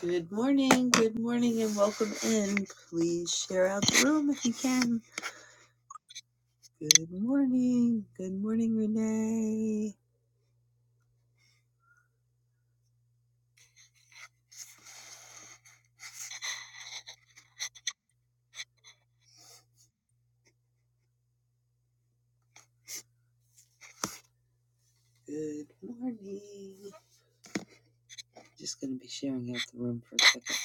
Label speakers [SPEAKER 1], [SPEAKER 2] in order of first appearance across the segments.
[SPEAKER 1] Good morning, good morning, and welcome in. Please share out the room if you can. Good morning, good morning, Renee. Good morning. Just going to be sharing out the room for a second.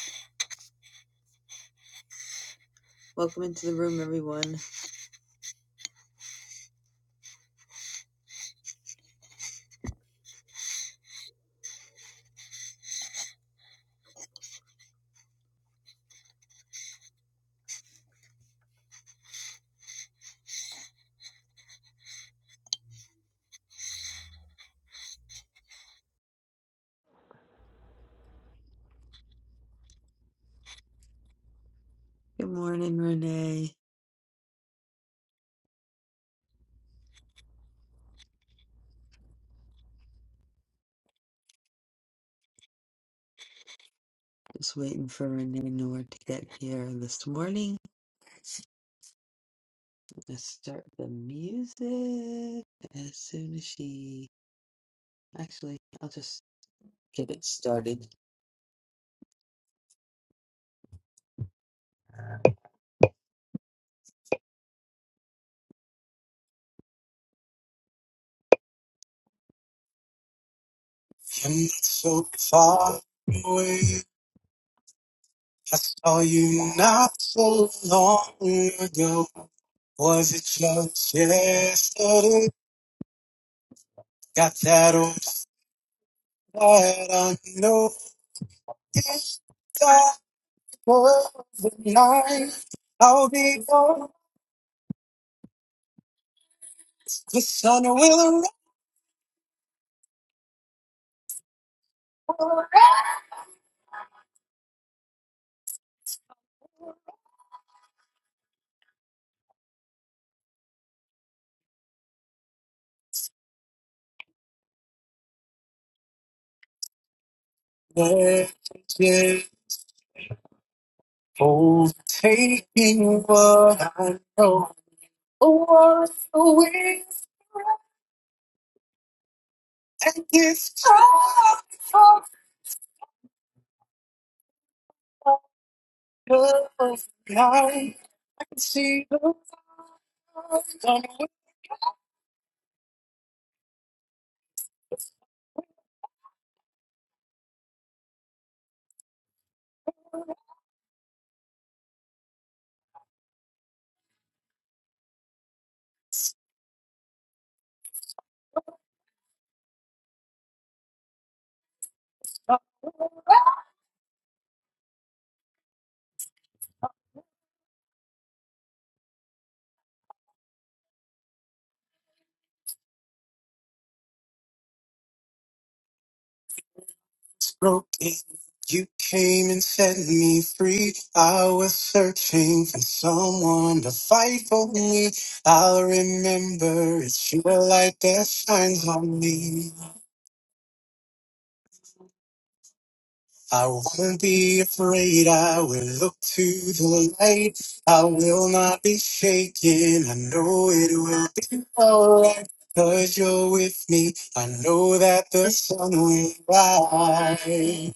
[SPEAKER 1] Welcome into the room, everyone. Good morning, Renee. Just waiting for Renee Noor to get here this morning. Let's start the music as soon as she. Actually, I'll just get it started. And it's so far away. I saw you not so long ago. Was it just yesterday? Got that old flat I know. If that was the night, I'll be gone. The sun will arise. Messages overtaking what I know. A world away, and it's time for the night. see the light. I was broken. You came and set me free. I was searching for someone to fight for me. I'll remember it's your light that shines on me. I won't be afraid. I will look to the light. I will not be shaken. I know it will be alright. Cause you're with me. I know that the sun will rise.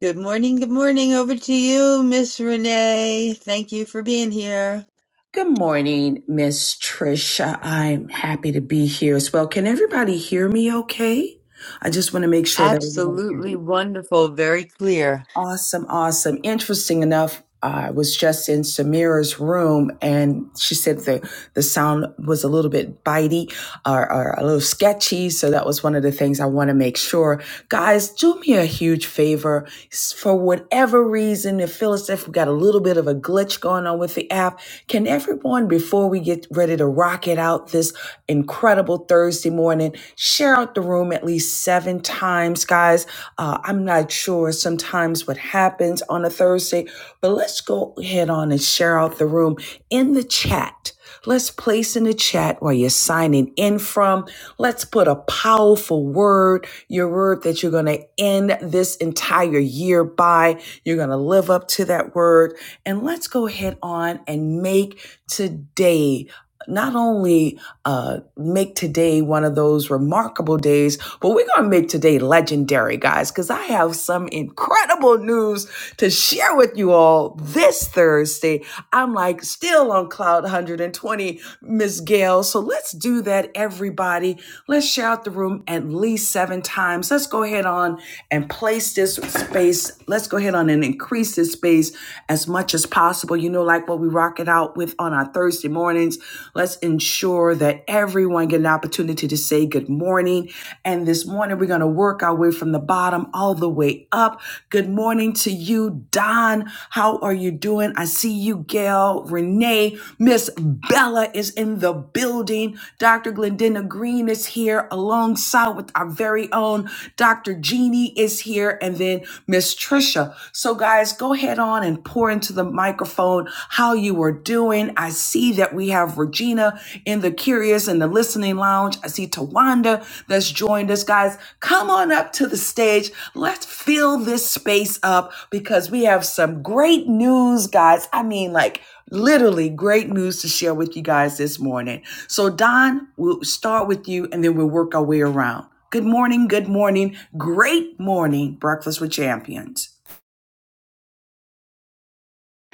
[SPEAKER 1] Good morning, good morning. Over to you, Miss Renee. Thank you for being here.
[SPEAKER 2] Good morning, Miss Trisha. I'm happy to be here as well. Can everybody hear me okay? I just want to make sure that everybody
[SPEAKER 1] Absolutely
[SPEAKER 2] can.
[SPEAKER 1] wonderful, very clear.
[SPEAKER 2] Awesome, awesome. Interesting enough, I was just in Samira's room and she said the, the sound was a little bit bitey or, or a little sketchy. So that was one of the things I want to make sure. Guys, do me a huge favor. For whatever reason, it feels as if we got a little bit of a glitch going on with the app. Can everyone, before we get ready to rock it out this incredible Thursday morning, share out the room at least seven times, guys? Uh, I'm not sure sometimes what happens on a Thursday, but let's go ahead on and share out the room in the chat. Let's place in the chat where you're signing in from. Let's put a powerful word your word that you're going to end this entire year by. You're going to live up to that word. And let's go ahead on and make today not only uh, make today one of those remarkable days, but we're going to make today legendary, guys, because I have some incredible news to share with you all this Thursday. I'm like still on cloud 120 Miss Gail. So let's do that, everybody. Let's share out the room at least seven times. Let's go ahead on and place this space. Let's go ahead on and increase this space as much as possible. You know, like what we rock it out with on our Thursday mornings. Let's ensure that everyone get an opportunity to say good morning. And this morning we're going to work our way from the bottom all the way up. Good morning to you, Don. How are you doing? I see you, Gail, Renee. Miss Bella is in the building. Dr. Glendina Green is here alongside with our very own Dr. Jeannie is here and then Miss Trisha. So guys, go ahead on and pour into the microphone how you are doing. I see that we have Regina in the curious in the listening lounge. I see Tawanda that's joined us. Guys, come on up to the stage. Let's fill this space up because we have some great news, guys. I mean, like literally great news to share with you guys this morning. So, Don, we'll start with you and then we'll work our way around. Good morning, good morning, great morning, Breakfast with Champions.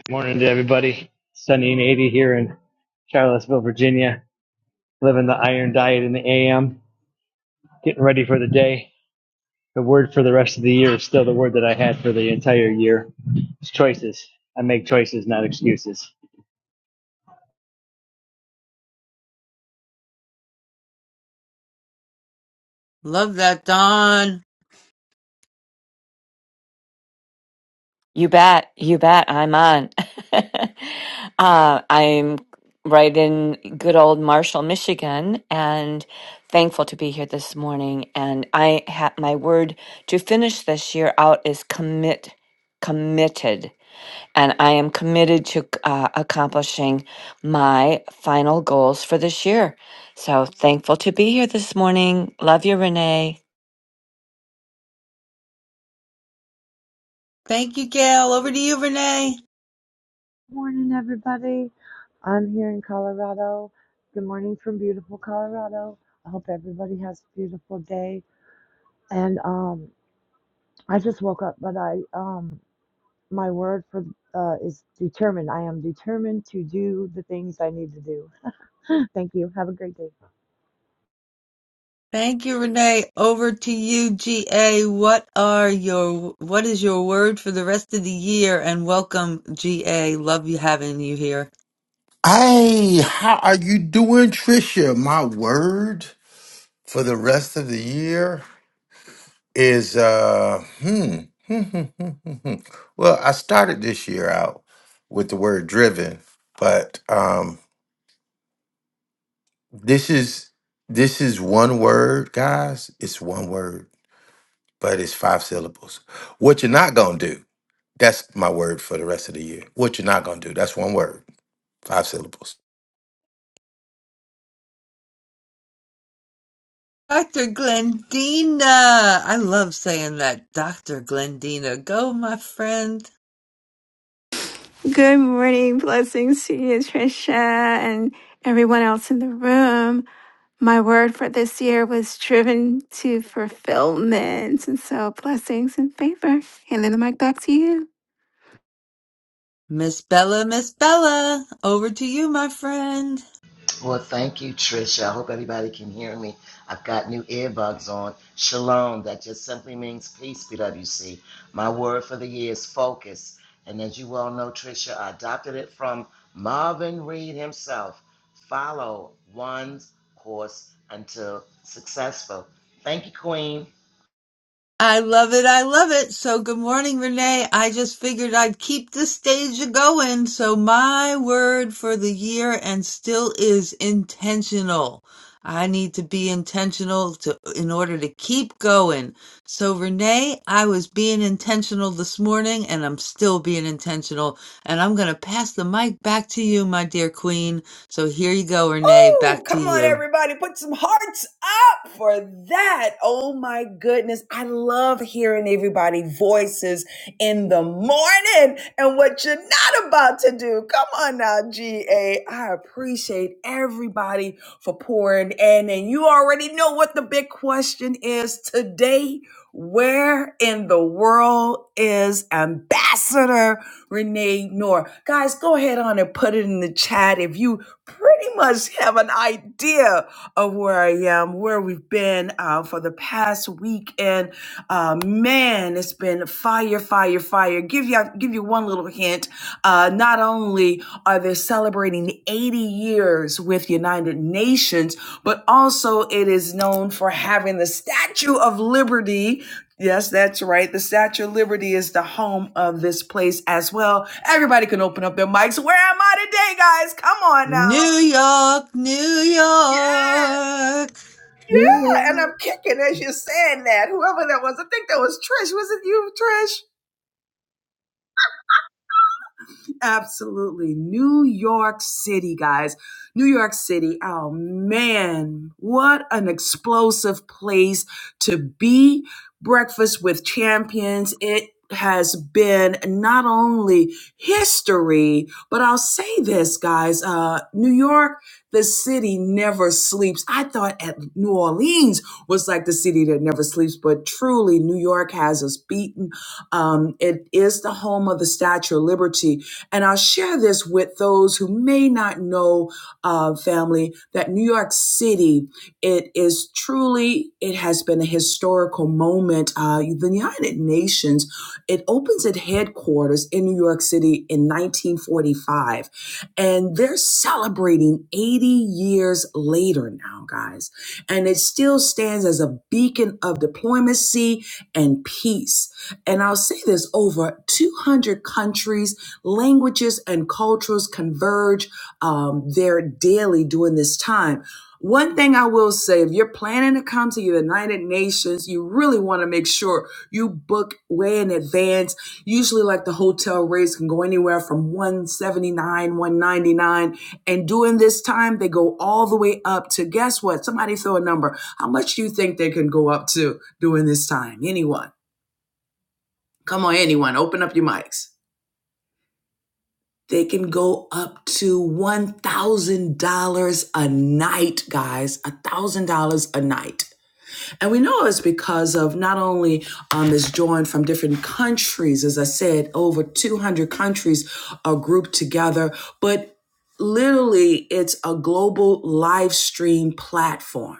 [SPEAKER 3] Morning to everybody. Sunny and 80 here in Charlottesville, Virginia. Living the iron diet in the AM. Getting ready for the day. The word for the rest of the year is still the word that I had for the entire year. It's choices. I make choices, not excuses.
[SPEAKER 1] Love that, Don.
[SPEAKER 4] You bet. You bet. I'm on. uh, I'm right in good old Marshall, Michigan, and thankful to be here this morning. And I ha- my word to finish this year out is commit, committed. And I am committed to uh, accomplishing my final goals for this year. So thankful to be here this morning. Love you, Renee.
[SPEAKER 1] Thank you, Gail. Over to you, Renee.
[SPEAKER 5] Morning, everybody. I'm here in Colorado. Good morning from beautiful Colorado. I hope everybody has a beautiful day. And um, I just woke up, but I um, my word for uh, is determined. I am determined to do the things I need to do. Thank you. Have a great day.
[SPEAKER 1] Thank you, Renee. Over to you, GA. What are your what is your word for the rest of the year? And welcome, GA. Love you having you here.
[SPEAKER 6] Hey, how are you doing, Trisha? My word for the rest of the year is uh hmm. hmm, hmm, hmm, hmm, hmm. well, I started this year out with the word driven, but um this is this is one word, guys. It's one word, but it's five syllables. What you're not gonna do, that's my word for the rest of the year. What you're not gonna do, that's one word, five syllables.
[SPEAKER 1] Dr. Glendina. I love saying that. Dr. Glendina. Go, my friend.
[SPEAKER 7] Good morning. Blessings to you, Trisha, and everyone else in the room. My word for this year was driven to fulfillment. And so, blessings and favor. Handing the mic back to you.
[SPEAKER 1] Miss Bella, Miss Bella. Over to you, my friend.
[SPEAKER 8] Well, thank you, Trisha. I hope everybody can hear me. I've got new earbuds on. Shalom, that just simply means peace, BWC. My word for the year is focus. And as you well know, Trisha, I adopted it from Marvin Reed himself. Follow one's course until successful. Thank you, Queen.
[SPEAKER 1] I love it. I love it. So good morning, Renee. I just figured I'd keep the stage a going. So my word for the year and still is intentional. I need to be intentional to in order to keep going. So Renee, I was being intentional this morning and I'm still being intentional and I'm going to pass the mic back to you, my dear queen. So here you go, Renee,
[SPEAKER 2] Oh,
[SPEAKER 1] back to
[SPEAKER 2] come on,
[SPEAKER 1] you.
[SPEAKER 2] everybody. Put some hearts up for that. Oh, my goodness. I love hearing everybody' voices in the morning and what you're not about to do. Come on now, GA. I appreciate everybody for pouring in. And you already know what the big question is today. Where in the world is Ambassador Renee Noor? Guys, go ahead on and put it in the chat if you pretty much have an idea of where I am, where we've been uh, for the past week. And uh, man, it's been fire, fire, fire. Give you give you one little hint. Uh, not only are they celebrating 80 years with United Nations, but also it is known for having the Statue of Liberty. Yes, that's right. The Statue of Liberty is the home of this place as well. Everybody can open up their mics. Where am I today, guys? Come on
[SPEAKER 1] New
[SPEAKER 2] now.
[SPEAKER 1] York, New
[SPEAKER 2] Ah,
[SPEAKER 1] York.
[SPEAKER 2] Yeah, and
[SPEAKER 5] Yeah.
[SPEAKER 2] I'm kicking as you're saying that. Whoever that was, I think that was Trish. Was it you, Trish? Absolutely. New York City, guys. New York City. Oh, man. What an explosive place to be. Breakfast with Champions. It has been not only history, but I'll say this, guys. Uh, New York, the city never sleeps. I thought at New Orleans was like the city that never sleeps, but truly, New York has us beaten. Um, it is the home of the Statue of Liberty and I'll share this with those who may not know, uh, family, that New York City, it is truly, it has been a historical moment. Uh, the United Nations, it opens its headquarters in New York City in 1945. And they're celebrating 80 years later now, guys. And it still stands as a beacon of diplomacy and peace. And I'll say this over 200 countries languages and cultures converge um, there daily during this time. One thing I will say, if you're planning to come to the United Nations, you really want to make sure you book way in advance. Usually, like the hotel rates can go anywhere from 179, 199. And during this time, they go all the way up to guess what? Somebody throw a number. How much do you think they can go up to during this time? Anyone? Come on, anyone, open up your mics. They can go up to $1,000 a night, guys, $1,000 a night. And we know it's because of not only um, is joined from different countries, as I said, over 200 countries are grouped together, but literally it's a global live stream platform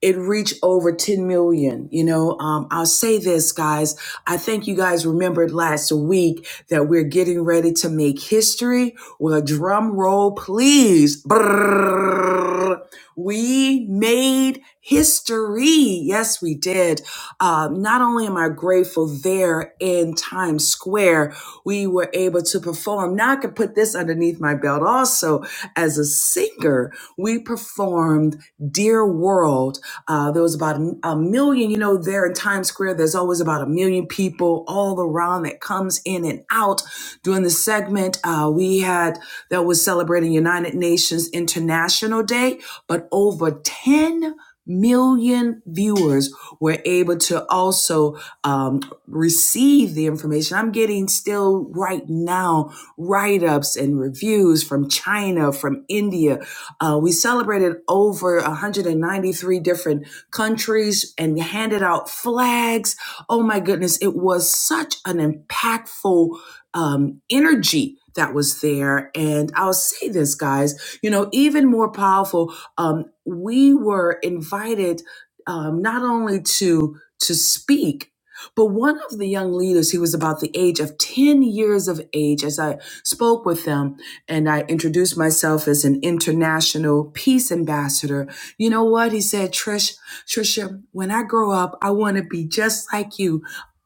[SPEAKER 2] it reached over 10 million. You know, um, I'll say this, guys. I think you guys remembered last week that we're getting ready to make history. with a drum roll, please. Brrrr. We made history. Yes, we did. Um, not only am I grateful there in Times Square, we were able to perform. Now I could put this underneath my belt also as a singer. We performed Dear World. Uh, there was about a a million, you know, there in Times Square, there's always about a million people all around that comes in and out during the segment. Uh, we had that was celebrating United Nations International Day but over 10 million viewers were able to also um, receive the information. I'm getting still right now write ups and reviews from China, from India. Uh, we celebrated over 193 different countries and we handed out flags. Oh my goodness, it was such an impactful um, energy that was there. And I'll say this, guys, you know, even more powerful um, we were invited um, not only to to speak, but one of the young leaders, he was about the age of 10 years of age, as I spoke with them and I introduced myself as an international peace ambassador. You know what? He said, Trish, Trisha, when I grow up, I want to be just like you,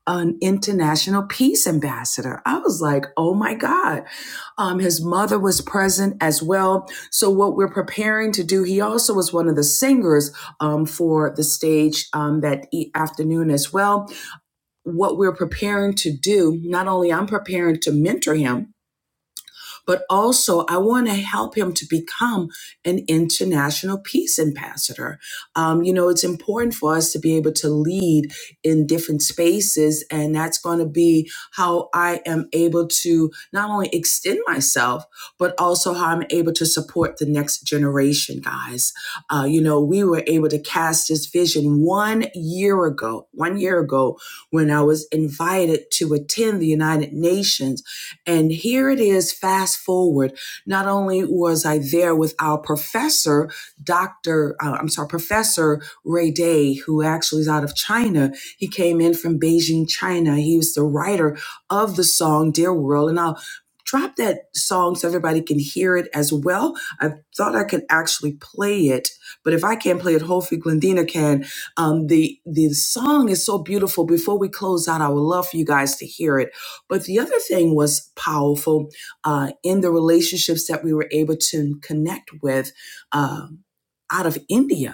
[SPEAKER 2] an international peace ambassador. I was like, oh my God. Um, his mother was present as well so what we're preparing to do, he also was one of the singers um, for the stage um, that e- afternoon as well. What we're preparing to do, not only I'm preparing to mentor him, but also I want to help him to become an international peace ambassador. Um, you know, it's important for us to be able to lead in different spaces, and that's going to be how I am able to not only extend myself, but also how I'm able to support the next generation, guys. Uh, you know, we were able to cast this vision one year ago, one year ago, when I was invited to attend the United Nations and here it is, fast forward. Not only was I there with our professor, Dr. uh, I'm sorry, Professor Ray Day, who actually is out of China. He came in from Beijing, China. He was the writer of the song Dear World. And I'll drop that song so everybody can hear it as well. I thought I could actually play it, but if I can't play it, hopefully Glendina can. Um, the, the song is so beautiful. Before we close out, I would love for you guys to hear it. But the other thing was powerful uh, in the relationships that we were able to connect with. um out of India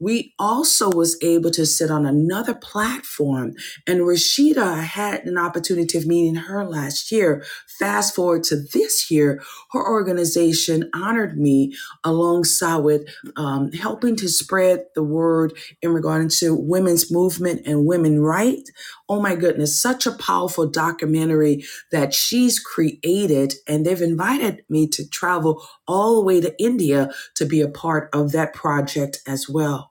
[SPEAKER 2] we also was able to sit on another platform and rashida I had an opportunity of meeting her last year fast forward to this year her organization honored me alongside with um, helping to spread the word in regard to women's movement and women right oh my goodness such a powerful documentary that she's created and they've invited me to travel all the way to india to be a part of that project as well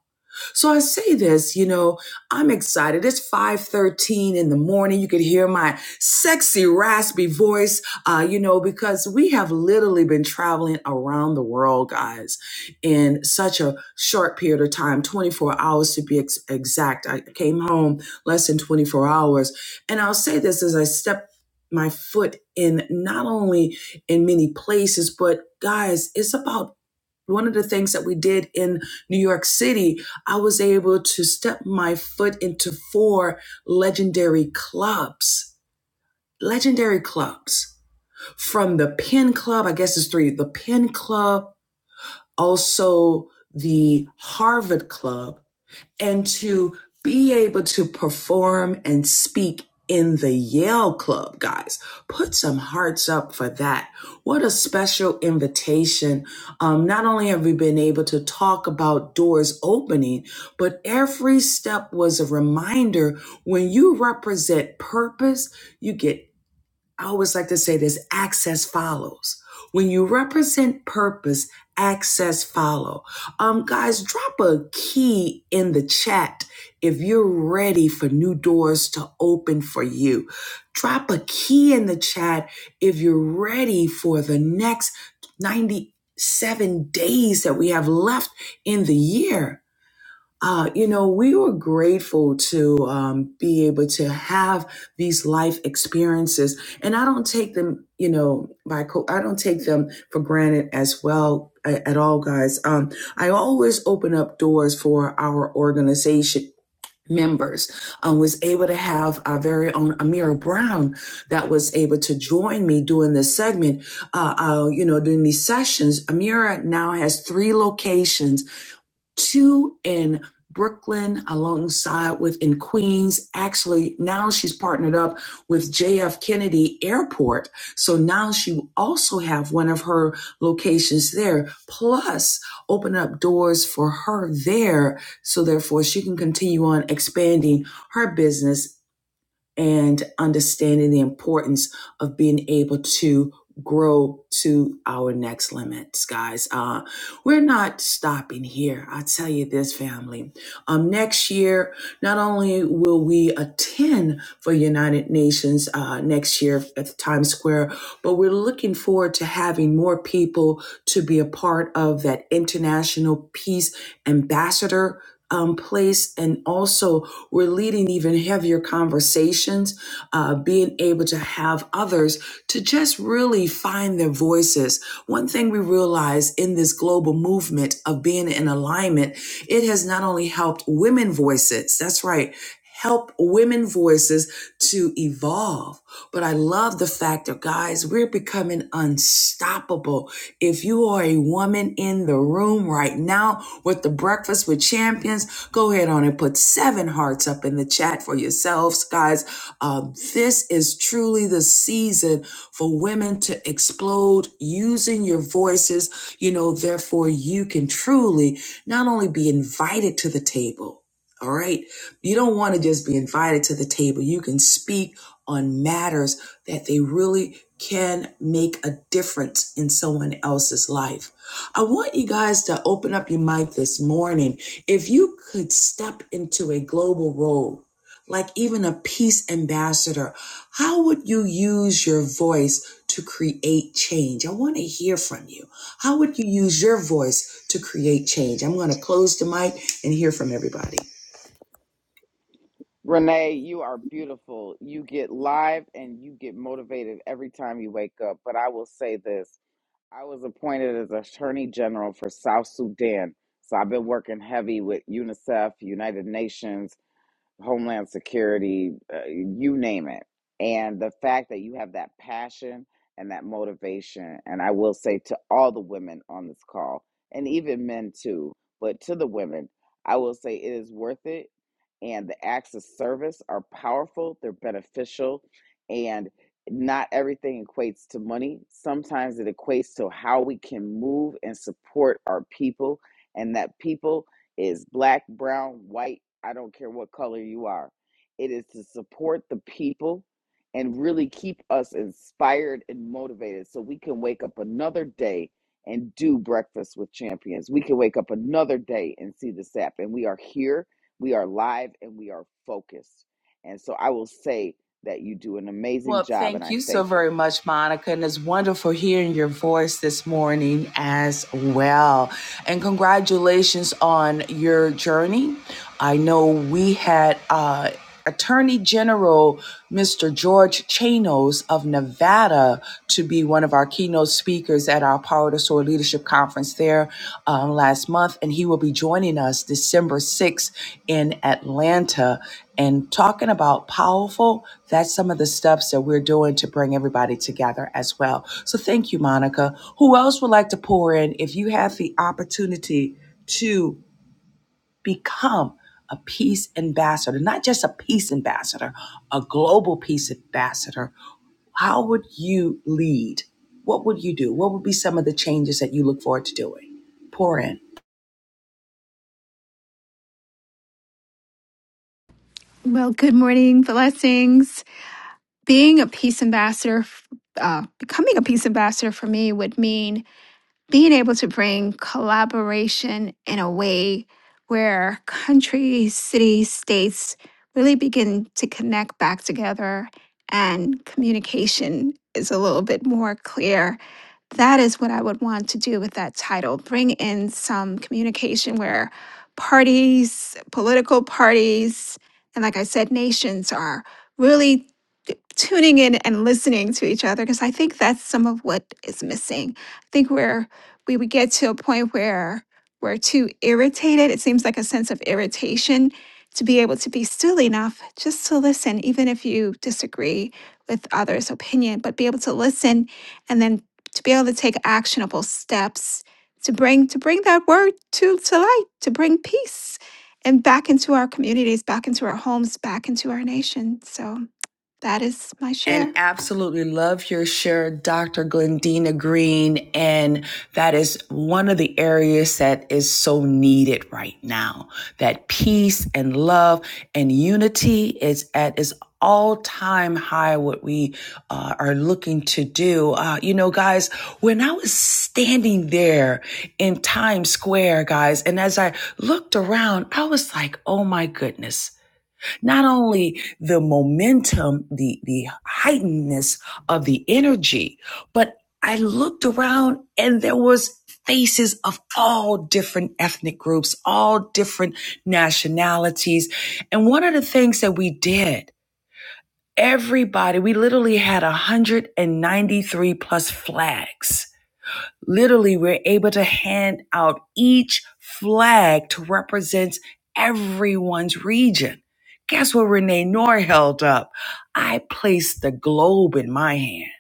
[SPEAKER 2] so I say this, you know, I'm excited. It's 5:13 in the morning. You could hear my sexy raspy voice, uh, you know, because we have literally been traveling around the world, guys, in such a short period of time, 24 hours to be ex- exact. I came home less than 24 hours, and I'll say this as I step my foot in not only in many places, but guys, it's about one of the things that we did in New York City, I was able to step my foot into four legendary clubs, legendary clubs from the Penn Club, I guess it's three, the Penn Club, also the Harvard Club, and to be able to perform and speak in the Yale Club, guys. Put some hearts up for that. What a special invitation. Um, not only have we been able to talk about doors opening, but every step was a reminder when you represent purpose, you get I always like to say this access follows. When you represent purpose, access follow. Um, guys, drop a key in the chat if you're ready for new doors to open for you. Drop a key in the chat if you're ready for the next 97 days that we have left in the year uh, you know, we were grateful to um, be able to have these life experiences, and I don't take them, you know, by co- I don't take them for granted as well a- at all, guys. Um, I always open up doors for our organization members. Um, was able to have our very own Amira Brown that was able to join me during this segment. Uh, uh, you know, during these sessions, Amira now has three locations two in Brooklyn alongside with in Queens. Actually, now she's partnered up with JF Kennedy Airport. So now she will also have one of her locations there, plus open up doors for her there. So therefore she can continue on expanding her business and understanding the importance of being able to grow to our next limits guys uh we're not stopping here i tell you this family um next year not only will we attend for united nations uh next year at times square but we're looking forward to having more people to be a part of that international peace ambassador um, place and also we're leading even heavier conversations, uh, being able to have others to just really find their voices. One thing we realize in this global movement of being in alignment, it has not only helped women voices, that's right, help women voices to evolve. But I love the fact that, guys, we're becoming unstoppable. If you are a woman in the room right now with the Breakfast with Champions, Go ahead on and put seven hearts up in the chat for yourselves, guys. Um, this is truly the season for women to explode using your voices. You know, therefore, you can truly not only be invited to the table, all right? You don't want to just be invited to the table. You can speak on matters that they really can make a difference in someone else's life. I want you guys to open up your mic this morning if you could step into a global role, like even a peace ambassador, how would you use your voice to create change? I want to hear from you. How would you use your voice to create change? I'm going to close the mic and hear from everybody.
[SPEAKER 9] Renee, you are beautiful. You get live and you get motivated every time you wake up. But I will say this I was appointed as Attorney General for South Sudan. So I've been working heavy with UNICEF, United Nations, Homeland Security, uh, you name it. And the fact that you have that passion and that motivation, and I will say to all the women on this call, and even men too, but to the women, I will say it is worth it. And the acts of service are powerful, they're beneficial, and not everything equates to money. Sometimes it equates to how we can move and support our people, and that people is black, brown, white, I don't care what color you are. It is to support the people and really keep us inspired and motivated so we can wake up another day and do breakfast with champions. We can wake up another day and see the sap. And we are here, we are live, and we are focused. And so I will say that you do an amazing
[SPEAKER 2] Well,
[SPEAKER 9] job and
[SPEAKER 2] thank
[SPEAKER 9] I
[SPEAKER 2] you so
[SPEAKER 9] thank you.
[SPEAKER 2] very much, Monica. And it's wonderful hearing your voice this morning as well. And congratulations on your journey. I know we had uh, Attorney General Mr. George Chanos of Nevada to be one of our keynote speakers at our Power to Soar Leadership Conference there um, last month, and he will be joining us December 6th in Atlanta and talking about powerful. That's some of the steps that we're doing to bring everybody together as well. So thank you, Monica. Who else would like to pour in if you have the opportunity? to? become a peace ambassador, not just a peace ambassador, a global peace ambassador. How would you lead? What would you do? What would be some of the changes that you look forward to doing? Pour in.
[SPEAKER 7] Well, good morning. Blessings. Being a peace ambassador, uh, becoming a peace ambassador for me would mean being able to bring collaboration in a way where countries, cities, states really begin to connect back together and communication is a little bit more clear that is what I would want to do with that title. Bring in some communication where parties, political parties, and like I said, nations are really t- tuning in and listening to each other because I think that's some of what is missing. I think where we would get to a point where we're too irritated. It seems like a sense of irritation to be able to be still enough just to listen, even if you disagree with others' opinion, but be able to listen and then to be able to take actionable steps to bring to bring that word to to light to bring peace and back into our communities back into our homes back into our nation so that is my
[SPEAKER 2] and
[SPEAKER 7] share
[SPEAKER 2] absolutely love your share, Dr. Glendina Green. And that is one of the areas that is so needed right now. That peace and love and unity is at its all time high, what we uh, are looking to do. Uh, you know, guys, when I was standing there in Times Square, guys, and as I looked around, I was like, oh my goodness not only the momentum, the, the heightenedness of the energy, but I looked around and there was faces of all different ethnic groups, all different nationalities. And one of the things that we did, everybody, we literally had 193 plus flags Literally, we're able to hand out each flag to represent everyone's region. Guess what Renee Noor held up? I placed the globe in my hand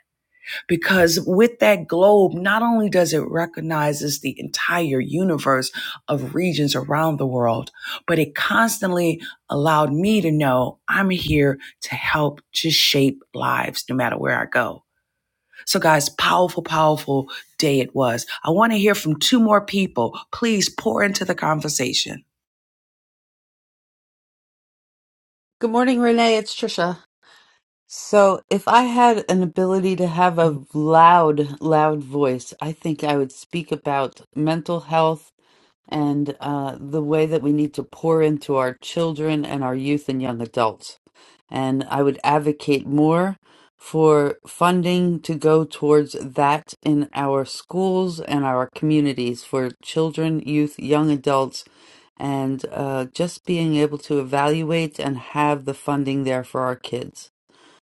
[SPEAKER 2] because with that globe, not only does it recognizes the entire universe of regions around the world, but it constantly allowed me to know I'm here to help to shape lives no matter where I go. So, guys, powerful, powerful day it was. I want to hear from two more people. Please pour into the conversation.
[SPEAKER 1] Good morning, Renee. It's Trisha. So, if I had an ability to have a loud, loud voice, I think I would speak about mental health and uh, the way that we need to pour into our children and our youth and young adults. And I would advocate more for funding to go towards that in our schools and our communities for children, youth, young adults, and uh, just being able to evaluate and have the funding there for our kids.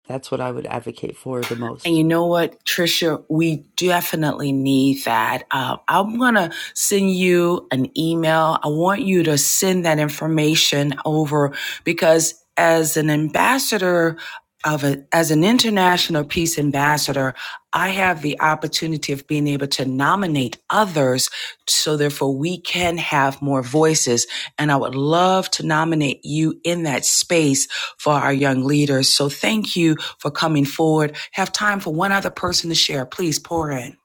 [SPEAKER 1] That's what I would advocate for the
[SPEAKER 2] And
[SPEAKER 1] most.
[SPEAKER 2] you know what, Trisha, we definitely need that. Uh, I'm gonna send you an email. I want you to send that information over because as an ambassador of a, as an international peace ambassador, I have the opportunity of being able to nominate others, so therefore we can have more voices. And I would love to nominate you in that space for our young leaders. So thank you for coming forward. Have time for one other person to share. Please pour in.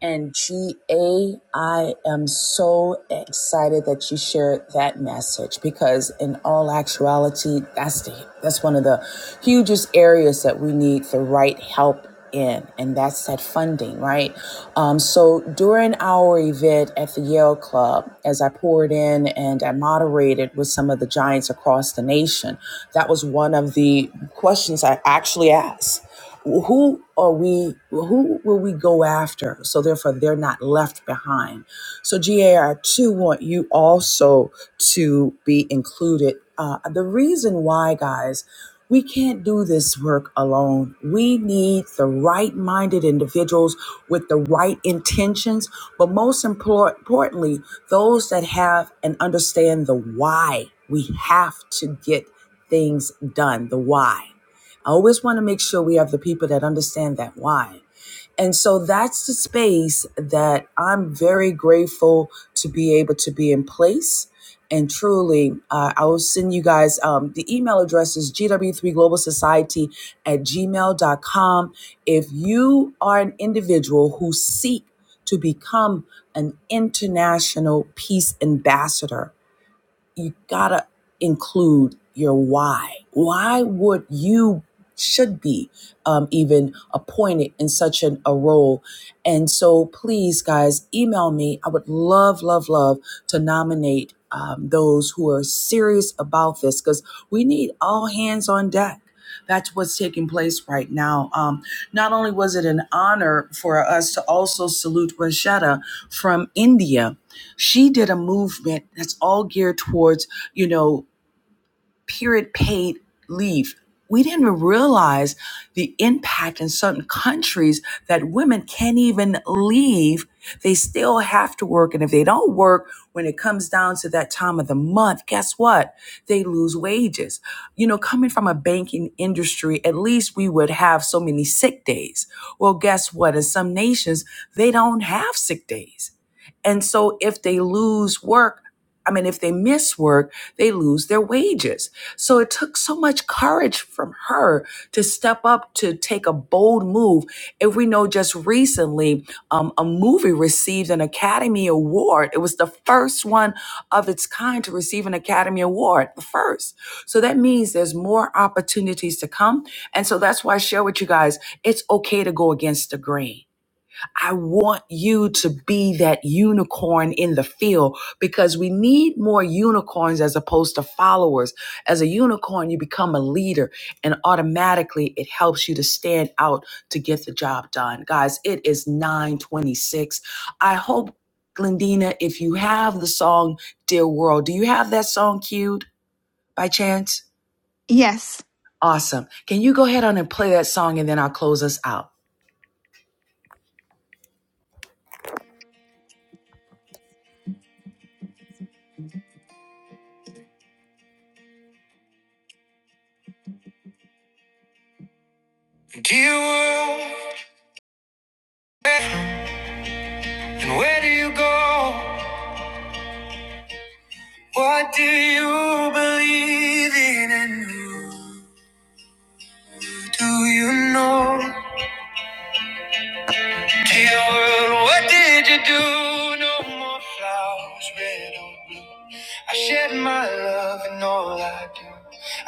[SPEAKER 2] And G A, I am so excited that you shared that message because in all actuality, that's the, that's one of the hugest areas that we need the right help in, and that's that funding, right? Um, so during our event at the Yale Club, as I poured in and I moderated with some of the giants across the nation, that was one of the questions I actually asked who are we who will we go after so therefore they're not left behind so gar2 want you also to be included uh, the reason why guys we can't do this work alone we need the right minded individuals with the right intentions but most impor- importantly those that have and understand the why we have to get things done the why I always want to make sure we have the people that understand that why. And so that's the space that I'm very grateful to be able to be in place. And truly, uh, I will send you guys um, the email address is gw3globalsociety at gmail dot com. If you are an individual who seek to become an international peace ambassador, you gotta include your why. Why would you should be um, even appointed in such an, a role? And so, please, guys, email me. I would love, love, love to nominate um, those who are serious about this because we need all hands on deck. That's what's taking place right now. Um, not only was it an honor for us to also salute Rashada from India, she did a movement that's all geared towards, you know, period paid leave. We didn't realize the impact in certain countries that women can't even leave. They still have to work. And if they don't work, when it comes down to that time of the month, guess what? They lose wages. You know, coming from a banking industry, at least we would have so many sick days. Well, guess what? In some nations, they don't have sick days. And so if they lose work, I mean, if they miss work, they lose their wages. So it took so much courage from her to step up to take a bold move. If we know just recently, um, a movie received an Academy Award. It was the first one of its kind to receive an Academy Award, the first. So that means there's more opportunities to come. And so that's why I share with you guys, it's okay to go against the grain. I want you to be that unicorn in the field because we need more unicorns as opposed to followers. As a unicorn, you become a leader and automatically it helps you to stand out to get the job done. Guys, it is 926. I hope, Glendina, if you have the song Dear World, do you have that song cued by chance?
[SPEAKER 7] yes
[SPEAKER 2] Awesome. Can you go ahead on and play that song and then I'll close us out?
[SPEAKER 7] Do you world, and where do you go? What do you believe in and who do you know? Tell world, what did you do? No more flowers, red or blue. I shed my love in all I do.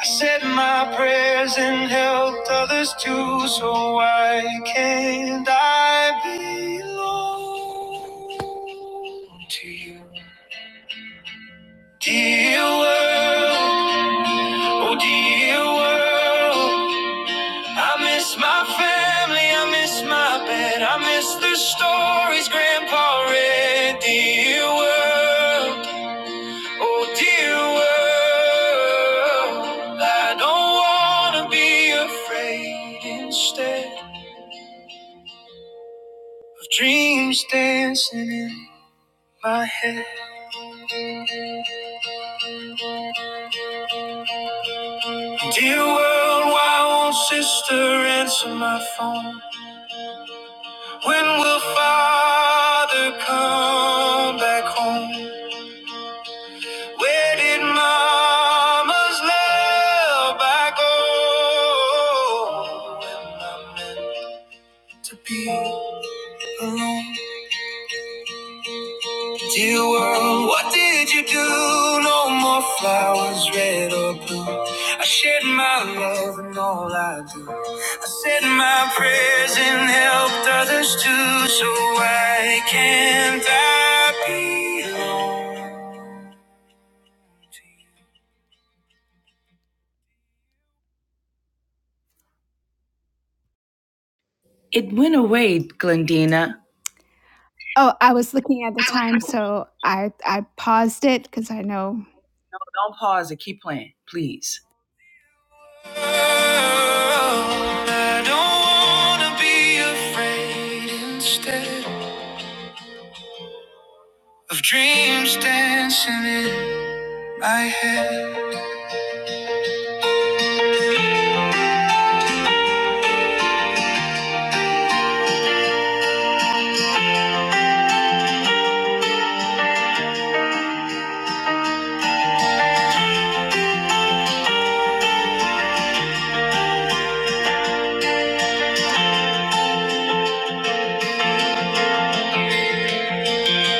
[SPEAKER 7] I said my prayers and helped others too. So why can't I belong to you? Dear world, oh dear world. I miss my family, I miss my bed, I miss the stories Grandpa read. Dear world, oh dear world, I don't wanna be afraid instead of dreams dancing in my head. Dear world, why won't sister answer my phone? When will father come back home? Where did mama's love I go to be alone? Dear world, what did you do? No more flowers, red or blue. I shed my love and all I do. I said my prayers and helped others too, so why can't I be alone?
[SPEAKER 2] It went away, Glendina.
[SPEAKER 7] Oh, so
[SPEAKER 2] I was-
[SPEAKER 7] I I
[SPEAKER 2] Don't pause and keep playing, please.
[SPEAKER 7] I don't wanna be afraid instead of dreams dancing in my head.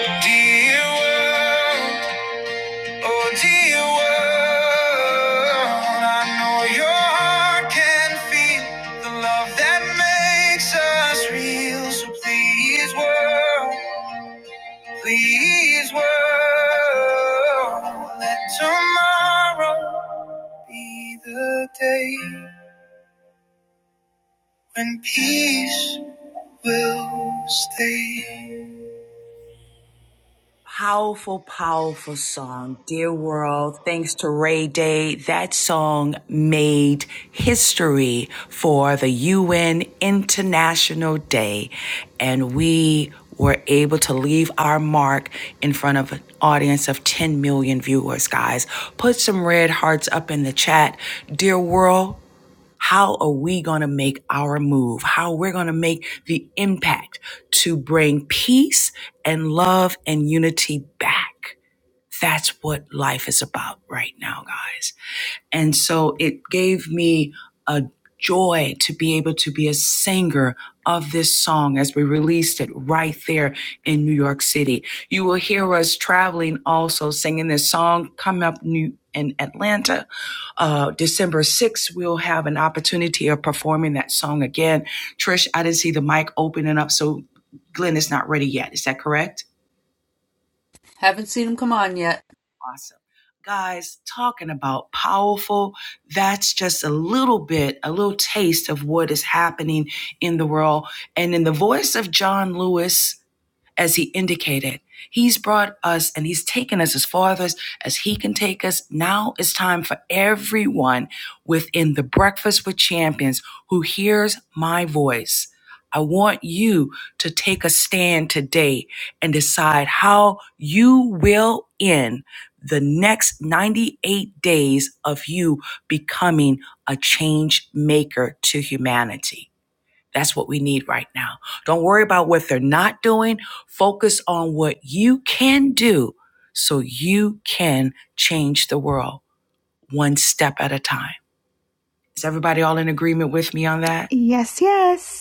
[SPEAKER 7] Dear world, oh dear world, I know your heart can feel the love that makes us real. So please, world, please, world, let tomorrow. be the day when peace will stay.
[SPEAKER 2] Powerful, powerful song. Dear World, thanks to Ray Day, that song made history for the UN International Day. And we were able to leave our mark in front of an audience of 10 million viewers, guys. Put some red hearts up in the chat. Dear World, How are we going to make our move? How we're going to make the impact to bring peace and love and unity back? That's what life is about right now, guys. And so it gave me a joy to be able to be a singer of this song as we released it right there in New York City. You will hear us traveling also singing this song Coming up new in Atlanta. Uh, December 6th, we'll have an opportunity of performing that song again. Trish, I didn't see the mic opening up, so Glenn is not ready yet. Is that correct?
[SPEAKER 1] Haven't seen them come on yet.
[SPEAKER 2] awesome. Guys, talking about powerful, that's just a little bit, a little taste of what is happening in the world. And in the voice of John Lewis, as he indicated. He's brought us and he's taken us as far as, as he can take us. Now it's time for everyone within the Breakfast with Champions who hears my voice. I want you to take a stand today and decide how you will end the next 98 days of you becoming a change maker to humanity. That's what we need right now. Don't worry about what they're not doing. Focus on what you can do so you can change the world one step at a time. Is everybody all in agreement with me on that?
[SPEAKER 7] Yes, yes.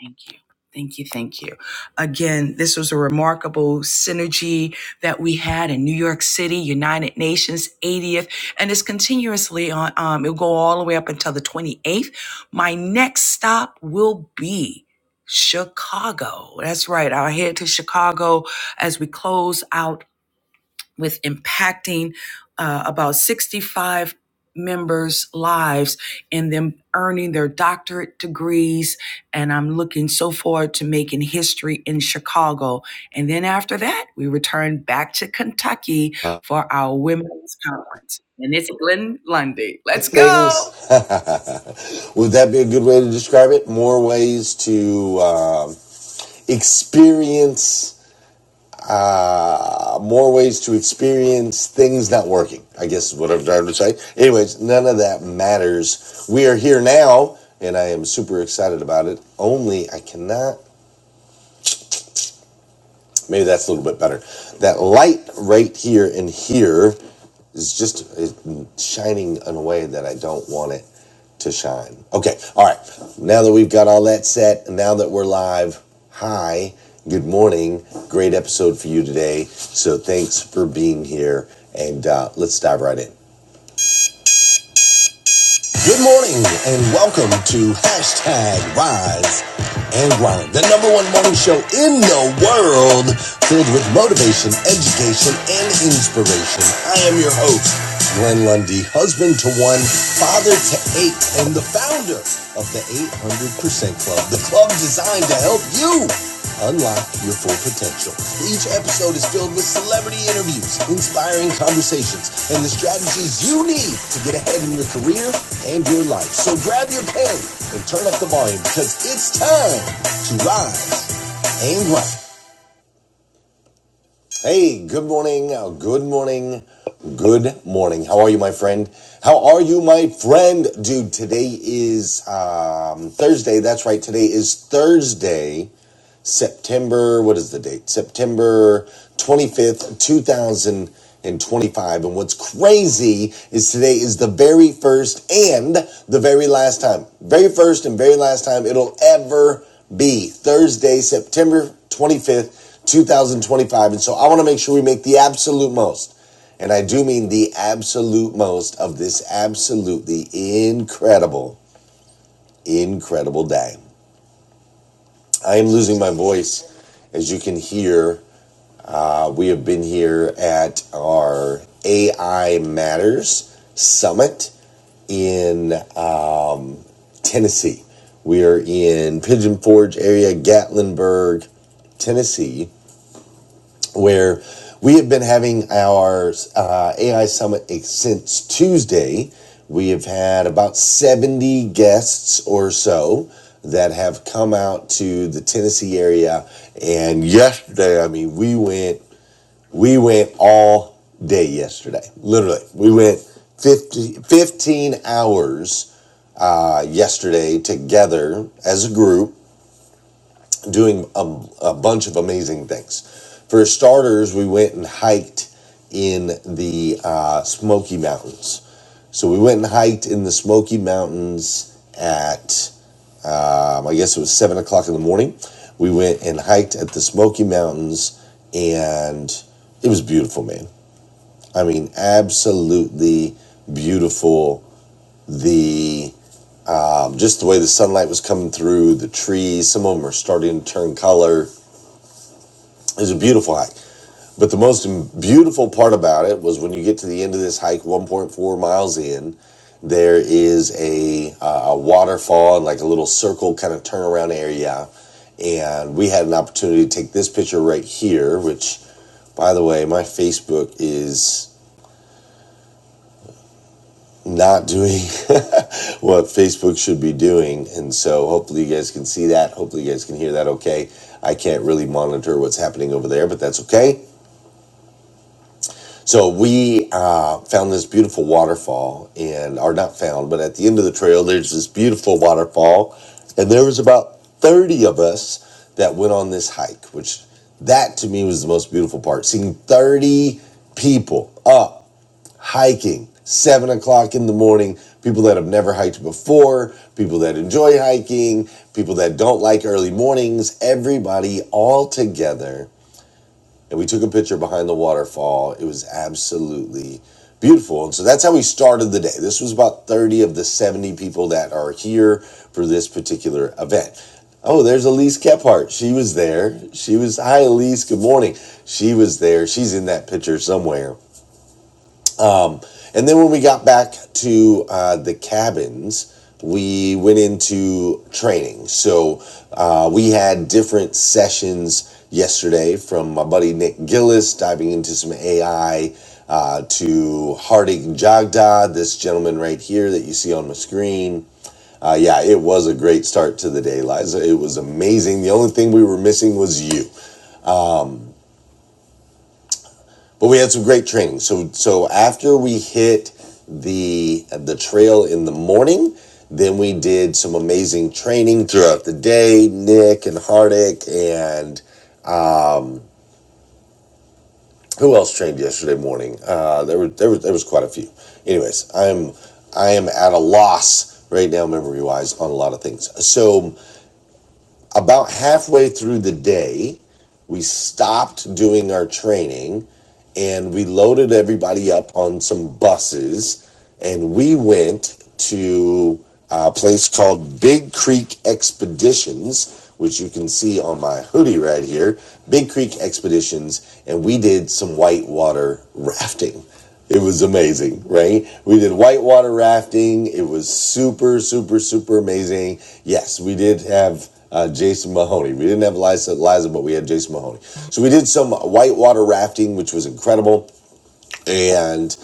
[SPEAKER 2] Thank you. Thank you. Thank you. Again, this was a remarkable synergy that we had in New York City, United Nations 80th, and it's continuously on. Um, it'll go all the way up until the 28th. My next stop will be Chicago. That's right. I'll head to Chicago as we close out with impacting uh, about 65 members' lives and them earning their doctorate degrees. And I'm looking so forward to making history in Chicago. And then after that, we return back to Kentucky for our women's conference. And it's Glenn Lundy. Let's go.
[SPEAKER 1] things. Would that be a good way to describe it? More ways to um, experience, uh, more ways to experience things not working, I guess is what I'm trying to say. Anyways, none of that matters. We are here now, and I am super excited about it. Only I cannot Maybe that's a little bit better. That light right here and here is just it, shining in a way that I don't want it to shine. Okay, all right. Now that we've got all that set, and now that we're live, hi, good morning. Great episode for you today. So thanks for being here, and uh, let's dive right in. Good morning and welcome to hashtag Rise and Grind, the number one morning show in the world filled with motivation, education, and inspiration. I am your host, Glenn Lundy, husband to one, father to eight, and the founder of the 800% Club, the club designed to help you unlock your full potential. Each episode is filled with celebrity interviews, inspiring conversations, and the strategies you need to get ahead in your career and your life. So grab your pen and turn up the volume because it's time to rise and grind. Hey, good morning, uh, good morning, good morning. How are you, my friend? How are you, my friend? Dude, today is um, Thursday. That's right, today is Thursday. September, what is the date? September 25th, 2025. And what's crazy is today is the very first and the very last time, very first and very last time it'll ever be Thursday, September 25th, 2025. And so I want to make sure we make the absolute most. And I do mean the absolute most of this absolutely incredible, incredible day. I am losing my voice, as you can hear We have been here at our AI Matters Summit in uh, Tennessee. We are in Pigeon Forge area, Gatlinburg, Tennessee, where we have been having our uh, AI Summit since Tuesday. We have had about 70 guests or so that have come out to the Tennessee area. And yesterday, I mean, we went We went all day yesterday. Literally, we went 50, 15 hours uh, yesterday together as a group doing a, a bunch of amazing things. For starters, we went and hiked in the uh, Smoky Mountains. So we went and hiked in the Smoky Mountains at, um, I guess it was seven o'clock in the morning. We went and hiked at the Smoky Mountains, and it was beautiful, man. I mean, absolutely beautiful. The um, just the way the sunlight was coming through the trees. Some of them are starting to turn color. It was a beautiful hike. But the most beautiful part about it was when you get to the end of this hike, 1.4 miles in, there is a uh, a waterfall and like a little circle kind of turnaround area. And we had an opportunity to take this picture right here, which, by the way, my Facebook is not doing what Facebook should be doing. And so hopefully you guys can see that. Hopefully you guys can hear that okay. I can't really monitor what's happening over there, but that's okay. So we uh, found this beautiful waterfall and are not found, but at the end of the trail, there's this beautiful waterfall. And there was about 30 of us that went on this hike, which that to me was the most beautiful part. Seeing 30 people up hiking, seven o'clock in the morning. People that have never hiked before, people that enjoy hiking, people that don't like early mornings, everybody all together. And we took a picture behind the waterfall. It was absolutely beautiful. And so that's how we started the day. This was about 30 of the 70 people that are here for this particular event. Oh, there's Elise Kephart. She was there. She was, hi, Elise. Good morning. She was there. She's in that picture somewhere. Um, And then when we got back to uh, the cabins, we went into training. So uh, we had different sessions yesterday from my buddy Nick Gillis diving into some AI uh, to Hardik Jagda, this gentleman right here that you see on the screen. Uh, yeah, it was a great start to the day, Liza. It was amazing. The only thing we were missing was you. But we had some great training. So so after we hit the the trail in the morning, then we did some amazing training throughout the day. Nick and Hardik and um, who else trained yesterday morning? Uh, there were there was there was quite a few. Anyways, I'm I am at a loss right now memory wise on a lot of things. So about halfway through the day, we stopped doing our training and we loaded everybody up on some buses and we went to a place called Big Creek Expeditions, which you can see on my hoodie right here. Big Creek Expeditions, and we did some whitewater rafting. It was amazing, right? We did whitewater rafting. It was super, super, super amazing. Yes, we did have uh, Jason Mahoney. We didn't have Liza, Liza, but we had Jason Mahoney. So we did some whitewater rafting, which was incredible. And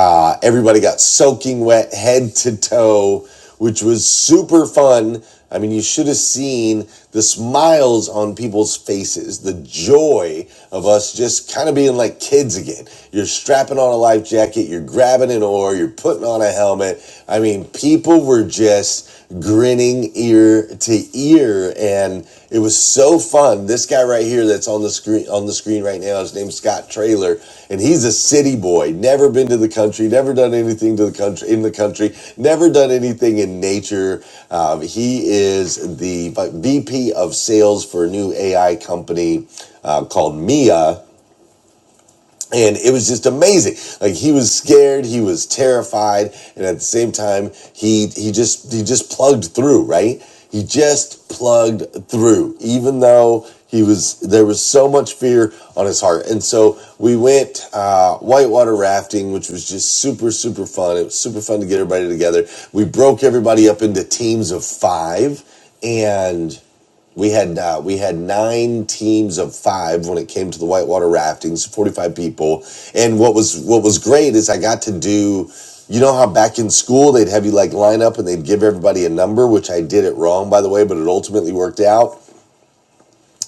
[SPEAKER 1] uh, everybody got soaking wet head to toe, which was super fun. I mean, you should have seen the smiles on people's faces, the joy of us just kind of being like kids again. You're strapping on a life jacket, you're grabbing an oar, you're putting on a helmet. I mean, people were just grinning ear to ear, and it was so fun. This guy right here that's on the screen on the screen right now, his name's Scott Trailer, and he's a city boy. Never been to the country, never done anything to the country in the country, never done anything in nature. Um, he is the VP of sales for a new AI company uh, called Mia and it was just amazing like he was scared he was terrified and at the same time he he just he just plugged through right he just plugged through even though he was there was so much fear on his heart and so we went uh, whitewater rafting which was just super super fun it was super fun to get everybody together we broke everybody up into teams of five and we had uh, we had nine teams of five when it came to the whitewater rafting, so 45 people. And what was what was great is I got to do, you know how back in school they'd have you like line up and they'd give everybody a number, which I did it wrong by the way, but it ultimately worked out.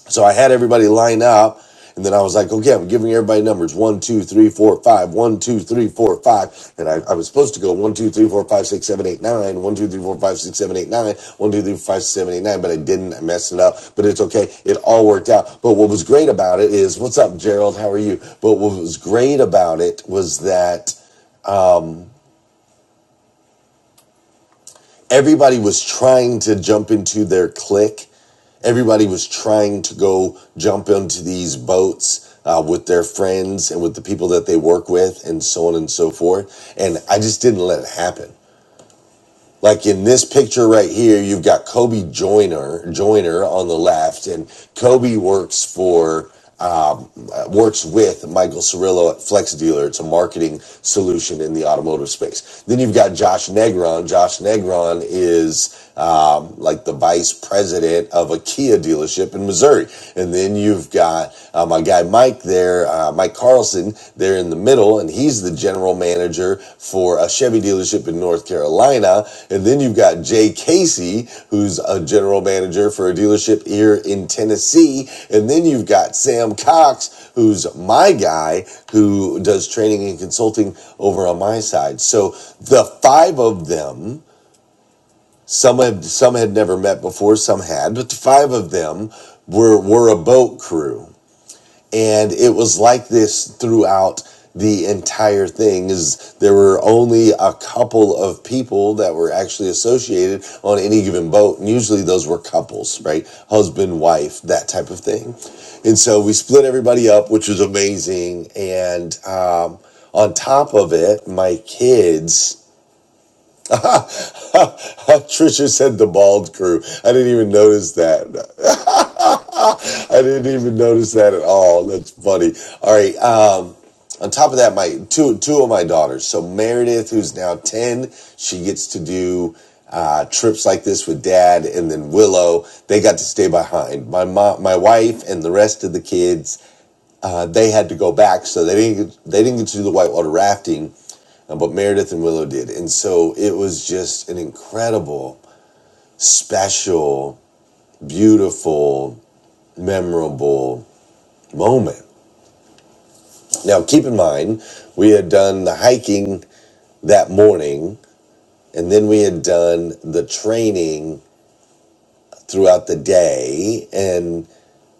[SPEAKER 1] So I had everybody line up, and then I was like, okay, I'm giving everybody numbers one, two, three, four, five, one, two, three, four, five. And I, I was supposed to go one, two, three, four, five, six, seven, eight, nine, one, two, three, four, five, six, seven, eight, nine, one, two, three, four, five, six, seven, eight, nine, but I didn't. I messed it up, but it's okay. It all worked out. But what was great about it is, what's up, Gerald? How are you? But what was great about it was that everybody was trying to jump into their clique. Everybody was trying to go jump into these boats uh, with their friends and with the people that they work with, and so on and so forth. And I just didn't let it happen. Like in this picture right here, you've got Kobe Joyner, Joyner on the left, and Kobe works for um, uh, works with Michael Cirillo at Flex Dealer. It's a marketing solution in the automotive space. Then you've got Josh Negron. Josh Negron is um, like the vice president of a Kia dealership in Missouri. And then you've got uh, my guy Mike there, uh, Mike Carlson there in the middle, and he's the general manager for a Chevy dealership in North Carolina. And then you've got Jay Casey, who's a general manager for a dealership here in Tennessee. And then you've got Sam Cox, who's my guy, who does training and consulting over on my side. So the five of them some had some had never met before, some had, but the five of them were were a boat crew. And it was like this throughout the entire thing is there were only a couple of people that were actually associated on any given boat and usually those were couples right husband wife that type of thing and so we split everybody up which was amazing and um, on top of it my kids Trisha said the bald crew. I didn't even notice that. I didn't even notice that at all. That's funny. All right. Um, on top of that, my two two of my daughters. So Meredith, who's now ten, she gets to do uh, trips like this with dad, and then Willow. They got to stay behind. My mom, my wife, and the rest of the kids. Uh, they had to go back, so they didn't they didn't get to do the whitewater rafting uh, but Meredith and Willow did. And so it was just an incredible, special, beautiful, memorable moment. Now, keep in mind, we had done the hiking that morning, and then we had done the training throughout the day.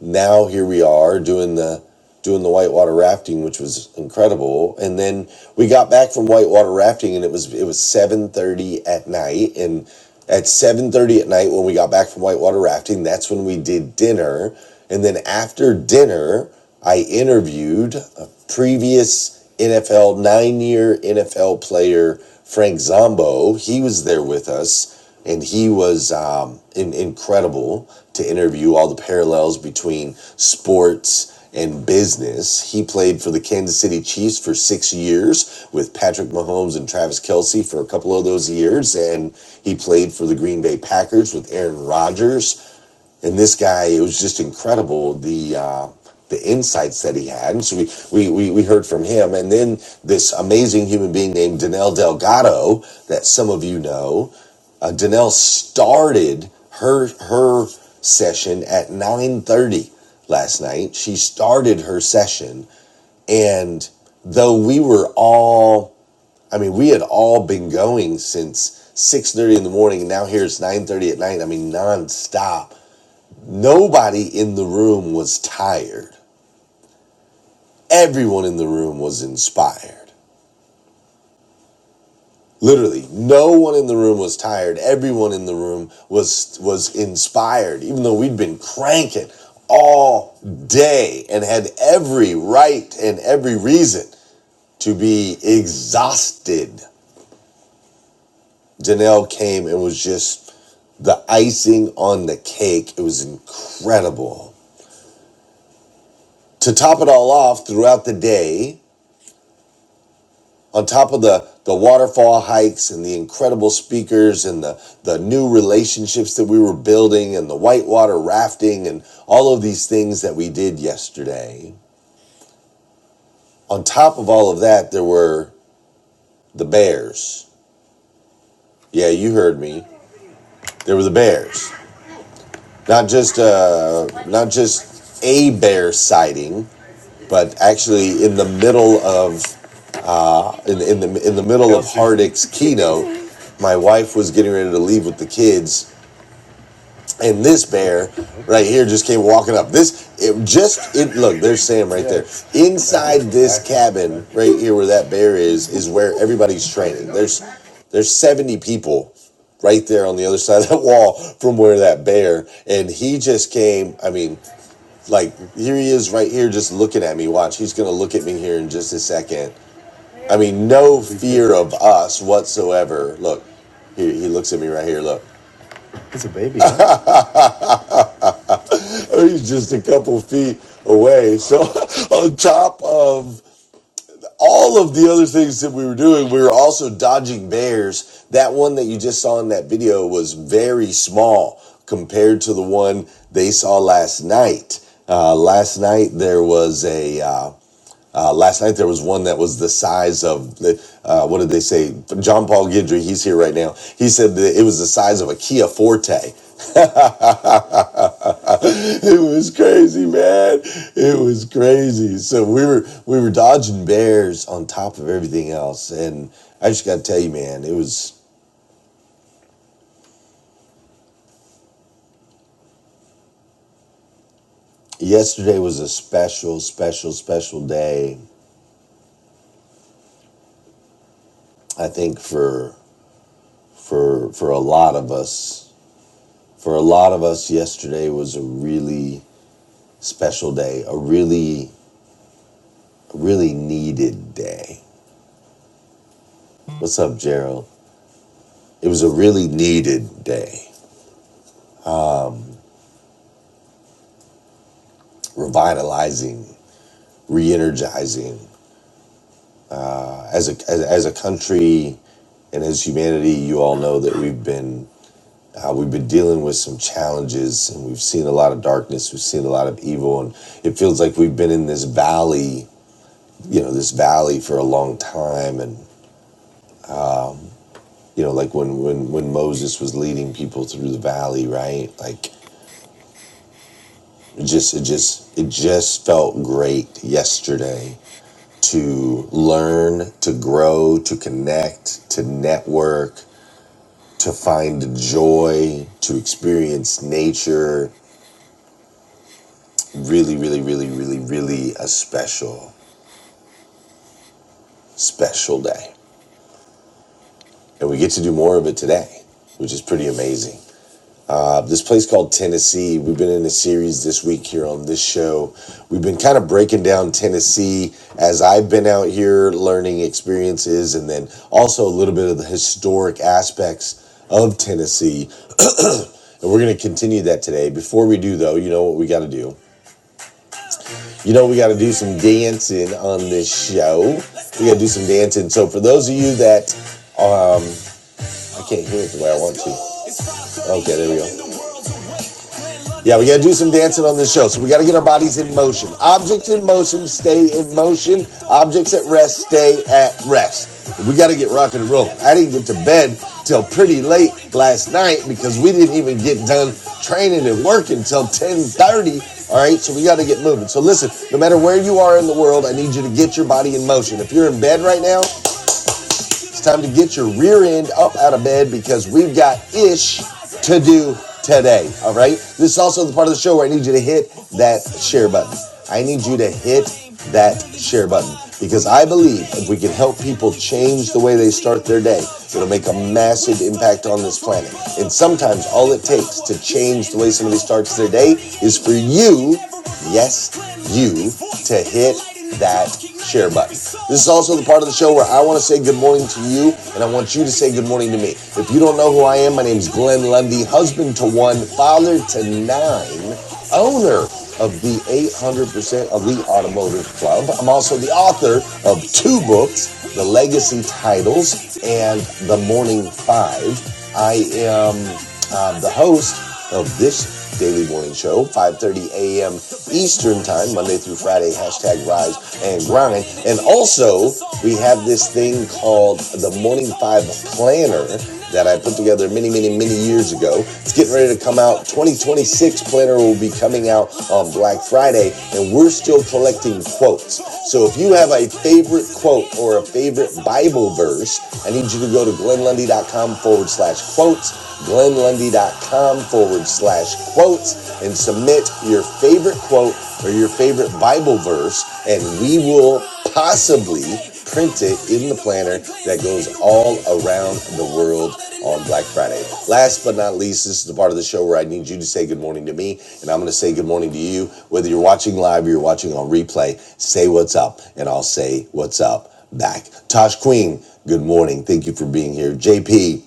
[SPEAKER 1] now here we are doing the doing the whitewater rafting, which was incredible. And then we got back from whitewater rafting, and it was it was seven thirty at night. And at seven thirty at night, when we got back from whitewater rafting, that's when we did dinner. And then after dinner, I interviewed a previous NFL nine year NFL player, Frank Zombo. He was there with us and he was um, in, incredible to interview all the parallels between sports and business. He played for the Kansas City Chiefs for six years with Patrick Mahomes and Travis Kelsey for a couple of those years, and he played for the Green Bay Packers with Aaron Rodgers and this guy it was just incredible the uh, the insights that he had and so we, we we we heard from him and then this amazing human being named Danelle Delgado that some of you know uh, Danelle started her her session at 9:30 last night she started her session and though we were all I mean, we had all been going since six thirty in the morning, and now here it's nine thirty at night. I mean, nonstop. Nobody in the room was tired. Everyone in the room was inspired. Literally, no one in the room was tired. Everyone in the room was was inspired, even though we'd been cranking all day and had every right and every reason to be exhausted. Janelle came and was just the icing on the cake. It was incredible. To top it all off, throughout the day, on top of the the waterfall hikes and the incredible speakers and the the new relationships that we were building and the whitewater rafting and all of these things that we did yesterday on top of all of that there were the bears yeah you heard me there were the bears not just uh not just a bear sighting but actually in the middle of in, in the in the middle of Kelsey. Hardick's keynote, my wife was getting ready to leave with the kids, And this bear right here just came walking up. This it just it look, there's Sam right there. Inside this cabin right here where that bear is is where everybody's training. There's there's 70 people right there on the other side of that wall from where that bear and he just came, I mean, like here he is right here just looking at me. Watch, he's going to look at me here in just a second. I mean, no fear of us whatsoever. Look. He, he looks at me right here. Look. It's a baby. He's just a couple feet away. So, on top of all of the other things that we were doing, we were also dodging bears. That one that you just saw in that video was very small compared to the one they saw last night. Uh, last night there was a uh, uh, last night there was one that was the size of the uh, what did they say? John Paul Guidry, he's here right now. He said that it was the size of a Kia Forte. it was crazy, man. It was crazy. So we were we were dodging bears on top of everything else, and I just got to tell you, man, it was yesterday was a special, special, special day. I think for for for a lot of us, for a lot of us, yesterday was a really special day, a really, really needed day. What's up, Gerald? It was a really needed day, revitalizing, re energizing. As a, as, as a country and as humanity, you all know that we've been. Uh, we've been dealing with some challenges and we've seen a lot of darkness we've seen a lot of evil and it feels like we've been in this valley you know this valley for a long time and you know like when when when moses was leading people through the valley right like It just it just it just felt great yesterday to learn, to grow, to connect, to network, to find joy, to experience nature. Really, really, really, really, really a special, special day. And we get to do more of it today, which is pretty amazing. Uh, this place called Tennessee. We've been in a series this week here on this show. We've been kind of breaking down Tennessee as I've been out here learning experiences and then also a little bit of the historic aspects of Tennessee. And we're going to continue that today. Before we do, though, you know what we got to do. You know, we got to do some dancing on this show. We got to do some dancing. So, for those of you that, um, I can't hear it the way I want to. Okay, there we go. Yeah, we gotta do some dancing on this show. So we gotta get our bodies in motion. Objects in motion stay in motion. Objects at rest stay at rest. We gotta get rock and roll. I didn't get to bed till pretty late last night because we didn't even get done training and working till 10:30. All right, so we gotta get moving. So listen, no matter where you are in the world, I need you to get your body in motion. If you're in bed right now, it's time to get your rear end up out of bed because we've got ish to do today. All right. This is also the part of the show where I need you to hit that share button. I need you to hit that share button because I believe if we can help people change the way they start their day, it'll make a massive impact on this planet. And sometimes all it takes to change the way somebody starts their day is for you, yes, you, to hit that share button. This is also the part of the show where I want to say good morning to you, and I want you to say good morning to me. If you don't know who I am, my name is Glenn Lundy, husband to one, father to nine, owner of the 800% Elite Automotive Club. I'm also the author of two books, The Legacy Titles and The Morning Five. I am uh, the host of this daily morning show, 5.30 a.m. Eastern Time, Monday through Friday, hashtag rise and grind. And also, we have this thing called the Morning 5 Planner that I put together many, many, many years ago. It's getting ready to come out. 2026 Planner will be coming out on Black Friday, and we're still collecting quotes. So if you have a favorite quote or a favorite Bible verse, I need you to go to glenlundy.com forward slash quotes glenlundy.com forward slash quotes and submit your favorite quote or your favorite Bible verse, and we will possibly print it in the planner that goes all around the world on Black Friday. Last but not least, this is the part of the show where I need you to say good morning to me, and I'm going to say good morning to you. Whether you're watching live or you're watching on replay, say what's up, and I'll say what's up back. Tosh Queen, good morning. Thank you for being here. JP,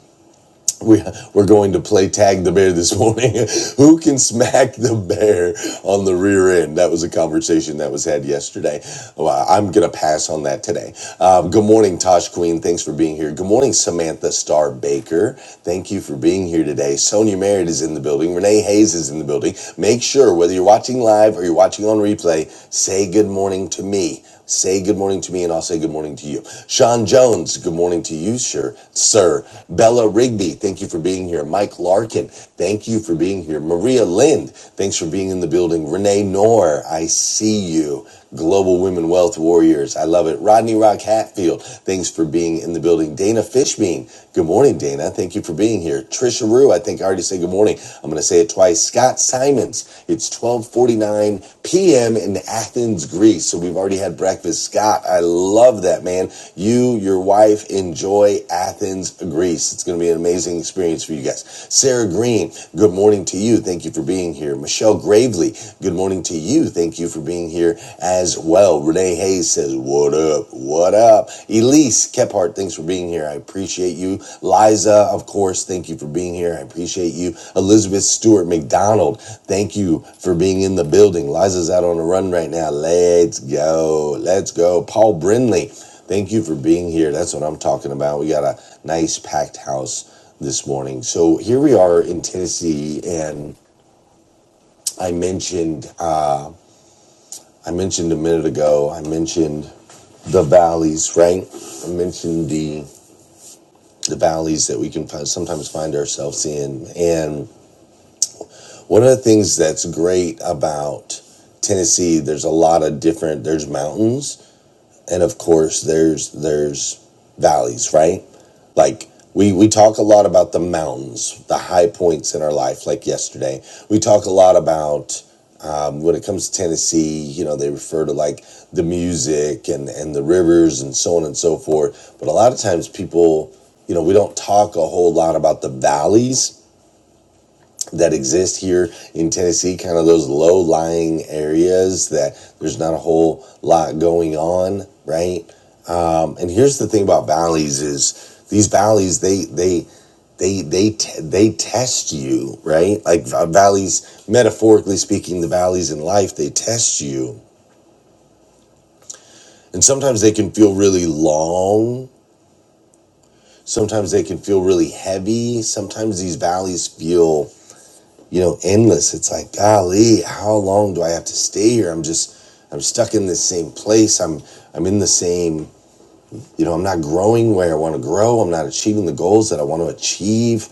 [SPEAKER 1] we, we're going to play tag the bear this morning. Who can smack the bear on the rear end? That was a conversation that was had yesterday. Well, I'm going to pass on that today. Um, good morning, Tosh Queen. Thanks for being here. Good morning, Samantha Star Baker. Thank you for being here today. Sonia Merritt is in the building. Renee Hayes is in the building. Make sure, whether you're watching live or you're watching on replay, say good morning to me. Say good morning to me and I'll say good morning to you. Sean Jones, good morning to you, sir. Sir. Bella Rigby, thank you for being here. Mike Larkin, thank you for being here. Maria Lind, thanks for being in the building. Renee Knorr, I see you. Global Women Wealth Warriors, I love it. Rodney Rock Hatfield, thanks for being in the building. Dana Fishbein. good morning, Dana. Thank you for being here. Trisha Rue, I think I already said and good morning. I'm going to say it twice. Scott Simons. It's 12:49 p.m. in Athens, Greece. So we've already had breakfast. Scott, I love that man. You, your wife, enjoy Athens, Greece. It's going to be an amazing experience for you guys. Sarah Green. Good morning to you. Thank you for being here. Michelle Gravely. Good morning to you. Thank you for being here as well. Renee Hayes says, "What up?" What up? Elise Kephart, thanks for being here. I appreciate you. Liza, of course, thank you for being here. I appreciate you. Elizabeth Stewart McDonald, thank you for being in the building. Liza's out on a run right now. Let's go. Let's go. Paul Brindley, thank you for being here. That's what I'm talking about. We got a nice packed house this morning. So here we are in Tennessee, and I mentioned uh, I mentioned a minute ago. I mentioned the valleys, right? I mentioned the the valleys that we can find, sometimes find ourselves in. And one of the things that's great about Tennessee, there's a lot of different, there's mountains, and of course there's there's valleys right like we we talk a lot about the mountains the high points in our life like yesterday we talk a lot about um, when it comes to tennessee you know they refer to like the music and and the rivers and so on and so forth but a lot of times people you know we don't talk a whole lot about the valleys that exist here in Tennessee, kind of those low lying areas that there's not a whole lot going on, right? Um, And here's the thing about valleys is these valleys they they they they te- they test you, right? Like valleys metaphorically speaking, the valleys in life they test you. And sometimes they can feel really long, sometimes they can feel really heavy, sometimes these valleys feel, you know, endless. It's like, golly, how long do I have to stay here? I'm just I'm stuck in this same place. I'm I'm in the same, you know, I'm not growing where I want to grow. I'm not achieving the goals that I want to achieve.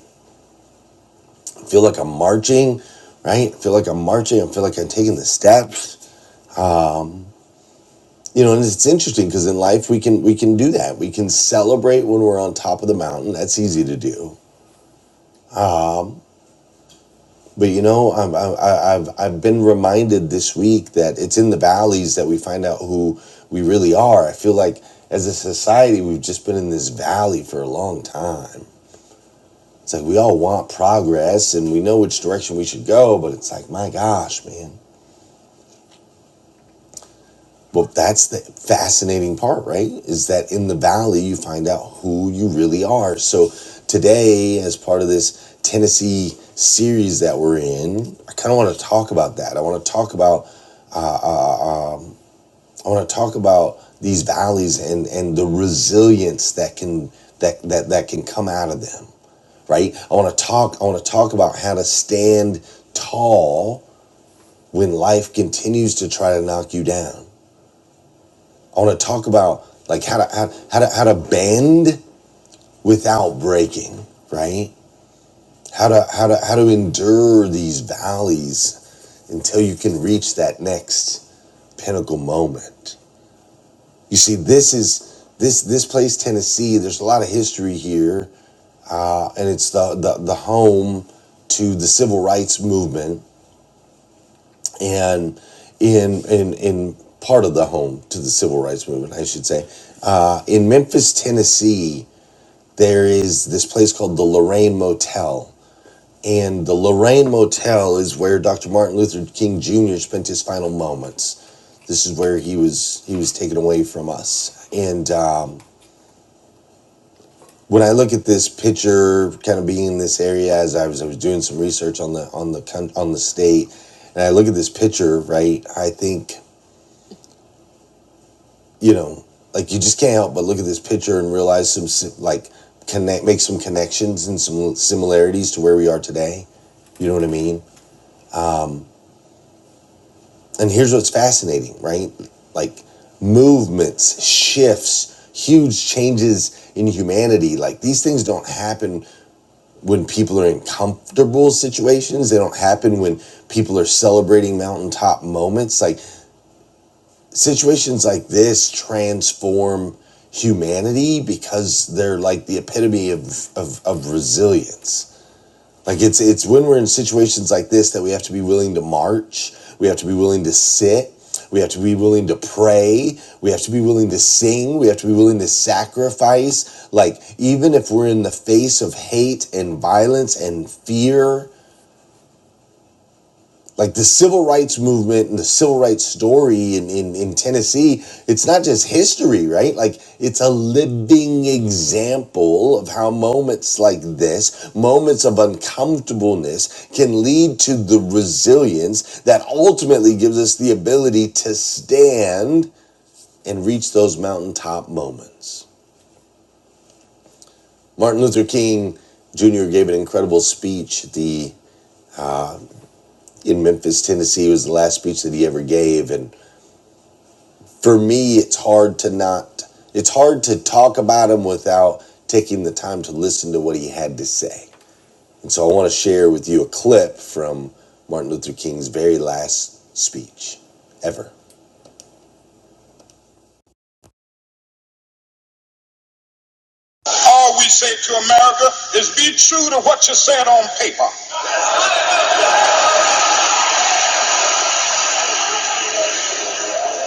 [SPEAKER 1] feel like I'm marching, right? I feel like I'm marching. I feel like I'm taking the steps. You know, and it's interesting because in life we can we can do that. We can celebrate when we're on top of the mountain. That's easy to do. But you know, I'm, I, I- I've I've been reminded this week that it's in the valleys that we find out who we really are. I feel like as a society we've just been in this valley for a long time. It's like we all want progress and we know which direction we should go, but it's like my gosh, man Well, that's the fascinating part, right? Is that in the valley you find out who you really are. So today, as part of this Tennessee series that we're in, I kind of want to talk about that. I want to talk about uh, um, I want to talk about these valleys and and the resilience that can that that that can come out of them, right? I want to talk. I want to talk about how to stand tall when life continues to try to knock you down I want to talk about like how to how, how to how to bend without breaking, right? How to how to how to endure these valleys until you can reach that next pinnacle moment. You see, this is this this place, Tennessee. There's a lot of history here, uh, and it's the the, the home to the civil rights movement, and in in in part of the home to the civil rights movement, I should say, uh, in Memphis, Tennessee. there is this place called the Lorraine Motel. And the Lorraine Motel is where Dr. Martin Luther King Jr. spent his final moments. This is where he was he was taken away from us. And um, when I look at this picture, kind of being in this area as I was I was doing some research on the on the on the state, and I look at this picture, right? I think you know, like you just can't help but look at this picture and realize some si- like connect, make some connections and some similarities to where we are today. You know what I mean? And here's what's fascinating, right? Like movements, shifts, huge changes in humanity. Like these things don't happen when people are in comfortable situations. They don't happen when people are celebrating mountaintop moments. Like situations like this transform humanity because they're like the epitome of, of, of resilience. Like it's it's when we're in situations like this that we have to be willing to march, we have to be willing to sit, we have to be willing to pray, we have to be willing to sing, we have to be willing to sacrifice. Like even if we're in the face of hate and violence and fear, like the civil rights movement and the civil rights story in, in, in Tennessee, it's not just history, right? Like it's a living example of how moments like this, moments of uncomfortableness, can lead to the resilience that ultimately gives us the ability to stand and reach those mountaintop moments. Martin Luther King Jr. gave an incredible speech at the in Memphis, Tennessee. It was the last speech that he ever gave. and. for me, it's hard to not, it's hard to talk about him without taking the time to listen to what he had to say. And so I want to share with you a clip from Martin Luther King's very last speech ever. All we say to America is be true to what you said on paper.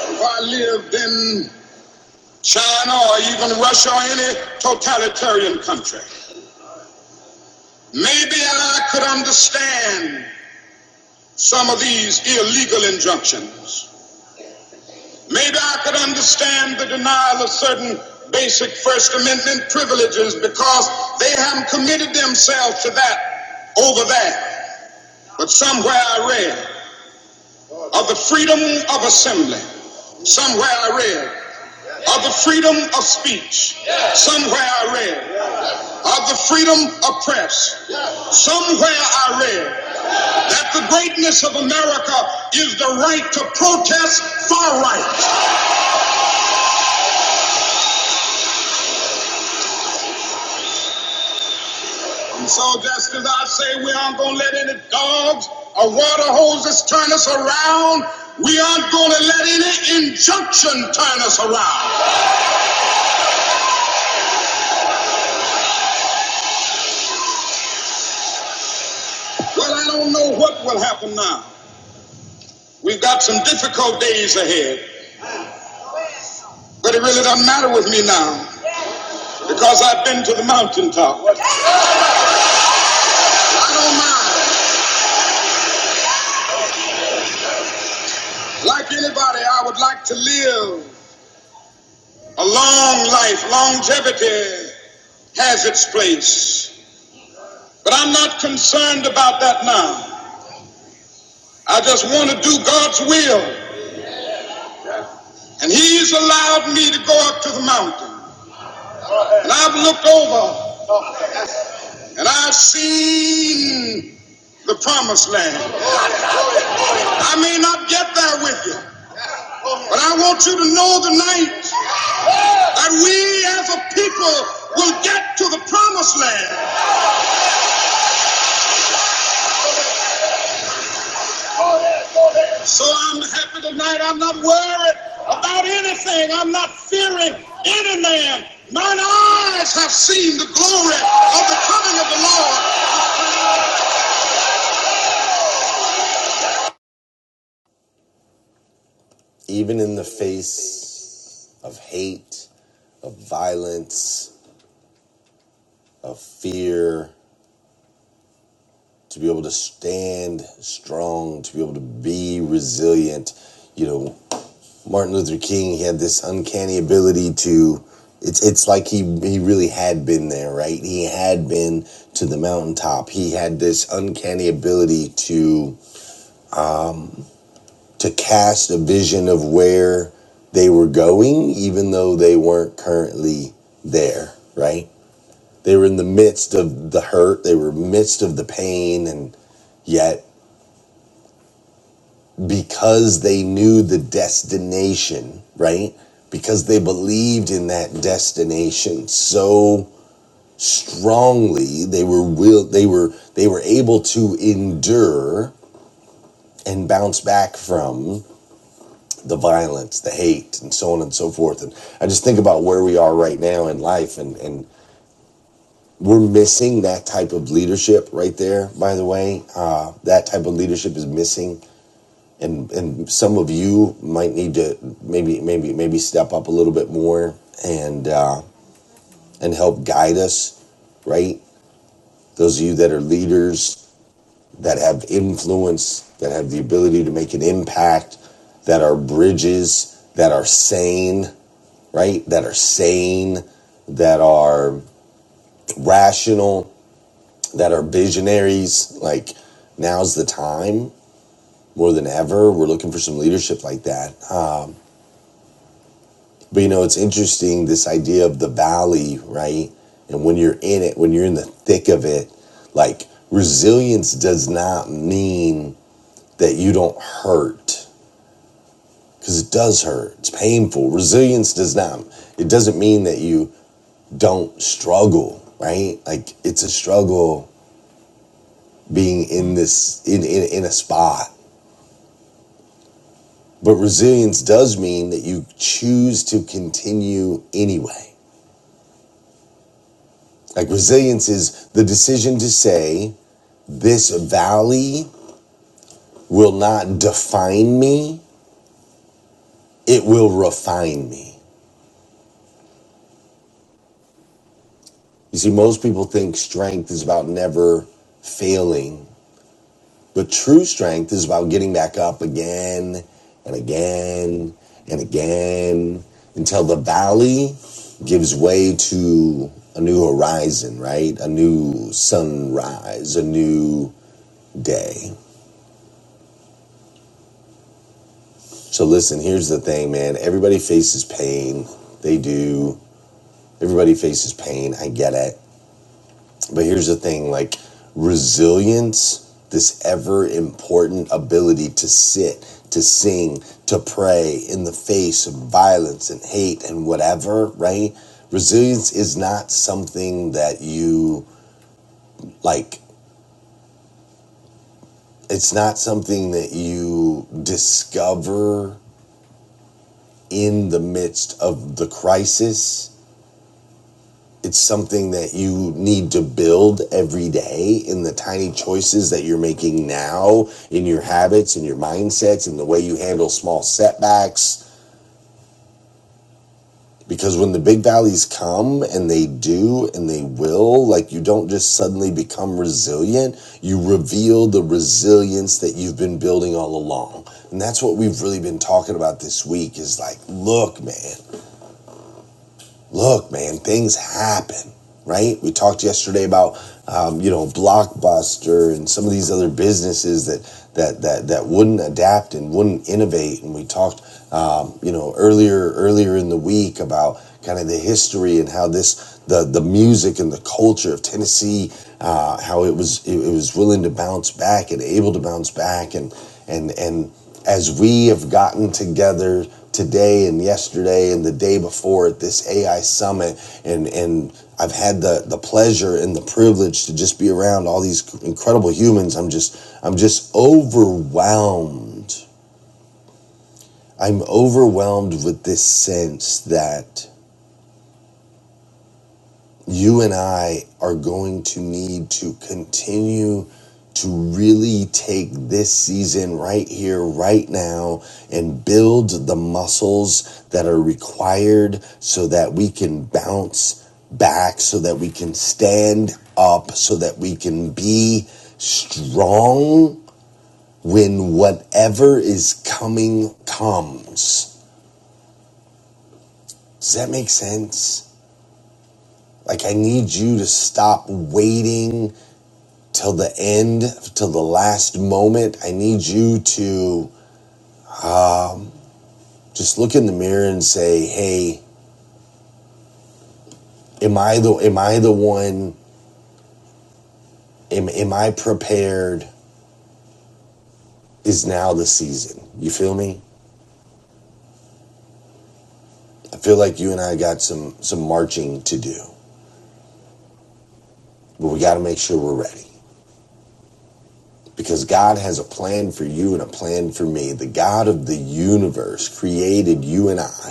[SPEAKER 1] If I lived in China or even Russia or any totalitarian country, maybe I could understand some of these illegal injunctions. Maybe I could understand the denial of certain basic First Amendment privileges because they haven't committed themselves to that over that. But somewhere I read of the freedom of assembly. Somewhere I read of the freedom of speech. Somewhere I read of the freedom of press. Somewhere I read that the greatness of America is the right to protest far right. So just as I say, we aren't gonna let any dogs or water hoses turn us around. We aren't gonna let any injunction turn us around. Well, I don't know what will happen now. We've got some difficult days ahead, but it really doesn't matter with me now because I've been to the mountaintop. I don't mind. Like anybody, I would like to live a long life. Longevity has its place. But I'm not concerned about that now. I just want to do God's will. And He's allowed me to go up to the mountain. And I've looked over and I've seen the promised land. I may not get there with you, but I want you to know tonight that we as a people will get to the promised land. So I'm happy tonight. I'm not worried about anything. I'm not fearing any man. Mine eyes have seen the glory of the coming of the Lord. Even in the face of hate, of violence, of fear, to be able to stand strong, to be able to be resilient, you know, Martin Luther King he had this uncanny ability to it's it's like he he really had been there, right? He had been to the mountaintop. He had this uncanny ability to to cast a vision of where they were going even though they weren't currently there, right? They were in the midst of the hurt, they were midst of the pain and yet because they knew the destination, right? Because they believed in that destination so strongly, they were will they were they were able to endure and bounce back from the violence, the hate, and so on and so forth. And I just think about where we are right now in life and and we're missing that type of leadership right there, by the way. Uh, that type of leadership is missing and and some of you might need to maybe maybe maybe step up a little bit more and uh, and help guide us, right? Those of you that are leaders that have influence, that have the ability to make an impact, that are bridges, that are sane, right? That are sane, that are rational, that are visionaries. Like now's the time more than ever. We're looking for some leadership like that Um, But you know, it's interesting this idea of the valley, right? And when you're in it, when you're in the thick of it, like resilience does not mean that you don't hurt because it does hurt. It's painful. Resilience does not, it doesn't mean that you don't struggle, right? Like it's a struggle being in this, in, in, in a spot. But resilience does mean that you choose to continue anyway. Like resilience is the decision to say, This valley will not define me, it will refine me. You see, most people think strength is about never failing, but true strength is about getting back up again and again and again until the valley gives way to a new horizon, right? A new sunrise, a new day. So, listen, here's the thing, man. Everybody faces pain, they do. Everybody faces pain. I get it. But here's the thing like resilience, this ever important ability to sit, to sing, to pray in the face of violence and hate and whatever, right? Resilience is not something that you like, it's not something that you discover in the midst of the crisis it's something that you need to build every day in the tiny choices that you're making now in your habits in your mindsets in the way you handle small setbacks because when the big valleys come and they do and they will like you don't just suddenly become resilient you reveal the resilience that you've been building all along and that's what we've really been talking about this week is like look man look, man, things happen, right? We talked yesterday about um, you know Blockbuster and some of these other businesses that that that that wouldn't adapt and wouldn't innovate, and we talked um, you know earlier earlier in the week about kind of the history and how this the the music and the culture of Tennessee, uh, how it was it, it was willing to bounce back and able to bounce back and and and as we have gotten together today and yesterday and the day before at this AI summit and and I've had the the pleasure and the privilege to just be around all these incredible humans I'm just I'm just overwhelmed I'm overwhelmed with this sense that you and I are going to need to continue to really take this season right here, right now, and build the muscles that are required so that we can bounce back, so that we can stand up, so that we can be strong when whatever is coming comes. Does that make sense? Like, I need you to stop waiting till the end, till the last moment. I need you to just look in the mirror and say, "Hey, am I the am I the one? Am am I prepared? Is now the season? You feel me? I feel like you and I got some some marching to do, but we got to make sure we're ready." Because God has a plan for you and a plan for me. The God of the universe created you and I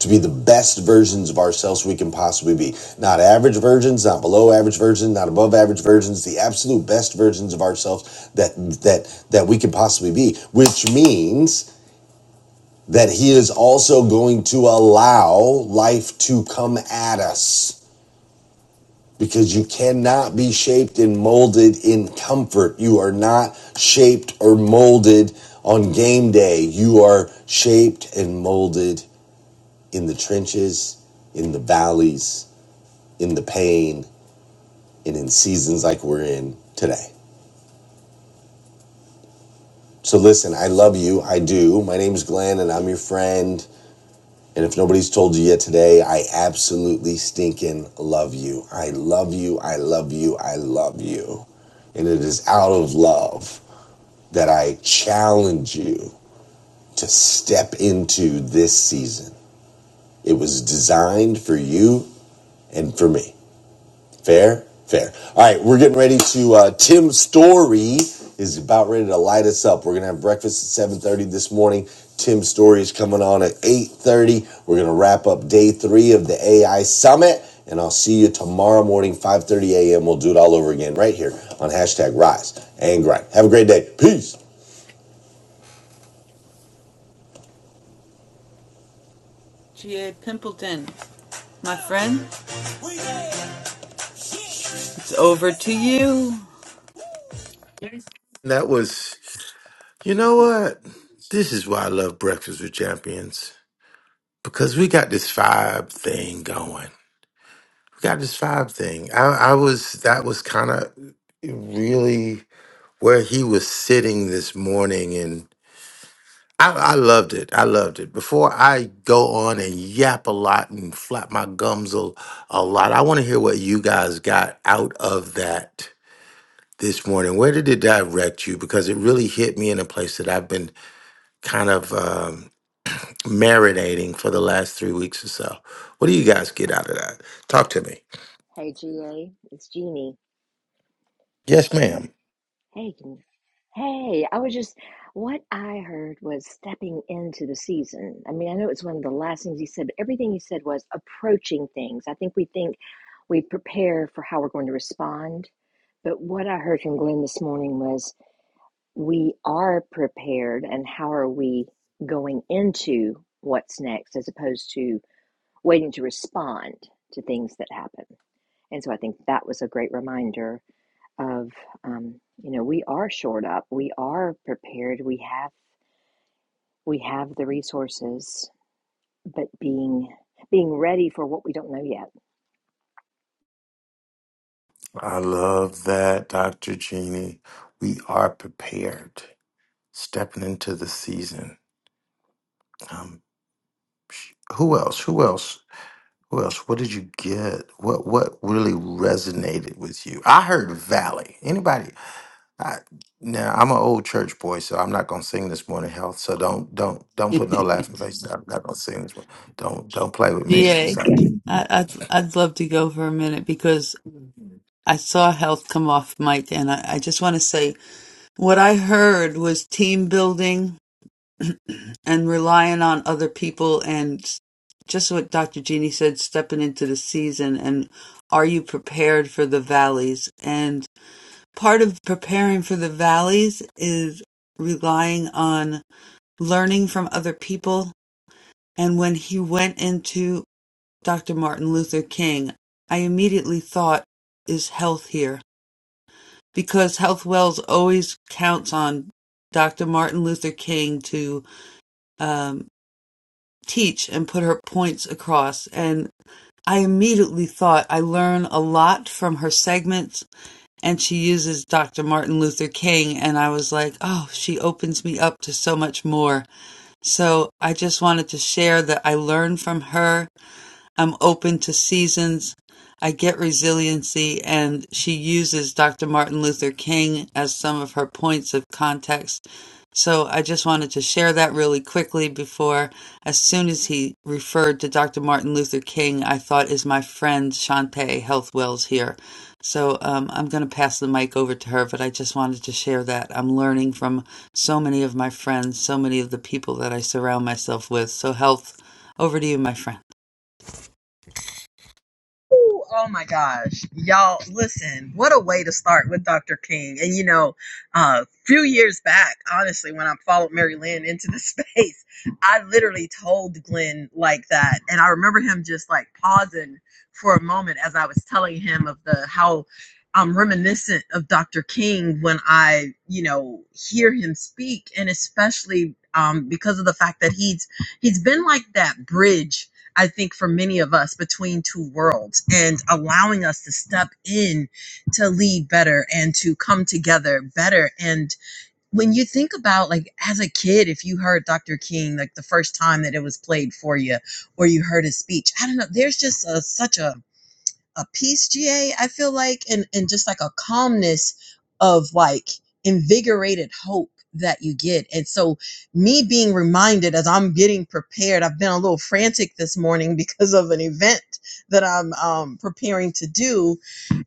[SPEAKER 1] to be the best versions of ourselves we can possibly be. Not average versions, not below average versions, not above average versions, the absolute best versions of ourselves that that that we can possibly be, which means that he is also going to allow life to come at us because you cannot be shaped and molded in comfort. You are not shaped or molded on game day. You are shaped and molded in the trenches, in the valleys, in the pain and in seasons like we're in today. So listen, I love you. I do. My name's Glenn and I'm your friend. And if nobody's told you yet today, I absolutely stinking love you. I love you. I love you. I love you. And it is out of love that I challenge you to step into this season. It was designed for you and for me. Fair, fair. All right, we're getting ready to. Uh, Tim Story is about ready to light us up. We're gonna have breakfast at seven thirty this morning. Tim Story is coming on at eight thirty. We're gonna wrap up day three of the AI Summit, and I'll see you tomorrow morning, five thirty a.m. We'll do it all over again right here on hashtag Rise and Grind. Have a great day. Peace. G.A. Pimpleton, my friend, it's over to you.
[SPEAKER 6] That was You know what? This is why I love Breakfast with Champions because we got this vibe thing going. We got this vibe thing. I, I was, that was kind of really where he was sitting this morning. And I, I loved it. I loved it. Before I go on and yap a lot and flap my gums a, a lot, I want to hear what you guys got out of that this morning. Where did it direct you? Because it really hit me in a place that I've been kind of. um, marinating for the last three weeks or so. What do you guys get out of that? Talk to me.
[SPEAKER 10] Hey, GA, it's Jeannie.
[SPEAKER 6] Yes, ma'am.
[SPEAKER 10] Hey, can- hey, I was just, what I heard was stepping into the season. I mean, I know it's one of the last things he said, but everything he said was approaching things. I think we think we prepare for how we're going to respond. But what I heard from Glenn this morning was we are prepared, and how are we going into what's next as opposed to waiting to respond to things that happen. And so I think that was a great reminder of um, you know we are shored up we are prepared we have we have the resources but being being ready for what we don't know yet
[SPEAKER 6] I love that, Dr. Jeannie. We are prepared. Stepping into the season. Um, sh- who else? Who else? Who else? What did you get? What What really resonated with you? I heard Valley. Anybody? I, now I'm an old church boy, so I'm not gonna sing this morning. Health. So don't don't don't put no laughing face. I'm not gonna sing this one. Don't don't play with me. She's
[SPEAKER 1] GA,
[SPEAKER 6] like.
[SPEAKER 1] would I'd I'd love to go for a minute because I saw health come off Mike, and I, I just want to say what I heard was team building and relying on other people, and just what Dr. Jeannie said, stepping into the season. And are you prepared for the valleys? And part of preparing for the valleys is relying on learning from other people. And when he went into Dr. Martin Luther King, I immediately thought, is health here? because Health Wells always counts on Dr. Martin Luther King to um, teach and put her points across. And I immediately thought I learn a lot from her segments, and she uses Dr. Martin Luther King. And I was like, oh, she opens me up to so much more. So I just wanted to share that I learned from her I'm open to seasons. I get resiliency, and she uses Dr. Martin Luther King as some of her points of context. So I just wanted to share that really quickly before, as soon as he referred to Dr. Martin Luther King, I thought, is my friend Shantae Health Wells here? So um, I'm going to pass the mic over to her, but I just wanted to share that. I'm learning from so many of my friends, so many of the people that I surround myself with. So, health, over to you, my friend.
[SPEAKER 11] Ooh, oh my gosh. Y'all, listen, what a way to start with Dr. King. And you know, a uh, few years back, honestly, when I followed Mary Lynn into the space, I literally told Glenn like that. And I remember him just like pausing for a moment as I was telling him of the how I'm reminiscent of Dr. King when I, you know, hear him speak and especially um, because of the fact that he's he's been like that bridge I think for many of us between two worlds and allowing us to step in to lead better and to come together better. And when you think about like as a kid, if you heard Dr. King like the first time that it was played for you or you heard his speech, I don't know, there's just a, such a a peace GA, I feel like, and, and just like a calmness of like invigorated hope that you get. And so me being reminded as I'm getting prepared, I've been a little frantic this morning because of an event that I'm um, preparing to do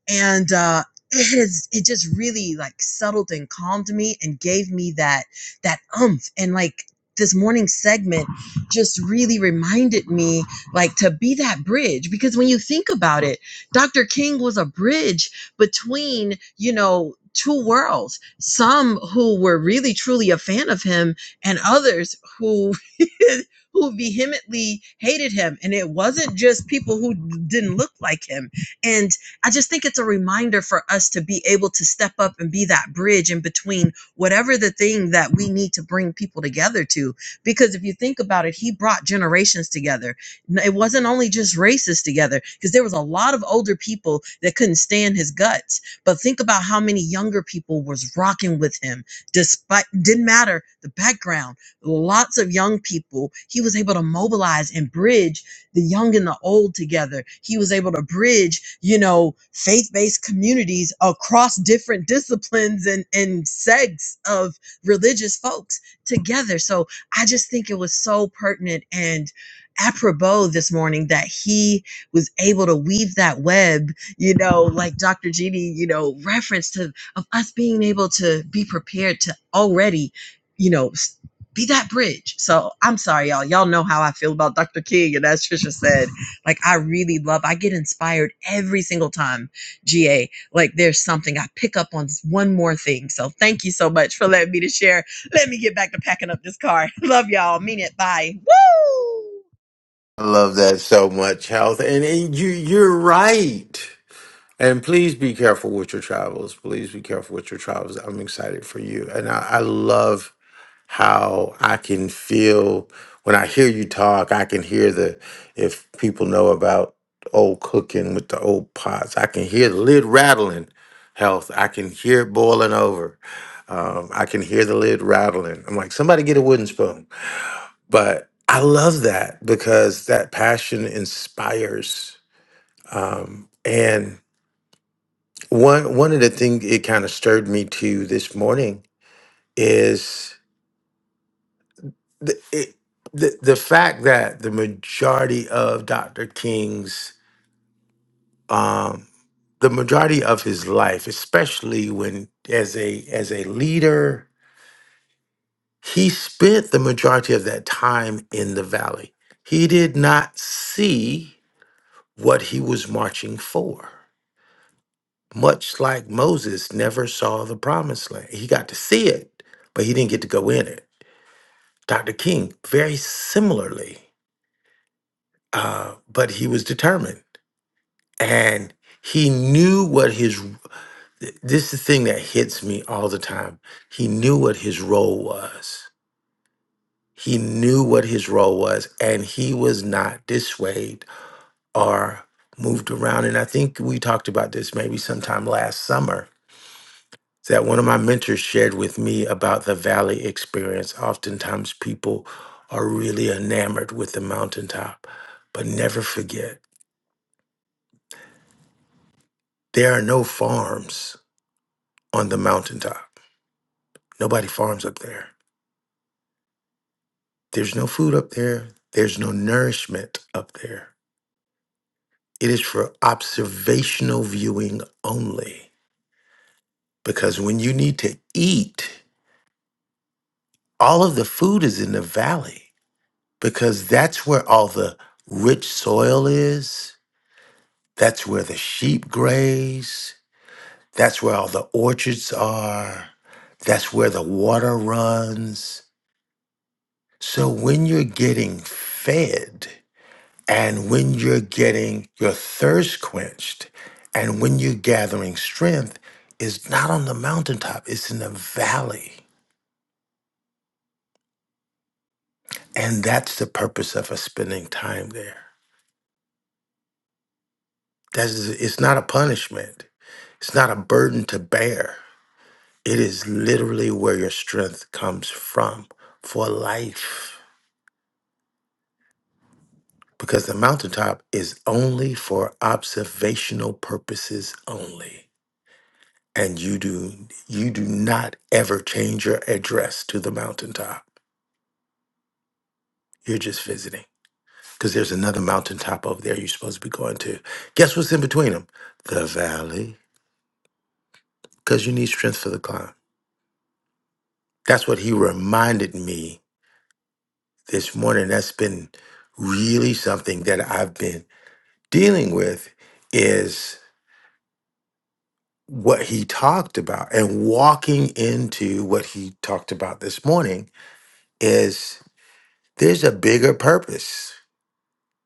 [SPEAKER 11] and uh it is it just really like settled and calmed me and gave me that that umph and like this morning segment just really reminded me like to be that bridge because when you think about it dr king was a bridge between you know two worlds some who were really truly a fan of him and others who who vehemently hated him and it wasn't just people who didn't look like him and I just think it's a reminder for us to be able to step up and be that bridge in between whatever the thing that we need to bring people together to. Because if you think about it, he brought generations together. N- It wasn't only just races together, because there was a lot of older people that couldn't stand his guts. But think about how many younger people was rocking with him, despite didn't matter the background. Lots of young people he was able to mobilize and bridge the young and the old together. He was able to bridge, you know, faith-based communities across different disciplines and, and sects of religious folks together. So I just think it was so pertinent and apropos this morning that he was able to weave that web, you know, like Dr. Jeannie, you know, reference to of us being able to be prepared to already you know be that bridge. So I'm sorry, y'all. Y'all know how I feel about Dr. King. And as Trisha said, like I really love, I get inspired every single time, GA. Like there's something I pick up on one more thing. So thank you so much for letting me to share. Let me get back to packing up this car. Love y'all. Mean it. Bye.
[SPEAKER 6] I love that so much, health. And, and you you're right. And please be careful with your travels. Please be careful with your travels. I'm excited for you. And I, I love how I can feel when I hear you talk, I can hear the if people know about old cooking with the old pots, I can hear the lid rattling, health. I can hear it boiling over. Um, I can hear the lid rattling. I'm like, somebody get a wooden spoon but I love that because that passion inspires. Um, and one one of the things it kind of stirred me to this morning is the, it, the the fact that the majority of Dr. King's um, the majority of his life, especially when as a as a leader, he spent the majority of that time in the valley. He did not see what he was marching for. much like Moses never saw the promised land. He got to see it, but he didn't get to go in it. Dr. King, very similarly, uh, but he was determined and he knew what his this is the thing that hits me all the time. He knew what his role was. He knew what his role was, and he was not dissuaded or moved around. And I think we talked about this maybe sometime last summer that one of my mentors shared with me about the valley experience. Oftentimes, people are really enamored with the mountaintop, but never forget there are no farms on the mountaintop. Nobody farms up there. There's no food up there, there's no nourishment up there. It is for observational viewing only. Because when you need to eat, all of the food is in the valley because that's where all the rich soil is That's where the sheep graze. That's where all the orchards are. That's where the water runs. So when you're getting fed and when you're getting your thirst quenched and when you're gathering strength, is not on the mountaintop, it's in the valley. And that's the purpose of us spending time there. That's, it's not a punishment, it's not a burden to bear It is literally where your strength comes from for life. Because the mountaintop is only for observational purposes only. And you do you do not ever change your address to the mountaintop. You're just visiting. Because there's another mountaintop over there you're supposed to be going to. Guess what's in between them? The valley. Because you need strength for the climb. That's what he reminded me this morning. That's been really something that I've been dealing with is what he talked about and walking into what he talked about this morning is there's a bigger purpose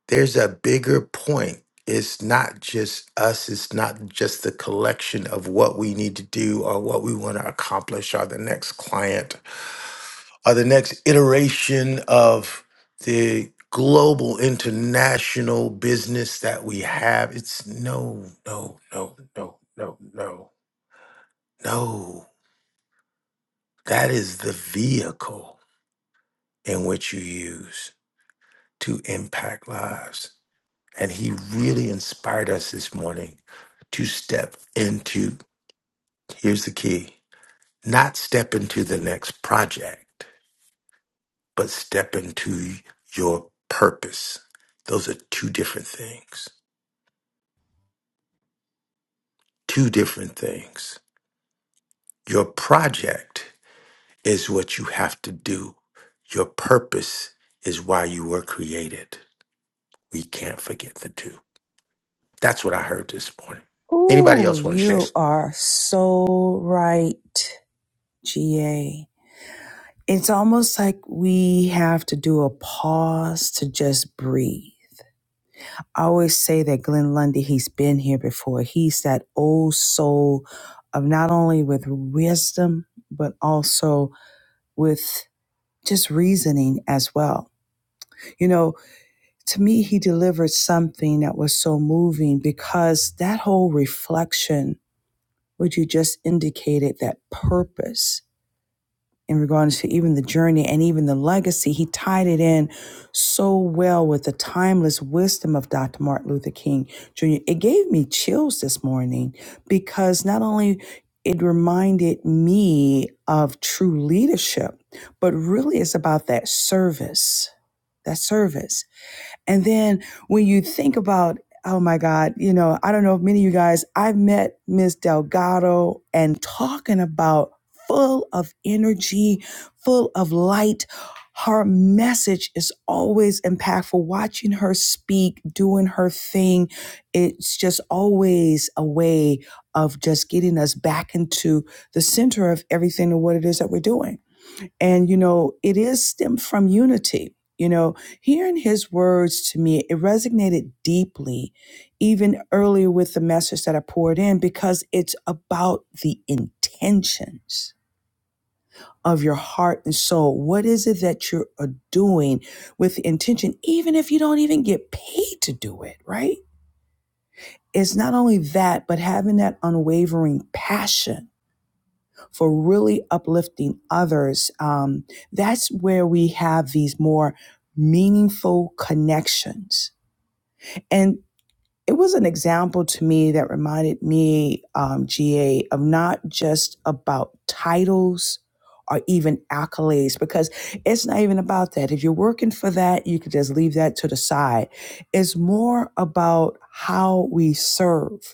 [SPEAKER 6] there's a bigger point it's not just us it's not just the collection of what we need to do or what we want to accomplish or the next client or the next iteration of the global international business that we have it's no no no no no no No, that is the vehicle in which you use to impact lives. And he really inspired us this morning to step into here's the key not step into the next project, but step into your purpose. Those are two different things. Two different things. Your project is what you have to do, your purpose is why you were created. We can't forget the two. That's what I heard this morning. Anybody
[SPEAKER 2] Ooh,
[SPEAKER 6] else want to share?
[SPEAKER 2] you are so right, GA. It's almost like we have to do a pause to just breathe. I always say that Glenn Lundy, he's been here before. He's that old soul of not only with wisdom, but also with just reasoning as well. You know, to me, he delivered something that was so moving because that whole reflection, what you just indicated, that purpose. in regards to even the journey and even the legacy, he tied it in so well with the timeless wisdom of Dr. Martin Luther King Jr. It gave me chills this morning because not only it reminded me of true leadership, but really it's about that service, that service. And then when you think about, oh my God, you know, I don't know if many of you guys, I met Miss Delgado and talking about full of energy, full of light. Her message is always impactful. Watching her speak, doing her thing, it's just always a way of just getting us back into the center of everything and what it is that we're doing. And, you know, it is stemmed from unity. You know, hearing his words to me, it resonated deeply, even earlier with the message that I poured in, because it's about the intentions of your heart and soul. What is it that you're uh, doing with the intention, even if you don't even get paid to do it, right? It's not only that, but having that unwavering passion for really uplifting others, um, that's where we have these more meaningful connections. And it was an example to me that reminded me, um, GA, of not just about titles or even accolades, because it's not even about that. If you're working for that, you could just leave that to the side. It's more about how we serve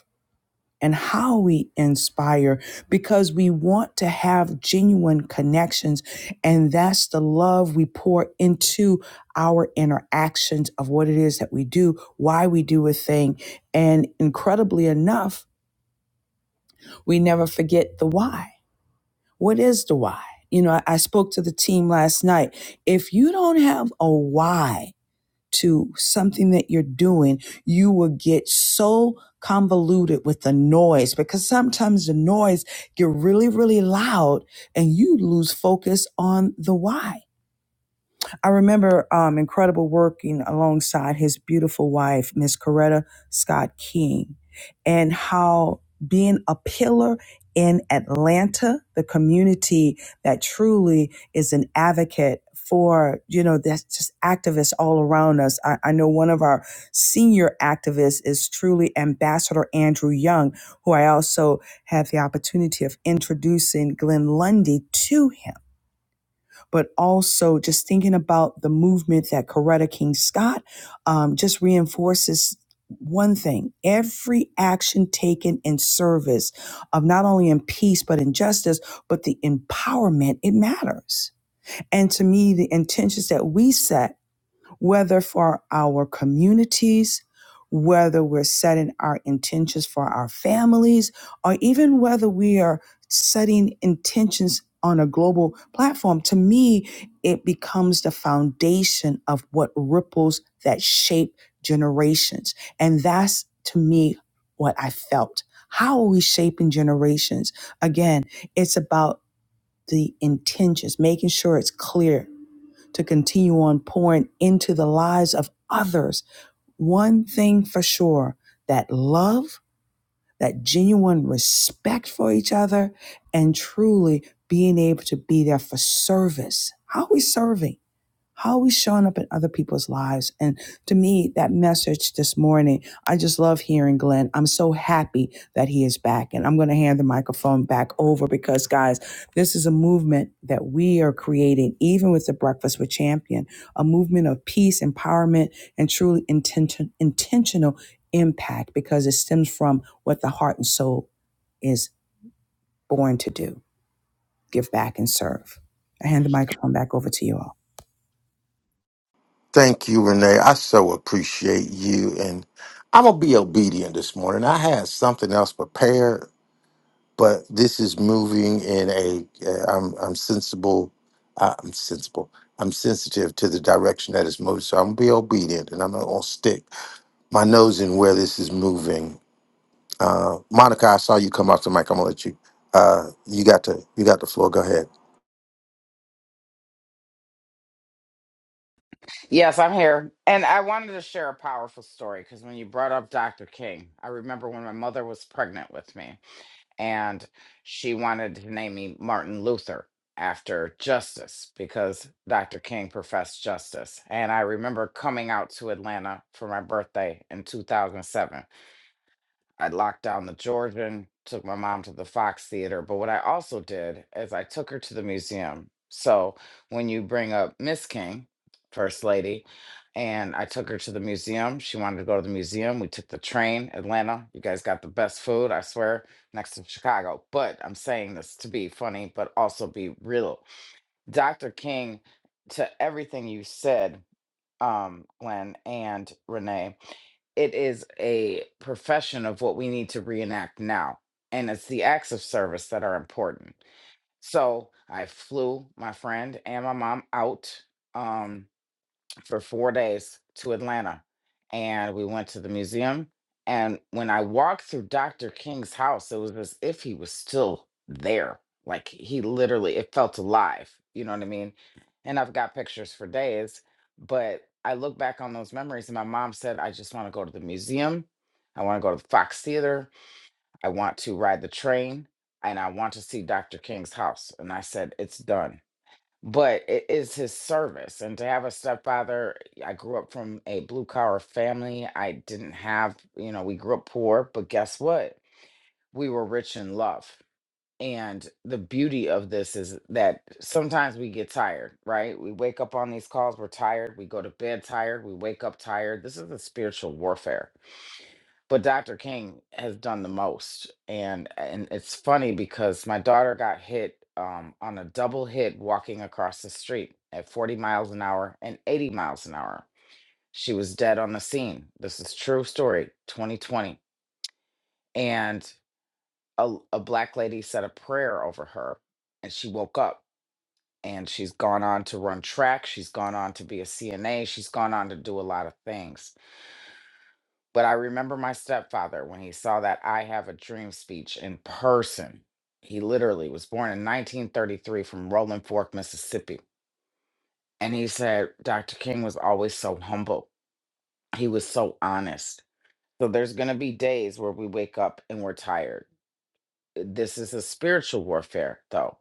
[SPEAKER 2] and how we inspire because we want to have genuine connections. And that's the love we pour into our interactions of what it is that we do, why we do a thing. And incredibly enough, we never forget the why. What is the why? You know, I spoke to the team last night. If you don't have a why, to something that you're doing, you will get so convoluted with the noise because sometimes the noise get really, really loud and you lose focus on the why. I remember um, incredible working alongside his beautiful wife, Miss Coretta Scott King, and how being a pillar in Atlanta, the community that truly is an advocate for, you know, that's just activists all around us. I, I know one of our senior activists is truly Ambassador Andrew Young, who I also had the opportunity of introducing Glenn Lundy to him but also just thinking about the movement that Coretta King Scott um, just reinforces one thing every action taken in service of not only in peace but in justice but the empowerment it matters and to me the intentions that we set whether for our communities, whether we're setting our intentions for our families, or even whether we are setting intentions on a global platform, to me, it becomes the foundation of what ripples that shape generations. And that's to me what I felt. How are we shaping generations? Again, it's about the intentions, making sure it's clear, to continue on pouring into the lives of others. One thing for sure that love, that genuine respect for each other, and truly being able to be there for service. How are we serving? How are we showing up in other people's lives? And to me, that message this morning, I just love hearing Glenn. I'm so happy that he is back. And I'm going to hand the microphone back over because, guys, this is a movement that we are creating, even with the Breakfast with Champion, a movement of peace, empowerment, and truly intention, intentional impact because it stems from what the heart and soul is born to do give back and serve. I hand the microphone back over to you all.
[SPEAKER 6] Thank you, Renee. I so appreciate you. And I'm going to be obedient this morning. I had something else prepared, but this is moving in a, uh, I'm, I'm sensible. uh, I'm sensible. I'm sensitive to the direction that it's moving. So I'm going to be obedient and I'm not going to stick my nose in where this is moving. Uh, Monica, I saw you come off the mic. I'm going to let you, uh, you got to, you got the floor. Go ahead.
[SPEAKER 9] Yes, I'm here. And I wanted to share a powerful story because when you brought up Dr. King, I remember when my mother was pregnant with me. and she wanted to name me Martin Luther after justice because Dr. King professed justice. And I remember coming out to Atlanta for my birthday in 2007 I locked down the Georgian, took my mom to the Fox Theater. But what I also did is I took her to the museum. So when you bring up Miss King, First Lady, and I took her to the museum. She wanted to go to the museum. We took the train, Atlanta. You guys got the best food, I swear, next to Chicago. But I'm saying this to be funny, but also be real. Dr. King, to everything you said, um, Glenn and Renee it is a profession of what we need to reenact now. And it's the acts of service that are important. So I flew my friend and my mom out. Um, for four days to Atlanta. And we went to the museum. And when I walked through Dr. King's house, it was as if he was still there. Like he literally, it felt alive. You know what I mean? And I've got pictures for days. But I look back on those memories, and my mom said, I just want to go to the museum. I want to go to the Fox Theater. I want to ride the train. And I want to see Dr. King's house. And I said, It's done but it is his service. And to have a stepfather, I grew up from a blue collar family. I didn't have, you know, we grew up poor, but guess what? We were rich in love. And the beauty of this is that sometimes we get tired, right? We wake up on these calls, we're tired. We go to bed tired. We wake up tired. This is the spiritual warfare but Dr. King has done the most. And and it's funny because my daughter got hit um, on a double hit walking across the street at 40 miles an hour and 80 miles an hour. She was dead on the scene. This is true story, 2020. And a, a black lady said a prayer over her and she woke up and she's gone on to run track. She's gone on to be a CNA. She's gone on to do a lot of things But I remember my stepfather when he saw that I Have a Dream speech in person. He literally was born in 1933 from Rolling Fork, Mississippi. And he said Dr. King was always so humble. He was so honest. So there's going to be days where we wake up and we're tired. This is a spiritual warfare, though,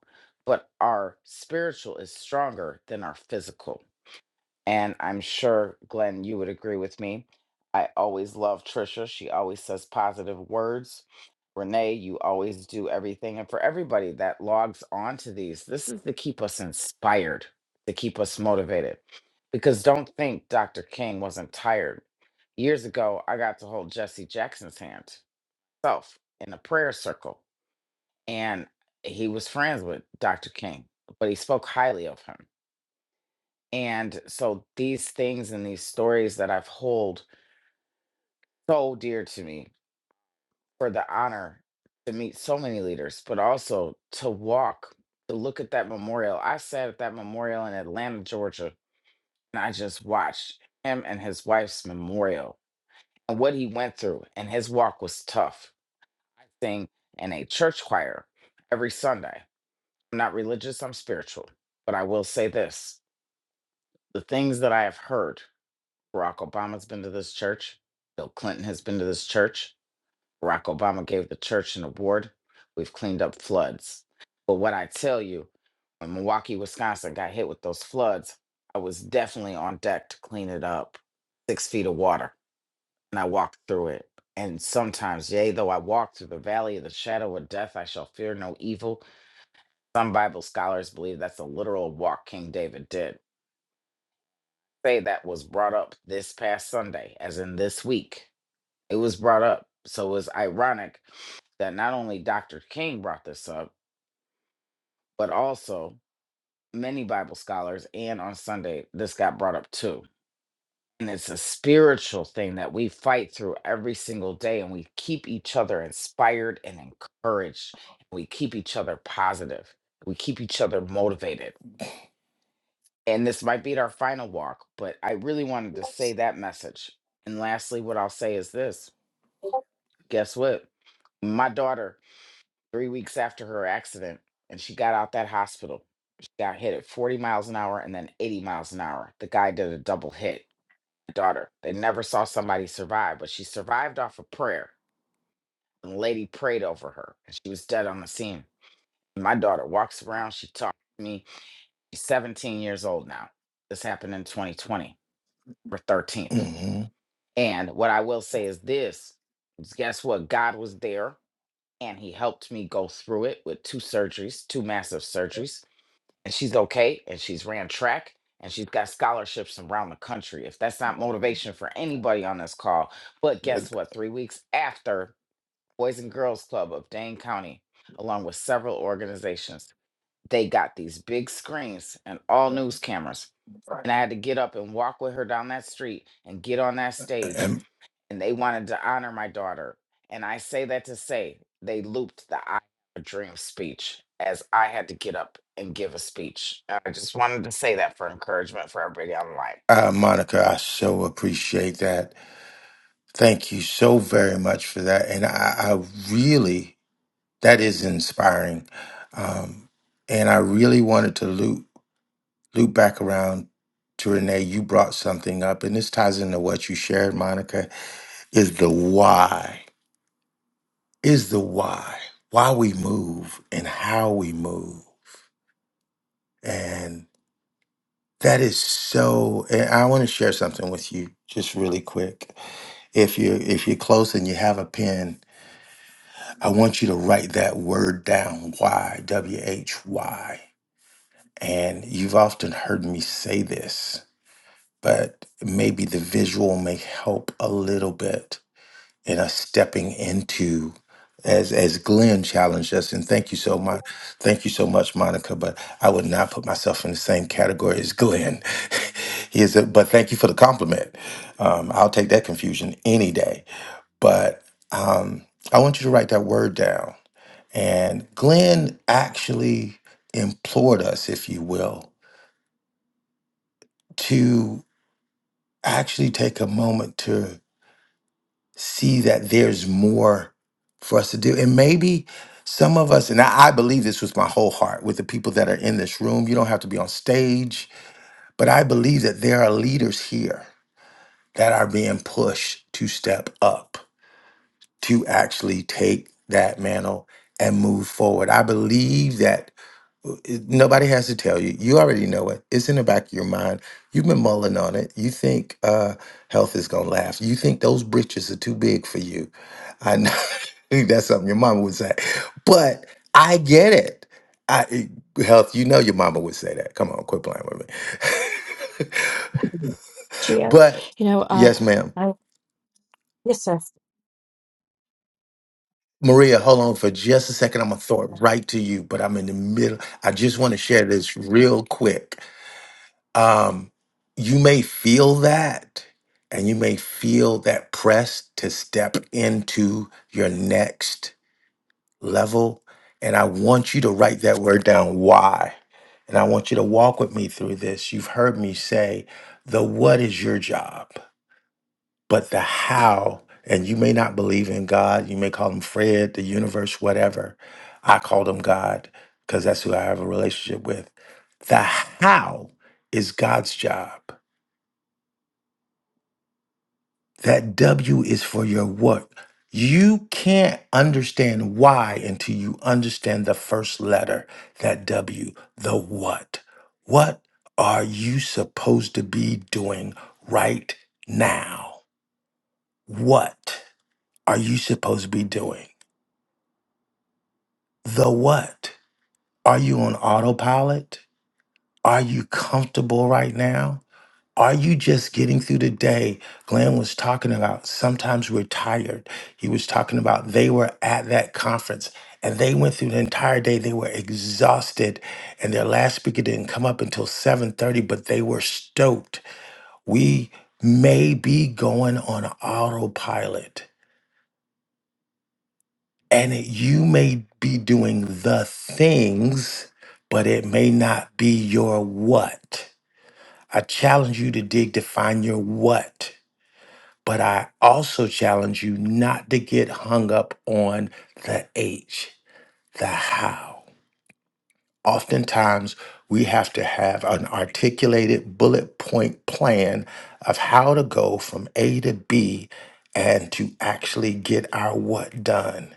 [SPEAKER 9] but our spiritual is stronger than our physical. And I'm sure, Glenn, you would agree with me. I always love Trisha. She always says positive words. Renee, you always do everything. And for everybody that logs on to these, this is to keep us inspired, to keep us motivated. Because don't think Dr. King wasn't tired. Years ago, I got to hold Jesse Jackson's hand self in a prayer circle. And he was friends with Dr. King, but he spoke highly of him. And so these things and these stories that I've hold so dear to me for the honor to meet so many leaders, but also to walk, to look at that memorial. I sat at that memorial in Atlanta, Georgia, and I just watched him and his wife's memorial and what he went through. And his walk was tough. I Sing in a church choir every Sunday. I'm not religious, I'm spiritual. But I will say this the things that I have heard Barack Obama's been to this church. Bill Clinton has been to this church. Barack Obama gave the church an award. We've cleaned up floods. But what I tell you, when Milwaukee, Wisconsin got hit with those floods, I was definitely on deck to clean it up. Six feet of water, and I walked through it. And sometimes, yea, though I walk through the valley of the shadow of death, I shall fear no evil. Some Bible scholars believe that's a literal walk King David did. Say that was brought up this past Sunday, as in this week It was brought up. So it was ironic that not only Dr. King brought this up, but also many Bible scholars. And on Sunday, this got brought up too. And it's a spiritual thing that we fight through every single day, and we keep each other inspired and encouraged. We keep each other positive. We keep each other motivated. And this might be our final walk, but I really wanted to say that message. And lastly, what I'll say is this guess what? My daughter three weeks after her accident, and she got out that hospital. She got hit at 40 miles an hour and then 80 miles an hour. The guy did a double hit. My daughter, they never saw somebody survive, but she survived off of prayer. And the lady prayed over her, and she was dead on the scene. My daughter walks around. She talks to me. She's 17 years old now. This happened in 2020, or 13th. And what I will say is this: is guess what? God was there, and He helped me go through it with two surgeries, two massive surgeries and she's okay and she's ran track and she's got scholarships around the country. If that's not motivation for anybody on this call, but guess
[SPEAKER 6] And
[SPEAKER 9] what? Three weeks after Boys and Girls Club of Dane County, along with several organizations, they got these big screens and all news cameras. And I had to get up and walk with her down that street and get on that stage and they wanted to honor my daughter. And I say that to say they looped the I Have a Dream speech as I had to get up and give a speech. And I just wanted to say that for encouragement for everybody online.
[SPEAKER 6] uh, Monica, I so appreciate that. Thank you so very much for that. And I, I really, that is inspiring. Um, and I really wanted to loop loop back around to Renee. You brought something up, and this ties into what you shared, Monica. Is the why? Is the why? Why we move and how we move. That is so. and I want to share something with you, just really quick. If you if you're close and you have a pen, I want you to write that word down. Why? W H Y. And you've often heard me say this, but maybe the visual may help a little bit and us stepping into as as Glenn challenged us, and thank you so much. Thank you so much, Monica. But I would not put myself in the same category as Glenn. he is a, but thank you for the compliment. Um, I'll take that confusion any day. But um, I want you to write that word down. And Glenn actually implored us, if you will, to actually take a moment see that there's more for us to do. And maybe some of us, and I, I believe this with my whole heart, with the people that are in this room, you don't have to be on stage, but I believe that there are leaders here that are being pushed to step up, to actually take that mantle and move forward. I believe that it- nobody has to tell you. You already know it. It's in the back of your mind. You've been mulling on it. You think uh, health is gonna last. You think those britches are too big for you. I know that's something your mama would say, but I get it. I it- health. You know your mama would say that. Come on, quit playing with me.
[SPEAKER 12] Gio.
[SPEAKER 6] but
[SPEAKER 12] You know, um,
[SPEAKER 6] yes, ma'am.
[SPEAKER 12] I, yes,
[SPEAKER 6] Maria, hold on for just a second. I'm gonna throw it right to you, but I'm in the middle. I just want to share this real quick um, you may feel that and you may feel that press to step into your next level. And I want you to write that word down, why. And I want you to walk with me through this. You've heard me say the what is your job, but the how, and you may not believe in God. You may call him Fred, the universe, whatever. I called him God because that's who I have a relationship with. The how is God's job That W is for your work. You can't understand why until you understand the first letter, that W, the what. What are you supposed to be doing right now? What are you supposed to be doing? The what? Are you on autopilot? Are you comfortable right now? Are you just getting through the day? Glenn was talking about sometimes we're tired. He was talking about they were at that conference and they went through the entire day. They were exhausted and their last speaker didn't come up until 7:30, but they were stoked. We may be going on autopilot and it, you may be doing the things, but it may not be your what. I challenge you to dig to find your what But I also challenge you not to get hung up on the H, the how. Oftentimes, we have to have an articulated bullet point plan of how to go from A to B and to actually get our what done.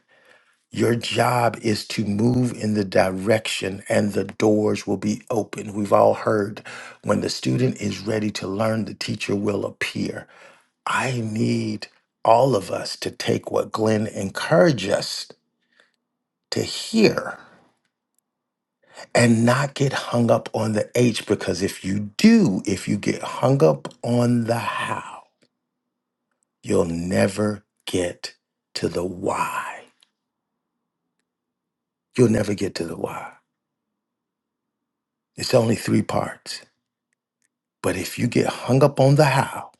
[SPEAKER 6] Your job is to move in the direction and the doors will be open. We've all heard when the student is ready to learn, the teacher will appear I need all of us to take what Glenn encouraged us to hear and not get hung up on the H because if you do, if you get hung up on the how, you'll never get to the why. You'll never get to the why. It's only three parts. But if you get hung up on the how,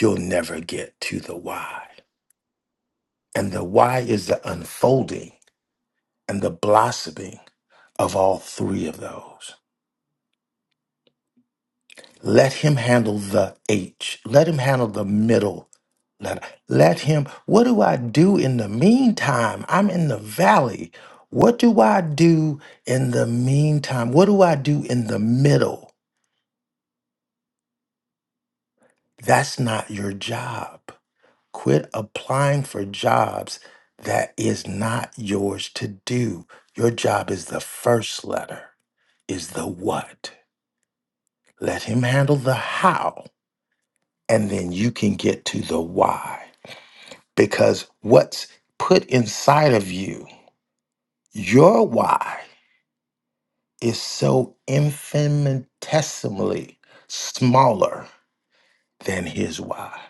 [SPEAKER 6] you'll never get to the why. And the why is the unfolding and the blossoming of all three of those. Let him handle the H. Let him handle the middle letter. Let him, what do I do in the meantime? I'm in the valley. What do I do in the meantime? What do I do in the middle? That's not your job. Quit applying for jobs that is not yours to do. Your job is the first letter, is the what. Let him handle the how, and then you can get to the why. because what's put inside of you, your why, is so infinitesimally smaller than his why.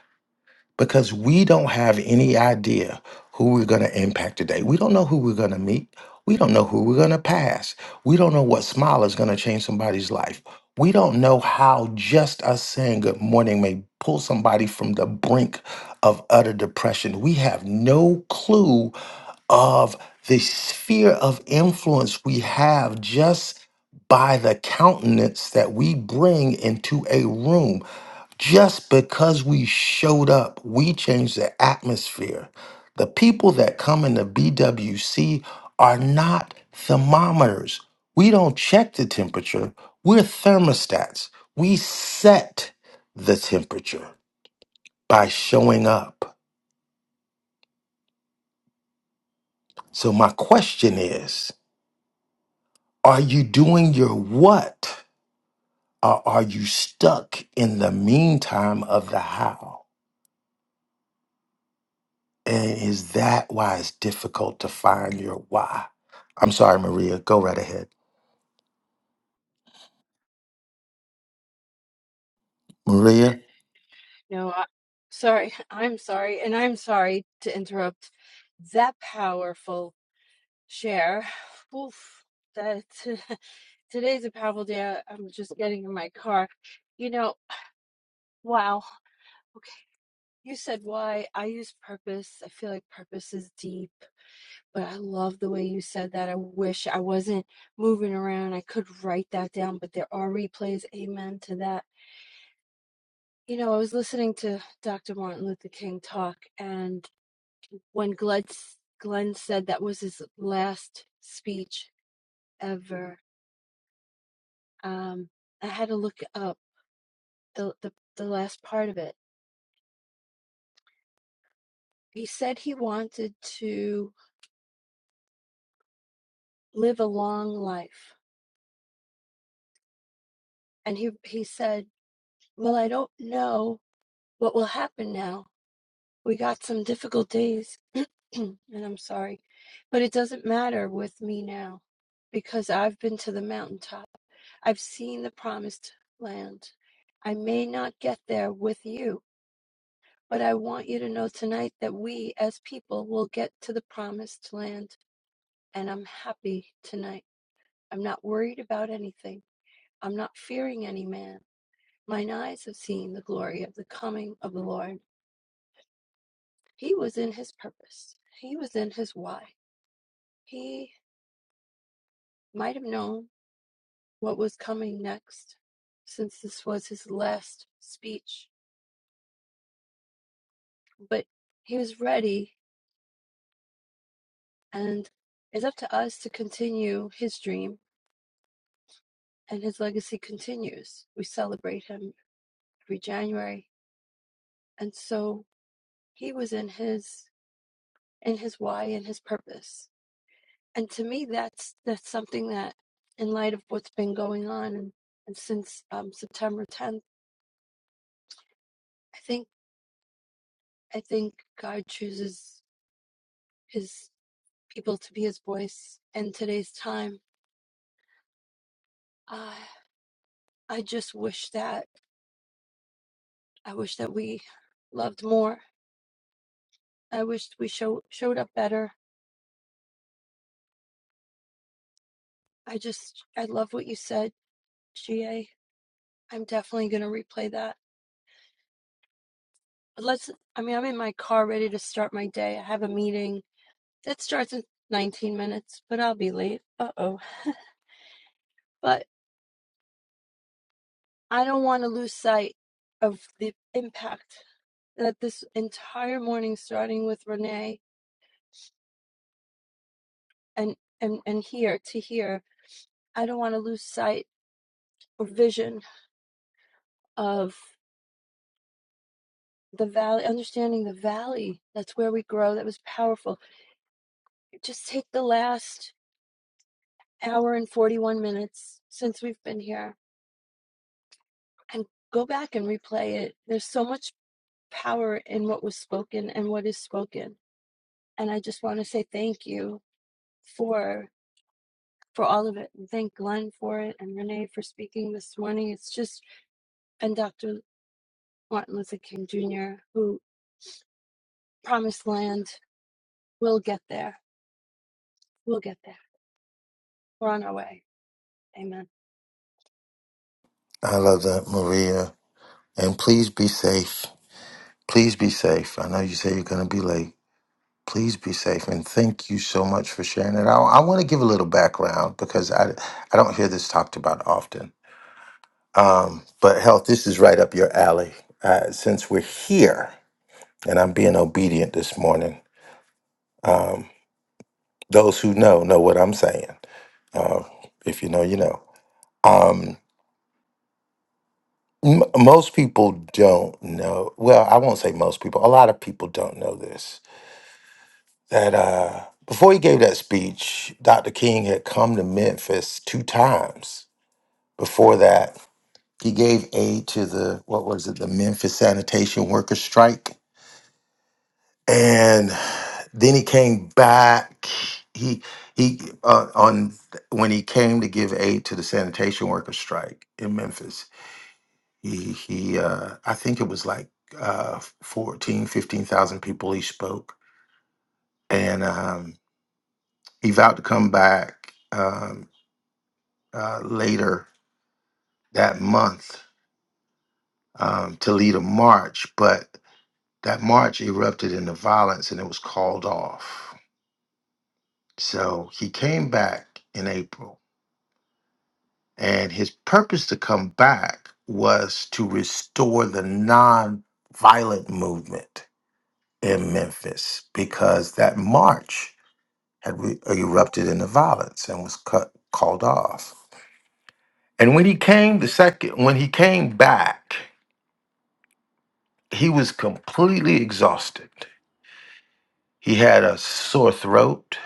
[SPEAKER 6] because we don't have any idea who we're going to impact today. We don't know who we're going to meet. We don't know who we're going to pass. We don't know what smile is going to change somebody's life. We don't know how just us saying good morning may pull somebody from the brink of utter depression. We have no clue of the sphere of influence we have just by the countenance that we bring into a room. Just because we showed up, we changed the atmosphere. The people that come into BWC are not thermometers. We don't check the temperature, we're thermostats. We set the temperature by showing up. So, my question is are you doing your what, or are you stuck in the meantime of the how? And is that why it's difficult to find your why? I'm sorry, Maria. Go right ahead. Maria,
[SPEAKER 12] No, I, sorry. I'm sorry. And I'm sorry to interrupt that powerful share. Oof, that today's a powerful day. I'm just getting in my car. You know, wow. Okay. You said why. I use purpose. I feel like purpose is deep, but I love the way you said that. I wish I wasn't moving around. I could write that down, but there are replays. Amen to that You know, I was listening to Dr. Martin Luther King talk, and when Glenn, Glenn said that was his last speech ever, um, I had to look up the, the, the last part of it. He said he wanted to live a long life, and he, he said, Well, I don't know what will happen now, We got some difficult days, and I'm sorry, but it doesn't matter with me now because I've been to the mountaintop. I've seen the promised land. I may not get there with you, but I want you to know tonight that we as people will get to the promised land, and I'm happy tonight. I'm not worried about anything. I'm not fearing any man. Mine eyes have seen the glory of the coming of the Lord. He was in his purpose. He was in his why. He might have known what was coming next, since this was his last speech, but he was ready, and it's up to us to continue his dream, and his legacy continues. We celebrate him every January, and so he was in his in his why and his purpose. And to me, that's that's something that, in light of what's been going on, and, and since um, September 10th, I think I think God chooses. his. people to be his voice in today's time. I I just wish that I wish that we loved more. I wish we show, showed up better. I just I love what you said, GA. I'm definitely gonna replay that. But let's I mean I'm in my car ready to start my day. I have a meeting that starts in 19 minutes, but I'll be late. Uh oh. But I don't want to lose sight of the impact that this entire morning, starting with Renee. and and and here to here i don't want to lose sight or vision of the valley understanding the valley that's where we grow that was powerful just take the last hour and 41 minutes since we've been here and go back and replay it there's so much power in what was spoken and what is spoken and i just want to say thank you for for all of it and thank glenn for it and renee for speaking this morning it's just and dr martin luther king jr who promised land. We'll get there. We'll get there. We're on our way. Amen.
[SPEAKER 6] I love that, Maria. And please be safe. Please be safe. I know you say you're going to be late. Please be safe. And thank you so much for sharing it. I, I want to give a little background because I, I don't hear this talked about often. Um, but health, this is right up your alley. Uh, since we're here and I'm being obedient this morning, um, those who know know what I'm saying. Uh, if you know, you know. Um, m- most people don't know. Well, I won't say most people. A lot of people don't know this. That uh, before he gave that speech, Dr. King had come to Memphis two times. Before that, he gave aid to the what was it, the Memphis sanitation workers strike, and then he came back. He he uh, on when he came to give aid to the sanitation workers strike in Memphis He he uh I think it was like uh 14, fifteen thousand people he spoke. And um he vowed to come back um uh later that month um to lead a march, but that march erupted into violence and it was called off. So he came back in April and his purpose to come back was to restore the non-violent movement in Memphis because that march had re- erupted into violence and was cut called off. And when he came the second when he came back, he was completely exhausted. He had a sore throat,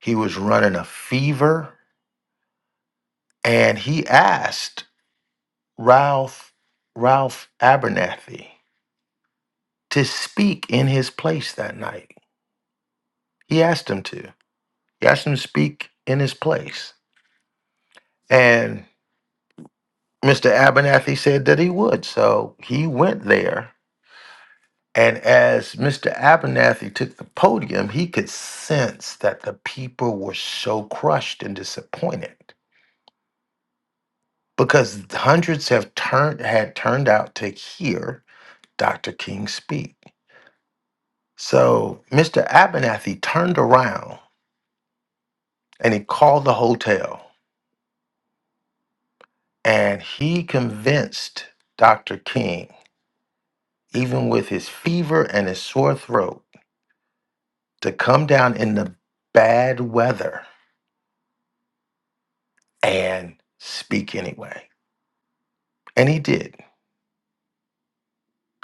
[SPEAKER 6] he was running a fever, and he asked Ralph Ralph Abernathy to speak in his place that night. He asked him to. He asked him to speak in his place. And Mr. Abernathy said that he would. So he went there And as Mr. Abernathy took the podium, he could sense that the people were so crushed and disappointed because hundreds have turned had turned out to hear Dr. King speak. So Mr. Abernathy turned around and he called the hotel and he convinced Dr. King, even with his fever and his sore throat, to come down in the bad weather and speak anyway. And he did.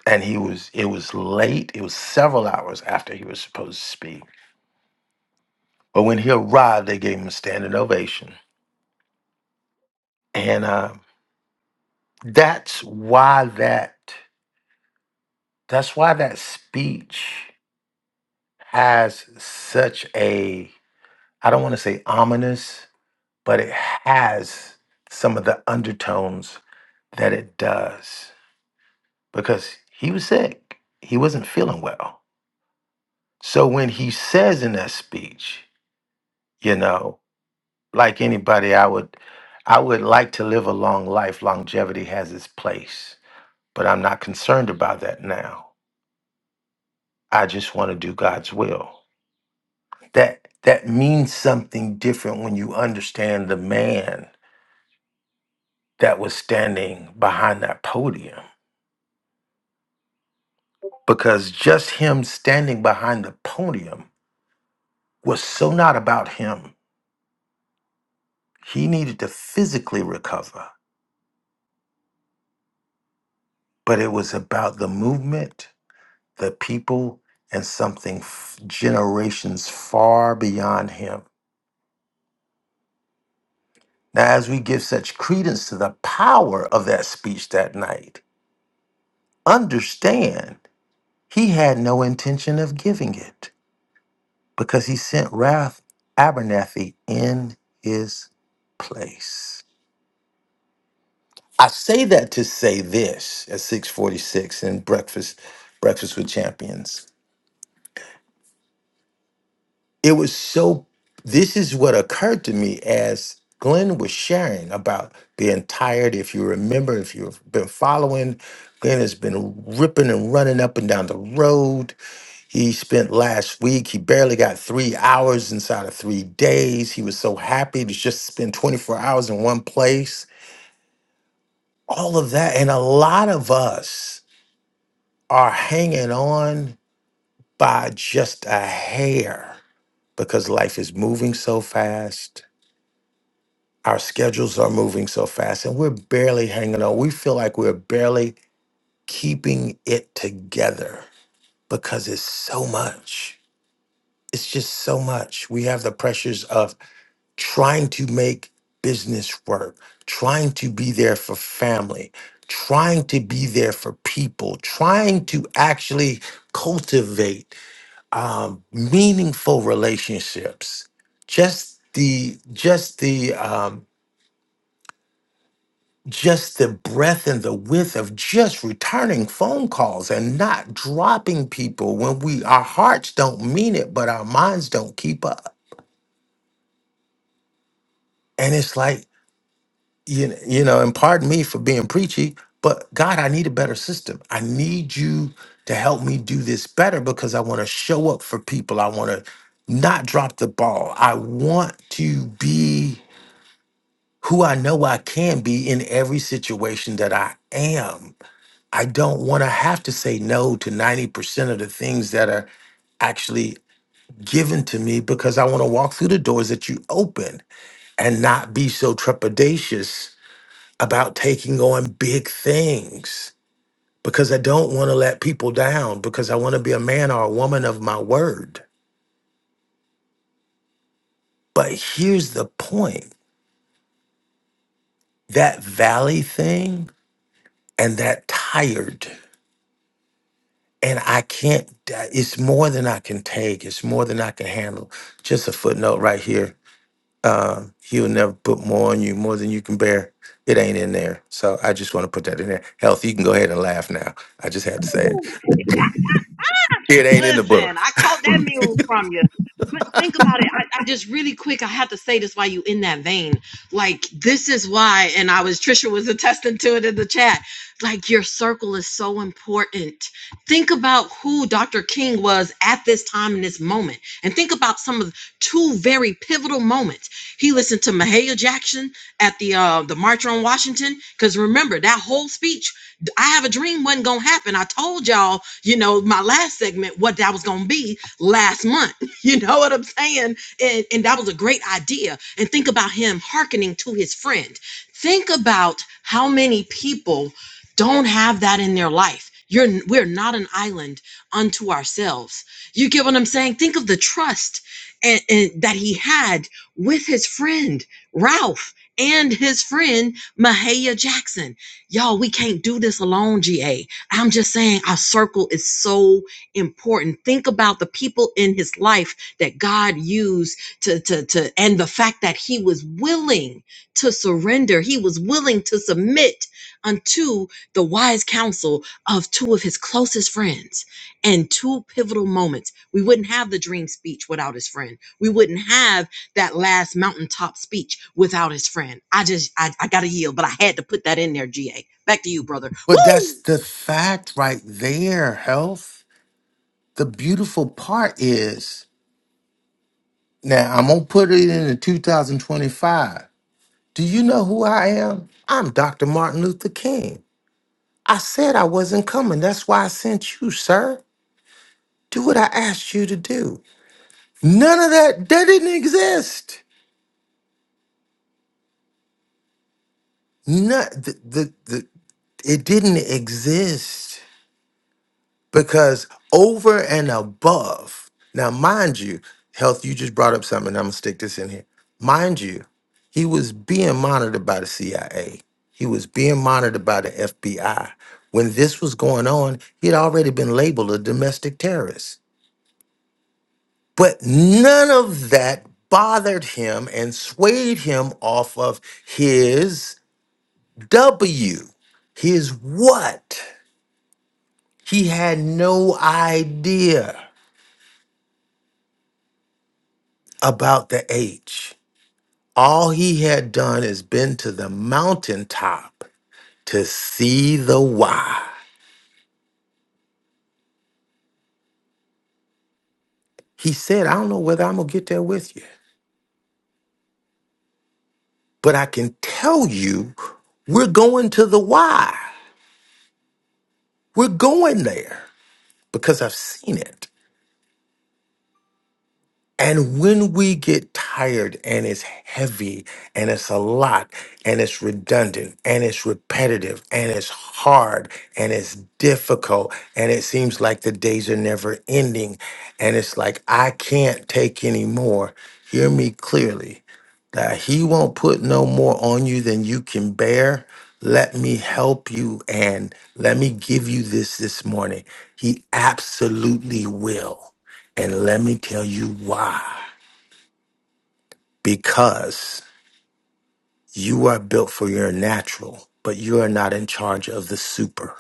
[SPEAKER 6] And he was, it was late. It was several hours after he was supposed to speak. But when he arrived, they gave him a standing ovation. And uh, that's why that, that's why that speech has such a, I don't want to say ominous, but it has some of the undertones that it does because he was sick. He wasn't feeling well. So when he says in that speech, you know, like anybody, I would I would like to live a long life. Longevity has its place, but I'm not concerned about that now. I just want to do God's will. That that means something different when you understand the man that was standing behind that podium. Because just him standing behind the podium was so not about him. He needed to physically recover, but it was about the movement the people and something f- generations far beyond him. Now, as we give such credence to the power of that speech that night, understand he had no intention of giving it because he sent Wrath Abernathy in his place. I say that to say this at 646 in Breakfast, Breakfast with Champions. It was so, this is what occurred to me as Glenn was sharing about the entirety. If you remember, if you've been following, Glenn has been ripping and running up and down the road. He spent last week, he barely got three hours inside of three days. He was so happy to just spend 24 hours in one place. All of that. And a lot of us are hanging on by just a hair because life is moving so fast Our schedules are moving so fast and we're barely hanging on. We feel like we're barely keeping it together because it's so much. It's just so much. We have the pressures of trying to make business work, trying to be there for family, trying to be there for people, trying to actually cultivate um, meaningful relationships. Just the just the um, just the breadth and the width of just returning phone calls and not dropping people when we our hearts don't mean it but our minds don't keep up and it's like you know, you know and pardon me for being preachy but god i need a better system i need you to help me do this better because i want to show up for people i want to not drop the ball i want to be who i know i can be in every situation that i am I don't want to have to say no to 90% of the things that are actually given to me because I want to walk through the doors that you open and not be so trepidatious about taking on big things because I don't want to let people down because I want to be a man or a woman of my word. But here's the point that valley thing and that tired. And I can't, it's more than I can take. It's more than I can handle. Just a footnote right here uh, he'll never put more on you, more than you can bear. It ain't in there. So I just want to put that in there. Health, you can go ahead and laugh now. I just had to say it.
[SPEAKER 11] Woo!
[SPEAKER 6] It ain't in the book.
[SPEAKER 11] Listen, I caught that mule from you. But think about it. I, I just really quick, I have to say this while you in that vein. Like, this is why, and I was, Trisha was attesting to it in the chat. Like, your circle is so important. Think about who Dr. King was at this time in this moment. And think about some of the two very pivotal moments. He listened to Mahalia Jackson at the uh, the March on Washington. Because remember, that whole speech I have a dream wasn't gonna happen. I told y'all, you know, my last segment what that was gonna be last month. You know what I'm saying? And and that was a great idea. And think about him hearkening to his friend. Think about how many people don't have that in their life. You're we're not an island unto ourselves. You get what I'm saying? Think of the trust and, and that he had with his friend Ralph and his friend Mahalia Jackson Y'all, we can't do this alone, GA. I'm just saying our circle is so important. Think about the people in his life that God used to, to, to, and the fact that he was willing to surrender. He was willing to submit unto the wise counsel of two of his closest friends and two pivotal moments. We wouldn't have the dream speech without his friend. We wouldn't have that last mountaintop speech without his friend. I just, I, I gotta yield, but I had to put that in there, GA. Back to you, brother.
[SPEAKER 6] But that's
[SPEAKER 11] Woo!
[SPEAKER 6] the fact right there, health. The beautiful part is now I'm going to put it in the 2025. Do you know who I am? I'm Dr. Martin Luther King. I said I wasn't coming. That's why I sent you, sir. Do what I asked you to do. None of that, that didn't exist. No, the, the, the, it didn't exist because over and above. Now, mind you, health, you just brought up something. I'm going to stick this in here. Mind you, he was being monitored by the CIA, he was being monitored by the FBI. When this was going on, he had already been labeled a domestic terrorist. But none of that bothered him and swayed him off of his. W his what? He had no idea about the H. All he had done is been to the mountaintop to see the why. He said, I don't know whether I'm going to get there with you, but I can tell you we're going to the why. We're going there because I've seen it. And when we get tired and it's heavy and it's a lot and it's redundant and it's repetitive and it's hard and it's difficult and it seems like the days are never ending and it's like, I can't take any more. Hear me clearly that He won't put no more on you than you can bear. Let me help you and let me give you this this morning. He absolutely will. And let me tell you why. Because you are built for your natural, but you are not in charge of the super.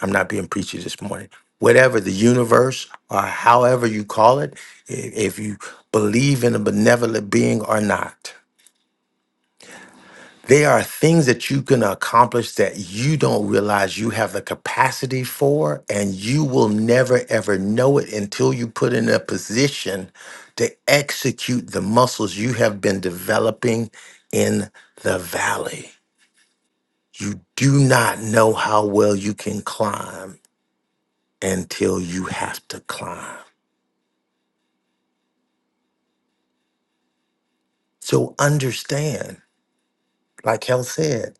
[SPEAKER 6] I'm not being preachy this morning. Whatever the universe or however you call it, i- if you believe in a benevolent being or not, There are things that you can accomplish that you don't realize you have the capacity for, and you will never ever know it until you put in a position to execute the muscles you have been developing in the valley. You do not know how well you can climb until you have to climb. So understand, like Hell said.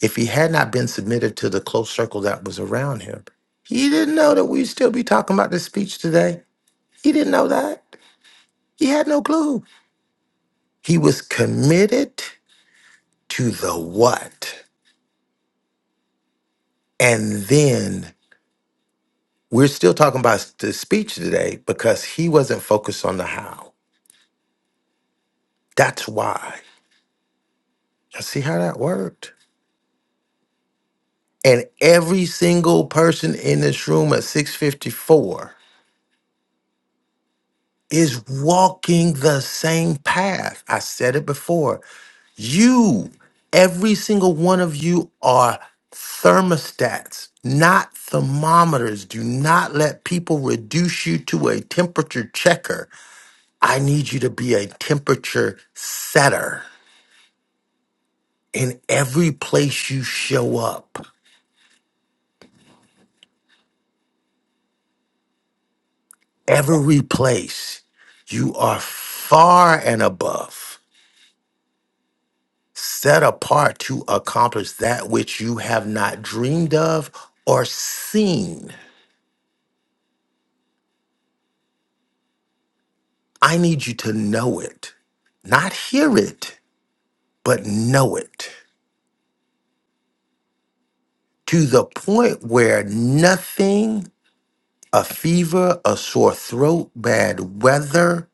[SPEAKER 6] If he had not been submitted to the close circle that was around him, he didn't know that we'd still be talking about this speech today. He didn't know that. He had no clue. He was committed to the what. And then we're still talking about the speech today because he wasn't focused on the how. That's why. Now, See how that worked? And every single person in this room at 654 is walking the same path. I said it before. You, every single one of you, are thermostats, not thermometers. Do not let people reduce you to a temperature checker. I need you to be a temperature setter in every place you show up, every place. You are far and above. set apart to accomplish that which you have not dreamed of or seen. I need you to know it, not hear it, but know it to the point where nothing, a fever, a sore throat, bad weather,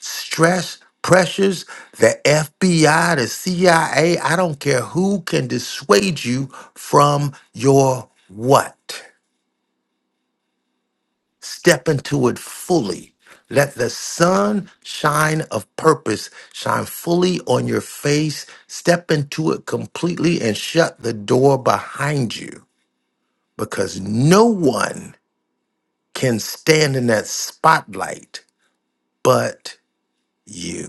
[SPEAKER 6] stress, pressures, the FBI, the CIA, I A, I don't care who can dissuade you from your what? Step into it fully. Let the sun shine of purpose shine fully on your face. Step into it completely and shut the door behind you because no one can stand in that spotlight but you.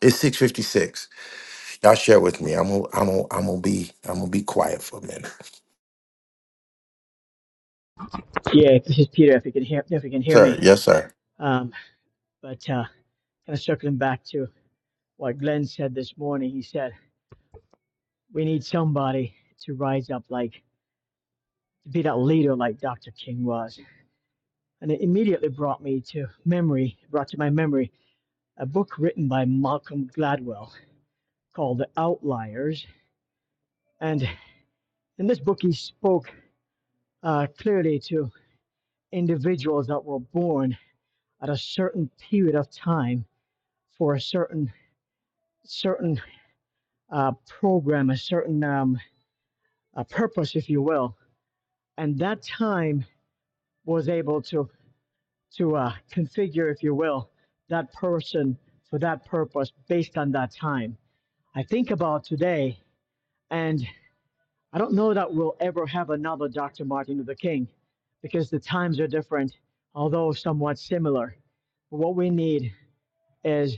[SPEAKER 6] It's 656. Y'all share with me. I'm gonna I'm gonna I'm gonna be I'm gonna be quiet for a minute.
[SPEAKER 13] Yeah, this is Peter. If you can hear, if you can hear
[SPEAKER 6] Sir,
[SPEAKER 13] me,
[SPEAKER 6] yes, sir.
[SPEAKER 13] um, but uh, kind of circling back to what Glenn said this morning. He said we need somebody to rise up, like to be that leader, like Dr. King was, and it immediately brought me to memory, brought to my memory, a book written by Malcolm Gladwell called The Outliers, and in this book he spoke uh, clearly to individuals that were born at a certain period of time for a certain certain uh, program, a certain um, a purpose, if you will. And that time was able to to uh, configure, if you will, that person for that purpose based on that time. I think about today, and I don't know that we'll ever have another Dr. Martin Luther King because the times are different, although somewhat similar. But What we need is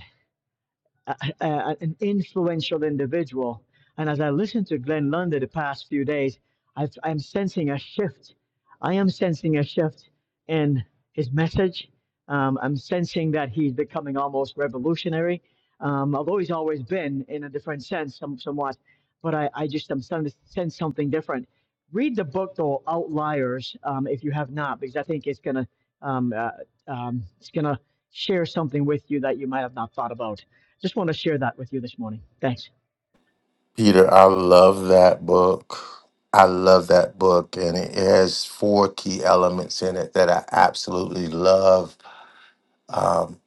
[SPEAKER 13] a, a, an influential individual. And as I listened to Glenn Lundy the past few days, I've, I'm sensing a shift. I am sensing a shift in his message. Um, I'm sensing that he's becoming almost revolutionary, um, although he's always been in a different sense, some, somewhat. But I, I just am starting to sense something different. Read the book though, Outliers, um, if you have not, because I think it's gonna um, uh, um, it's gonna share something with you that you might have not thought about. Just want to share that with you this morning. Thanks.
[SPEAKER 6] Peter, I love that book. I love that book, and it has four key elements in it that I absolutely love. Um,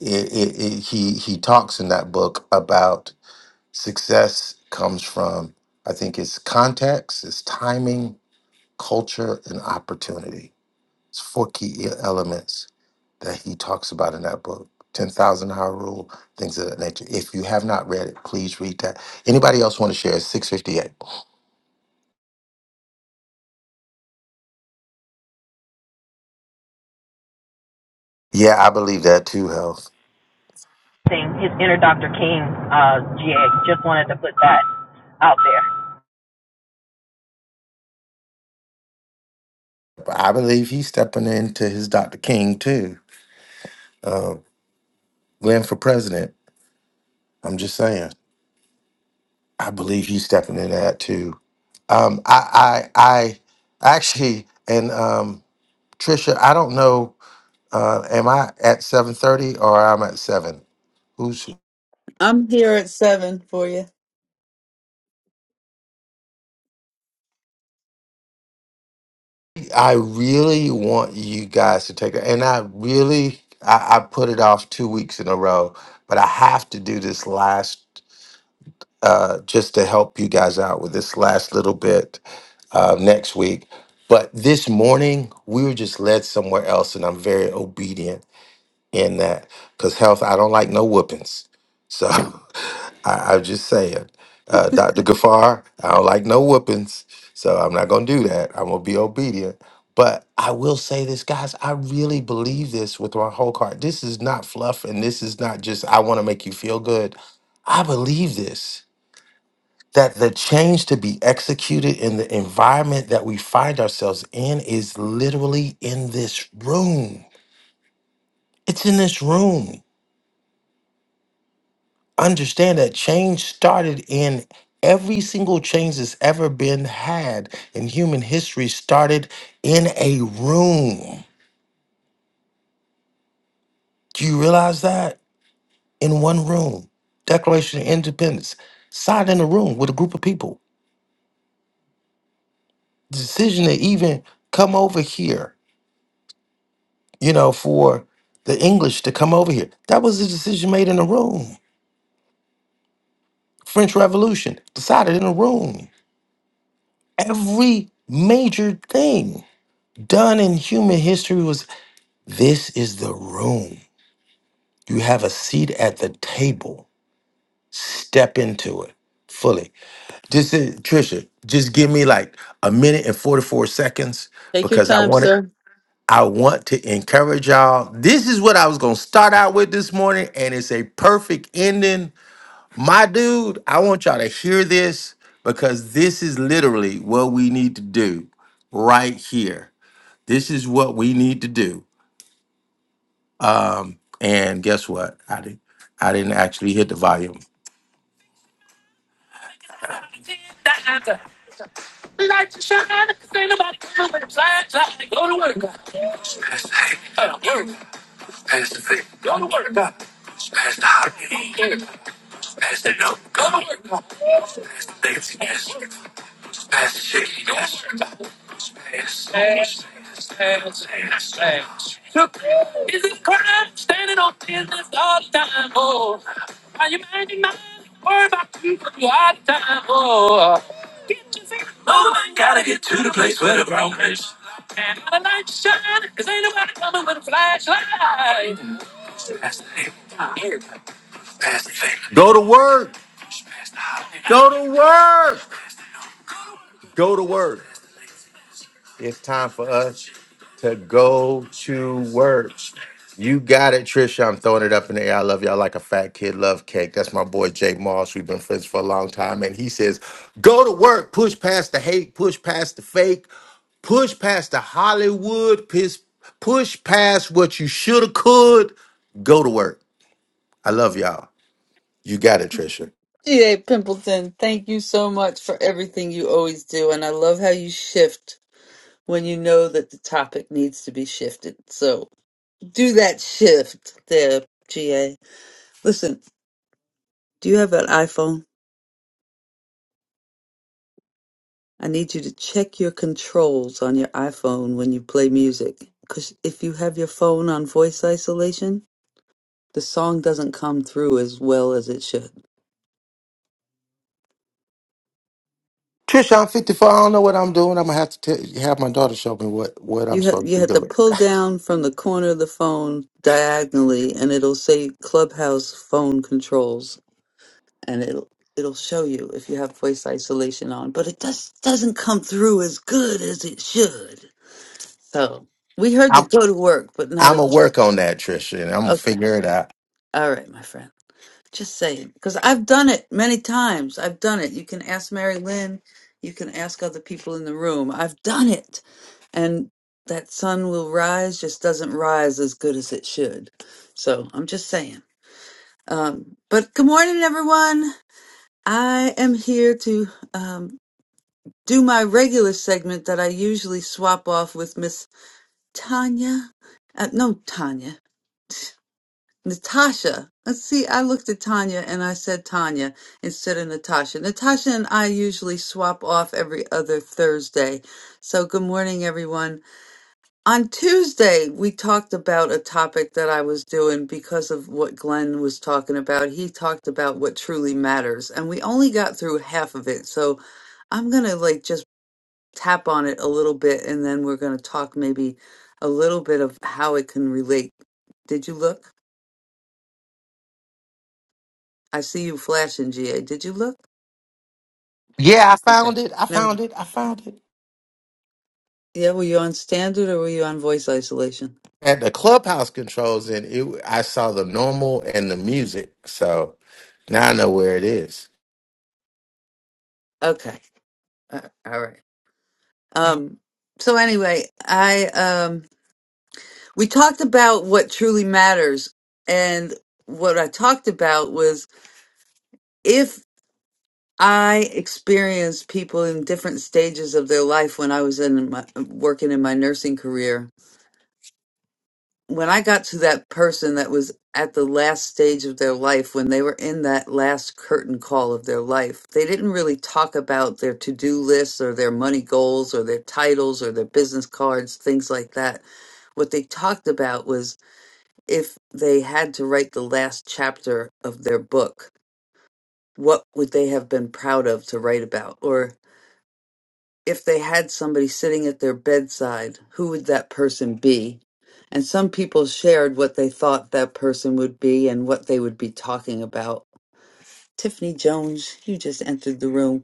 [SPEAKER 6] it, it, it, he he talks in that book about success comes from I think it's context, it's timing, culture, and opportunity. It's four key e- elements that he talks about in that book. Ten thousand hour rule, things of that nature. If you have not read it, please read that. Anybody else want to share? Six fifty eight. Yeah, I believe that too, Health.
[SPEAKER 11] his inner Dr. King, uh, GA. Just wanted to put that out there.
[SPEAKER 6] I believe he's stepping into his Dr. King too. Uh, ran for president. I'm just saying. I believe he's stepping into that too. Um, I, I, I actually, and um, Trisha, I don't know. Uh, am I at 7:30 or I'm at seven? Who's? I really want you guys to take it, and I really, I, I put it off two weeks in a row, but I have to do this last. uh, just to help you guys out with this last little bit uh, next week. But this morning, we were just led somewhere else, and I'm very obedient in that because health, I don't like no whoopings. So I, I'm just saying, uh, Dr. Gafar, I don't like no whoopings. So I'm not going to do that. I'm going to be obedient. But I will say this, guys, I really believe this with my whole heart. This is not fluff, and this is not just, I want to make you feel good. I believe this that the change to be executed in the environment that we find ourselves in is literally in this room. It's in this room. Understand that change started in every single change that's ever been had in human history started in a room. Do you realize that? In one room. Declaration of Independence. Signed in a room with a group of people. Decision to even come over here you know, for the English to come over here. That was a decision made in a room. French Revolution decided in a room. Every major thing done in human history was this is the room. You have a seat at the table. Step into it fully. Just uh, Trisha, just give me like a minute and 44 seconds
[SPEAKER 1] Take your
[SPEAKER 6] because I
[SPEAKER 1] time,
[SPEAKER 6] want to
[SPEAKER 1] sir.
[SPEAKER 6] I want to encourage y'all. This is what I was going to start out with this morning and it's a perfect ending My dude, I want y'all to hear this because this is literally what we need to do right here. This is what we need to do. And guess what? I didn't I didn't actually hit the volume. Pastor, no, come on. Pastor, Nancy, yes. Pastor, Chicky, yes. Pass, pass, pass, pass, pass, Look, is it crime standing on business all the time? Oh, are you minding mine? Worry about people you all the time. Oh, get your feet moving. Gotta get to the place where the ground is. And all the lights shine, cause ain't nobody coming with a flashlight. That's the name. Pass the favor. Go to work. Pass the holiday. Go to work. Go to work. It's time for us to go to work. You got it, Trisha. I'm throwing it up in the air. I love y'all like a fat kid love cake. That's my boy Jay Moss. We've been friends for a long time. And he says, go to work, push past the hate, push past the fake, push past the Hollywood, piss, push past what you should have could. Go to work. I love y'all. You got it, Trisha.
[SPEAKER 1] G.A. Pimpleton, thank you so much for everything you always do. And I love how you shift when you know that the topic needs to be shifted. So do that shift there, G.A. Listen, do you have an iPhone? I need you to check your controls on your iPhone when you play music. Because if you have your phone on voice isolation, the song doesn't come through as well as it should.
[SPEAKER 6] Trisha, I'm 54. I don't know what I'm doing. I'm gonna have to tell, have my daughter show me what what I'm
[SPEAKER 1] You ha-
[SPEAKER 6] supposed
[SPEAKER 1] you
[SPEAKER 6] to be
[SPEAKER 1] have to
[SPEAKER 6] doing.
[SPEAKER 1] pull down from the corner of the phone diagonally, and it'll say Clubhouse phone controls, and it'll it'll show you if you have voice isolation on. But it just doesn't come through as good as it should. So we heard the
[SPEAKER 6] I'm
[SPEAKER 1] go to work, but not
[SPEAKER 6] I'm
[SPEAKER 1] as
[SPEAKER 6] gonna work on that, Trisha, and I'm gonna
[SPEAKER 1] okay.
[SPEAKER 6] figure it out.
[SPEAKER 1] All right, my friend. Just saying, because I've done it many times. I've done it. You can ask Mary Lynn. You can ask other people in the room. I've done it. And that sun will rise, just doesn't rise as good as it should. So I'm just saying. Um, but good morning, everyone. I am here to um, do my regular segment that I usually swap off with Miss Tanya. Uh, no, Tanya. Natasha. Let's see, I looked at Tanya and I said Tanya instead of Natasha. Natasha and I usually swap off every other Thursday. So, good morning, everyone. On Tuesday, we talked about a topic that I was doing because of what Glenn was talking about. He talked about what truly matters, and we only got through half of it. So, I'm going to like just tap on it a little bit and then we're going to talk maybe a little bit of how it can relate. Did you look? I see you flashing, GA. Did you look?
[SPEAKER 6] Yeah, I
[SPEAKER 1] Okay.
[SPEAKER 6] found it. I
[SPEAKER 1] Never.
[SPEAKER 6] found it. I found it.
[SPEAKER 1] Yeah, were you on standard or were you on voice isolation?
[SPEAKER 6] At the clubhouse controls, and it, I saw the normal and the music. So now I know where it is.
[SPEAKER 1] Okay. Uh, all right. Um so anyway, I um we talked about what truly matters and what I talked about was if I experienced people in different stages of their life when I was in my, working in my nursing career when I got to that person that was at the last stage of their life, when they were in that last curtain call of their life, they didn't really talk about their to do lists or their money goals or their titles or their business cards, things like that. What they talked about was if they had to write the last chapter of their book, what would they have been proud of to write about? Or if they had somebody sitting at their bedside, who would that person be? And some people shared what they thought that person would be and what they would be talking about. Tiffany Jones, you just entered the room.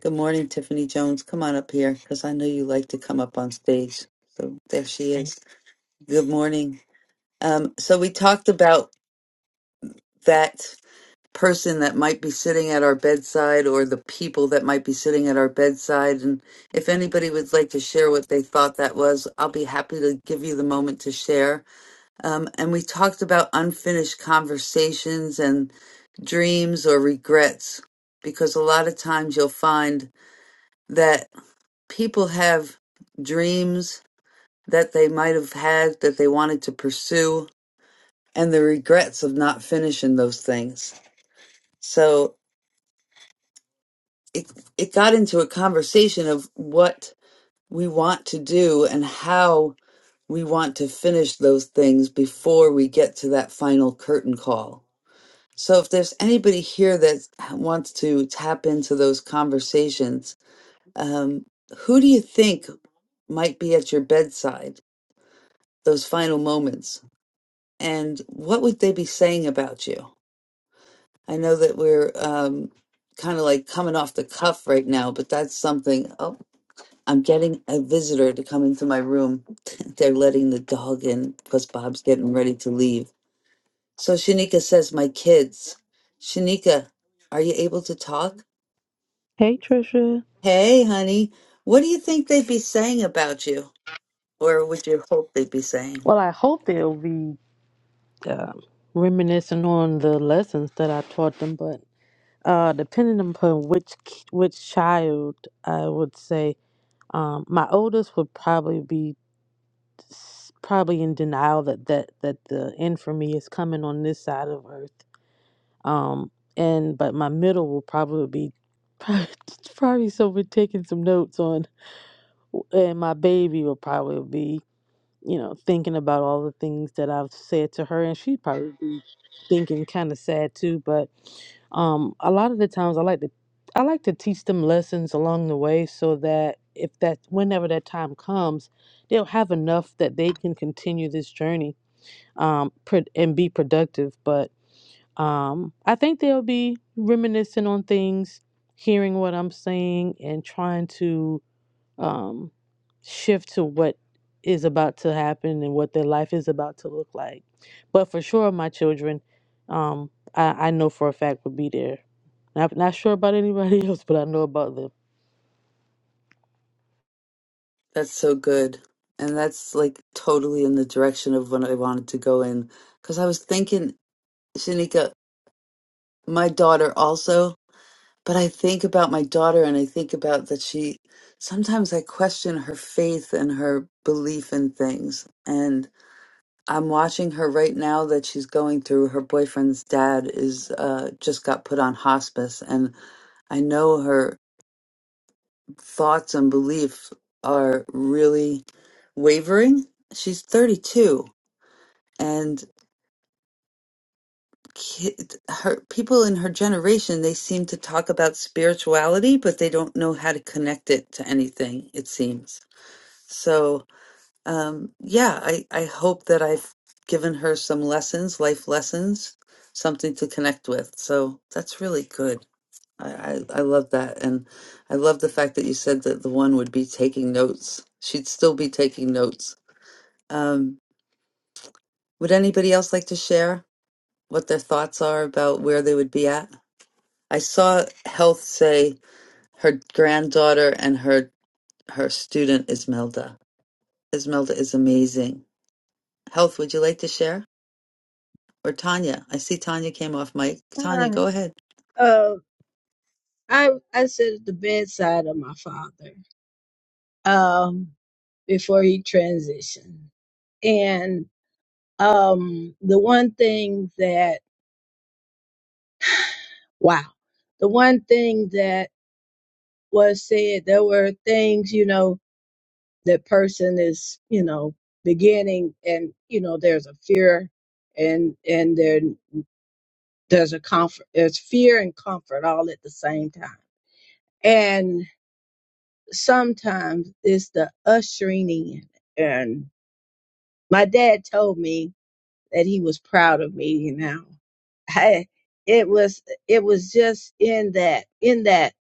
[SPEAKER 1] Good morning, Tiffany Jones. Come on up here because I know you like to come up on stage. So there she is. Good morning. Um, so we talked about that. person that might be sitting at our bedside or the people that might be sitting at our bedside. And if anybody would like to share what they thought that was, I'll be happy to give you the moment to share. Um, and we talked about unfinished conversations and dreams or regrets, because a lot of times you'll find that people have dreams that they might have had that they wanted to pursue and the regrets of not finishing those things. So it it got into a conversation of what we want to do and how we want to finish those things before we get to that final curtain call. So if there's anybody here that wants to tap into those conversations, um, who do you think might be at your bedside those final moments, and what would they be saying about you? I know that we're um, kind of like coming off the cuff right now, but that's something. Oh. I'm getting a visitor to come into my room. They're letting the dog in because Bob's getting ready to leave. So Shanika says, My kids. Shanika, are you able to talk?
[SPEAKER 14] Hey, Trisha.
[SPEAKER 1] Hey, honey, what do you think they'd be saying about you? Or would you hope they'd be saying?
[SPEAKER 14] Well, I hope they'll be um reminiscing on the lessons that I taught them, but uh, depending upon which ki- which child, I would say um, my oldest would probably be s- probably in denial that that that the end for me is coming on this side of Earth. Um, and but my middle will probably be probably, probably so be taking some notes on, and my baby will probably be you know, thinking about all the things that I've said to her, and she'd probably be thinking kind of sad too. But um, a lot of the times, I like to I like to teach them lessons along the way, so that if that whenever that time comes, they'll have enough that they can continue this journey um, pro- and be productive. But um, I think they'll be reminiscing on things, hearing what I'm saying, and trying to um, shift to what is about to happen and what their life is about to look like. But for sure, my children, um, I, I know for a fact will be there. Not, not sure about anybody else, but I know about them.
[SPEAKER 1] That's so good. And that's like totally in the direction of what I wanted to go in. Because I was thinking Shanika, my daughter also, but I think about my daughter and I think about that she sometimes I question her faith and her belief in things. And I'm watching her right now that she's going through her boyfriend's dad is uh just got put on hospice and I know her thoughts and beliefs are really wavering. She's 32 and kid, her people in her generation, they seem to talk about spirituality, but they don't know how to connect it to anything, it seems. So, um, yeah, I, I hope that I've given her some lessons, life lessons, something to connect with. So that's really good. I, I, I love that. And I love the fact that you said that the one would be taking notes. She'd still be taking notes. Um, would anybody else like to share what their thoughts are about where they would be at? I saw Health say her granddaughter and her her student Ismelda. Ismelda is amazing. Health, would you like to share? Or Tanya? I see Tanya came off mic. Tanya,
[SPEAKER 15] Alright.
[SPEAKER 1] go ahead.
[SPEAKER 15] Uh, I I sat at the bedside of my father um, before he transitioned, and um, the one thing that wow, the one thing that was said, there were things you know that person is you know beginning, and you know there's a fear, and and there there's a comfort, there's fear and comfort all at the same time, sometimes it's the ushering in. And my dad told me that he was proud of me, you know. I, it was it was just in that in that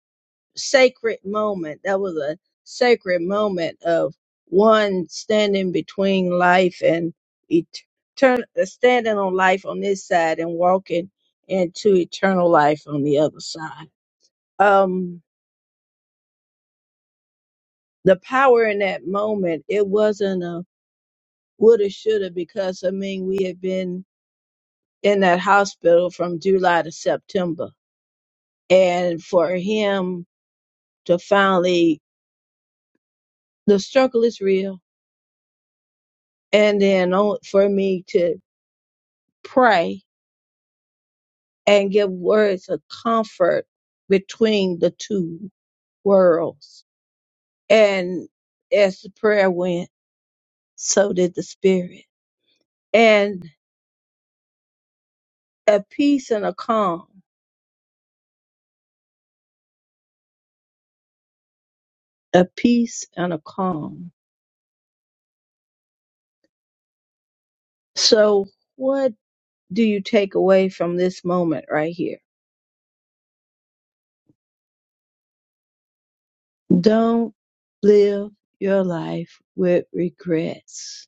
[SPEAKER 15] sacred moment. That was a sacred moment of one standing between life and eternal, standing on life on this side and walking into eternal life on the other side. Um, the power in that moment. It wasn't a woulda, shoulda, because I mean, we had been in that hospital from July to September. And for him to finally, the struggle is real. And then on, for me to pray and give words of comfort between the two worlds. And as the prayer went, so did the spirit. And a peace and a calm, a peace and a calm. So, what? do you take away from this moment right here? Don't live your life with regrets.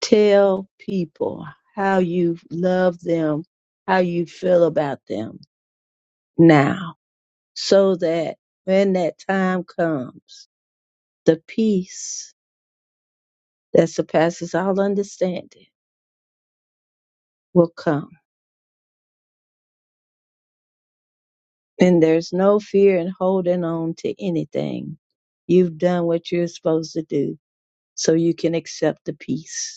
[SPEAKER 15] Tell people how you love them, how you feel about them now, so that when that time comes, the peace that surpasses all understanding will come. And there's no fear in holding on to anything. You've done what you're supposed to do, so you can accept the peace.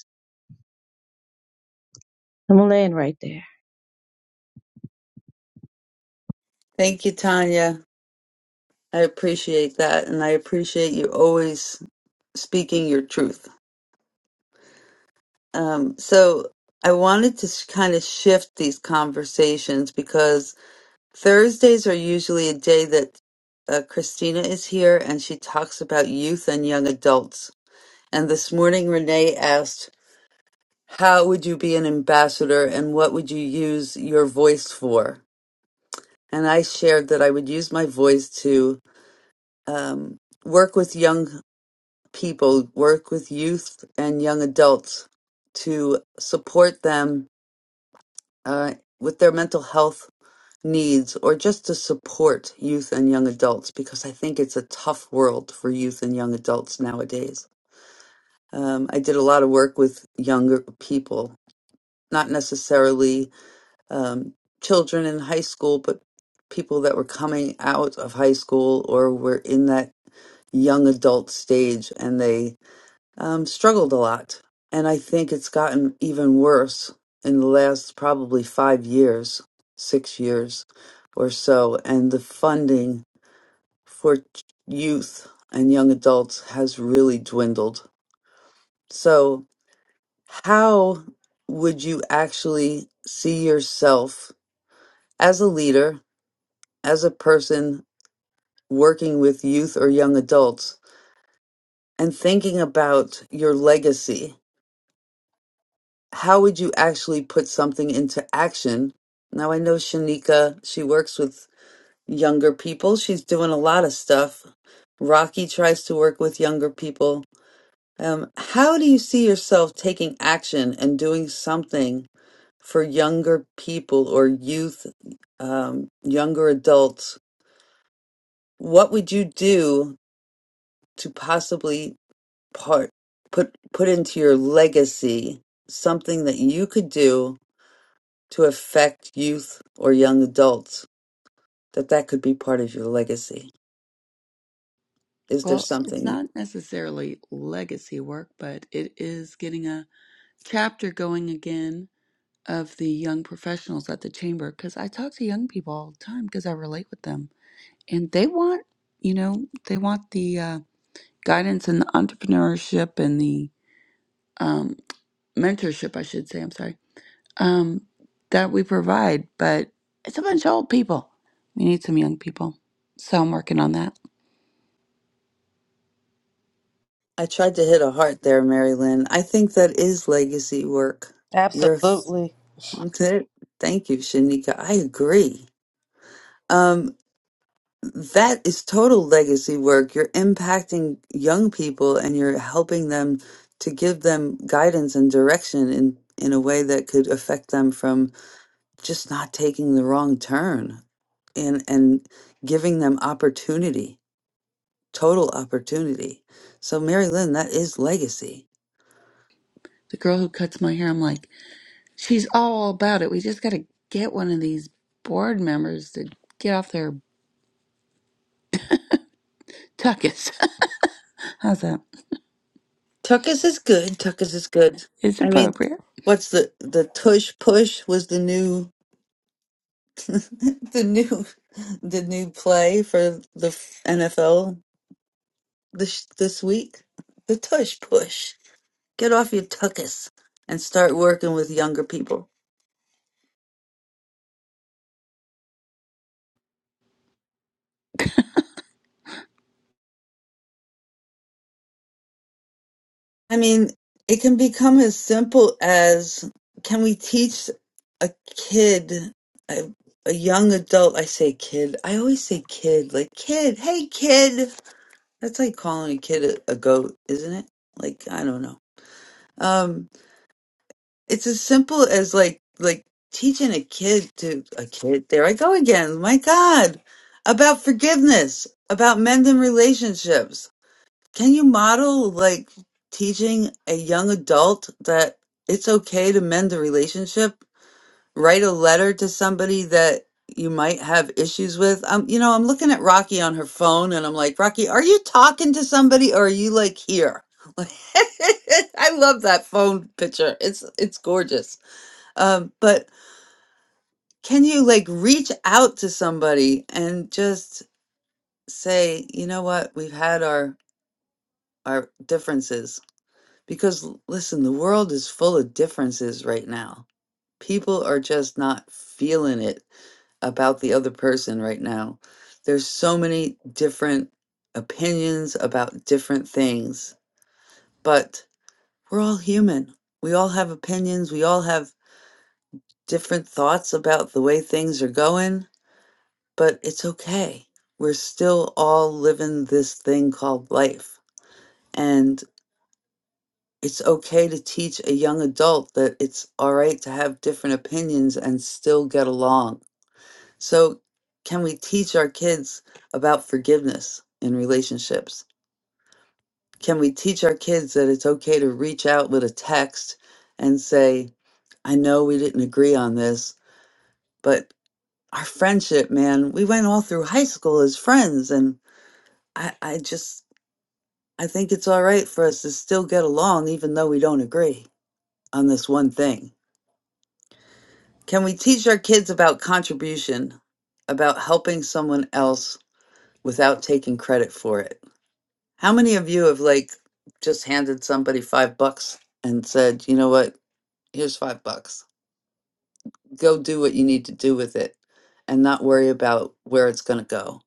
[SPEAKER 15] I'm laying right there.
[SPEAKER 1] Thank you, Tanya. I appreciate that, and I appreciate you always speaking your truth. Um, so I wanted to kind of shift these conversations because Thursdays are usually a day that uh, Christina is here, and she talks about youth and young adults And this morning, Renee asked, How would you be an ambassador and what would you use your voice for? And I shared that I would use my voice to um, work with young people, work with youth and young adults to support them uh, with their mental health needs or just to support youth and young adults because I think it's a tough world for youth and young adults nowadays. Um, I did a lot of work with younger people not necessarily um, children in high school, but people that were coming out of high school or were in that young adult stage and they um, struggled a lot. And I think it's gotten even worse in the last probably five years, six years or so. And the funding for ch- youth and young adults has really dwindled. So, how would you actually see yourself as a leader, as a person working with youth or young adults, and thinking about your legacy, how would you actually put something into action? Now, I know Shanika, she works with younger people. She's doing a lot of stuff. Rocky tries to work with younger people. Um, how do you see yourself taking action and doing something for younger people or youth, um, younger adults what would you do to possibly part put put into your legacy something that you could do to affect youth or young adults that that could be part of your legacy is there
[SPEAKER 16] Well, it's
[SPEAKER 1] something
[SPEAKER 16] not necessarily legacy work, but it is getting a chapter going again of the young professionals at the chamber because I talk to young people all the time because I relate with them. And they want, you know, they want the uh, guidance and the entrepreneurship and the um, mentorship, I should say, I'm sorry, um, that we provide. But it's a bunch of old people. We need some young people. So I'm working on that.
[SPEAKER 1] i tried to hit a heart there mary lynn i think that is legacy work you're
[SPEAKER 14] Absolutely.
[SPEAKER 1] thank you shanika i agree Um. that is total legacy work. You're impacting young people and you're helping them to give them guidance and direction in, in a way that could affect them from just not taking the wrong turn and, and giving them opportunity, total opportunity. So, Mary Lynn, that is legacy.
[SPEAKER 16] The girl who cuts my hair, I'm like, She's all about it. We just got to get one of these board members to get off their tuckus. How's that?
[SPEAKER 1] Tuckus is good. Tuckus is good.
[SPEAKER 16] It's
[SPEAKER 1] I mean,
[SPEAKER 16] appropriate.
[SPEAKER 1] what's the, the tush push was the new the new the new play for the NFL this this week. The tush push. Get off your tuckus and start working with younger people. I mean, it can become as simple as can we teach a kid a, a young adult I say kid. I always say kid, like kid, hey kid. That's like calling a kid a, a goat, isn't it? Like I don't know. Um it's as simple as like like teaching a kid to a kid there i go again my god about forgiveness about mending relationships can you model like teaching a young adult that it's okay to mend a relationship write a letter to somebody that you might have issues with um you know i'm looking at rocky on her phone and i'm like rocky are you talking to somebody or are you like here i love that phone picture it's it's gorgeous um, but can you like reach out to somebody and just say, you know what, we've had our our differences because l- listen, the world is full of differences right now. People are just not feeling it about the other person right now. There's so many different opinions about different things, but we're all human. We all have opinions, we all have different thoughts about the way things are going but it's okay. We're still all living this thing called life. And it's okay to teach a young adult that it's all right to have different opinions and still get along. So, can we teach our kids about forgiveness in relationships? Can we teach our kids that it's okay to reach out with a text and say, I know we didn't agree on this, but our friendship, man, we went all through high school as friends and I, I just I think it's all right for us to still get along even though we don't agree on this one thing. Can we teach our kids about contribution, about helping someone else without taking credit for it? How many of you have like just handed somebody 5 bucks and said, "You know what? Here's 5 bucks. Go do what you need to do with it and not worry about where it's going to go."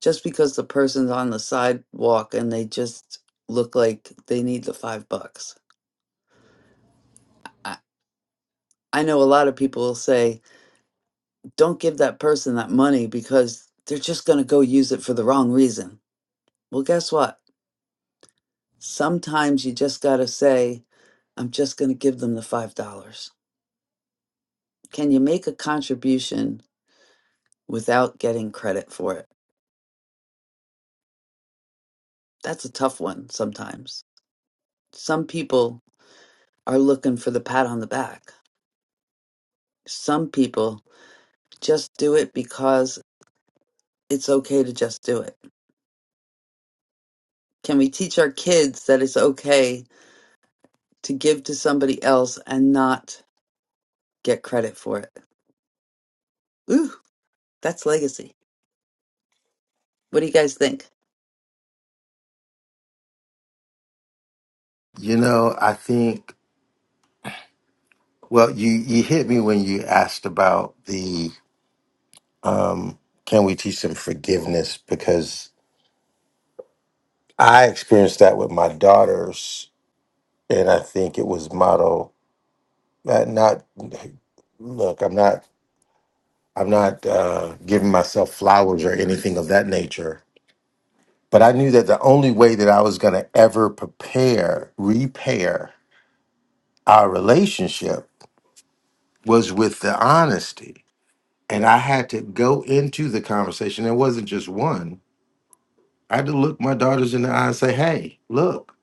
[SPEAKER 1] Just because the person's on the sidewalk and they just look like they need the 5 bucks. I I know a lot of people will say, don't give that person that money because they're just going to go use it for the wrong reason. Well, guess what? Sometimes you just got to say, I'm just going to give them the $5. Can you make a contribution without getting credit for it? That's a tough one sometimes. Some people are looking for the pat on the back. Some people just do it because it's okay to just do it. Can we teach our kids that it's okay to give to somebody else and not get credit for it. Ooh, that's legacy. What do you guys think?
[SPEAKER 6] You know, I think. Well, you you hit me when you asked about the can we teach them forgiveness because I experienced that with my daughters, and I think it was modeled Not, not look, I'm not I'm not uh, giving myself flowers or anything of that nature. But I knew that the only way that I was going to ever prepare, repair our relationship was with the honesty. And I had to go into the conversation. It wasn't just one. I had to look my daughters in the eye and say, hey, look,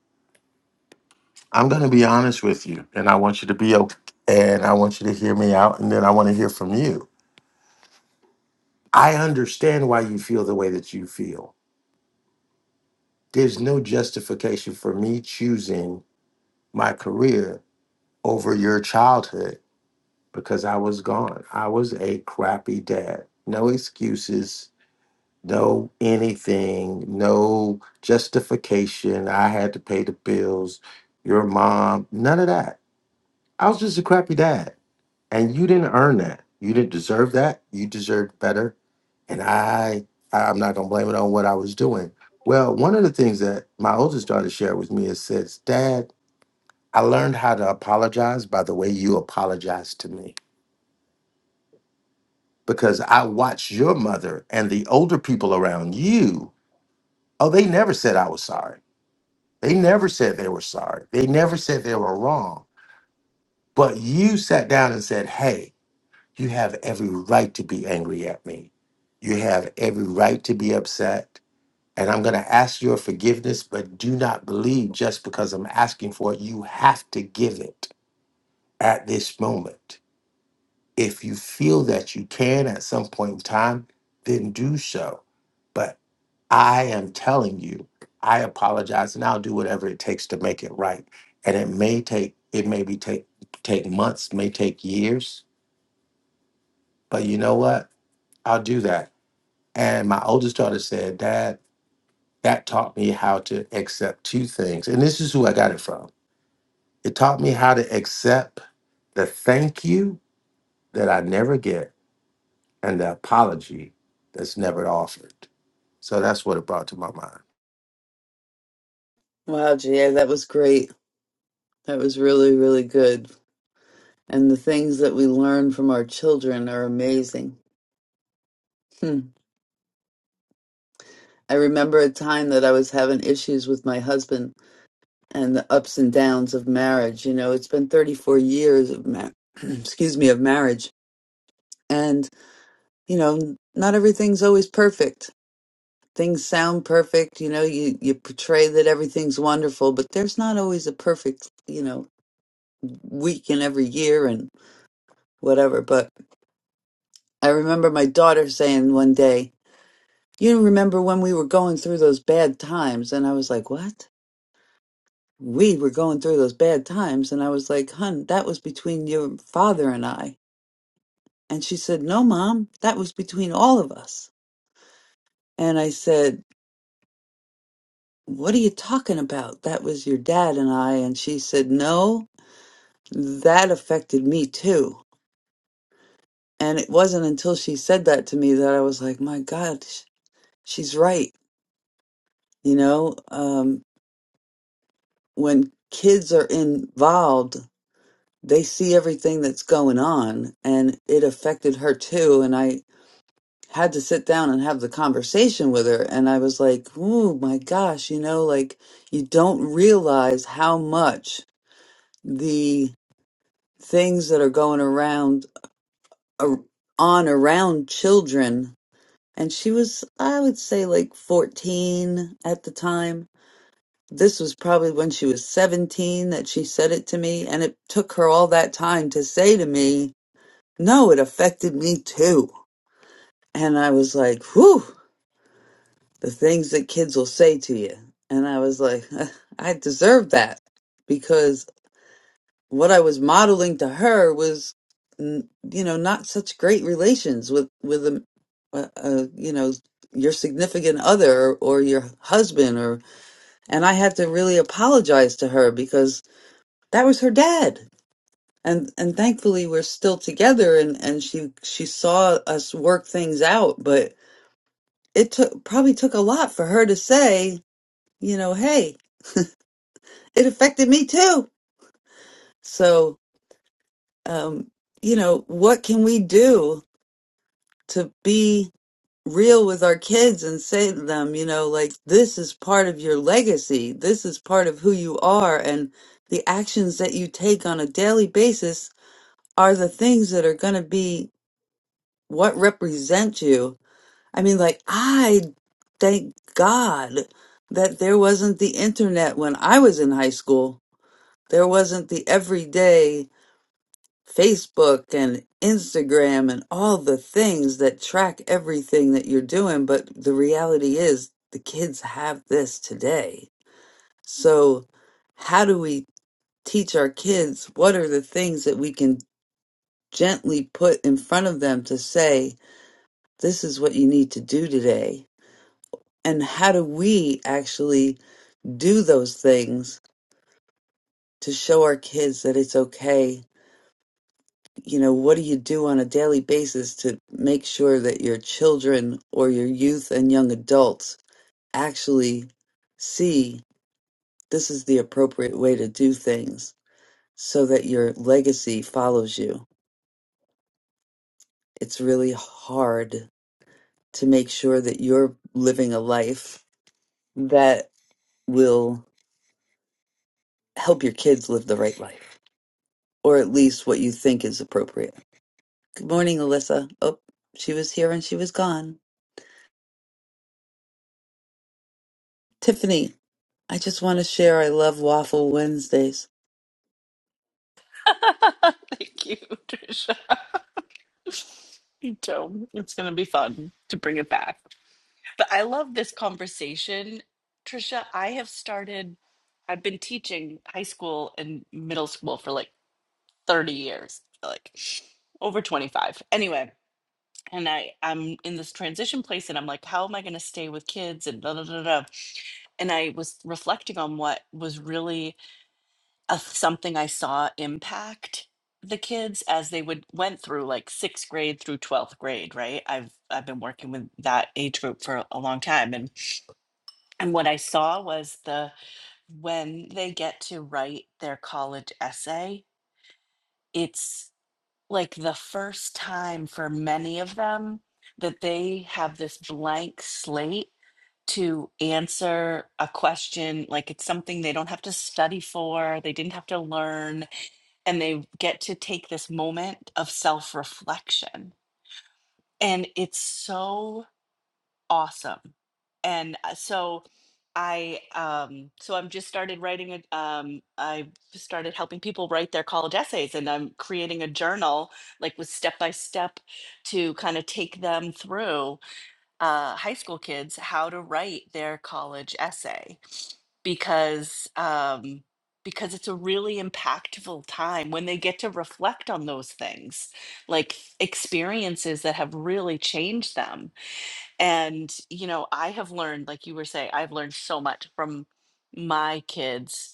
[SPEAKER 6] I'm going to be honest with you. And I want you to be okay. And I want you to hear me out. And then I want to hear from you. I understand why you feel the way that you feel. There's no justification for me choosing my career over your childhood because I was gone. I was a crappy dad. No excuses, no anything, no justification. I had to pay the bills, your mom, none of that. I was just a crappy dad and you didn't earn that. You didn't deserve that. You deserved better. And I, I'm not gonna blame it on what I was doing. Well, one of the things that my oldest daughter shared with me is says, "Dad, I learned how to apologize by the way you apologized to me because I watched your mother and the older people around you. Oh, they never said I was sorry. They never said they were sorry. They never said they were wrong. But you sat down and said, "Hey, You have every right to be angry at me. You have every right to be upset. And I'm going to ask your forgiveness, but do not believe just because I'm asking for it. You have to give it at this moment. If you feel that you can at some point in time, then do so. But I am telling you, I apologize and I'll do whatever it takes to make it right. And it may take, it may be take, take months, may take years, but you know what? I'll do that And my oldest daughter said, Dad, that taught me how to accept two things. And this is who I got it from. It taught me how to accept the thank you that I never get and the apology that's never offered. So that's what it brought to my mind.
[SPEAKER 1] Wow, GA, that was great. That was really, really good. And the things that we learn from our children are amazing. Hmm. I remember a time that I was having issues with my husband and the ups and downs of marriage. You know, it's been 34 years of ma- excuse me, of marriage. And, you know, not everything's always perfect things sound perfect you know you you portray that everything's wonderful but there's not always a perfect you know week in every year and whatever but i remember my daughter saying one day you remember when we were going through those bad times and i was like what we were going through those bad times and i was like hun that was between your father and i and she said no mom that was between all of us and i said what are you talking about that was your dad and i and she said no that affected me too. And it wasn't until she said that to me that I was like, my God, sh- she's right. You know, um, when kids are involved, they see everything that's going on, and it affected her too. And I had to sit down and have the conversation with her. And I was like, oh my gosh, you know, like you don't realize how much the things that are going around, ar- on around children and she was i would say like 14 at the time this was probably when she was 17 that she said it to me and it took her all that time to say to me no it affected me too and i was like whew the things that kids will say to you and i was like i deserve that what I was modeling to her was, n- you know, not such great relations with with a, a, a you know your significant other or your husband or and I had to really apologize to her because that was her dad and and thankfully we're still together and and she she saw us work things out but it took probably took a lot for her to say you know hey it affected me too so um you know what can we do to be real with our kids and say to them, you know, like this is part of your legacy. This is part of who you are and the actions that you take on a daily basis are the things that are going to be what represent you. I mean, like I thank God that there wasn't the internet when I was in high school. There wasn't the everyday Facebook and Instagram and all the things that track everything that you're doing. But the reality is, the kids have this today. So, how do we teach our kids what are the things that we can gently put in front of them to say, this is what you need to do today? And how do we actually do those things to show our kids that it's okay you know, what do you do on a daily basis to make sure that your children or your youth and young adults actually see this is the appropriate way to do things so that your legacy follows you? It's really hard to make sure that you're living a life that will help your kids live the right life, or at least what you think is appropriate. Good morning, Alyssa. Oh, she was here and she was gone. Tiffany, I just want to share I love Waffle Wednesdays.
[SPEAKER 17] Thank you, Trisha. So it's going to be fun to bring it back. But I love this conversation, Trisha. I have started, I've been teaching high school and middle school for like 30 years, like over 25. Anyway, and I, I'm in this transition place and I'm like, how am I going to stay with kids and da da da da. And I was reflecting on what was really a, something I saw impact the kids as they would went through like sixth grade through 12th grade right i've i've been working with that age group for a long time and and what i saw was the when they get to write their college essay it's like the first time for many of them that they have this blank slate to answer a question like it's something they don't have to study for they didn't have to learn and they get to take this moment of self reflection. And it's so awesome. And uh, so I, um, so I'm just started writing, a, um, I started helping people write their college essays and I'm creating a journal, like with step by step to kind of take them through uh, high school kids how to write their college essay because um because it's a really impactful time when they get to reflect on those things like experiences that have really changed them and you know i have learned like you were saying i've learned so much from my kids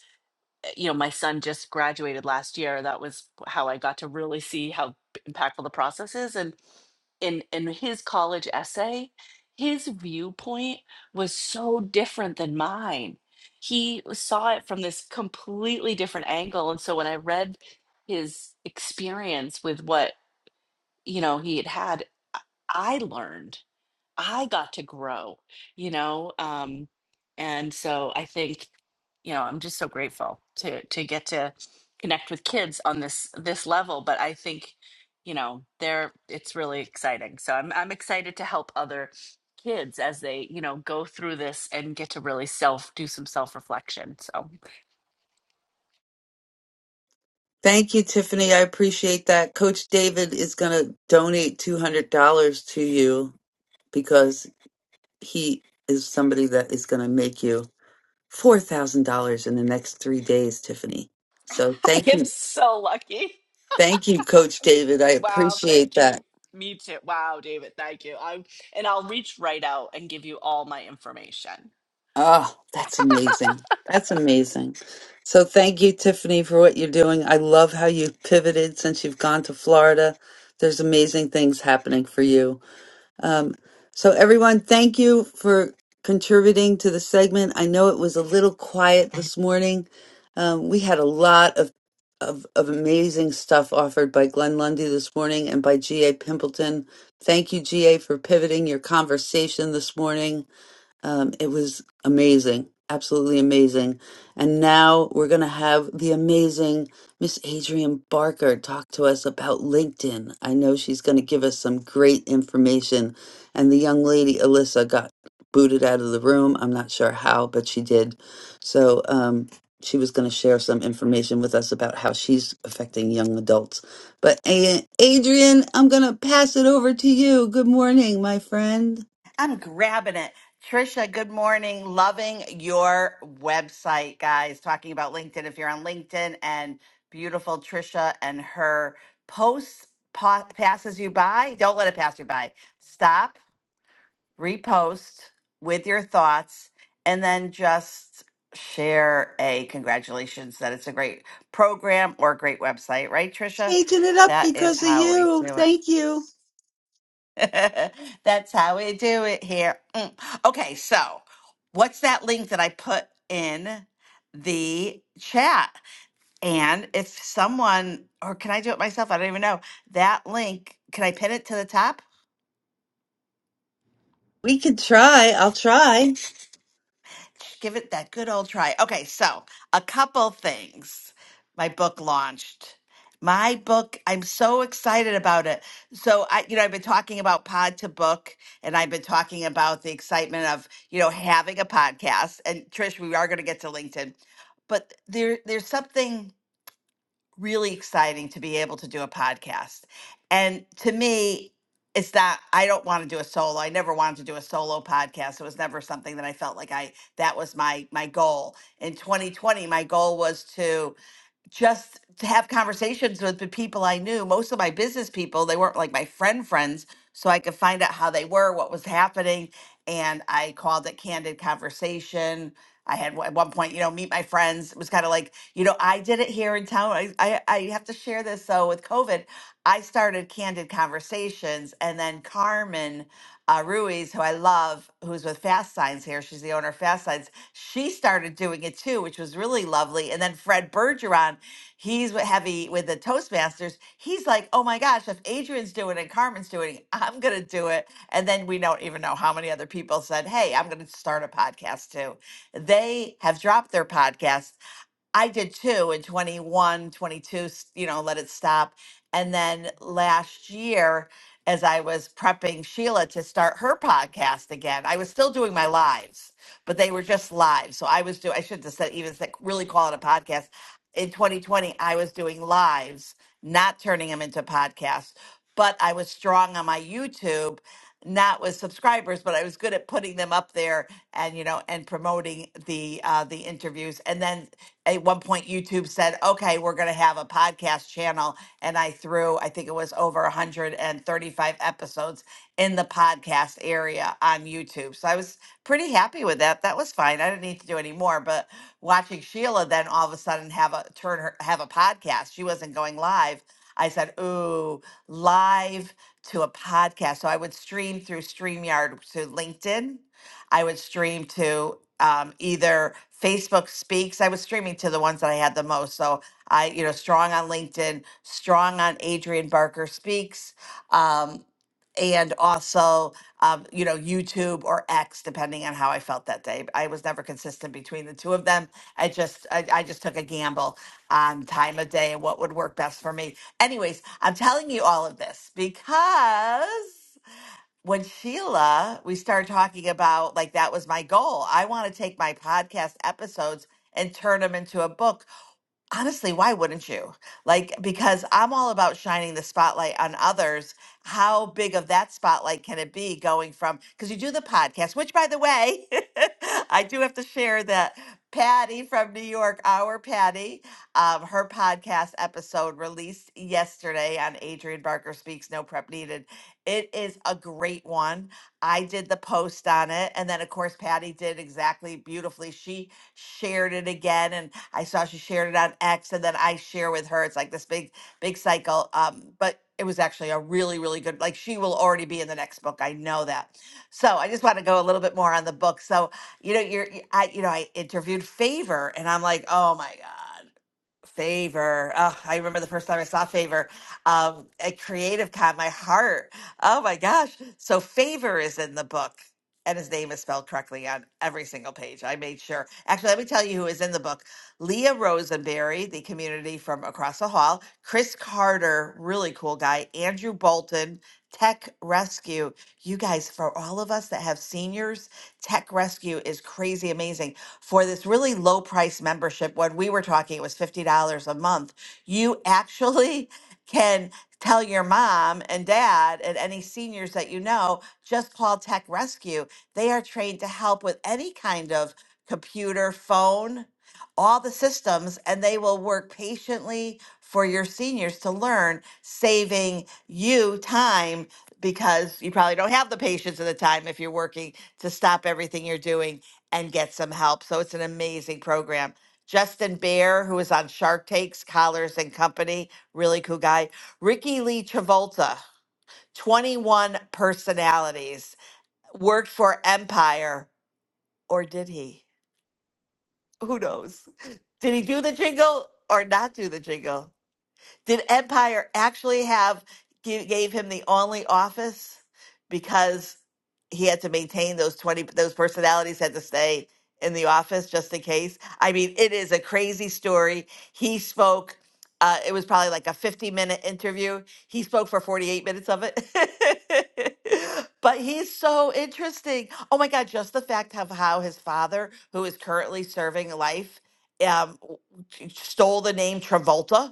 [SPEAKER 17] you know, my son just graduated last year. That was how I got to really see how b- impactful the process is. And in in his college essay, his viewpoint was so different than mine. He saw it from this completely different angle. And so when I read his experience with what, you know, he had had, I learned I got to grow, you know? Um, and so I think, you know, I'm just so grateful to to get to connect with kids on this this level. But I think, you know, they're it's really exciting. So I'm I'm excited to help other kids as they, you know, go through this and get to really self do some self reflection. So
[SPEAKER 1] Thank you, Tiffany. I appreciate that. Coach David is going to donate $200 to you because he is somebody that is going to make you $4,000 in the next three days, Tiffany. So
[SPEAKER 17] I
[SPEAKER 1] thank
[SPEAKER 17] am
[SPEAKER 1] you.
[SPEAKER 17] so lucky.
[SPEAKER 1] Thank you, Coach David. I
[SPEAKER 17] Wow,
[SPEAKER 1] appreciate
[SPEAKER 17] thank
[SPEAKER 1] that.
[SPEAKER 17] you. Me too. Wow, David, thank you. I'm and I'll reach right out and give you all my information.
[SPEAKER 1] Oh, that's amazing. That's amazing. So thank you, Tiffany, for what you're doing. I love how you pivoted since you've gone to Florida. There's amazing things happening for you. Um, so everyone, thank you for contributing to the segment. I know it was a little quiet this morning. Um, we had a lot of, of of amazing stuff offered by Glenn Lundy this morning and by G.A. Pimpleton. Thank you, G.A., for pivoting your conversation this morning um, it was amazing, absolutely amazing. And now we're going to have the amazing Miss Adrienne Barker talk to us about LinkedIn. I know she's going to give us some great information. And the young lady, Alyssa, got booted out of the room. I'm not sure how, but she did. So um, she was going to share some information with us about how she's affecting young adults. But A- Adrienne, I'm going to pass it over to you. Good morning, my friend.
[SPEAKER 18] I'm grabbing it. Trisha, good morning. Loving your website, guys. Talking about LinkedIn. If you're on LinkedIn and beautiful Trisha and her posts pa- passes you by, don't let it pass you by. Stop, repost with your thoughts, and then just share a congratulations that it's a great program or a great website, right, Trisha?
[SPEAKER 1] Changing it up
[SPEAKER 18] That is
[SPEAKER 1] because of
[SPEAKER 18] how we
[SPEAKER 1] you.
[SPEAKER 18] do it.
[SPEAKER 1] Thank you.
[SPEAKER 18] That's how we do it here. Mm. Okay, so what's that link that I put in the chat? And if someone, or can I do it myself? I don't even know. That link, can I pin it to the top?
[SPEAKER 1] We could try. I'll try.
[SPEAKER 18] Give it that good old try. Okay, so a couple things. My book launched. My book, I'm so excited about it. So I, you know, I've been talking about pod to book and I've been talking about the excitement of, you know, having a podcast. And Trish, we are going to get to LinkedIn. But there there's something really exciting to be able to do a podcast. And to me, it's not, I don't want to do a solo. I never wanted to do a solo podcast. It was never something that I felt like I, that was my, my goal. In 2020, my goal was to just to have conversations with the people I knew. Most of my business people, they weren't like my friend friends, so I could find out how they were, what was happening, and I called it candid conversation. I had one- at one point, you know, meet my friends. It was kind of like, you know, I did it here in town. I, I I have to share this. So with COVID, I started candid conversations, and then Carmen uh, Ruiz, who I love, who's with Fast Signs here. She's the owner of Fast Signs. She started doing it too, which was really lovely. And then Fred Bergeron, he's with heavy with the Toastmasters. He's like, oh my gosh, if Adrian's doing it and Carmen's doing it, I'm going to do it. And then we don't even know how many other people said, hey, I'm going to start a podcast too. They have dropped their podcast. I did too in twenty one, twenty two. 22, s- you know, let it stop. And then last year, as I was prepping Sheila to start her podcast again, I was still doing my lives, but they were just live. So I was doing, I should have said, even said, really call it a podcast. In 2020, I was doing lives, not turning them into podcasts, but I was strong on my YouTube, not with subscribers, but I was good at putting them up there and you know and promoting the uh the interviews and then at one point YouTube said, okay, we're going to have a podcast channel. And I threw, I think it was over 135 episodes in the podcast area on YouTube. So I was pretty happy with that. That was fine. I didn't need to do any more. But watching Sheila then all of a sudden have a turn her, have a podcast, she wasn't going live. I said, ooh, live to a podcast. So I would stream through StreamYard to LinkedIn I would stream to um, either Facebook Speaks. I was streaming to the ones that I had the most. So I, you know, strong on LinkedIn, strong on Adrian Barker Speaks, um, and also, um, you know, YouTube or X, depending on how I felt that day. I was never consistent between the two of them. I just, I, I just took a gamble on time of day and what would work best for me. Anyways, I'm telling you all of this because when Sheila, we started talking about like that was my goal. I want to take my podcast episodes and turn them into a book. Honestly, why wouldn't you? Like, because I'm all about shining the spotlight on others. How big of that spotlight can it be going from, because you do the podcast, which by the way, I do have to share that Patty from New York, our Patty, um, her podcast episode released yesterday on Adrian Barker Speaks No Prep Needed. It is a great one. I did the post on it. And then, of course, Patty did exactly beautifully. She shared it again. and. I saw she shared it on X and then I share with her. It's like this big, big cycle. Um, but it was actually a really, really good, like she will already be in the next book. I know that. So I just want to go a little bit more on the book. So, you know, you're, y- I, you know, I interviewed Favor and I'm like, oh my God. Favor. Oh, I remember the first time I saw Favor um, at Creative Con, my heart. Oh my gosh. So Favor is in the book, and his name is spelled correctly on every single page. I made sure. Actually, let me tell you who is in the book Leah Rosenberry, the community from across the hall, Chris Carter, really cool guy, Andrew Bolton, Tech Rescue. You guys, for all of us that have seniors, Tech Rescue is crazy amazing for this really low price membership. When we were talking, it was $50 a month. You actually can tell your mom and dad and any seniors that you know just call Tech Rescue. They are trained to help with any kind of computer, phone, all the systems, and they will work patiently for your seniors to learn, saving you time because you probably don't have the patience and the time if you're working to stop everything you're doing and get some help. So it's an amazing program. Justin Bear, who is on Shark Takes, Collars and Company, really cool guy. Ricky Lee Travolta, 21 personalities, worked for Empire, or did he? Who knows? Did he do the jingle or not do the jingle? Did Empire actually have gi- gave him the only office because he had to maintain those 20 those personalities had to stay in the office just in case. I mean, it is a crazy story. He spoke uh, it was probably like a 50 minute interview. He spoke for 48 minutes of it. but he's so interesting. Oh my God, just the fact of how his father, who is currently serving life, um, w- stole the name Travolta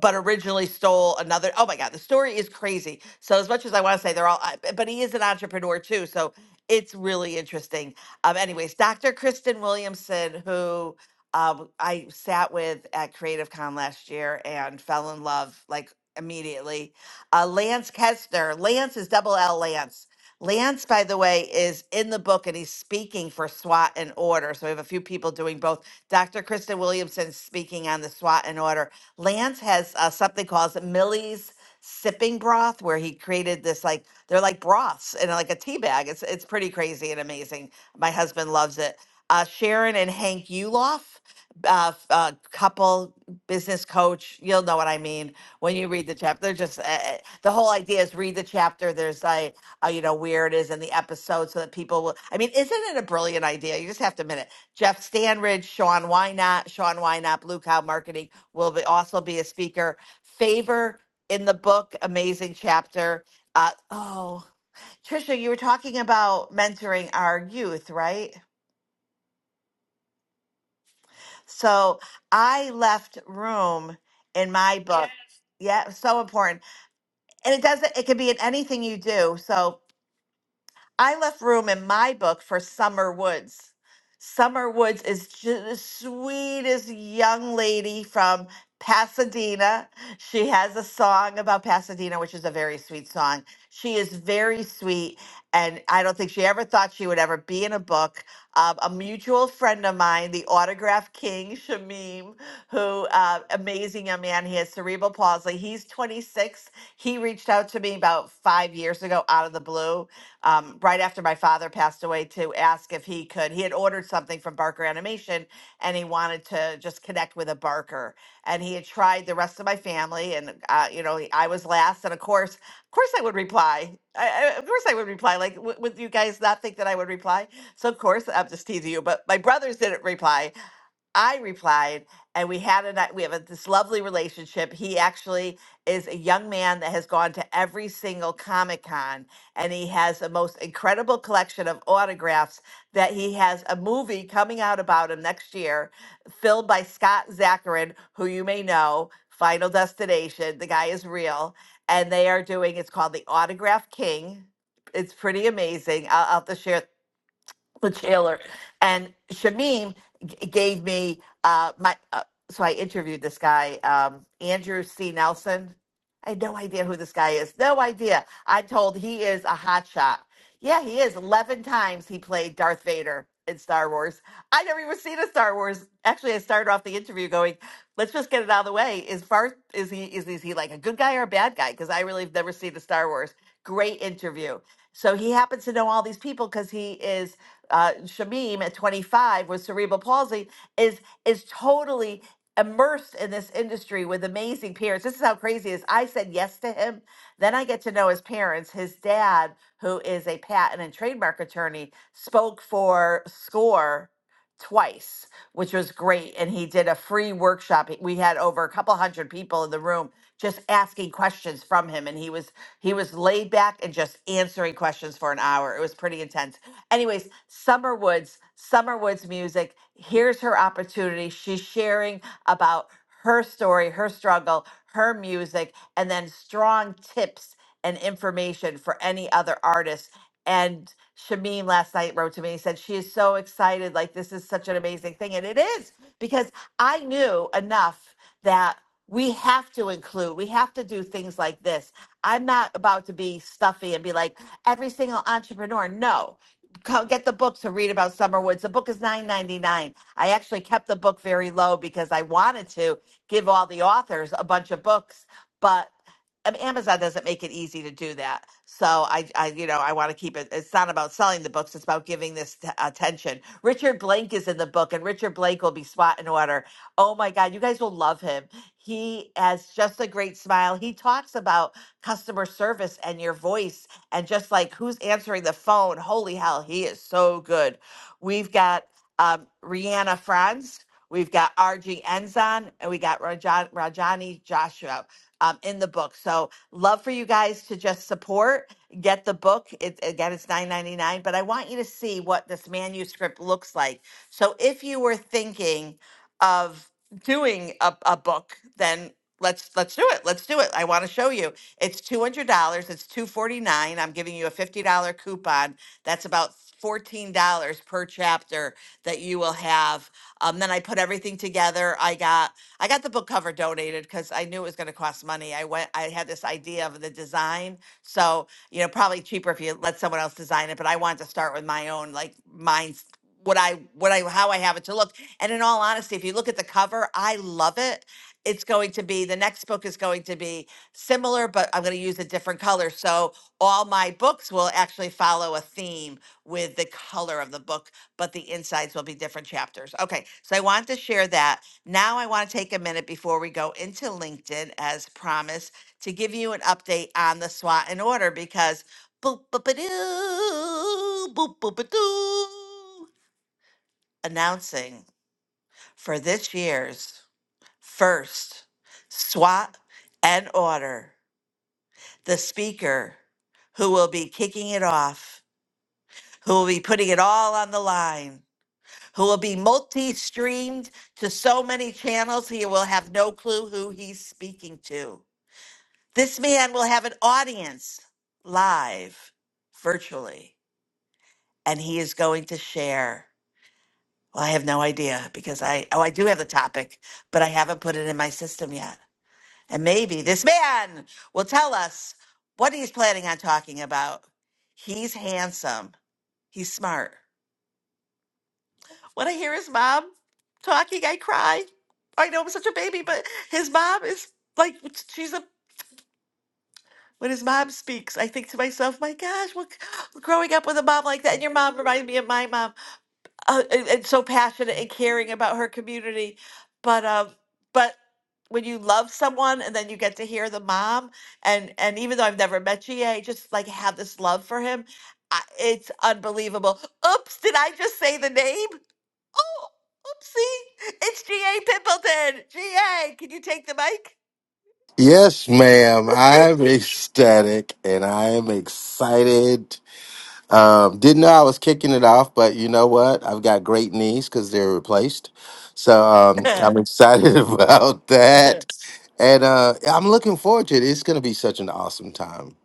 [SPEAKER 18] but originally stole another. Oh my God, the story is crazy. So as much as I want to say they're all, I- b- but he is an entrepreneur too. So it's really interesting. Um, anyways, Dr. Kristen Williamson, who um, I sat with at Creative Con last year and fell in love like immediately. Uh, Lance Kestner, Lance is double L Lance. Lance, by the way, is in the book and he's speaking for SWAT and Order. So we have a few people doing both. Dr. Kristen Williamson speaking on the SWAT and Order. Lance has uh, something called Millie's Sipping Broth, where he created this like they're like broths in like a tea bag. It's it's pretty crazy and amazing. My husband loves it. Uh, Sharon and Hank Uloff, uh, f- uh, couple business coach. You'll know what I mean when you read the chapter. They're just uh, the whole idea is read the chapter. There's a uh, you know, where it is in the episode so that people will. I mean, isn't it a brilliant idea? You just have to admit it. Jeff Stanridge, Sean Wynot, Sean Wynot, Blue Cow Marketing will be, also be a speaker. Favor in the book, amazing chapter. Uh, oh, Trisha, you were talking about mentoring our youth, right? So I left room in my book. Yes. Yeah, so important. And it doesn't, it could be in anything you do. So I left room in my book for Summer Woods. Summer Woods is ju- the sweetest young lady from Pasadena. She has a song about Pasadena, which is a very sweet song. She is very sweet, and I don't think she ever thought she would ever be in a book. Um, a mutual friend of mine, the autograph king, Shamim, who, uh, amazing young man, he has cerebral palsy. He's 26. He reached out to me about five years ago out of the blue um, right after my father passed away to ask if he could. He had ordered something from Barker Animation and he wanted to just connect with a Barker. And he had tried the rest of my family, and uh, you know, I was last. And of course, of course, I would reply. I, I- of course, I would reply. Like, w- would you guys not think that I would reply? So of course, I'm just teasing you. But my brothers didn't reply I replied, and we had a ni- we have a, this lovely relationship. He actually is a young man that has gone to every single Comic Con, and he has the most incredible collection of autographs. That he has a movie coming out about him next year, filled by Scott Zacharin, who you may know, Final Destination. The guy is real, and they are doing. It's called The Autograph King. It's pretty amazing. I'll, I'll have to share the jailer. And Shamim g- gave me uh, my. Uh, so I interviewed this guy, um, Andrew C. Nelson. I had no idea who this guy is. No idea. I'm told he is a hot shot. Yeah, he is. Eleven times he played Darth Vader in Star Wars. I never even seen a Star Wars. Actually, I started off the interview going, "Let's just get it out of the way. Is Barth? Is he? Is, is he like a good guy or a bad guy? Because I really have never seen a Star Wars. Great interview. So he happens to know all these people because he is uh, Shamim at 25 with cerebral palsy is is totally immersed in this industry with amazing parents. This is how crazy it is. I said yes to him. Then I get to know his parents. His dad, who is a patent and trademark attorney, spoke for SCORE twice, which was great. And he did a free workshop. We had over a couple hundred people in the room just asking questions from him. And he was he was laid back and just answering questions for an hour. It was pretty intense Anyways, Summer Woods, Summer Woods music. Here's her opportunity. She's sharing about her story, her struggle, her music, and then strong tips and information for any other artists. And Shameen last night wrote to me and said she is so excited. Like this is such an amazing thing. And it is because I knew enough that we have to include, we have to do things like this. I'm not about to be stuffy and be like every single entrepreneur. No, co- get the book to read about Summerwoods. The book is nine ninety nine. I actually kept the book very low because I wanted to give all the authors a bunch of books, but um, Amazon doesn't make it easy to do that. So I, I you know, I want to keep it. It's not about selling the books; it's about giving this t- attention. Richard Blake is in the book, and Richard Blake will be SWAT and order. Oh my God, you guys will love him. He has just a great smile. He talks about customer service and your voice and just like who's answering the phone, holy hell, he is so good. We've got um, Rihanna Franz, we've got RG Enzon, and we got Rajan, Rajani Joshua um, in the book. So love for you guys to just support, get the book. It, again, it's nine ninety nine, but I want you to see what this manuscript looks like. So if you were thinking of doing a, a book, then let's let's do it. Let's do it. I want to show you. It's two hundred dollars. It's two forty nine. I'm giving you a fifty dollar coupon. That's about fourteen dollars per chapter that you will have. Um, then I put everything together. I got I got the book cover donated because I knew it was going to cost money. I went. I had this idea of the design, so you know probably cheaper if you let someone else design it. But I wanted to start with my own, like mine's what I what I how I have it to look. And in all honesty, if you look at the cover, I love it. It's going to be the next book is going to be similar, but I'm going to use a different color. So all my books will actually follow a theme with the color of the book, but the insides will be different chapters. Okay, so I want to share that. Now I want to take a minute before we go into LinkedIn, as promised, to give you an update on the SWOT and order because boop, boop, a doo, boop, boop, a doo, announcing for this year's first SWAT and order the speaker who will be kicking it off, who will be putting it all on the line, who will be multi streamed to so many channels he will have no clue who he's speaking to. This man will have an audience live, virtually, and he is going to share. Well, I have no idea because I, oh, I do have the topic, but I haven't put it in my system yet. And maybe this man will tell us what he's planning on talking about. He's handsome. He's smart. When I hear his mom talking, I cry. I know I'm such a baby, but his mom is like, she's a, when his mom speaks, I think to myself, my gosh, well, growing up with a mom like that, and your mom reminded me of my mom. uh, and, and so passionate and caring about her community. But um, but when you love someone and then you get to hear the mom and and even though I've never met GA, just like have this love for him, I, it's unbelievable. Oops, did I just say the name? Oh, oopsie! It's GA Pimpleton. GA, can you take the
[SPEAKER 6] Yes, ma'am. I am ecstatic and I am excited Um, didn't know I was kicking it off, but you know what? I've got great knees because they're replaced. So um, I'm
[SPEAKER 18] mic?
[SPEAKER 6] excited about that. And uh, yeah, I'm looking forward to it. It's going to be such an awesome time.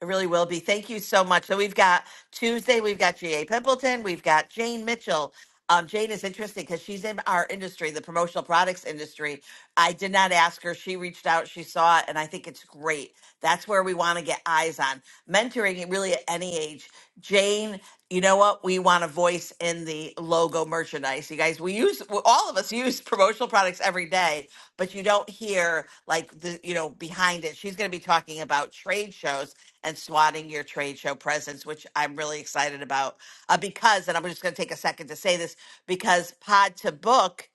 [SPEAKER 18] It really will be. Thank you so much. So we've got Tuesday, we've got G.A. Pimpleton, we've got Jane Mitchell. Um, Jane is interesting because she's in our industry, the promotional products industry. I did not ask her. She reached out, she saw it, and I think it's great. That's where we want to get eyes on. Mentoring it really at any age. Jane, you know what? We want a voice in the logo merchandise. You guys, we use, all of us use promotional products every day but you don't hear like the you know behind it. She's going to be talking about trade shows and swatting your trade show presence, which I'm really excited about uh, because, and I'm just going to take a second to say this because Pod to Book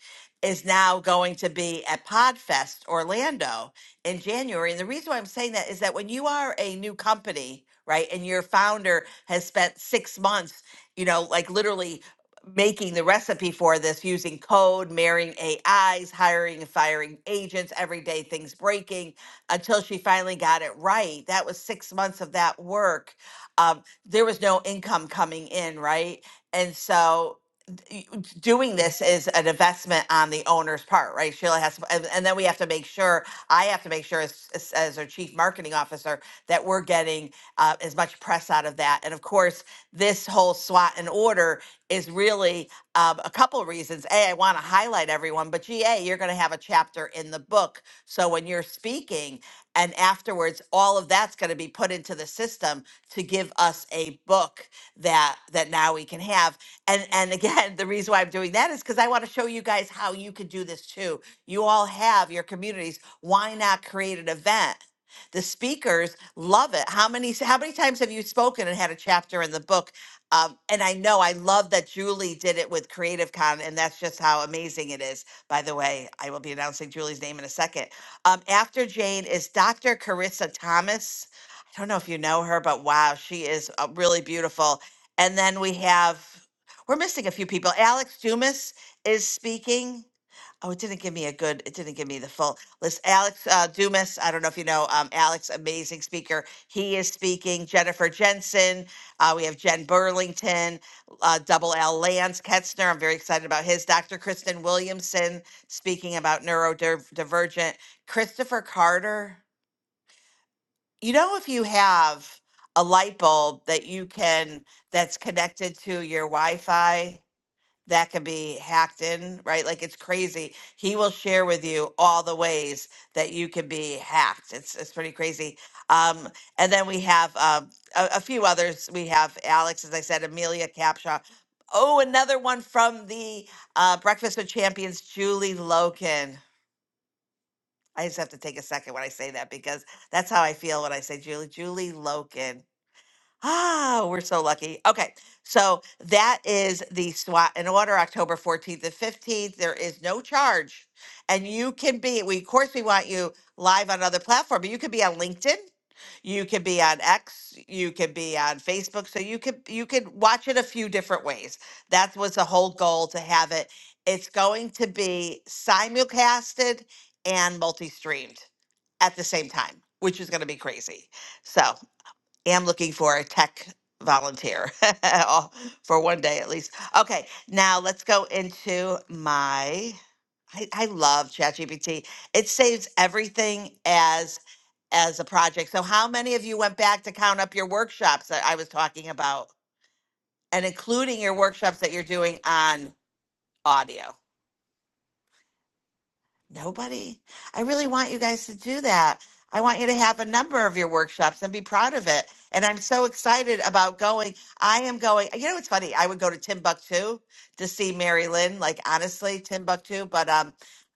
[SPEAKER 18] is now going to be at Podfest Orlando in January. And the reason why I'm saying that is that when you are a new company, right, and your founder has spent six months, you know, like literally making the recipe for this using code, marrying AIs, hiring and firing agents, everyday things breaking until she finally got it right. That was six months of that work. Um, there was no income coming in, right? And so doing this is an investment on the owner's part, right? Sheila has, to, and, and then we have to make sure, I have to make sure as, as as our chief marketing officer, that we're getting uh, as much press out of that. And of course, this whole SWAT and order is really um, a couple reasons. A, I want to highlight everyone, but GA, you're going to have a chapter in the book. So when you're speaking and afterwards, all of that's going to be put into the system to give us a book that, that now we can have and and again the reason why i'm doing that is because i want to show you guys how you could do this too you all have your communities why not create an event the speakers love it how many how many times have you spoken and had a chapter in the book um, and i know i love that julie did it with creative con and that's just how amazing it is by the way i will be announcing julie's name in a second um, after jane is dr carissa thomas i don't know if you know her but wow she is uh, really beautiful and then we have we're missing a few people. Alex Dumas is speaking. Oh, it didn't give me a good, it didn't give me the full list. Alex uh, Dumas, I don't know if you know, um, Alex, amazing speaker. He is speaking. Jennifer Jensen. Uh, we have Jen Burlington, uh, Double L Lance Ketzner. I'm very excited about his. Dr. Kristen Williamson speaking about neurodivergent. Christopher Carter. You know, if you have a light bulb that you can, that's connected to your Wi Fi that can be hacked in, right? Like it's crazy. He will share with you all the ways that you can be hacked. It's it's pretty crazy. Um, and then we have um, a, a few others. We have Alex, as I said, Amelia Capshaw. Oh, another one from the uh, Breakfast with Champions, Julie Loken. I just have to take a second when I say that because that's how I feel when I say Julie. Julie Loken Ah, we're so lucky. Okay, so that is the SWAT and Order, October 14th and 15th. There is no charge. And you can be, we, of course, we want you live on other platform, but you could be on LinkedIn, you could be on X, you could be on Facebook. So you could you could watch it a few different ways. That was the whole goal to have it. It's going to be simulcasted and multi-streamed at the same time, which is going to be crazy. So am looking for a tech volunteer oh, for one day at least. Okay, now let's go into my. I, I love ChatGPT. It saves everything as as a project. So how many of you went back to count up your workshops that I was talking about and including your workshops that you're doing on audio? Nobody. I really want you guys to do that. I want you to have a number of your workshops and be proud of it. And I'm so excited about going. I am going. You know, it's funny. I would go to Timbuktu to see Mary Lynn, like honestly, Timbuktu, but um,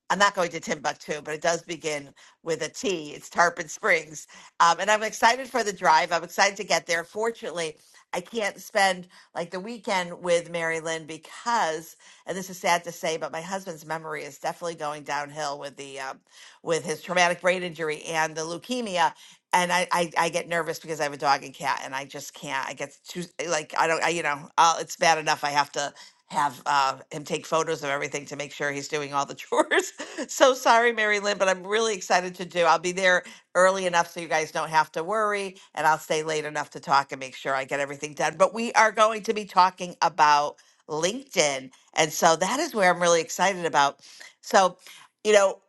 [SPEAKER 18] I'm not going to Timbuktu, but it does begin with a T. It's Tarpon Springs. Um, and I'm excited for the drive. I'm excited to get there. Fortunately, I can't spend like the weekend with Mary Lynn because and this is sad to say, but my husband's memory is definitely going downhill with the um, with his traumatic brain injury and the leukemia. And I, I I get nervous because I have a dog and cat, and I just can't. I get too like I don't. I, you know, i it's bad enough I have to have uh, him take photos of everything to make sure he's doing all the chores. so sorry, Mary Lynn, but I'm really excited to do. I'll be there early enough so you guys don't have to worry, and I'll stay late enough to talk and make sure I get everything done. But we are going to be talking about LinkedIn. And so that is where I'm really excited about. So, you know,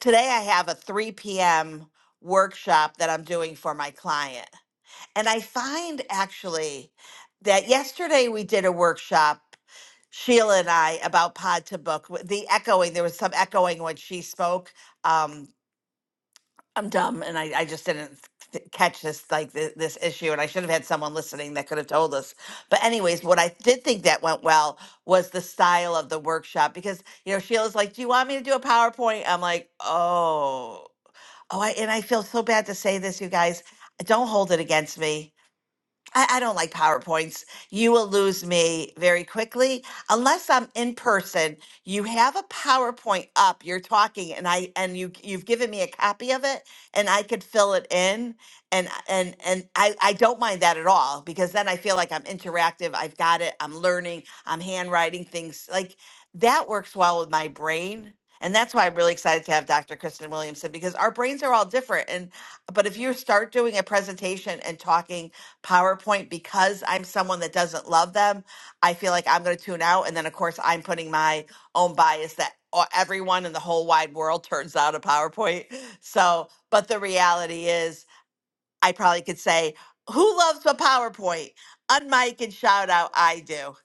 [SPEAKER 18] today I have a 3 p.m. workshop that I'm doing for my client. And I find actually that yesterday we did a workshop, Sheila and I, about Pod to Book, w- the echoing. There was some echoing when she spoke. Um, I'm dumb and I, I just didn't th- catch this like th- this issue and I should have had someone listening that could have told us. But anyways, what I did think that went well was the style of the workshop because you know Sheila's like, "Do you want me to do a PowerPoint?" I'm like, "Oh. Oh, I and I feel so bad to say this, you guys. Don't hold it against me I, I don't like PowerPoints. You will lose me very quickly. Unless I'm in person, you have a PowerPoint up, you're talking and I and you you've given me a copy of it and I could fill it in and and and I, I don't mind that at all because then I feel like I'm interactive. I've got it. I'm learning. I'm handwriting things. Like that works well with my brain. And that's why I'm really excited to have Dr. Kristen Williamson because our brains are all different. And but if you start doing a presentation and talking PowerPoint because I'm someone that doesn't love them. I feel like I'm going to tune out. And then, of course, I'm putting my own bias that o- everyone in the whole wide world turns out a PowerPoint. So, but the reality is, I probably could say, Who loves a PowerPoint? Unmic and shout out, I do.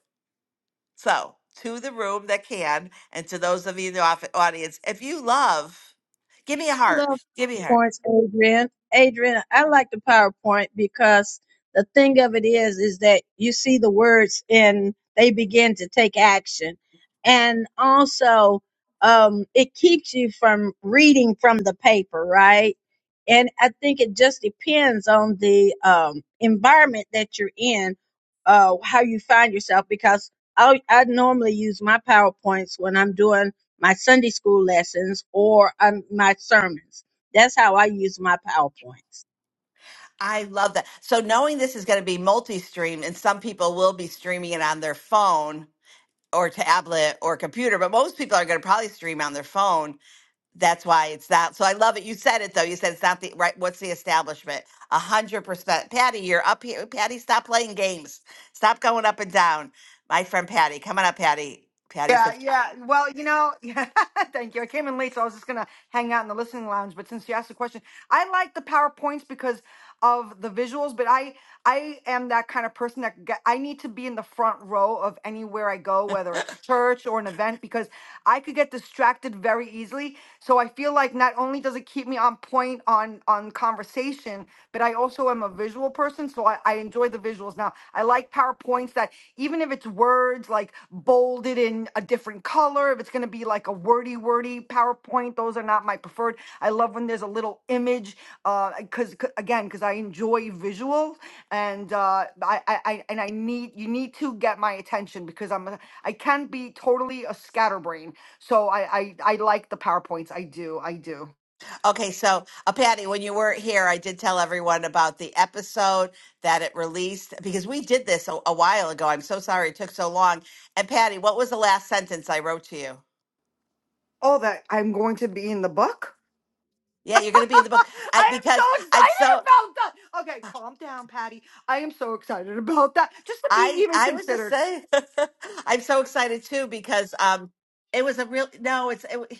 [SPEAKER 18] So, to the room that can, and to those of you in the off- audience, if you love, give me a
[SPEAKER 15] I
[SPEAKER 18] heart.
[SPEAKER 15] love
[SPEAKER 18] Give me a heart.
[SPEAKER 15] points, Adrian. Adrian, I like the PowerPoint because the thing of it is, is that you see the words and they begin to take action, and also um, it keeps you from reading from the paper, right? And I think it just depends on the um, environment that you're in, uh, how you find yourself. Because I I normally use my PowerPoints when I'm doing my Sunday school lessons or um, my sermons. That's how I use my PowerPoints.
[SPEAKER 18] I love that. So knowing this is going to be multi-stream and some people will be streaming it on their phone or tablet or computer, but most people are going to probably stream on their phone. That's why it's not. So I love it. You said it though. You said it's not the right. What's the establishment? A hundred percent. Patty, you're up here. Patty, stop playing games. Stop going up and down. My friend Patty, come on up, Patty. Patty
[SPEAKER 19] Yeah,
[SPEAKER 18] says,
[SPEAKER 19] yeah. Well, you know, yeah, thank you. I came in late, so I was just gonna hang out in the listening lounge. But since you asked the question, I like the powerpoints because of the visuals. But I, I am that kind of person that get, I need to be in the front row of anywhere I go, whether it's church or an event, because I could get distracted very easily. So I feel like not only does it keep me on point on on conversation, but I also am a visual person, so I, I enjoy the visuals. Now I like powerpoints that even if it's words like bolded in a different color, if it's going to be like a wordy, wordy PowerPoint, those are not my preferred. I love when there's a little image, uh, because again, because I enjoy visuals, and uh, I, I I- and I need you need to get my attention because I'm a, I can be totally a scatterbrain. So I, I I like the PowerPoints. I do I do.
[SPEAKER 18] Okay, so uh, Patty, when you weren't here, I did tell everyone about the episode that it released because we did this a, a while ago. I'm so sorry it took so long. And Patty, what was the last sentence I wrote to you?
[SPEAKER 19] Oh, that I'm going to be in the book.
[SPEAKER 18] Yeah, you're going to be in the book I,
[SPEAKER 19] I am
[SPEAKER 18] because
[SPEAKER 19] so
[SPEAKER 18] I'm
[SPEAKER 19] excited
[SPEAKER 18] so
[SPEAKER 19] about that. Okay, calm down, Patty. I am so excited about that. Just to be
[SPEAKER 18] I
[SPEAKER 19] even
[SPEAKER 18] I was just
[SPEAKER 19] considered.
[SPEAKER 18] saying I'm so excited too because um it was a real no it's it,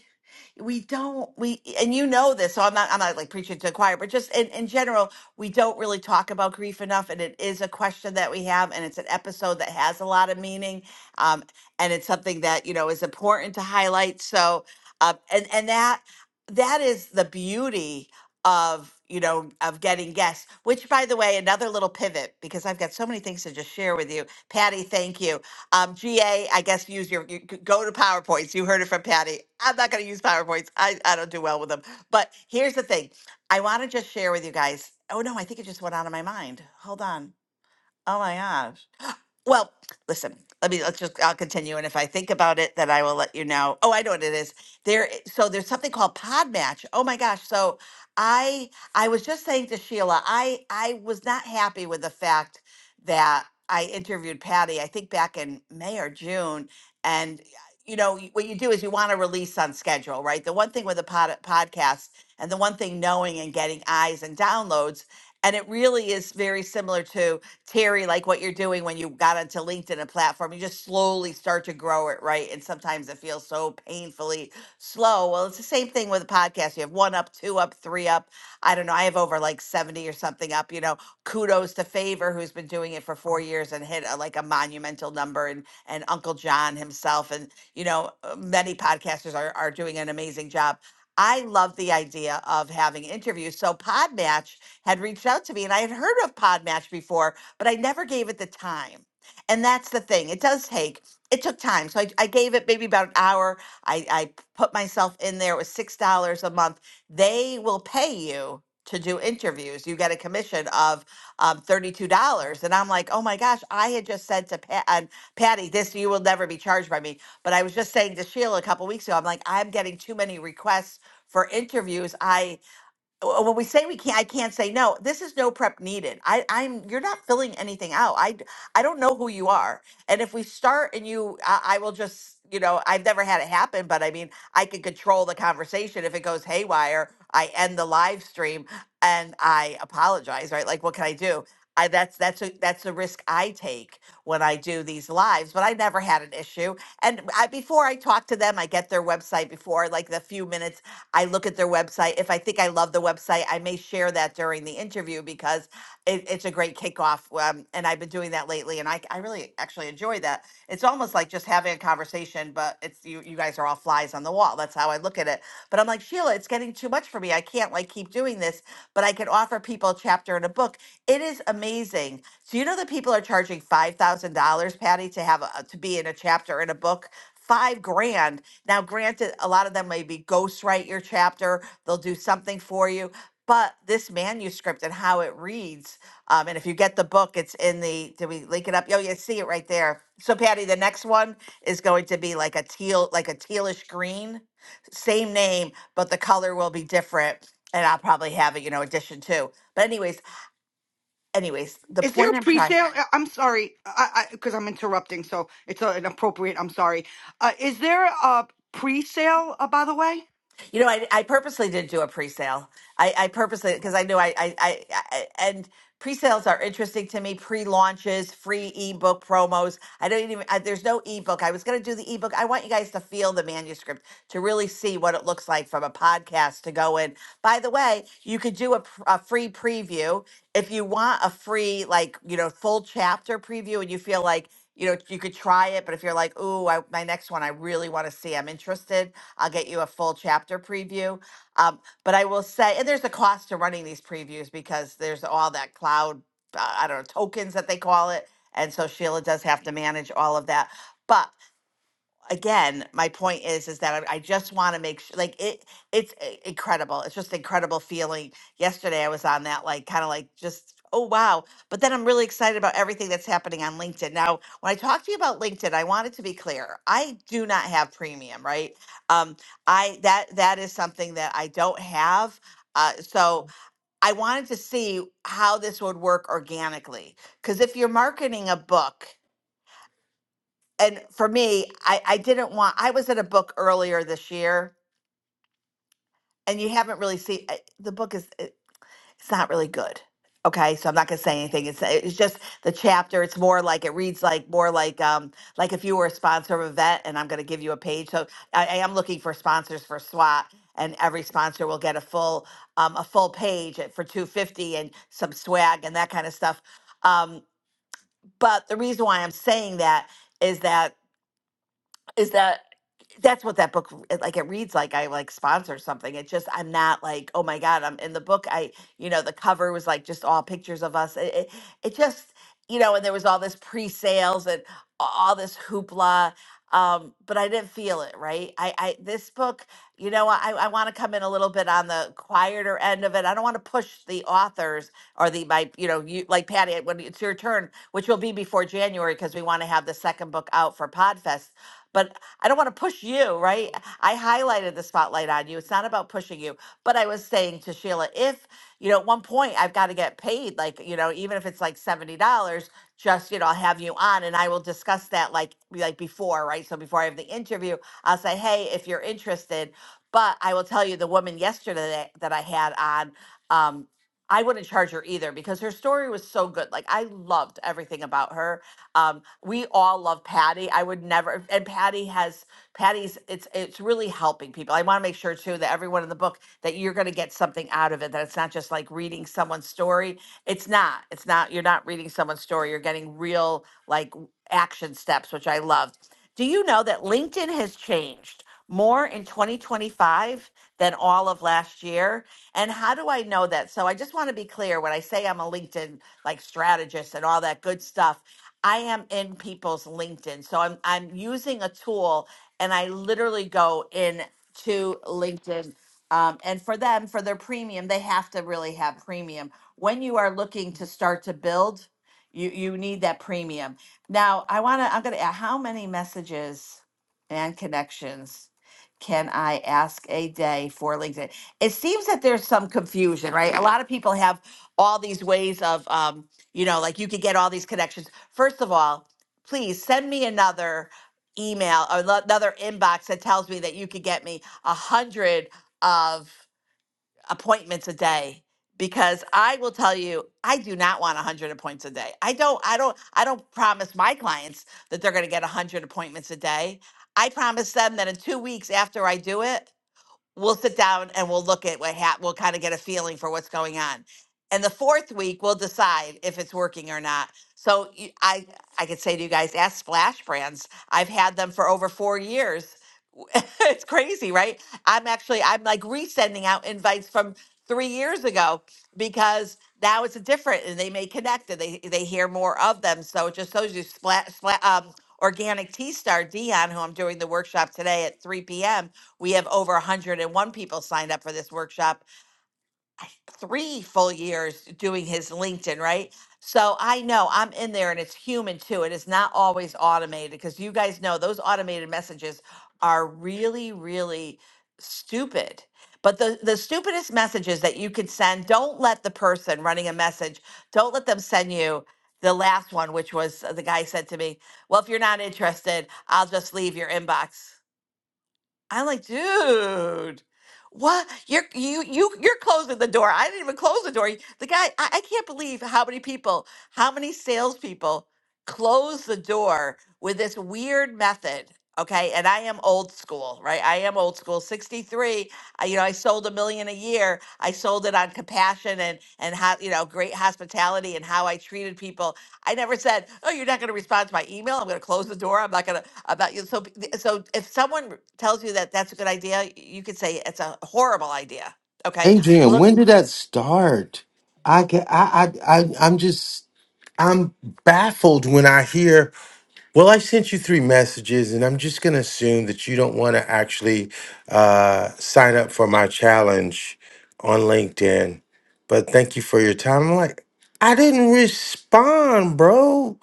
[SPEAKER 18] we don't we and you know this so i'm not i'm not like preaching to the choir but just in, in general we don't really talk about grief enough and it is a question that we have and it's an episode that has a lot of meaning um, and it's something that you know is important to highlight so uh, and and that that is the beauty of you know of getting guests which by the way another little pivot because i've got so many things to just share with you patty thank you um, GA, I guess use your, you could go to PowerPoints. You heard it from Patty. I'm not going to use PowerPoints. I, I don't do well with them. But here's the thing. I want to just share with you guys. Oh no, I think it just went out of my mind. Hold on. Oh my gosh. Well, listen, let me let's just I'll continue and if I think about it then I will let you know. Oh, I know what it is. There i- so there's something called PodMatch. Oh my gosh. So I I was just saying to Sheila, I I was not happy with the fact that I interviewed Patty, I think back in May or June and you know, y- what you do is you want to release on schedule, right? The one thing with a pod, podcast and the one thing knowing and getting eyes and downloads and it really is very similar to Terry, like what you're doing when you got onto LinkedIn, a platform, you just slowly start to grow it, right? And sometimes it feels so painfully slow. Well, it's the same thing with a podcast. You have one up, two up, three up. I don't know. I have over like 70 or something up, you know. Kudos to Favor, who's been doing it for four years and hit a, like a monumental number, and, and Uncle John himself. And, you know, uh, many podcasters are, are doing an amazing job. I love the idea of having interviews. So Podmatch had reached out to me and I had heard of Podmatch before, but I never gave it the time. And that's the thing. It does take, it took time. So I, I gave it maybe about an hour. I, I put myself in there. It was $6 a month. They will pay you to do interviews. You get a commission of um, $32. And I'm like, oh my gosh, I had just said to Pat, and Patty, this, you will never be charged by me. But I was just saying to Sheila a couple weeks ago, I'm like, I'm getting too many requests for interviews. I uh, when we say we can't, I can't say no. This is no prep needed. I, I'm you're not filling anything out. I d- I don't know who you are, and if we start and you, I, I will just you know I've never had it happen, but I mean I can control the conversation. If it goes haywire, I end the live stream and I apologize. Right? Like what can I do? I that's that's a that's a risk I take when I do these lives, but I never had an issue. And I, before I talk to them, I get their website before like the few minutes. I look at their website. If I think I love the website, I may share that during the interview because it, it's a great kickoff. Um, and I've been doing that lately, and I, I really actually enjoy that. It's almost like just having a conversation, but it's you, you guys are all flies on the wall. That's how I look at it. But I'm like, Sheila, it's getting too much for me. I can't like keep doing this, but I can offer people a chapter in a book. It is amazing. So you know that people are charging five thousand dollars, Patty, to have a, to be in a chapter in a book. Five grand. Now, granted, a lot of them maybe ghostwrite your chapter. They'll do something for you but this manuscript and how it reads um, and if you get the book it's in the did we link it up oh you see it right there so patty the next one is going to be like a teal like a tealish green same name but the color will be different and i'll probably have it you know edition two. but anyways anyways the
[SPEAKER 19] Is there
[SPEAKER 18] point
[SPEAKER 19] a
[SPEAKER 18] i'm trying
[SPEAKER 19] pre-sale? I- I'm sorry, I because I'm interrupting, so it's uh, inappropriate. I'm sorry. Uh, is there a pre-sale? Uh, by the way.
[SPEAKER 18] You know, I, I purposely didn't do a pre-sale. I, I purposely because I knew I, I, I, I and pre-sales are interesting to me. Pre-launches, free ebook promos. I don't even. I, there's no ebook. I was going to do the ebook. I want you guys to feel the manuscript to really see what it looks like from a podcast to go in. By the way, you could do a, pr- a free preview if you want a free like you know full chapter preview, and you feel like. You know, you could try it, but if you're like, "Ooh, I, my next one, I really want to see. I'm interested." I'll get you a full chapter preview. Um, but I will say, and there's a cost to running these previews because there's all that cloud, uh, I don't know, tokens that they call it. And so Sheila does have to manage all of that. But again, my point is is that I, I just want to make sure, like it, it's i- incredible. It's just incredible feeling. Yesterday, I was on that, like kind of like just oh wow. But then I'm really excited about everything that's happening on LinkedIn. Now, when I talk to you about LinkedIn, I wanted to be clear. I do not have premium, right? Um, I that that is something that I don't have. Uh, so I wanted to see how this would work organically. Because if you're marketing a book, and for me, I, I didn't want. I was at a book earlier this year, and you haven't really seen I- the book is it- it's not really good. Okay, so I'm not gonna say anything. It's eh, it's just the chapter. It's more like it reads like more like um like if you were a sponsor of a vet, and I'm gonna give you a page. So I, I am looking for sponsors for SWAT, and every sponsor will get a full um a full page at- for 250 and some swag and that kind of stuff. Um, but the reason why I'm saying that is that is that that's what that book it, like it reads like i like sponsor something it just i'm not like oh my god i'm in the book i you know the cover was like just all pictures of us it, it, it just you know and there was all this pre-sales and a- all this hoopla um but i didn't feel it right i i this book you know i i want to come in a little bit on the quieter end of it i don't want to push the authors or the my you know you like patty when it's your turn which will be before january because we want to have the second book out for podfest but I don't want to push you, right? I highlighted the spotlight on you. It's not about pushing you. But I was saying to Sheila, if, you know, at one point I've got to get paid, like, you know, even if it's like $70, just, you know, I'll have you on and I will discuss that like like before, right? So before I have the interview, I'll say, hey, if you're interested. But I will tell you the woman yesterday that that I had on, um, I wouldn't charge her either because her story was so good. Like I loved everything about her um, we all love Patty. I would never, and Patty has Patty's. It's it's really helping people. I want to make sure too that everyone in the book that you're going to get something out of it. That it's not just like reading someone's story. It's not. It's not. You're not reading someone's story. You're getting real like action steps, which I love. Do you know that LinkedIn has changed more in 2025 than all of last year? And how do I know that? So I just want to be clear when I say I'm a LinkedIn like strategist and all that good stuff. I am in people's LinkedIn. So I'm I'm using a tool and I literally go in to LinkedIn. Um, and for them, for their premium, they have to really have premium. When you are looking to start to build, you you need that premium. Now I wanna I'm gonna how many messages and connections can I ask a day for LinkedIn? It seems that there's some confusion, right? A lot of people have all these ways of um, you know, like you could get all these connections. First of all, please send me another email or lo- another inbox that tells me that you could get me a hundred of appointments a day because I will tell you I do not want a hundred appointments a day. I don't I don't I don't promise my clients that they're gonna get a hundred appointments a day. I promise them that in two weeks after I do it, we'll sit down and we'll look at what hap- we'll kind of get a feeling for what's going on and the fourth week we'll decide if it's working or not so y- i i could say to you guys ask splash brands i've had them for over four years it's crazy, right? I'm actually I'm like resending out invites from three years ago because now it's different, and they may connect and they they hear more of them. So it just shows you splat, splat um, organic tea star Dion, who I'm doing the workshop today at 3 p.m. We have over 101 people signed up for this workshop three full years doing his LinkedIn, right? So I know I'm in there and it's human too. It is not always automated because you guys know those automated messages are really, really stupid. But the, the stupidest messages that you could send, don't let the person running a message, don't let them send you the last one, which was uh, the guy said to me, Well, if you're not interested, I'll just leave your inbox. I'm like, dude, what? You're you you you're closing the door. I didn't even close the door. The guy, I, I can't believe how many people, how many salespeople close the door with this weird method. Okay, and I am old school, right? I am old school. 63, I, you know, I sold a million a year. I sold it on compassion and and how, you know, great hospitality and how I treated people I never said, "Oh, you're not going to respond to my email. I'm going to close the door. I'm not going to about you." So, so if someone tells you that that's a good idea, you could say it's a horrible idea. Okay,
[SPEAKER 6] Adrian,
[SPEAKER 18] look,
[SPEAKER 6] when did that start? I, ca- I, I, I, I'm just, I'm baffled when I hear Well, I sent you three messages, and I'm just going to assume that you don't want to actually uh, sign up for my challenge on LinkedIn. But thank you for your time. I'm like, I didn't respond, bro.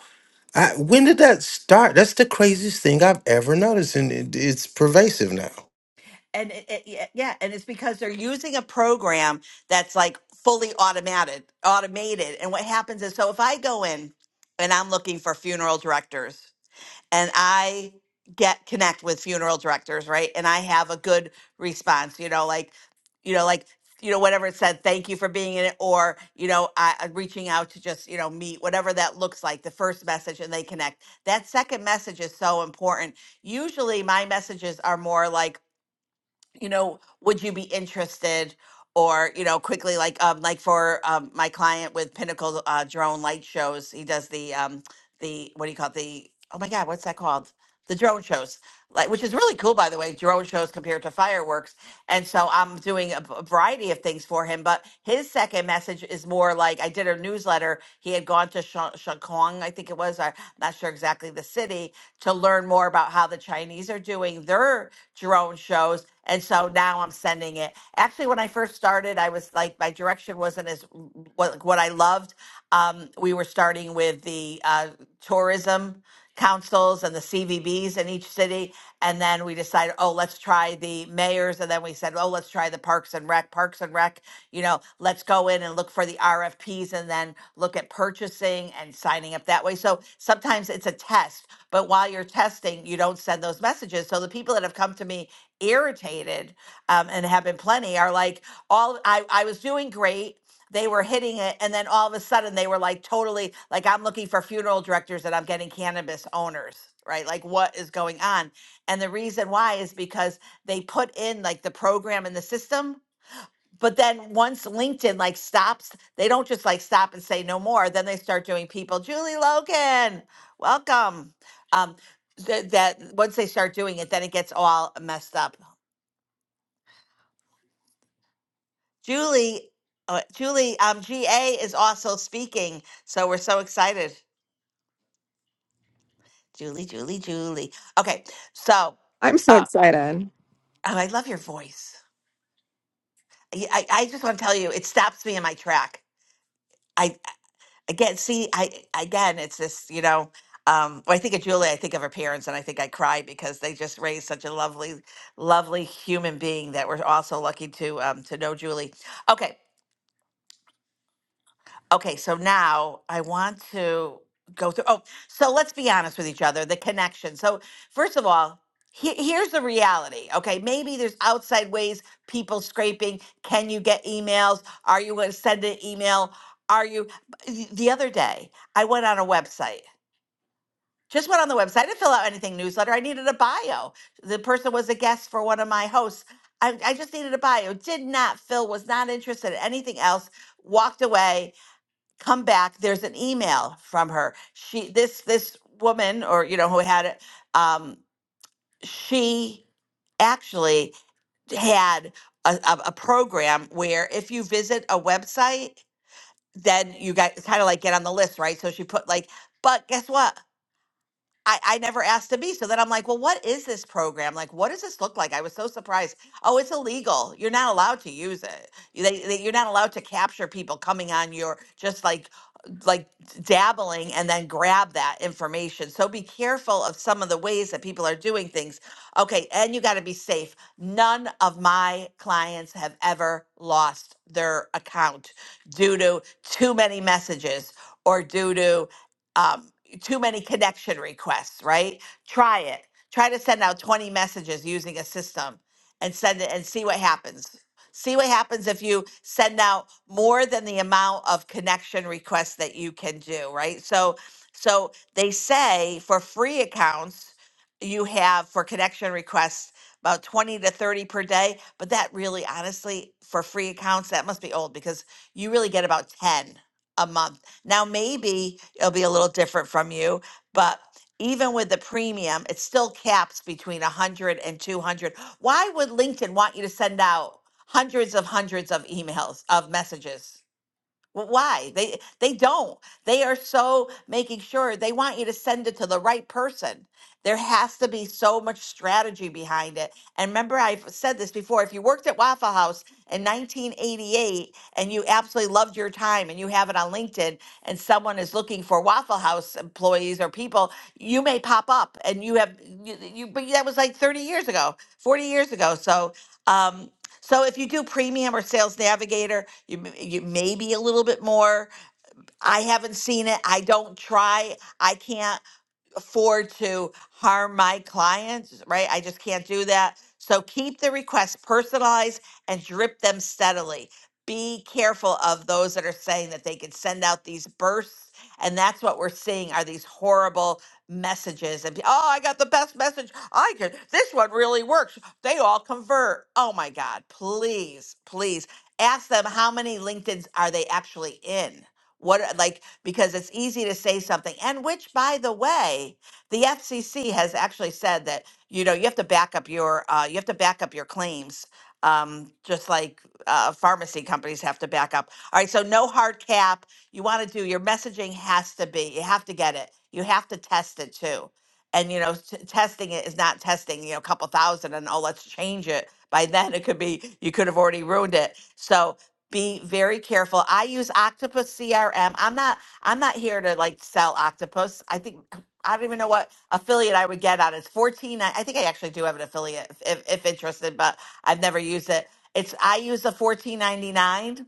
[SPEAKER 6] I, when did that start? That's the craziest thing I've ever noticed, and it, it's pervasive now.
[SPEAKER 18] and it, it, yeah, yeah, and it's because they're using a program that's like fully automated, automated. And what happens is, so if I go in and I'm looking for funeral directors, and I get connect with funeral directors, right? And I have a good response, you know, like, you know, like, you know, whatever it said, thank you for being in it, or, you know, I, I'm reaching out to just, you know, meet, whatever that looks like, the first message and they connect. That second message is so important. Usually my messages are more like, you know, would you be interested? Or, you know, quickly, like, um, like for um, my client with Pinnacle uh, Drone Light Shows, he does the, um, the, what do you call it? The, oh my God, what's that called? The drone shows like which is really cool by the way drone shows compared to fireworks and so i'm doing a a variety of things for him but his second message is more like i did a newsletter he had gone to Sha- shakong i think it was i'm not sure exactly the city to learn more about how the chinese are doing their drone shows and so now i'm sending it actually when i first started i was like my direction wasn't as what, what i loved um, we were starting with the uh, tourism councils and the CVBs in each city. And then we decided, oh, let's try the mayors. And then we said, oh, let's try the Parks and Rec. Parks and Rec, you know, let's go in and look for the RFPs and then look at purchasing and signing up that way. So sometimes it's a test, but while you're testing, you don't send those messages. So the people that have come to me irritated um, and have been plenty are like, all I, I was doing great they were hitting it and then all of a sudden they were like totally like i'm looking for funeral directors and i'm getting cannabis owners right like what is going on and the reason why is because they put in like the program in the system but then once linkedin like stops they don't just like stop and say no more then they start doing people julie logan welcome um th- that once they start doing it then it gets all messed up julie uh, julie um ga is also speaking so we're so excited Julie, Julie, Julie. Okay, so
[SPEAKER 20] I'm so
[SPEAKER 18] uh,
[SPEAKER 20] excited.
[SPEAKER 18] oh, I love your voice. I, I I just want to tell you, it stops me in my track. I again, see, I again, it's this, you know. Um, when I think of Julie, I think of her parents, and I think I cry because they just raised such a lovely, lovely human being that we're also lucky to um, to know Julie. Okay, Okay, so now I want to go through. Oh, so let's be honest with each other the connection. So, first of all, he, here's the reality. Okay, maybe there's outside ways people scraping. Can you get emails? Are you going to send an email? Are you? The the other day, I went on a website. Just went on the website. I didn't fill out anything newsletter. I needed a bio. The person was a guest for one of my hosts. I, I just needed a bio. Did not fill. Was not interested in anything else. Walked away come back there's an email from her she this this woman or you know who had it um she actually had a, a, a program where if you visit a website then you got kind of like get on the list right so she put like but guess what I, I never asked to be. So then I'm like, well, what is this program? Like, what does this look like? I was so surprised. Oh, it's illegal. You're not allowed to use it. They, they, you're not allowed to capture people coming on your, just like like dabbling and then grab that information. So be careful of some of the ways that people are doing things. Okay, and you got to be safe. None of my clients have ever lost their account due to too many messages or due to um, too many connection requests, right? Try it. Try to send out 20 messages using a system and send it and see what happens. See what happens if you send out more than the amount of connection requests that you can do, right? So so they say for free accounts you have for connection requests about 20 to 30 per day, but that really honestly for free accounts that must be old because you really get about 10 a month. Now maybe it'll be a little different from you, but even with the premium, it still caps between 100 and two hundred. Why would LinkedIn want you to send out? hundreds of hundreds of emails of messages Wh- why they they don't they are so making sure they want you to send it to the right person there has to be so much strategy behind it and remember i've said this before if you worked at waffle house in 1988 and you absolutely loved your time and you have it on linkedin and someone is looking for waffle house employees or people you may pop up and you have you, you but that was like 30 years ago 40 years ago so um so if you do premium or sales navigator, you, m- you may be a little bit more. I haven't seen it. I don't try. I can't afford to harm my clients, right? I just can't do that. So keep the requests personalized and drip them steadily. Be careful of those that are saying that they can send out these bursts. And that's what we're seeing are these horrible messages. And oh, I got the best message. I can. This one really works. They all convert. Oh my God. Please, please ask them how many LinkedIn's are they actually in what uh, like because it's easy to say something, and which, by the way, the FCC has actually said that you know you have to back up your uh, you have to back up your claims, um, just like uh, pharmacy companies have to back up. All right, so no hard cap. You want to do your messaging has to be you have to get it. You have to test it too, and you know t- testing it is not testing you know a couple thousand and oh let's change it. By then it could be you could have already ruined it. So be very careful. I use Octopus CRM. I'm not I'm not here to like sell Octopus. I think I don't even know what affiliate I would get on. It's 14. I, I think I actually do have an affiliate if, if interested, but I've never used it. It's I use the 14.99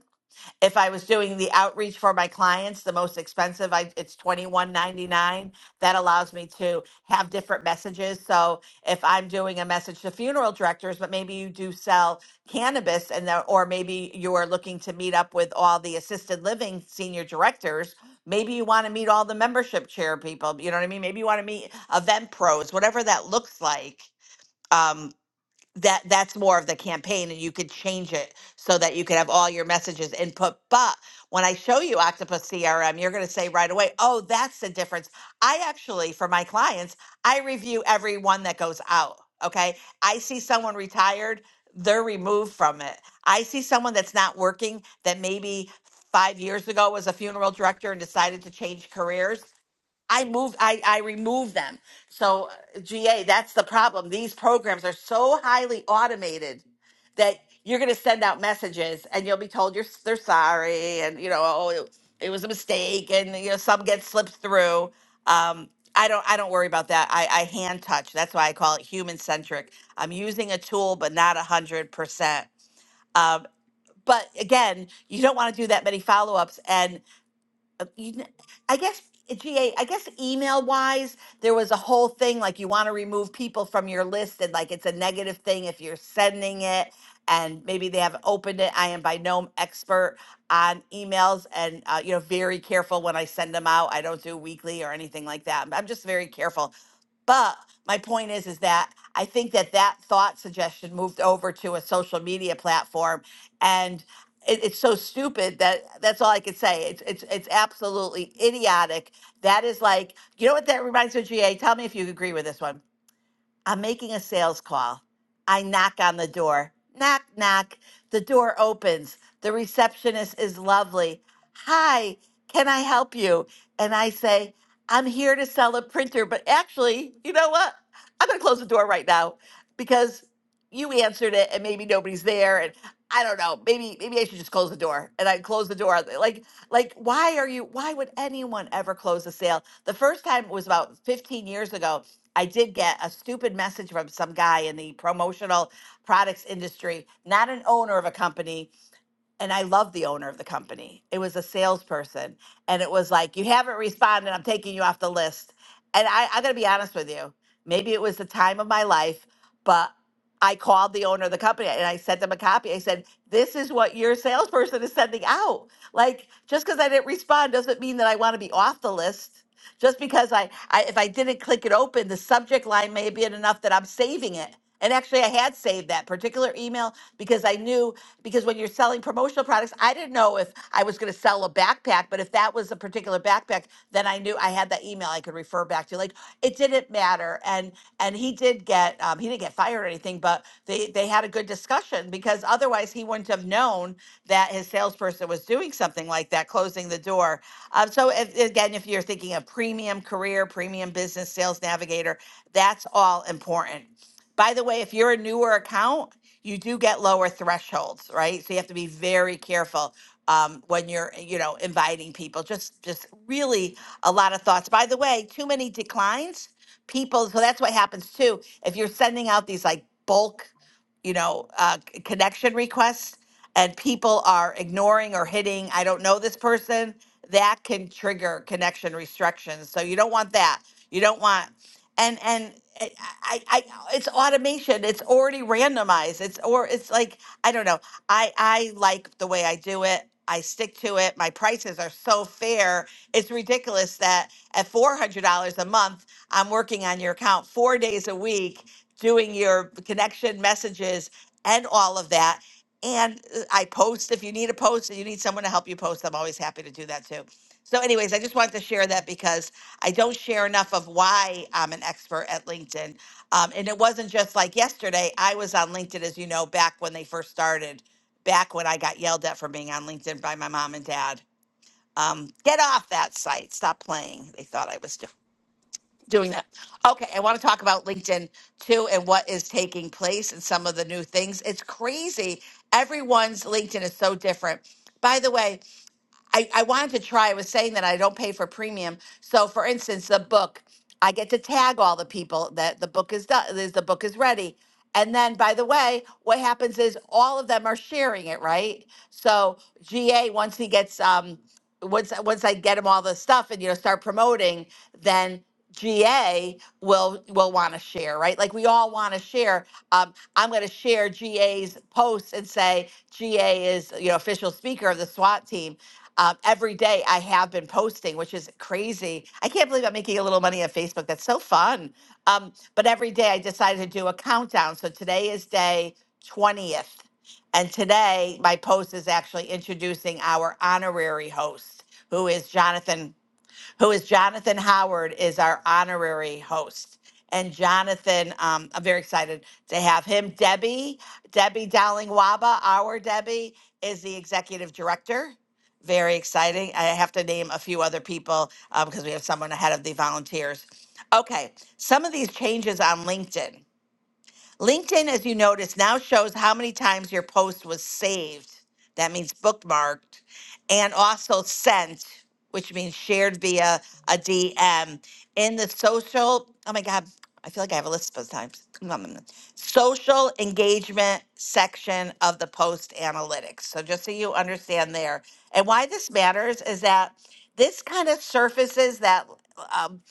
[SPEAKER 18] if I was doing the outreach for my clients, the most expensive, I it's twenty one ninety nine. That allows me to have different messages. So if I'm doing a message to funeral directors, but maybe you do sell cannabis, and the, or maybe you are looking to meet up with all the assisted living senior directors. Maybe you want to meet all the membership chair people. You know what I mean? Maybe you want to meet event pros, whatever that looks like. um, that that's more of the campaign and you could change it so that you could have all your messages input but when i show you octopus crm you're going to say right away oh that's the difference i actually for my clients i review every one that goes out okay i see someone retired they're removed from it i see someone that's not working that maybe five years ago was a funeral director and decided to change careers I moved I I removed them. So uh, GA, that's the problem. These programs are so highly automated that you're going to send out messages and you'll be told you're s- they're sorry and you know oh it, it was a mistake and you know some get slipped through. Um I don't I don't worry about that. I I hand touch. That's why I call it human centric. I'm using a tool but not 100%. Um but again, you don't want to do that many follow-ups and uh, you kn- I guess uh, GA, I guess email wise, there was a whole thing like you want to remove people from your list and like it's a negative thing if you're sending it and maybe they haven't opened it. I am by no expert on emails and uh, you know very careful when I send them out. I don't do weekly or anything like that. I'm just very careful. But my point is, is that I think that that thought suggestion moved over to a social media platform, and it, it's so stupid that that's all I could say. It's it's it's absolutely idiotic. That is like, you know what that reminds me of? Ga, tell me if you agree with this one I'm making a sales call. I knock on the door. Knock, knock. The door opens. The receptionist is lovely. Hi, can I help you? And I say, I'm here to sell a printer, but actually, you know what? I'm going to close the door right now because you answered it and maybe nobody's there and I don't know. Maybe maybe I should just close the door. And I close the door. Like like why are you why would anyone ever close a sale? The first time was about 15 years ago I did get a stupid message from some guy in the promotional products industry, not an owner of a company. And I love the owner of the company. It was a salesperson. And it was like, you haven't responded. I'm taking you off the list. And I, I got to be honest with you. Maybe it was the time of my life, but I called the owner of the company and I sent them a copy. I said, This is what your salesperson is sending out. Like, just because I didn't respond doesn't mean that I want to be off the list. Just because I, I if I didn't click it open, the subject line may have been enough that I'm saving it. And actually, I had saved that particular email because I knew because when you're selling promotional products, I didn't know if I was going to sell a backpack, but if that was a particular backpack, then I knew I had that email I could refer back to. Like it didn't matter, and and he did get um, he didn't get fired or anything, but they they had a good discussion because otherwise he wouldn't have known that his salesperson was doing something like that, closing the door um, so if, again, if you're thinking of premium career, premium business sales navigator, that's all important. By the way, if you're a newer account, you do get lower thresholds, right? So you have to be very careful um, when you're, you know, inviting people. Just, just really a lot of thoughts. By the way, too many declines, people. So that's what happens too. If you're sending out these like bulk, you know, uh, c- connection requests, and people are ignoring or hitting, I don't know this person that can trigger connection restrictions. So you don't want that. You don't want and and eh, I, I, I it's automation. It's already randomized. It's or it's like I don't know. I I like the way I do it. I stick to it. My prices are so fair. It's ridiculous that at four hundred dollars a month, I'm working on your account four days a week, doing your connection messages and all of that. And uh, I post if you need a post, if you need someone to help you post. I'm always happy to do that too. So, anyways, I just wanted to share that because I don't share enough of why I'm an expert at LinkedIn. Um, and it wasn't just like yesterday. I was on LinkedIn, as you know, back when they first started, back when I got yelled at for being on LinkedIn by my mom and dad. Um, get off that site. Stop playing. They thought I was doing doing that. Okay, I want to talk about LinkedIn too and what is taking place and some of the new things. It's crazy. Everyone's LinkedIn is so different. By the way, I, I wanted to try. I was saying that I don't pay for premium. So, for instance, the book, I get to tag all the people that the book is done. Is the book is ready? And then, by the way, what happens is all of them are sharing it, right? So, GA once he gets um, once once I get him all the stuff and you know start promoting, then GA will will want to share, right? Like we all want to share. Um, I'm going to share GA's posts and say GA is you know official speaker of the SWAT team um, every day I have been posting, which is crazy. I can't believe I'm making a little money on Facebook. That's so fun. Um, but every day I decided to do a countdown. So today is day 20th. And today my post is actually introducing our honorary host, who is Jonathan who is Jonathan Howard, is our honorary host. And Jonathan, um, I'm very excited to have him. Debbie, Debbie Dowling Waba, our Debbie, is the executive director. Very exciting. I have to name a few other people uh, because we have someone ahead of the volunteers. Okay, some of these changes on LinkedIn. LinkedIn, as you notice, now shows how many times your post was saved. That means bookmarked and also sent, which means shared via a DM in the social. Oh my God, I feel like I have a list sometimes. Social engagement section of the post analytics. So just so you understand there. And why this matters is that this kind of surfaces that um,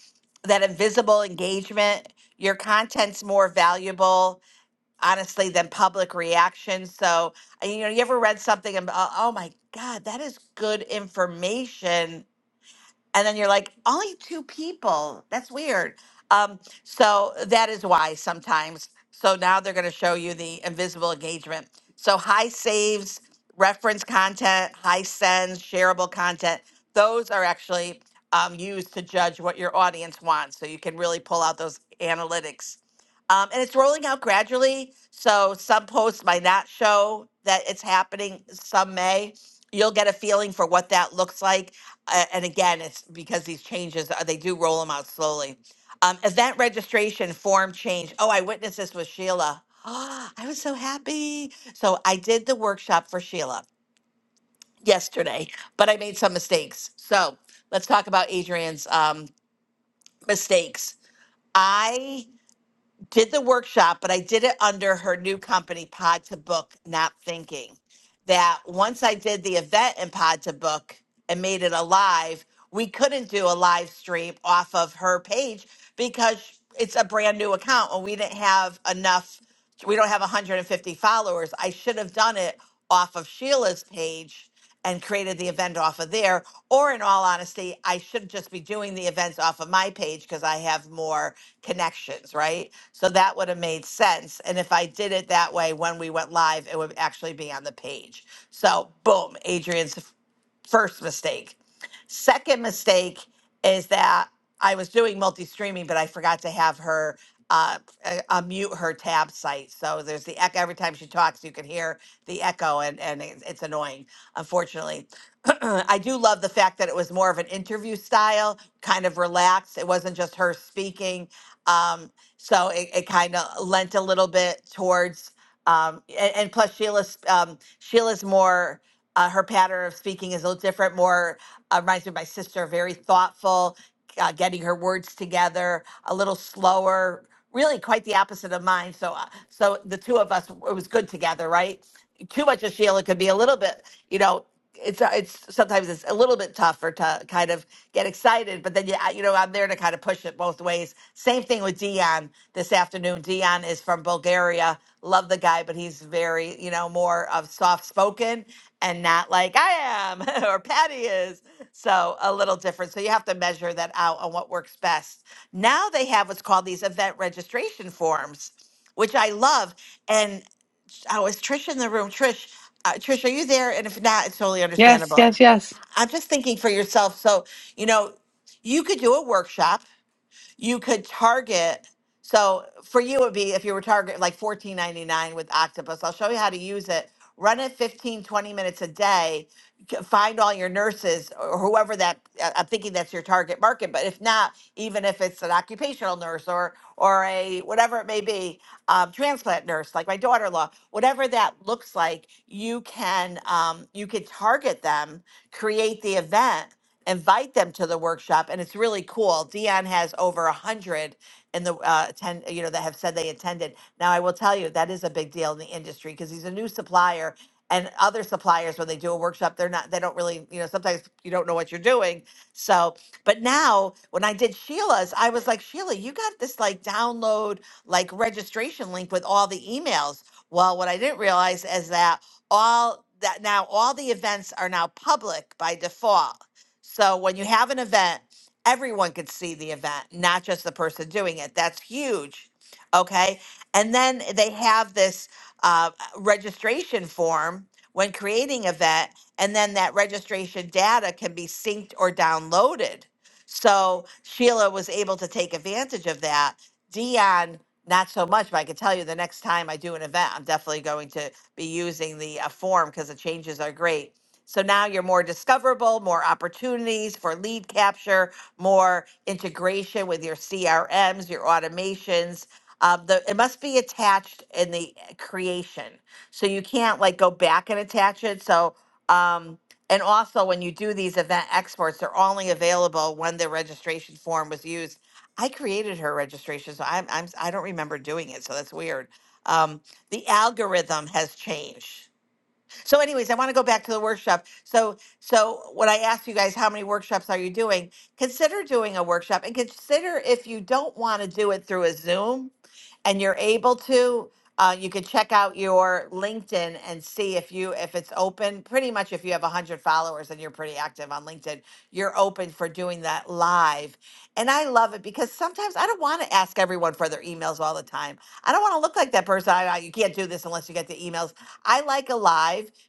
[SPEAKER 18] that invisible engagement. Your content's more valuable honestly than public reaction. So, uh, you know, you ever read something and uh, oh my God, that is good information and then you're like only two people that's weird um, so that is why sometimes so now they're going to show you the invisible engagement so high saves reference content high sends shareable content those are actually um, used to judge what your audience wants so you can really pull out those analytics um, and it's rolling out gradually so some posts might not show that it's happening some may you'll get a feeling for what that looks like a- and again, it's because these changes, uh, they do roll them out slowly. Um, event registration form change. Oh, I witnessed this with Sheila. I was so happy. So I did the workshop for Sheila yesterday, but I made some mistakes. So let's talk about Adrian's um, mistakes. I did the workshop, but I did it under her new company, Pod to Book, Not Thinking. That once I did the event in Pod to Book and made it a live, we couldn't do a live stream off of her page because it's a brand new account and we didn't have enough we don't have 150 followers. I should have done it off of Sheila's page and created the event off of there. Or, in all honesty, I should just be doing the events off of my page because I have more connections, right? So that would have made sense. And if I did it that way when we went live, it would actually be on the page. So, boom, Adrian's first mistake. Second mistake is that I was doing multi streaming, but I forgot to have her uh, uh, unmute her tab site. So there's the echo every time she talks, you can hear the echo, and, and it's, it's annoying, unfortunately. I do love the fact that it was more of an interview style, kind of relaxed. It wasn't just her speaking. Um, so it, it kind of lent a little bit towards um, a- and, plus Sheila's um, Sheila's more uh, her pattern of speaking is a little different. More uh, reminds me of my sister. Very thoughtful, uh, getting her words together. A little slower. Really, quite the opposite of mine. So, uh, so the two of us, it was good together, right? too much of Sheila could be a little bit, you know, it's uh, it's sometimes it's a little bit tougher to kind of get excited, but then you uh, you know I'm there to kind of push it both ways. Same thing with Dion this afternoon. Dion is from Bulgaria. Love the guy, but he's very you know more of soft spoken and not like I am or Patty is. So a little different. So you have to measure that out on what works best. Now they have what's called these event registration forms, which I love. And Oh, is Trish in the room? Trish, uh, Trish, are you there? And if not, it's totally understandable. I'm just thinking for yourself. So, you know, you could do a workshop you could target. So for you, it would be if you were target like fourteen ninety nine with Octopus. I'll show you how to use it. Run it 15 20 minutes a day. g- Find all your nurses or whoever that I- I'm thinking that's your target market. But if not, even if it's an occupational nurse or or a whatever it may be, um, transplant nurse like my daughter-in-law, whatever that looks like, you can um, you could target them, create the event, invite them to the workshop and it's really cool dion has over a hundred in the uh, attend you know that have said they attended now i will tell you that is a big deal in the industry because he's a new supplier and other suppliers when they do a workshop they're not they don't really you know sometimes you don't know what you're doing so but now when i did sheila's i was like sheila you got this like download like registration link with all the emails well what i didn't realize is that all that now all the events are now public by default so when you have an event, everyone could see the event, not just the person doing it. That's huge. Okay. And then they have this uh, registration form when creating event, and then that registration data can be synced or downloaded. So Sheila was able to take advantage of that. Dion, not so much, but I can tell you the next time I do an event, I'm definitely going to be using the uh, form because the changes are great so now you're more discoverable, more opportunities for lead capture, more integration with your CRMs, your automations. Um, the, it must be attached in the creation. So you can't like go back and attach it. So, um, and also when you do these event exports, they're only available when the registration form was used. I created her registration, so I'm, I'm I don't remember doing it, so that's weird. Um, the algorithm has changed. So, anyways, I want to go back to the workshop. So, so when I asked you guys how many workshops are you doing, consider doing a workshop and consider if you don't want to do it through a Zoom and you're able to, uh, you could check out your LinkedIn and see if you if it's open. Pretty much, if you have one hundred followers and you're pretty active on LinkedIn, you're open for doing that live. And I love it because sometimes I don't want to ask everyone for their emails all the time. I don't want to look like that person. I, I- you can't do this unless you get the emails. I like alive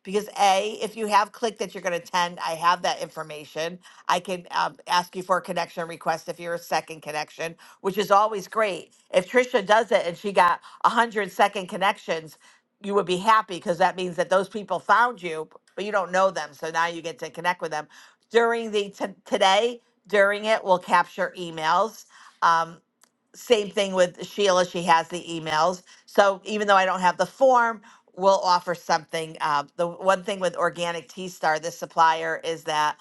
[SPEAKER 18] because A, if you have click that you're going to attend, I have that information. I can um, ask you for a connection request if you're a second connection, which is always great. If Trisha does it and she got 100 second connections, you would be happy because that means that those people found you, but you don't know them. So now you get to connect with them. During the t- today, during it, we'll capture emails. Um, same thing with Sheila. She has the emails. So even though I don't have the form, we'll offer something. Uh, the one thing with Organic Tea Star, the supplier, is that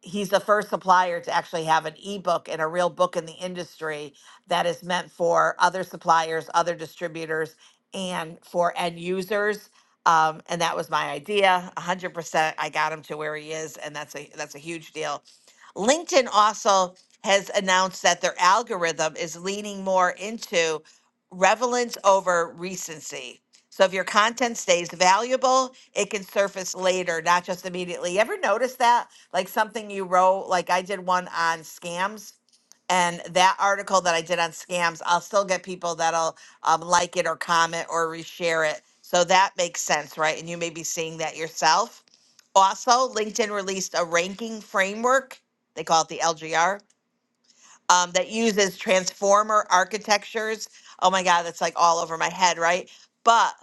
[SPEAKER 18] he's the first supplier to actually have an ebook and a real book in the industry that is meant for other suppliers, other distributors, and for end users. Um, and that was my idea. 100%. I got him to where he is, and that's a that's a huge deal. LinkedIn also has announced that their algorithm is leaning more into relevance over recency. So if your content stays valuable, it can surface later, not just immediately. You ever notice that? like something you wrote like i did one on scams and that article that i did on scams i'll still get people that'll um, like it or comment or reshare it so that makes sense right and you may be seeing that yourself also linkedin released a ranking framework they call it the lgr um, that uses transformer architectures oh my god that's like all over my head right But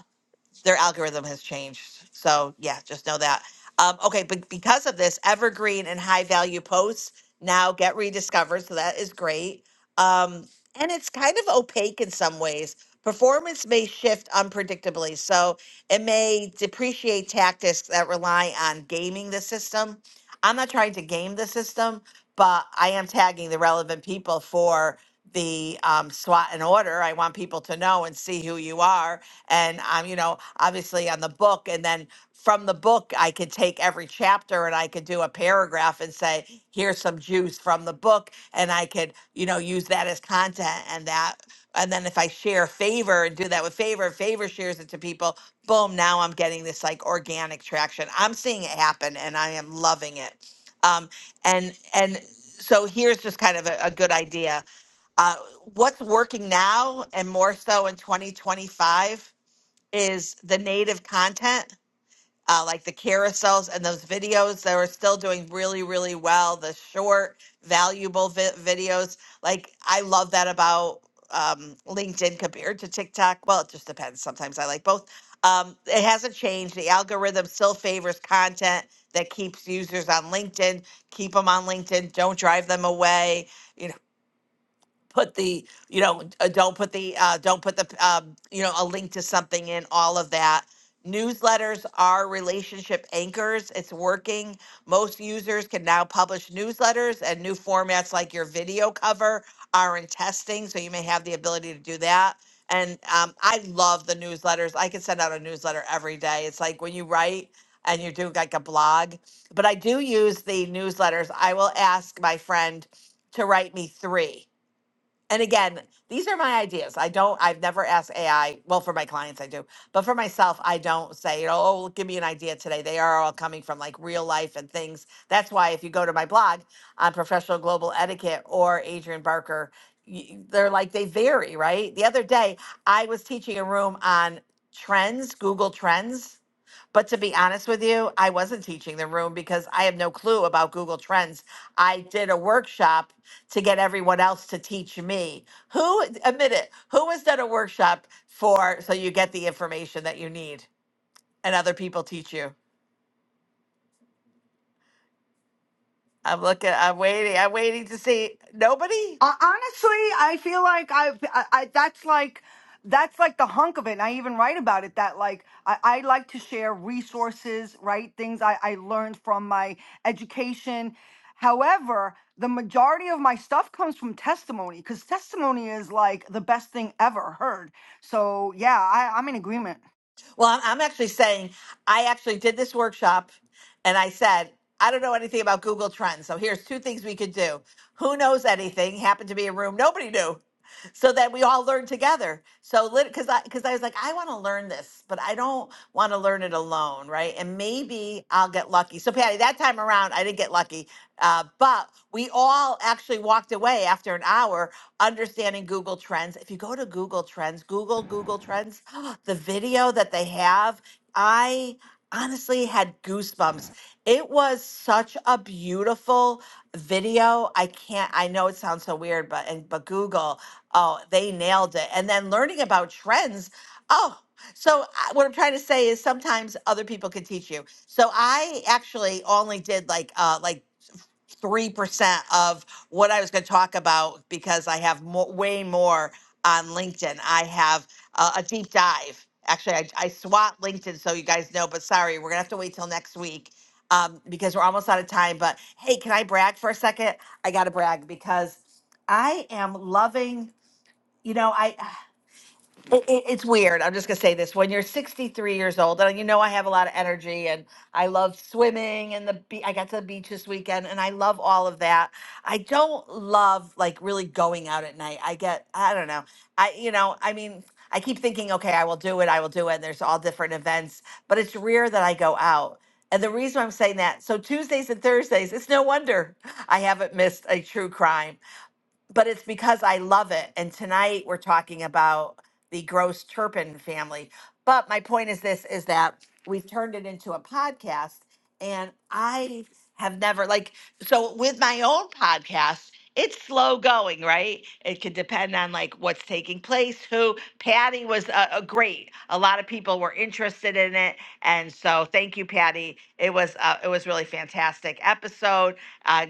[SPEAKER 18] their algorithm has changed. So yeah, just know that. Um, okay, but because of this, evergreen and high value posts now get rediscovered. So that is great. Um, and it's kind of opaque in some ways. Performance may shift unpredictably. So it may depreciate tactics that rely on gaming the system. I'm not trying to game the system, but I am tagging the relevant people for the um, SWAT and order. I want people to know and see who you are and I'm, you know, obviously on the book. And then from the book, I could take every chapter and I could do a paragraph and say, here's some juice from the book. And I could, you know, use that as content and that. And then if I share favor and do that with favor, favor shares it to people, boom, now I'm getting this like organic traction. I'm seeing it happen and I am loving it. Um, and, and, so here's just kind of a, a good idea uh, what's working now and more so in 2025 is the native content, uh, like the carousels and those videos that are still doing really, really well. The short, valuable vi- videos. Like, I love that about um, LinkedIn compared to TikTok. Well, it just depends. Sometimes I like both. Um, it hasn't changed. The algorithm still favors content that keeps users on LinkedIn. Keep them on LinkedIn. Don't drive them away put the you know uh, don't put the uh, don't put the um, you know a link to something in all of that newsletters are relationship anchors it's working most users can now publish newsletters and new formats like your video cover are in testing so you may have the ability to do that and um, i love the newsletters i can send out a newsletter every day it's like when you write and you do like a blog but i do use the newsletters i will ask my friend to write me three and again, these are my ideas. I don't, I've never asked AI. Well, for my clients, I do, but for myself, I don't say, you know, oh, give me an idea today. They are all coming from like real life and things. That's why if you go to my blog on professional global etiquette or Adrian Barker, y- they're like, they vary, right? The other day, I was teaching a room on trends, Google Trends. But to be honest with you, I wasn't teaching the room because I have no clue about Google Trends. I did a workshop to get everyone else to teach me. Who, admit it, who has done a workshop for so you get the information that you need and other people teach you? I'm looking, I'm waiting, I'm waiting to see. Nobody?
[SPEAKER 19] Uh, honestly, I feel like I've, I, I that's like that's like the hunk of it. And I even write about it that like I, I like to share resources, right? Things I, I learned from my education. However, the majority of my stuff comes from testimony because testimony is like the best thing ever heard. So yeah, I, I'm in agreement.
[SPEAKER 18] Well, I'm I'm actually saying I actually did this workshop and I said, I don't know anything about Google Trends. So here's two things we could do. Who knows anything? Happened to be a room nobody knew. So that we all learned together. So because I because I was like, I want to learn this, but I don't want to learn it alone, right? And maybe I'll get lucky. So Patty, that time around, I didn't get lucky, uh, but we all actually walked away after an hour understanding Google Trends. If you go to Google Trends, Google Google Trends, the video that they have, I honestly had goosebumps. It was such a beautiful video. I can't I know it sounds so weird, but and but Google, oh, they nailed it. And then learning about trends, oh, so I- what I'm trying to say is sometimes other people can teach you. So I actually only did like uh like three percent of what I was going to talk about because I have more, way more on LinkedIn. I have uh, a deep dive. Actually, I, I swat LinkedIn so you guys know. But sorry, we're gonna have to wait till next week um, because we're almost out of time. But hey, can I brag for a second? I gotta brag because I am loving. You know, I it, it, it's weird. I'm just gonna say this: when you're 63 years old, and you know I have a lot of energy, and I love swimming, and the be- I got to the beach this weekend, and I love all of that. I don't love like really going out at night. I get, I don't know, I you know, I mean, I keep thinking, okay, I will do it, I will do it. And there's all different events, but it's rare that I go out. And the reason I'm saying that, so Tuesdays and Thursdays, it's no wonder I haven't missed a true crime but it's because I love it. And tonight we're talking about the Gross Turpin family. But my point is this is that we've turned it into a podcast and I have never like so with my own podcast it's slow going, right? It could depend on like what's taking place. Who Patty was uh, uh, great. A lot of people were interested in it, and so thank you, Patty. It was uh, it was really fantastic episode Uh,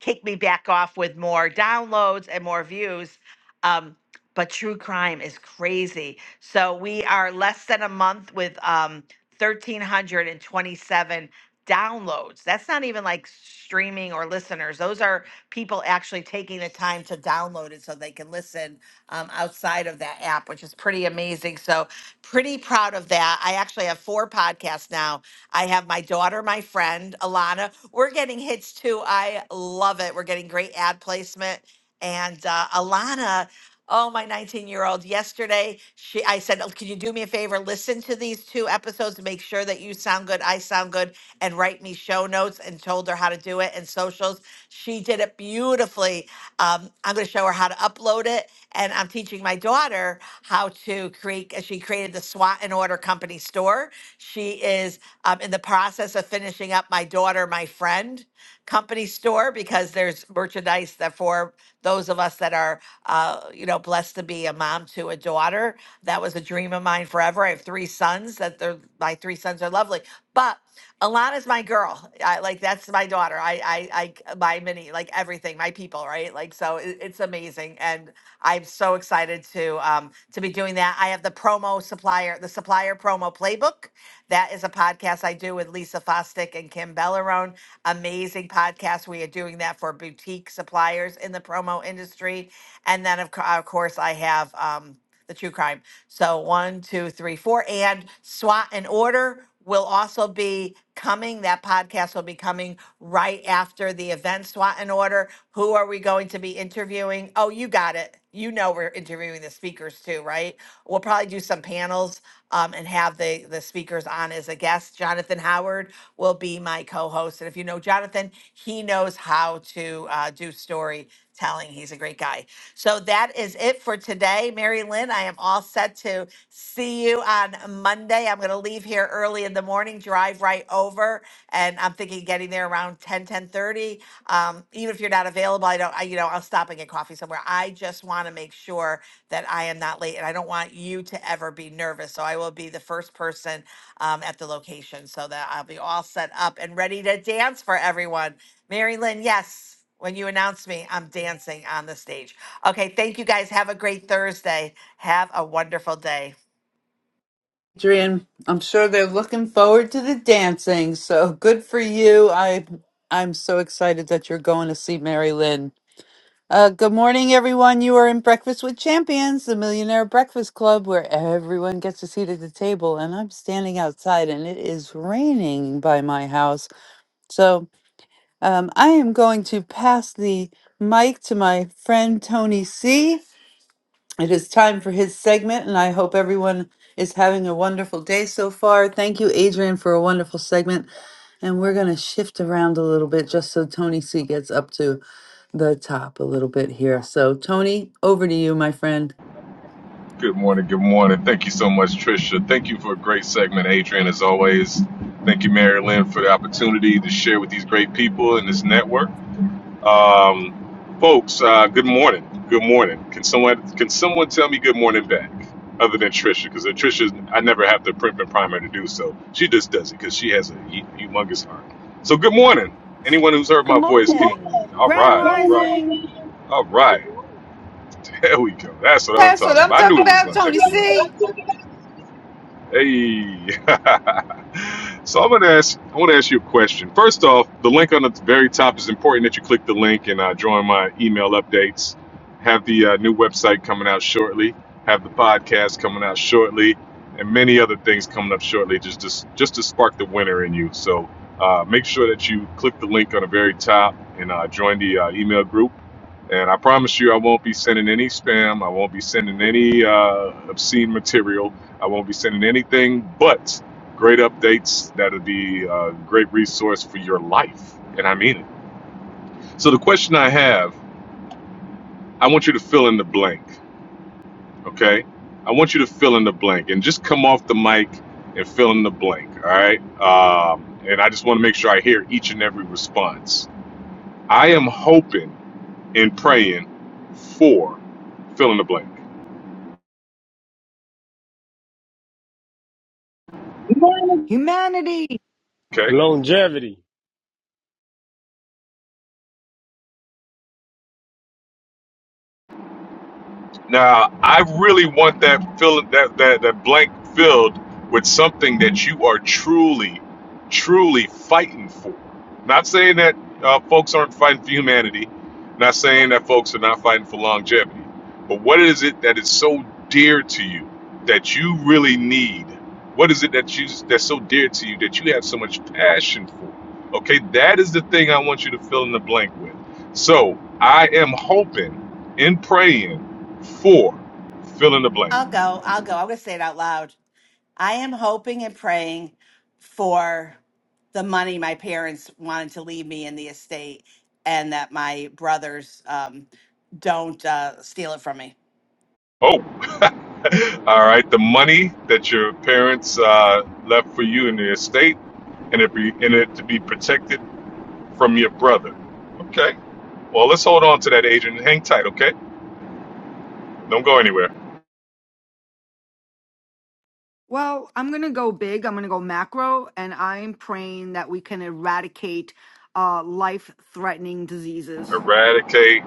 [SPEAKER 18] kick me back off with more downloads and more views. Um, but true crime is crazy. So we are less than a month with um, 1,327 downloads. That's not even like streaming or listeners. Those are people actually taking the time to download it so they can listen um, outside of that app, which is pretty amazing. So, pretty proud of that. I actually have four podcasts now I have my daughter, my friend, Alana. We're getting hits too. I love it. We're getting great ad placement. And uh, Alana, oh, my 19 year old, yesterday, she, I said, "Oh, Can you do me a favor? Listen to these two episodes to make sure that you sound good, I sound good, and write me show notes and told her how to do it and socials. She did it beautifully. Um, I'm going to show her how to upload it and I'm teaching my daughter how to create. uh, She created the SWAT and Order Company store. She is um, in the process of finishing up my daughter, my friend company store because there's merchandise that for those of us that are, uh, you know, blessed to be a mom to a daughter. That was a dream of mine forever. I have three sons that they're my three sons are lovely, but. Alana's my girl. I, like that's my daughter. I, I, I, my mini, like everything, my people, right? Like so, it, it's amazing, and I'm so excited to um to be doing that. I have the promo supplier, the supplier promo playbook. That is a podcast I do with Lisa Fostick and Kim Bellarone. Amazing podcast. We are doing that for boutique suppliers in the promo industry, and then of, co- of course I have um the true crime. So one, two, three, four, and SWAT and Order will also be coming. That podcast will be coming right after the event. SWAT and Order. Who are we going to be interviewing? Oh, you got it. You know we're interviewing the speakers too, right? We'll probably do some panels um, and have the the speakers on as a guest. Jonathan Howard will be my co-host, and if you know Jonathan, he knows how to uh, do story telling he's a great guy. So that is it for today. Mary Lynn, I am all set to see you on Monday. I'm going to leave here early in the morning, drive right over, and I'm thinking getting there around ten, ten thirty. Um, even if you're not available, I don't, I, you know, I'll stop and get coffee somewhere. I just want to make sure that I am not late and I don't want you to ever be nervous. So I will be the first person um, at the location so that I'll be all set up and ready to dance for everyone. Mary Lynn, yes. When you announce me, I'm dancing on the stage. Okay, thank you guys. Have a great Thursday. Have a wonderful day.
[SPEAKER 1] Adrian, I'm sure they're looking forward to the dancing. So good for you. I I'm so excited that you're going to see Mary Lynn. Uh, good morning, everyone. You are in Breakfast with Champions, the Millionaire Breakfast Club, where everyone gets a seat at the table. And I'm standing outside, and it is raining by my house. So um, I am going to pass the mic to my friend Tony C. It is time for his segment, and I hope everyone is having a wonderful day so far. Thank you, Adrian, for a wonderful segment. And we're going to shift around a little bit just so Tony C gets up to the top a little bit here. So, Tony, over to you, my friend.
[SPEAKER 21] Good morning. Good morning. Thank you so much, Trisha. Thank you for a great segment, Adrian, as always. Thank you, Mary Lynn, for the opportunity to share with these great people in this network. Um, folks, uh, good morning. Good morning. Can someone can someone tell me good morning back, other than Trisha? Because Trisha, I never have to print and prime her to do so. She just does it because she has a hu- humongous heart. So, good morning. Anyone who's heard
[SPEAKER 17] Good
[SPEAKER 21] my voice can.
[SPEAKER 17] morning.
[SPEAKER 21] All
[SPEAKER 19] Grand
[SPEAKER 21] right. All
[SPEAKER 19] rising,
[SPEAKER 21] right. All right. There we go. That's what I'm talking about. I knew it was going to take too much. Hey. so I'm going to ask. I want to ask you a question. First off, the link on the very top is important that you click the link and uh, join my email updates. Have the uh, new website coming out shortly. Have the podcast coming out shortly, and many other things coming up shortly. Just just just to spark the winner in you. So uh, make sure that you click the link on the very top and uh, join the uh, email group. And I promise you, I won't be sending any spam. I won't be sending any uh, obscene material. I won't be sending anything but great updates that'll be a great resource for your life. And I mean it. So, the question I have I want you to fill in the blank, okay? I want you to fill in the blank and just come off the mic and fill in the blank, all right? Um, and I just want to make sure I hear each and every response. I am hoping and praying for fill in the blank,
[SPEAKER 19] humanity.
[SPEAKER 21] okay?
[SPEAKER 22] Longevity.
[SPEAKER 21] Now, I really want that fill that, that that blank filled with something that you are truly, truly fighting for. Not saying that uh, folks aren't fighting for humanity. Not saying that folks are not fighting for longevity. But what is it that is so dear to you that you really need? What is it that you that's so dear to you that you have so much passion for? Okay, that is the thing I want you to fill in the blank with. So I am hoping and praying Four, fill in the blank.
[SPEAKER 18] I'll go. I'll go. I'm going to say it out loud. I am hoping and praying for the money my parents wanted to leave me in the estate and that my brothers um, don't uh, steal it from me.
[SPEAKER 21] Oh, all right. The money that your parents uh, left for you in the estate, and it be in it to be protected from your brother. Okay. Well, let's hold on to that, Adrian. Hang tight. Okay. Don't go anywhere.
[SPEAKER 19] Well, I'm going to go big. I'm going to go macro, and I'm praying that we can eradicate uh, life-threatening diseases.
[SPEAKER 21] Eradicate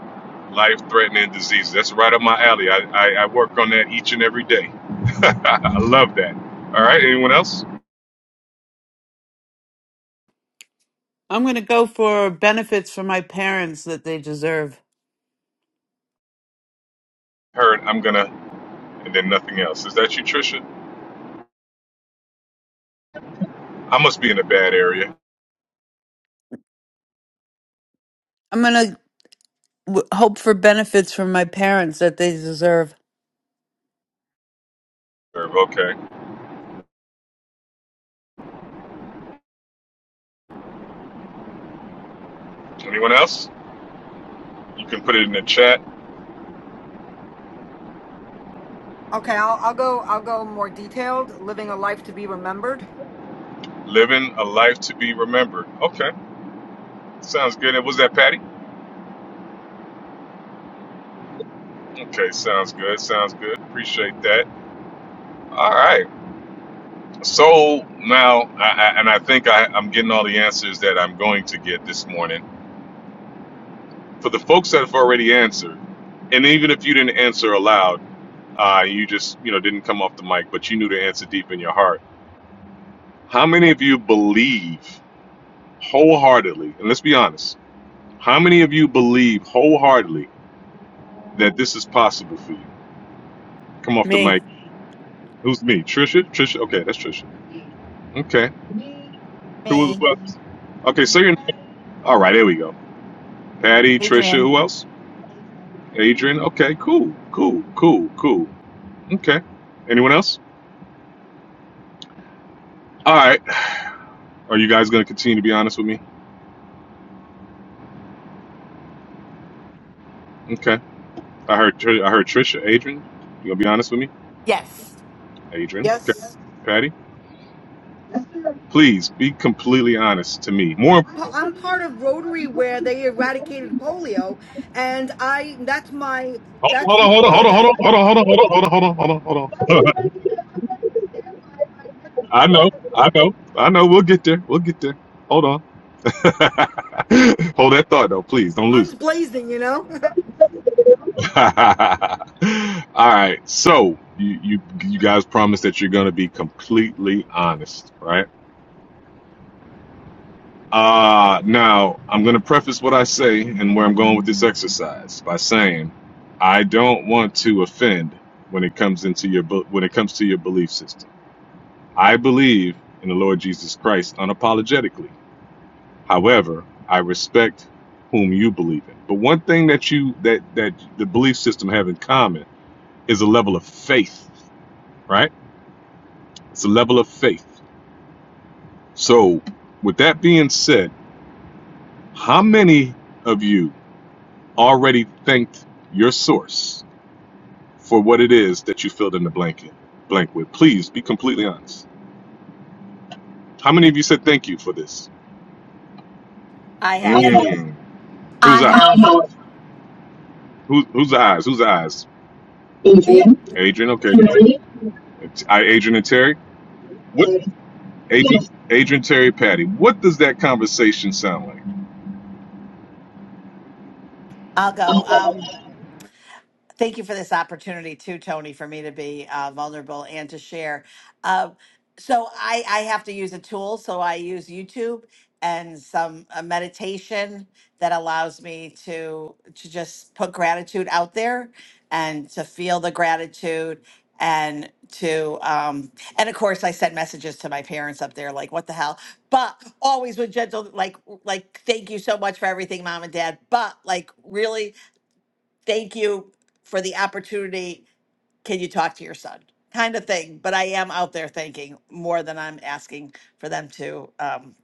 [SPEAKER 21] life-threatening disease. That's right up my alley. I, I, I work on that each and every day. I love that. All right. Anyone else?
[SPEAKER 1] I'm going to go for benefits for my parents that they deserve.
[SPEAKER 21] Heard. I'm gonna, and then nothing else. Is that you, Trisha? I must be in a bad area.
[SPEAKER 1] I'm going to w- hope for benefits from my parents that they deserve.
[SPEAKER 21] Okay. Anyone else? You can put it in the chat.
[SPEAKER 19] Okay, I'll, I'll go. I'll go more detailed. Living a life to be remembered.
[SPEAKER 21] Living a life to be remembered. Okay, sounds good. And was that Patty? Okay, sounds good. Sounds good. Appreciate that. All right. So now, I, I, and I think I, I'm getting all the answers that I'm going to get this morning. For the folks that have already answered, and even if you didn't answer aloud, uh, you just you know didn't come off the mic, but you knew the answer deep in your heart. How many of you believe wholeheartedly? And let's be honest. How many of you believe wholeheartedly that this is possible for you. Come off the
[SPEAKER 1] Me.
[SPEAKER 21] mic. Who's me? Trisha? Trisha? Okay, that's Trisha. Okay. Who was
[SPEAKER 18] Me,
[SPEAKER 21] who else? Okay, say your name. All right, there we go. Patty, Trisha,
[SPEAKER 18] Adrian.
[SPEAKER 21] who else? Adrian. Okay, cool, cool, cool, cool. Okay. Anyone else? All right. Are you guys gonna continue to be honest with me? Okay. I heard Tr- I heard Trisha, Adrian. You gonna be honest with me?
[SPEAKER 18] Yes.
[SPEAKER 21] Adrian. Okay.
[SPEAKER 19] Yes.
[SPEAKER 21] Patty, please be completely honest to me. More
[SPEAKER 19] Pa- I'm part of Rotary where they eradicated polio, and I that's my that's
[SPEAKER 21] Hold on, hold on, hold on, hold
[SPEAKER 19] okay.
[SPEAKER 21] on, hold on, hold on, hold on, hold on, hold on, hold on, hold on. I know, I know, I know. We'll get there. We'll get there. Hold on. Hold that thought though, please. Don't lose
[SPEAKER 19] Guns
[SPEAKER 21] it.
[SPEAKER 19] blazing, you know.
[SPEAKER 21] All right. So you you you guys promised that you're gonna be completely honest, right? Uh now I'm gonna preface what I say and where I'm going with this exercise by saying I don't want to offend when it comes into your bu- when it comes to your belief system. I believe in the Lord Jesus Christ unapologetically. However, I respect whom you believe in. But one thing that you that that the belief system have in common is a level of faith, right? It's a level of faith. So, with that being said, how many of you already thanked your source for what it is that you filled in the blanket blank with? Please be completely honest. How many of you said thank you for this?
[SPEAKER 18] I have.
[SPEAKER 21] Mm, who's
[SPEAKER 23] I have.
[SPEAKER 21] out? Who's who's the eyes? Who's the eyes? Adrian, okay. Terry? I Adrian and Terry. What Adrian Adrian Terry Patty. What does that conversation sound like?
[SPEAKER 18] I'll go. Um, thank you for this opportunity too, Tony, for me to be uh, vulnerable and to share. Uh, so I, I have to use a tool. So I use YouTube and some uh, meditation that allows me to to just put gratitude out there and to feel the gratitude and to um and of course i send messages to my parents up there like what the hell but always with gentle like like thank you so much for everything mom and dad but like really thank you for the opportunity. Can you talk to your son? Kind of thing. But I am out there thinking more than I'm asking for them to um,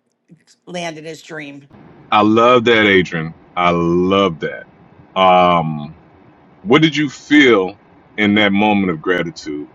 [SPEAKER 18] land in his dream.
[SPEAKER 21] I love that, Adrian. I love that. Um, what did you feel in that moment of gratitude?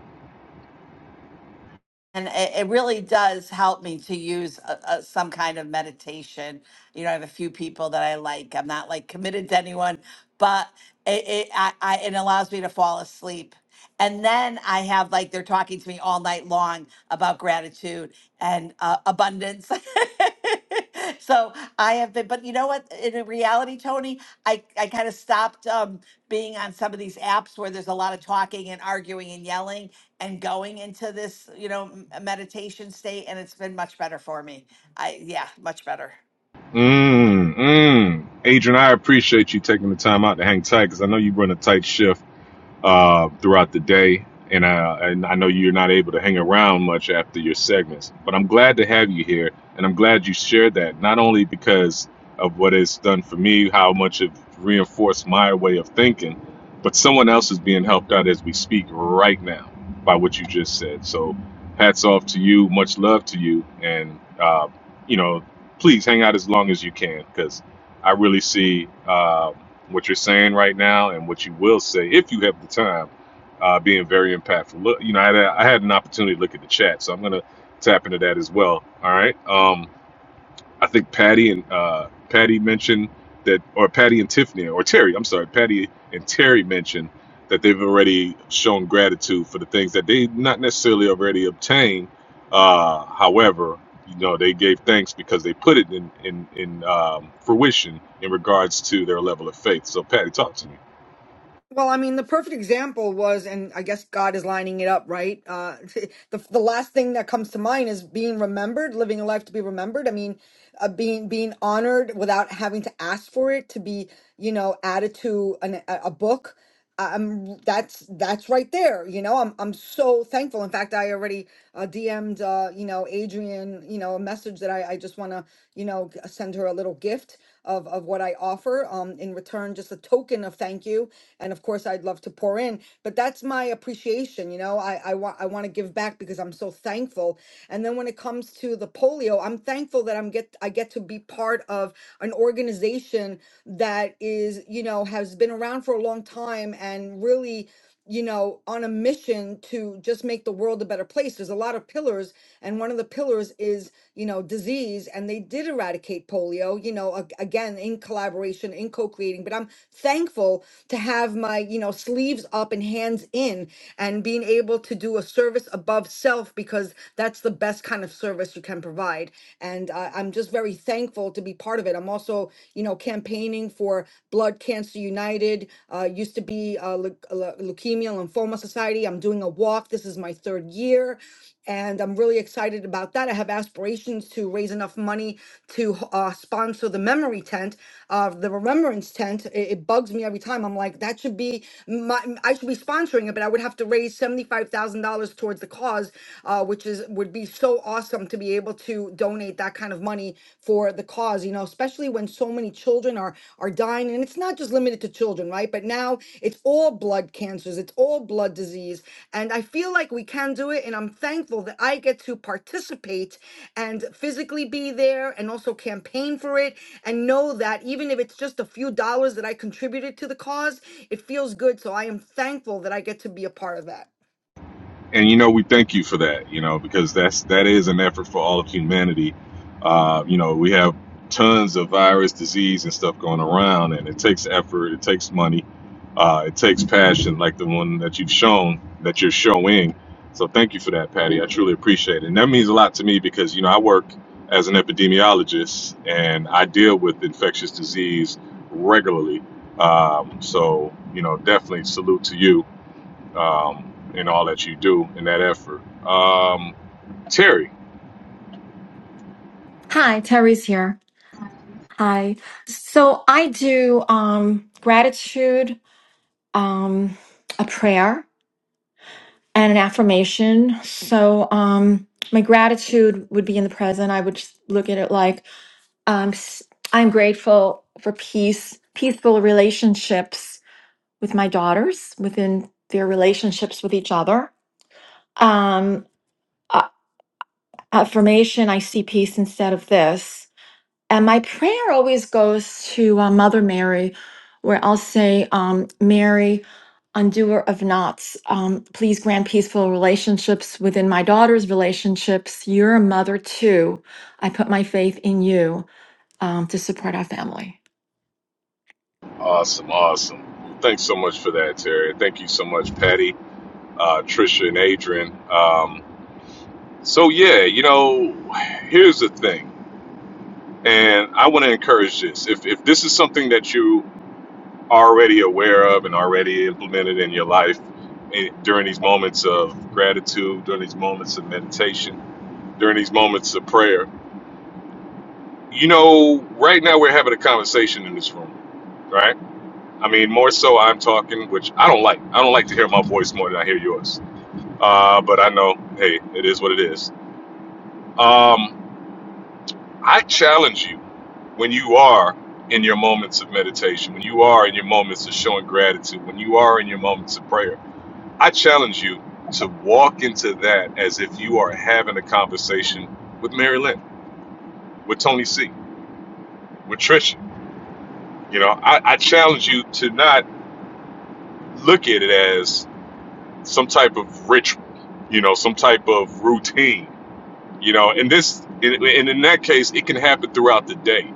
[SPEAKER 18] And it, it really does help me to use a, a, some kind of meditation. You know, I have a few people that I like. I'm not like committed to anyone, but it, it, I, I, it allows me to fall asleep. And then I have like they're talking to me all night long about gratitude and uh, abundance. so I have been, but you know what? In reality, Tony, I, I kind of stopped um, being on some of these apps where there's a lot of talking and arguing and yelling and going into this, you know, m- meditation state. And it's been much better for me. I, yeah, much better.
[SPEAKER 21] Mm, mm. Adrian, I appreciate you taking the time out to hang tight because I know you run a tight shift. uh, throughout the day. And, uh, and I know you're not able to hang around much after your segments, but I'm glad to have you here. And I'm glad you shared that, not only because of what it's done for me, how much it reinforced my way of thinking, but someone else is being helped out as we speak right now by what you just said. So hats off to you, much love to you. And, uh, you know, please hang out as long as you can because I really see um, what you're saying right now and what you will say if you have the time uh, being very impactful. Look, you know, I had, I had an opportunity to look at the chat, so I'm going to tap into that as well. All right. Um, I think Patty and uh, Patty mentioned that, or Patty and Tiffany, or Terry. I'm sorry, Patty and Terry mentioned that they've already shown gratitude for the things that they not necessarily already obtained. Uh, however, you know they gave thanks because they put it in in in um, fruition in regards to their level of faith. So, Patty, talk to me.
[SPEAKER 19] Well, I mean, the perfect example was, and I guess God is lining it up, right? Uh, the the last thing that comes to mind is being remembered, living a life to be remembered. I mean, uh, being being honored without having to ask for it, to be you know added to an, a a book. I'm that's that's right there. You know, I'm I'm so thankful. In fact, I already uh, DM'd uh, you know Adrian you know a message that I I just want to you know g- send her a little gift of of what I offer um in return just a token of thank you and of course I'd love to pour in but that's my appreciation you know I I want I want to give back because I'm so thankful and then when it comes to the polio I'm thankful that I'm get I get to be part of of an organization that is, you know, has been around for a long time and really, you know, on a mission to just make the world a better place. There's a lot of pillars, and one of the pillars is, you know, disease, and they did eradicate polio, you know, ag- again, in collaboration, in co creating. But I'm thankful to have my, you know, sleeves up and hands in and being able to do a service above self because that's the best kind of service you can provide. And uh, I'm just very thankful to be part of it. I'm also, you know, campaigning for Blood Cancer United, uh, used to be uh, Leu- Leu- Leukemia Lymphoma Society. I'm doing a walk. This is my third year. And I'm really excited about that. I have aspirations to raise enough money to uh, sponsor the memory tent, uh, the remembrance tent. It, it bugs me every time. I'm like, that should be my, I should be sponsoring it, but I would have to raise seventy-five thousand dollars towards the cause, uh, which is would be so awesome to be able to donate that kind of money for the cause. You know, especially when so many children are are dying, and it's not just limited to children, right? But now it's all blood cancers, it's all blood disease, and I feel like we can do it. And I'm thankful that I get to participate and physically be there, and also campaign for it, and know that even if it's just a few dollars that I contributed to the cause, it feels good. So I am thankful that I get to be a part of that.
[SPEAKER 21] and you know we thank you for that you know because that's that is an effort for all of humanity uh, you know we have tons of virus disease and stuff going around and it takes effort it takes money uh, it takes passion like the one that you've shown that you're showing so thank you for that patty i truly appreciate it and that means a lot to me because you know i work as an epidemiologist and i deal with infectious disease regularly um, so you know definitely salute to you um, in all that you do in that effort. Um, Terry,
[SPEAKER 23] Hi, Terry's here. Hi. So I do um gratitude, um a prayer and an affirmation. So um my gratitude would be in the present. I would just look at it like um s- I'm grateful for peace, peaceful relationships with my daughters within their relationships with each other. Um a- affirmation I see peace instead of this. And my prayer always goes to uh, Mother Mary, where I'll say, um, Mary, undoer of knots, um, please grant peaceful relationships within my daughter's relationships. You're a mother too. I put my faith in you um, to support our family.
[SPEAKER 21] awesome, awesome. Thanks so much for that, Terry. Thank you so much, Patty, uh, Trisha, and Adrian. Um, so yeah, you know, here's the thing, and I want to encourage this. If if this is something that you are already aware of and already implemented in your life eh, during these moments of gratitude, during these moments of meditation, during these moments of prayer, you know, right now we're having a conversation in this room, right? I mean, more so I'm talking, which I don't like. I don't like to hear my voice more than I hear yours. Uh, but I know, hey, it is what it is. Um, I challenge you when you are in your moments of meditation, when you are in your moments of showing gratitude, when you are in your moments of prayer, I challenge you to walk into that as if you are having a conversation with Mary Lynn, with Tony C, with Trisha. You know, I, I challenge you to not look at it as some type of ritual, you know, some type of routine, you know. And this, and and in that case, it can happen throughout the day.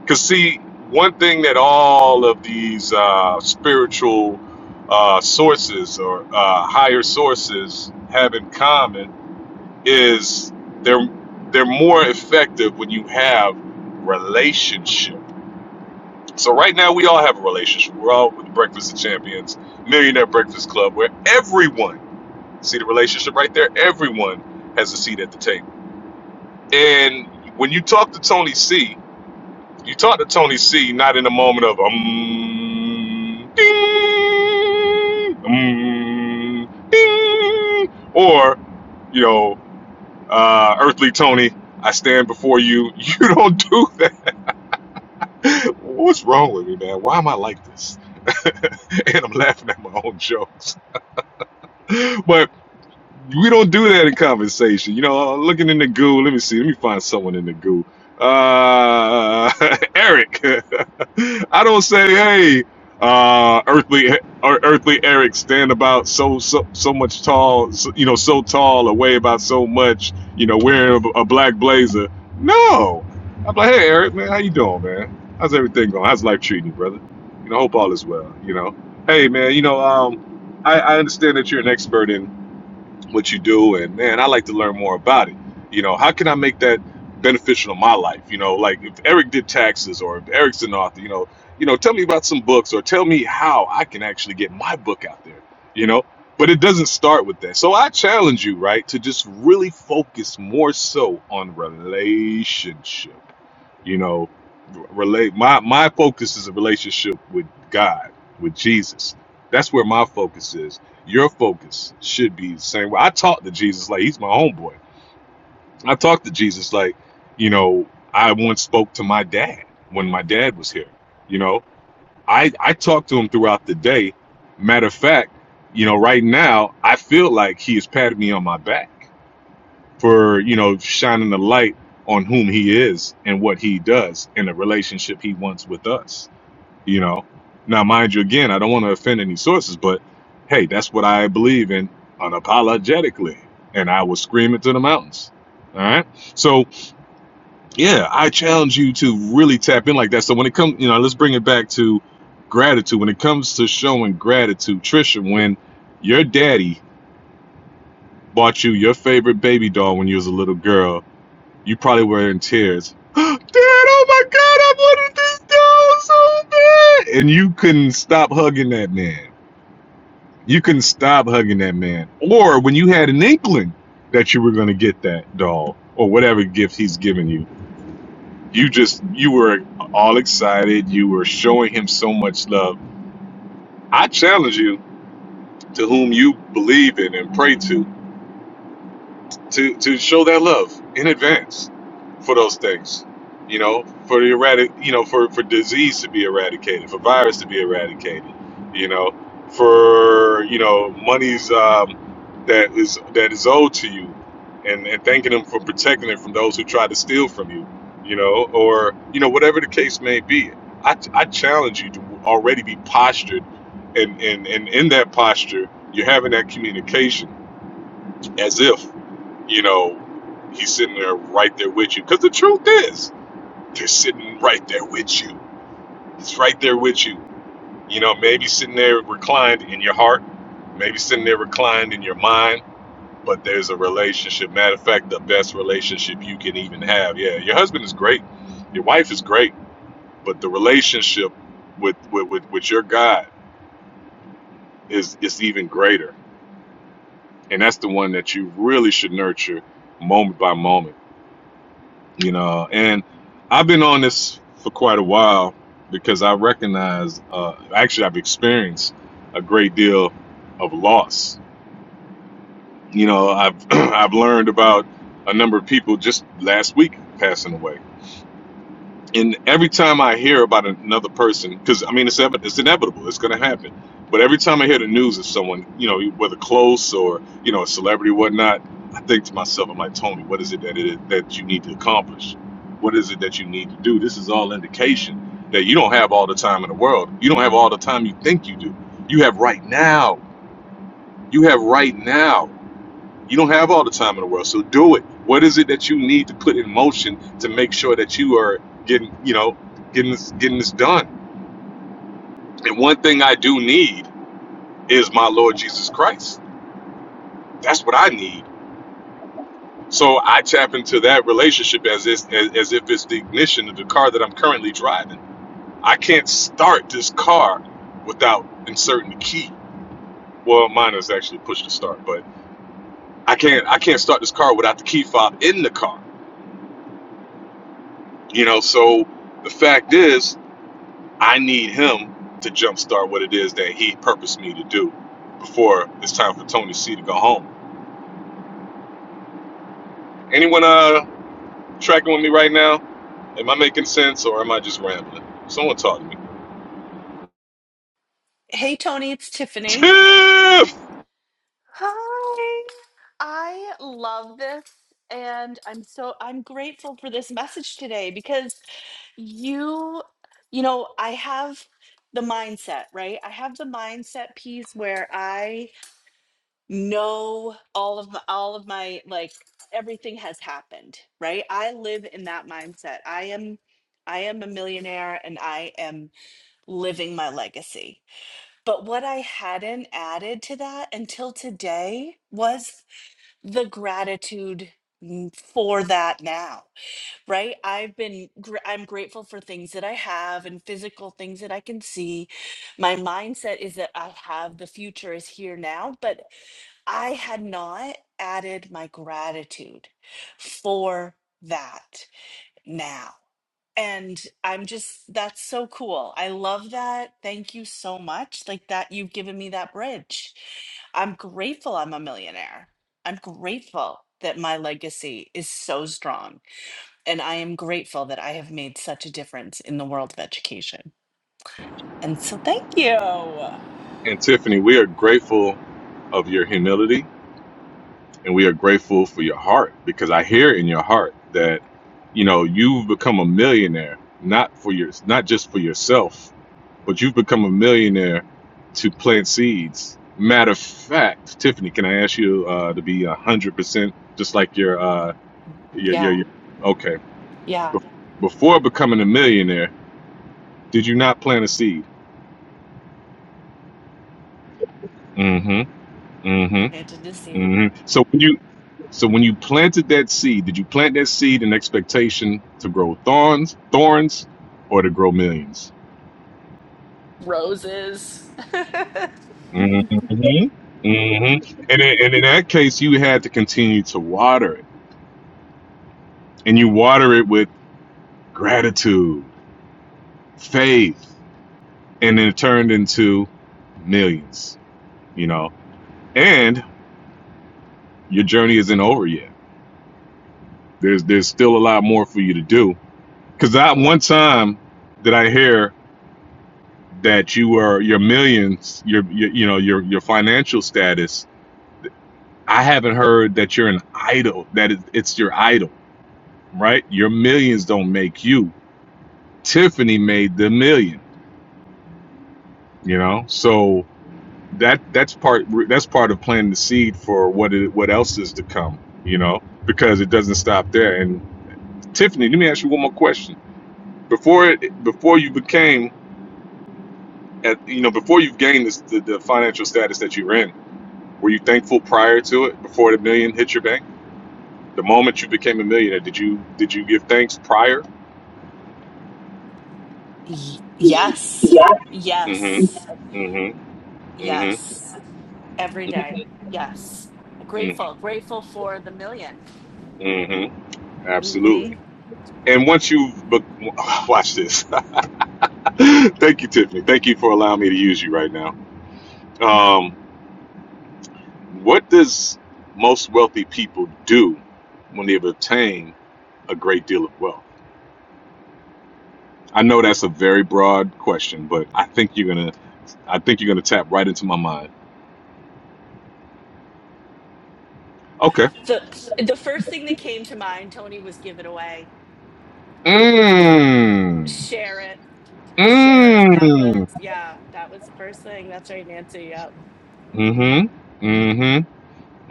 [SPEAKER 21] Because see, one thing that all of these uh, spiritual uh, sources or uh, higher sources have in common is they're they're more effective when you have relationship. So right now we all have a relationship. We're all with Breakfast of Champions, Millionaire Breakfast Club, where everyone See the relationship right there? Everyone has a seat at the table. And when you talk to Tony C, you talk to Tony C not in a moment of um ding um ding or, you know, uh earthly Tony, I stand before you. You don't do that. What's wrong with me, man? Why am I like this? And I'm laughing at my own jokes. but. we don't do that in conversation. You know, I'm looking in the goo. Let me see. Let me find someone in the goo. Uh, Eric. I don't say, hey, uh, earthly, or earthly Eric, stand about so so so much tall, so, you know, so tall, or weigh about so much, you know, wearing a, a black blazer. No, I'm like, hey, Eric, man, how you doing, man? How's everything going? How's life treating you, brother? You know, hope all is well. You know, hey, man, you know, um, I, I understand that you're an expert what you do and man i like to learn more about it you know how can i make that beneficial in my life you know like if eric did taxes or if eric's an author you know you know tell me about some books or tell me how i can actually get my book out there you know but it doesn't start with that so i challenge you right to just really focus more so on relationship you know relate my my focus is a relationship with god with jesus that's where my focus is your focus should be the same way. I talk to Jesus like he's my homeboy. I talk to Jesus like, you know, I once spoke to my dad when my dad was here. You know, I I talk to him throughout the day. Matter of fact, you know, right now I feel like he has patted me on my back for you know shining the light on whom he is and what he does in the relationship he wants with us you know now mind you again i don't want to offend any sources but hey that's what i believe in unapologetically and i will scream it to the mountains all right so yeah i challenge you to really tap in like that so when it comes you know let's bring it back to gratitude when it comes to showing gratitude trisha when your daddy bought you your favorite baby doll when you was a little girl you probably were in tears. Dad, oh my God, I wanted this dog so bad. And you couldn't stop hugging that man. You couldn't stop hugging that man. Or when you had an inkling that you were going to get that doll or whatever gift he's giving you, you just, you were all excited. You were showing him so much love. I challenge you to whom you believe in and pray to. to to show that love in advance for those things you know for the erratic you know for for disease to be eradicated for virus to be eradicated you know for you know monies um, that is that is owed to you and and thanking them for protecting it from those who try to steal from you you know or you know whatever the case may be i, I challenge you to already be postured and, and and in that posture you're having that communication as if you know, he's sitting there right there with you. Because the truth is, they're sitting right there with you. He's right there with you. You know, maybe sitting there reclined in your heart, maybe sitting there reclined in your mind, but there's a relationship. Matter of fact, the best relationship you can even have. Yeah, your husband is great, your wife is great, but the relationship with with, with, with your God is is even greater. And that's the one that you really should nurture moment by moment you know and i've been on this for quite a while because i recognize uh, actually i've experienced a great deal of loss you know i've i've learned about a number of people just last week passing away and every time I hear about another person, because I mean it's ev- it's inevitable, it's going to happen. But every time I hear the news of someone, you know, whether close or you know a celebrity, or whatnot, I think to myself, I'm like, Tony, what is it that it, that you need to accomplish? What is it that you need to do? This is all indication that you don't have all the time in the world. You don't have all the time you think you do. You have right now. You have right now. You don't have all the time in the world, so do it. What is it that you need to put in motion to make sure that you are getting, you know, getting this, getting this done? And one thing I do need is my Lord Jesus Christ. That's what I need. So I tap into that relationship as if, as, as if it's the ignition of the car that I'm currently driving. I can't start this car without inserting the key. Well, mine is actually push to start, but I can't I can't start this car without the key fob in the car. You know, so the fact is I need him to jumpstart what it is that he purposed me to do before it's time for Tony C to go home. Anyone uh tracking with me right now? Am I making sense or am I just rambling? Someone talk to me.
[SPEAKER 17] Hey, Tony, it's Tiffany.
[SPEAKER 21] Tiff
[SPEAKER 17] Hi. I love this, and I'm so I'm grateful for this message today because you, you know, I have the mindset, right? I have the mindset piece where I know all of my, all of my like everything has happened, right? I live in that mindset. I am I am a millionaire and I am living my legacy. But what I hadn't added to that until today was the gratitude n- for that now, right? I've been, gr- I'm grateful for things that I have and physical things that I can see. My mindset is that I have the future is here now, but I had not added my gratitude for that now. And I'm just, that's so cool. I love that. Thank you so much. Like that, you've given me that bridge. I'm grateful I'm a millionaire. I'm grateful that my legacy is so strong. And I am grateful that I have made such a difference in the world of education. And so thank you. I
[SPEAKER 21] and Tiffany, we are grateful of your humility and we are grateful for your heart because I hear in your heart that you know you've become a millionaire not for your not just for yourself but you've become a millionaire to plant seeds. Matter of fact, Tiffany, can I ask you uh, to be one hundred percent just like your uh, your, your
[SPEAKER 17] Yeah,
[SPEAKER 21] your okay?
[SPEAKER 17] yeah.
[SPEAKER 21] Be- Before becoming a millionaire, did you not plant a seed? Mm-hmm. Mm-hmm.
[SPEAKER 17] Planted the seed.
[SPEAKER 21] Mm-hmm. So when you so when you planted that seed, did you plant that seed in expectation to grow thorns, thorns, or to grow millions?
[SPEAKER 17] Roses.
[SPEAKER 21] Mm-hmm. Mm-hmm. And in, and in that case, you had to continue to water it and you water it with gratitude, faith, and then it turned into millions, you know. And your journey isn't over yet. There's there's still a lot more for you to do. Cause that one time that I hear that you were your millions, your, your you know your your financial status. I haven't heard that you're an idol. That it- it's your idol, right? Your millions don't make you. Tiffany made the million. You know, so that that's part that's part of planting the seed for what it, what else is to come you know because it doesn't stop there and tiffany let me ask you one more question before it before you became at you know before you've gained this, the, the financial status that you're in were you thankful prior to it before the million hit your bank the moment you became a millionaire did you did you give thanks prior
[SPEAKER 17] Y- yes,
[SPEAKER 21] mm-hmm
[SPEAKER 17] yes,
[SPEAKER 21] mm-hmm mm-hmm
[SPEAKER 17] yes. Every day. Yes.
[SPEAKER 21] mm-hmm,
[SPEAKER 17] Grateful. Grateful for the 1000000
[SPEAKER 21] mm-hmm.
[SPEAKER 17] hmm
[SPEAKER 21] absolutely and once you be- watch this thank you tiffany thank you for allowing me to use you right now Um, what does most wealthy people do when they've attained a great deal of wealth? I know that's a very broad question, but I think you're gonna I think you're gonna tap right into my mind. Okay.
[SPEAKER 17] The the first thing that came to mind, Tony, was give it away.
[SPEAKER 21] Mmm.
[SPEAKER 17] Share it. Share it. That
[SPEAKER 21] Mmm.
[SPEAKER 17] was yeah, that was the first thing. That's right, Nancy. Yep.
[SPEAKER 21] Mm-hmm. Mm-hmm.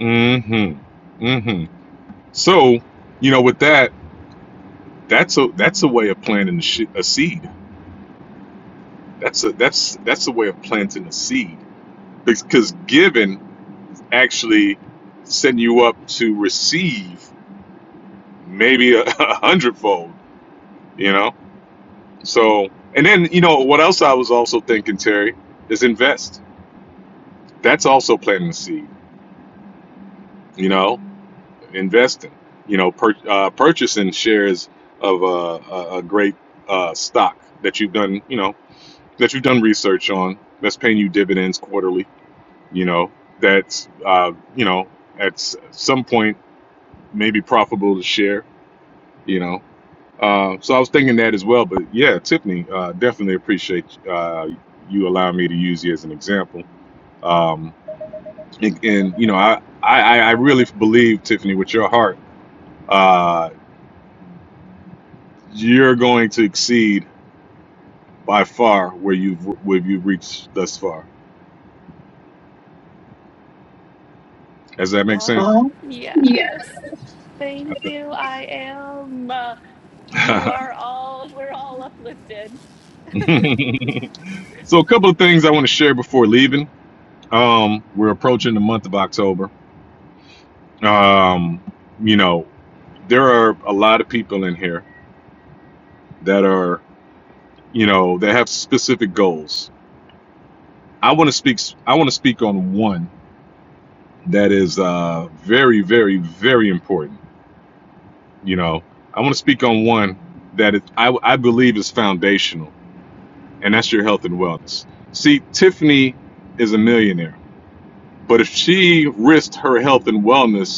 [SPEAKER 21] Mm-hmm. Mm-hmm. So, you know, with that, that's a that's a way of planting a, sh- a seed. That's a that's that's a way of planting a seed because given actually setting you up to receive maybe a, a hundredfold, you know? So, and then, you know, what else I was also thinking, Terry, is invest. That's also planting the seed, you know, investing, you know, pur- uh, purchasing shares of a, a, a great uh, stock that you've done, you know, that you've done research on that's paying you dividends quarterly, you know, that's, uh, you know, at s- some point maybe profitable to share, you know, Uh, so I was thinking that as well. But yeah, Tiffany, uh, definitely appreciate uh, you allowing me to use you as an example. Um, and, and, you know, I, I, I really believe Tiffany, with your heart, uh, you're going to exceed by far where you've where you've reached thus far. Does that make
[SPEAKER 17] Oh
[SPEAKER 21] sense?
[SPEAKER 17] yes. Thank you. I am. Uh, you
[SPEAKER 21] Uh-huh.
[SPEAKER 17] are all we're all uplifted.
[SPEAKER 21] so a couple of things I want to share before leaving. Um, we're approaching the month of October. Um, you know, there are a lot of people in here that are you know that have specific goals i want to speak i want to speak on one that is uh very very very important you know i want to speak on one that it, I, I believe is foundational and that's your health and wellness see tiffany is a millionaire but if she risked her health and wellness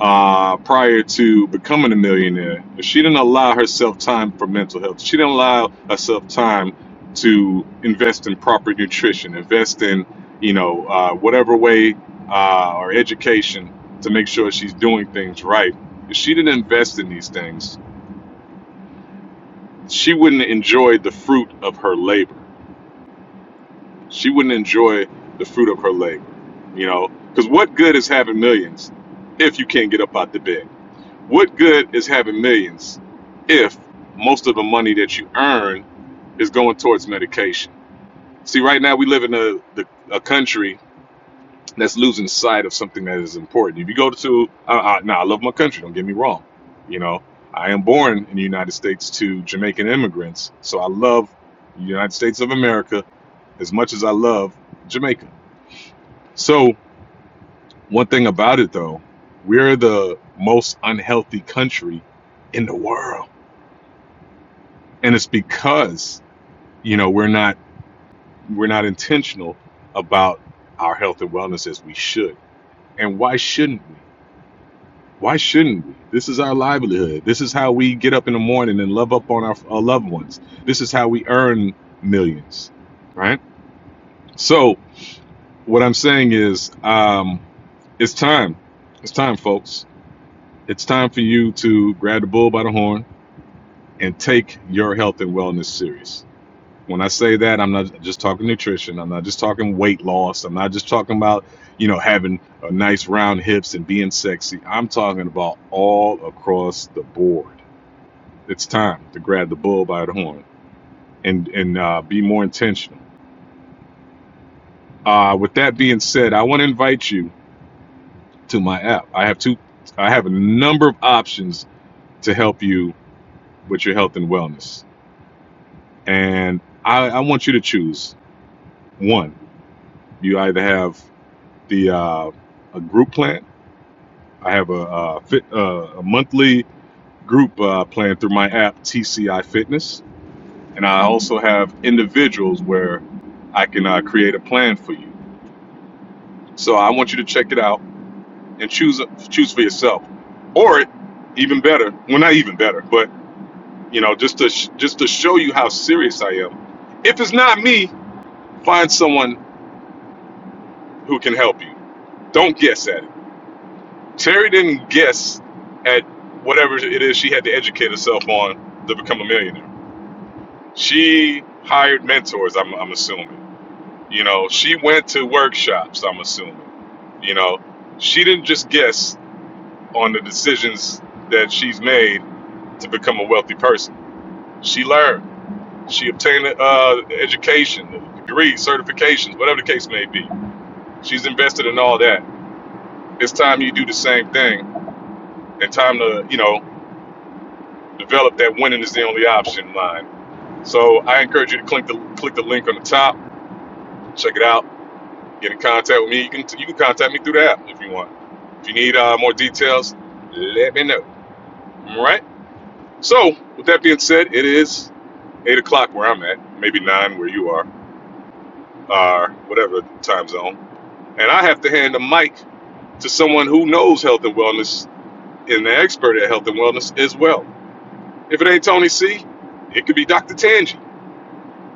[SPEAKER 21] uh, prior to becoming a millionaire, if she didn't allow herself time for mental health, she didn't allow herself time to invest in proper nutrition, invest in, you know, uh, whatever way uh, or education to make sure she's doing things right. If she didn't invest in these things, she wouldn't enjoy the fruit of her labor. She wouldn't enjoy the fruit of her labor, you know, because what good is having millions if you can't get up out the bed? What good is having millions if most of the money that you earn is going towards medication? See, right now we live in a the, a country that's losing sight of something that is important. If you go to, uh, uh, now I love my country. Don't get me wrong. You know, I am born in the United States to Jamaican immigrants, so I love the United States of America as much as I love Jamaica. So one thing about it though, we're the most unhealthy country in the world and it's because you know we're not we're not intentional about our health and wellness as we should and why shouldn't we why shouldn't we this is our livelihood this is how we get up in the morning and love up on our, our loved ones this is how we earn millions right so what i'm saying is um it's time it's time folks it's time for you to grab the bull by the horn and take your health and wellness serious When I say that, I'm not just talking nutrition. I'm not just talking weight loss. I'm not just talking about, you know, having a nice round hips and being sexy. I'm talking about all across the board. It's time to grab the bull by the horn and and uh, be more intentional. Uh, with that being said, I want to invite you to my app. I have two. I have a number of options to help you with your health and wellness, and I, I want you to choose one. You either have the uh, a group plan I have a, uh, fit, uh, a monthly group uh, plan through my app, TCI Fitness. And I also have individuals where I can uh, create a plan for you. So I want you to check it out and choose choose for yourself. Or even better, well, not even better, but you know, just to sh- just to show you how serious I am. If it's not me, find someone who can help you. Don't guess at it. Terry didn't guess at whatever it is she had to educate herself on to become a millionaire She hired mentors, I'm, I'm assuming. You know, she went to workshops, I'm assuming. You know, she didn't just guess on the decisions that she's made to become a wealthy person. She learned. She obtained uh, education, degree, certifications, whatever the case may be. She's invested in all that. It's time you do the same thing and time to, you know, develop that winning is the only option line. So I encourage you to click the, click the link on the top, check it out Get in contact with me. You can you can contact me through the app if you want. If you need uh, more details, let me know. All right. So with that being said, it is eight o'clock where I'm at, maybe nine where you are, or whatever time zone. And I have to hand the mic to someone who knows health and wellness and an expert at health and wellness as well. If it ain't Tony C, it could be Dr. Tangi.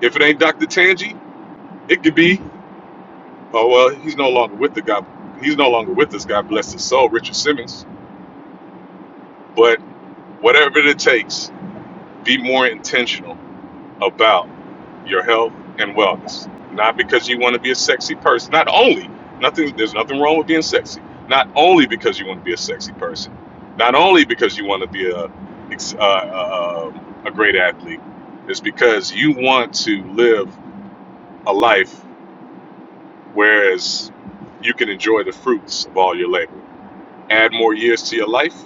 [SPEAKER 21] If it ain't Dr. Tangi, it could be oh well, he's no longer with the guy. He's no longer with us. God bless his soul, Richard Simmons. But Whatever it takes, be more intentional about your health and wellness. Not because you want to be a sexy person. Not only, nothing there's nothing wrong with being sexy. Not only because you want to be a sexy person. Not only because you want to be a ex- uh, uh, uh, a great athlete. It's because you want to live a life whereas you can enjoy the fruits of all your labor. Add more years to your life,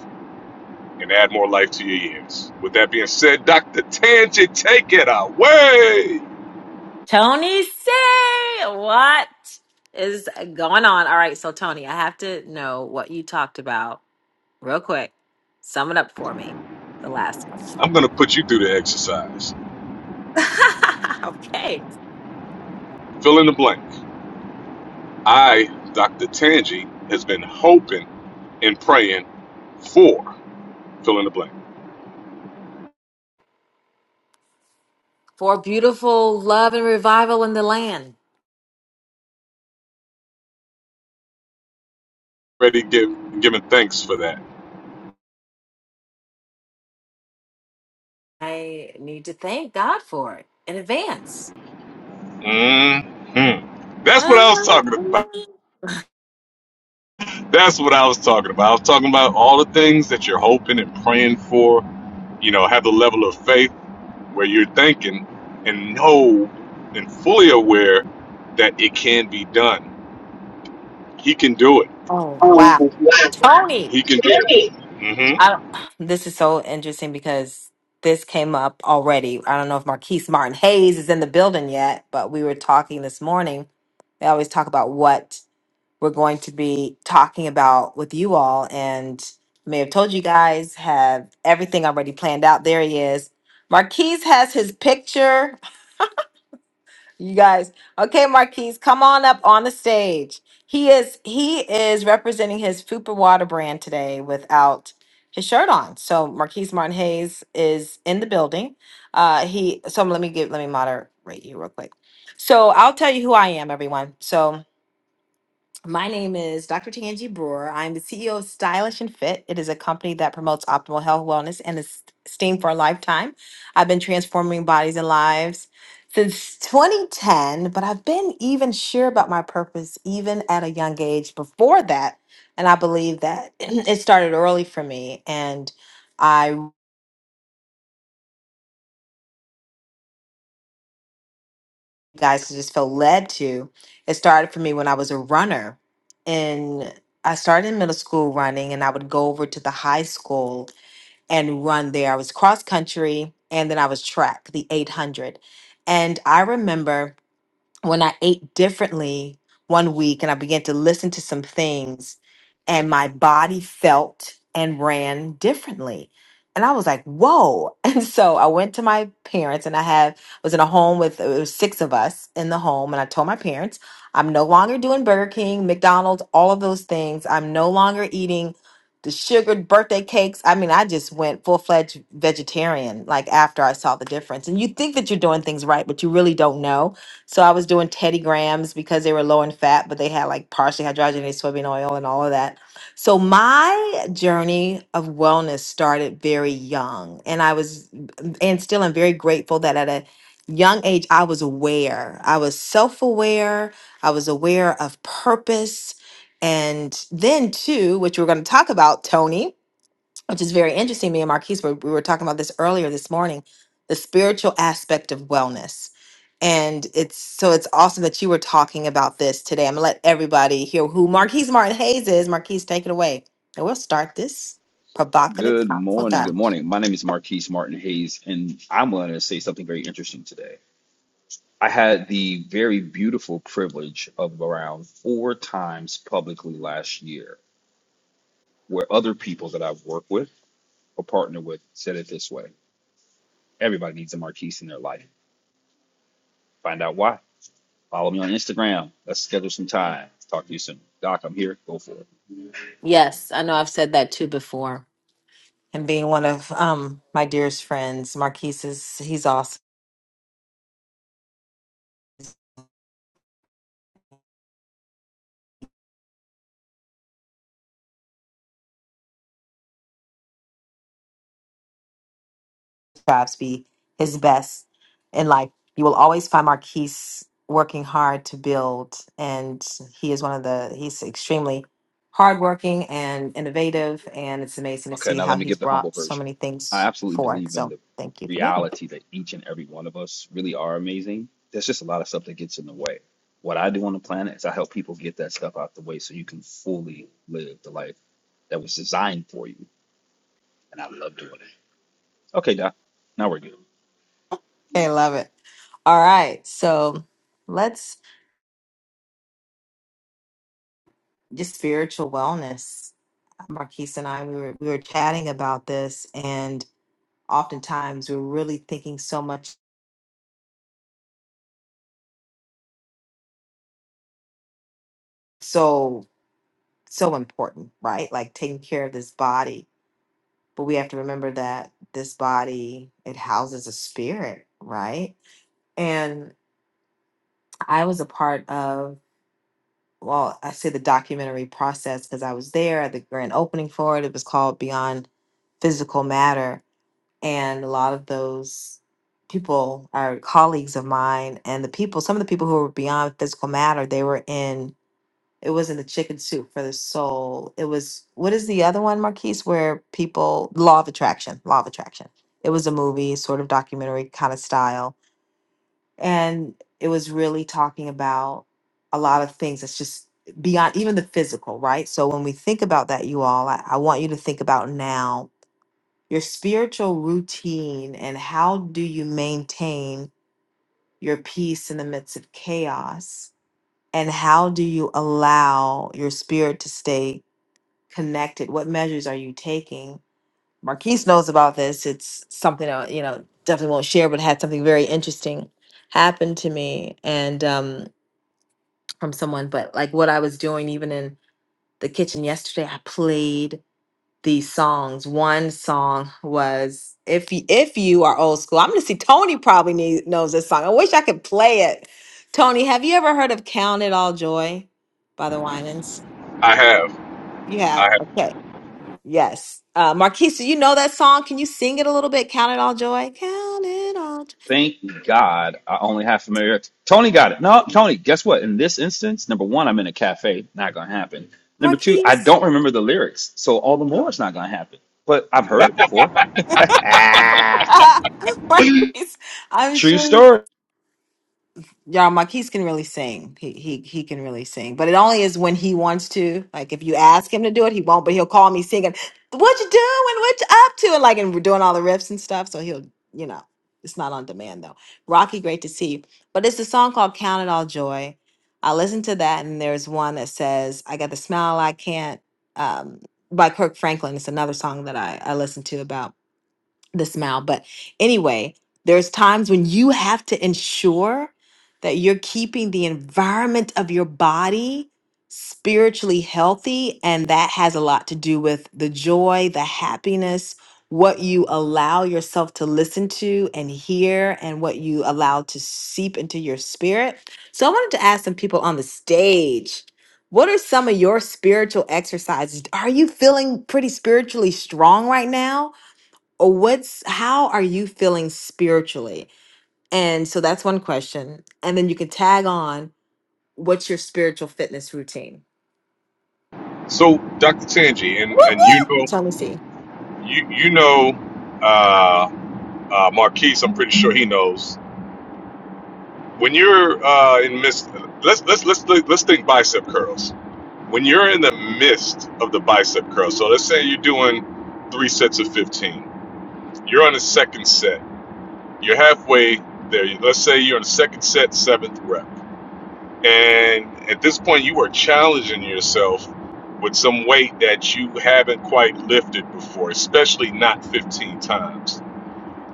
[SPEAKER 21] and add more life to your years. With that being said, Dr. Tangent, take it away.
[SPEAKER 24] Tony say what is going on? All right, so Tony, I have to know what you talked about real quick. Sum it up for me. The last one.
[SPEAKER 21] I'm going to put you through the exercise.
[SPEAKER 24] okay.
[SPEAKER 21] Fill in the blank. I, Dr. Tangi, has been hoping and praying for fill in the blank.
[SPEAKER 24] For beautiful love and revival in the land.
[SPEAKER 21] Ready, give, giving thanks for that.
[SPEAKER 24] I need to thank God for it in advance.
[SPEAKER 21] hmm That's what I was
[SPEAKER 24] Um,
[SPEAKER 21] talking about. That's what I was talking about. I was talking about all the things that you're hoping and praying for. You know, have the level of faith where you're thinking and know and fully aware that it can be done. He can do it.
[SPEAKER 24] Oh, wow. Tony.
[SPEAKER 21] He can do it. hmm
[SPEAKER 24] I, this is so interesting because this came up already. I don't know if Marquise Martin Hayes is in the building yet, but we were talking this morning. We always talk about what we're going to be talking about with you all. And I may have told you guys, have everything already planned out. There he is. Marquise has his picture you guys. Okay, Marquise, come on up on the stage. He is he is representing his Fupa Water brand today without his shirt on. So Marquise Martin Hayes is in the building. Uh he so let me give let me moderate you real quick. So I'll tell you who I am, everyone. So my name is Dr. Tanji Brewer. I'm the CEO of Stylish and Fit. It is a company that promotes optimal health, wellness, and esteem for a lifetime. I've been transforming bodies and lives since 2010, but I've been even sure about my purpose even at a young age before that. And I believe that it started early for me. And I, guys, just feel led to. It started for me when I was a runner. And I started in middle school running, and I would go over to the high school and run there. I was cross country and then I was track, the 800. And I remember when I ate differently one week and I began to listen to some things and my body felt and ran differently. And I was like, whoa. And so I went to my parents and I have was in a home with it was six of us in the home. And I told my parents, I'm no longer doing Burger King, McDonald's, all of those things. I'm no longer eating the sugared birthday cakes. I mean, I just went full fledged vegetarian like after I saw the difference. And you think that you're doing things right, but you really don't know so I was doing Teddy Grahams because they were low in fat, but they had like partially hydrogenated soybean oil and all of that. So my journey of wellness started very young. And I was, and still I'm very grateful that at a young age, I was aware. I was self aware. I was aware of purpose. And then, too, which we're going to talk about, Tony which is very interesting. Me and Marquise were we were talking about this earlier this morning, the spiritual aspect of wellness. And it's so it's awesome that you were talking about this today. I'm gonna let everybody hear who Marquise Martin Hayes is. Marquise, take it away. And we'll start this provocative
[SPEAKER 25] Good
[SPEAKER 24] thoughtful
[SPEAKER 25] morning. Good
[SPEAKER 24] time.
[SPEAKER 25] morning. My name is Marquise Martin Hayes, and I'm going to say something very interesting today. I had the very beautiful privilege of around four times publicly last year, where other people that I've worked with or partnered with said it this way everybody needs a Marquise in their life. Find out why. Follow me on Instagram. Let's schedule some time. Talk to you soon. Doc, I'm here. Go for it.
[SPEAKER 24] Yes, I know I've said that too before. And being one of um my dearest friends, Marquise is he's awesome. strives to be his best in life. You will always find Marquise working hard to build, and he is one of the he's extremely hardworking and innovative, and it's amazing to
[SPEAKER 25] Okay,
[SPEAKER 24] see
[SPEAKER 25] now let
[SPEAKER 24] how
[SPEAKER 25] me
[SPEAKER 24] he's
[SPEAKER 25] give the humble
[SPEAKER 24] brought so
[SPEAKER 25] version.
[SPEAKER 24] many
[SPEAKER 25] I
[SPEAKER 24] things
[SPEAKER 25] absolutely
[SPEAKER 24] forward.
[SPEAKER 25] believe in
[SPEAKER 24] So
[SPEAKER 25] the
[SPEAKER 24] thank you for being here.
[SPEAKER 25] reality that each and every one of us really are amazing. There's just a lot of stuff that gets in the way. What I do on the planet is I help people get that stuff out the way so you can fully live the life that was designed for you. And I love doing it. Okay, Doc, now we're good.
[SPEAKER 24] I love it. All right, so let's just spiritual wellness. Marquise and I, we were we were chatting about this, and oftentimes we're really thinking so much, so so important, right? Like taking care of this body, but we have to remember that this body it houses a spirit, right? And I was a part of, well, I say the documentary process because I was there at the grand opening for it. It was called Beyond Physical Matter, and a lot of those people are colleagues of mine and the people some of the people who were beyond physical matter they were in it was in the chicken soup for the soul it was what is the other one marquise where people law of attraction law of attraction it was a movie sort of documentary kind of style and it was really talking about a lot of things that's just beyond even the physical right so when we think about that you all i, I want you to think about now your spiritual routine and how do you maintain your peace in the midst of chaos and how do you allow your spirit to stay connected what measures are you taking marquise knows about this it's something i you know definitely won't share but had something very interesting happen to me and um from someone but like what i was doing even in the kitchen yesterday i played these songs. One song was if you, if you are old school. I'm gonna see Tony probably need, knows this song. I wish I could play it. Tony, have you ever heard of "Count It All Joy" by the Winans?
[SPEAKER 21] I have.
[SPEAKER 24] You have.
[SPEAKER 21] I
[SPEAKER 24] Okay. Yes. Uh, Marquise, do you know that song? Can you sing it a little bit? Count it all joy. Count it all. Joy.
[SPEAKER 25] Thank God I only have familiar. Tony got it. No, Tony, guess what? In this instance, number one, I'm in a cafe. Not going to happen. Number two, I
[SPEAKER 24] Marquise.
[SPEAKER 25] don't remember the lyrics. So all the more it's not going to happen. But I've heard it before. Ah,
[SPEAKER 24] Marquise. I'm
[SPEAKER 25] True
[SPEAKER 24] sure.
[SPEAKER 25] story.
[SPEAKER 24] Y'all, Marquise can really sing. He he he can really sing, but it only is when he wants to. Like if you ask him to do it, he won't. But he'll call me singing, "What you doing? What you up to?" And like, and we're doing all the riffs and stuff. So he'll, you know, it's not on demand though. Rocky, great to see you. But it's a song called "Count It All Joy." I listened to that, and there's one that says, "I got the smile I can't," um, by Kirk Franklin. It's another song that I I listen to about the smile. But anyway, there's times when you have to ensure that you're keeping the environment of your body spiritually healthy. And that has a lot to do with the joy, the happiness, what you allow yourself to listen to and hear, and what you allow to seep into your spirit. So I wanted to ask some people on the stage. What are some of your spiritual exercises? Are you feeling pretty spiritually strong right now? or what's how are you feeling spiritually and so that's one question and then you can tag on what's your spiritual fitness routine
[SPEAKER 21] have. So, Dr. Tanji,
[SPEAKER 24] Woo,
[SPEAKER 21] and, and you
[SPEAKER 24] woo.
[SPEAKER 21] know,
[SPEAKER 24] so let me see
[SPEAKER 21] you, you know, uh, uh, Marquise, I'm pretty sure he knows. When you're uh, in midst, let's, let's, let's, let's think bicep curls. When you're in the midst of the bicep curl, so let's say you're doing three sets of 15, you're on the second set You're halfway there. Let's say you're in the second set, seventh rep. And at this point, you are challenging yourself with some weight that you haven't quite lifted before, especially not 15 times.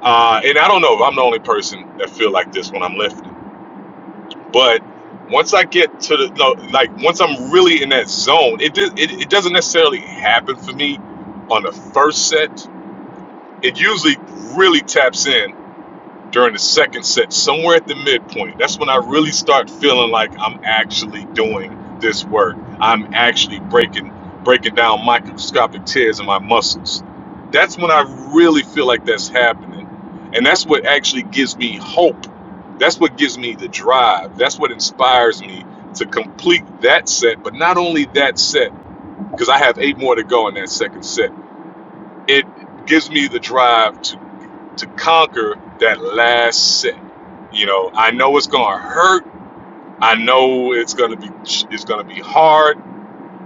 [SPEAKER 21] Uh, and I don't know if I'm the only person that feel like this when I'm lifting, but once I get to the no, like once I'm really in that zone, it, do- it it doesn't necessarily happen for me on the first set. It usually really taps in during the second set, somewhere at the midpoint, that's when I really start feeling like I'm actually doing this work. I'm actually breaking breaking down microscopic tears in my muscles. That's when I really feel like that's happening. And that's what actually gives me hope. That's what gives me the drive. That's what inspires me to complete that set, but not only that set, because I have eight more to go in that second set. It gives me the drive to to conquer that last set. You know, I know it's going to hurt. I know it's going to be it's going to be hard,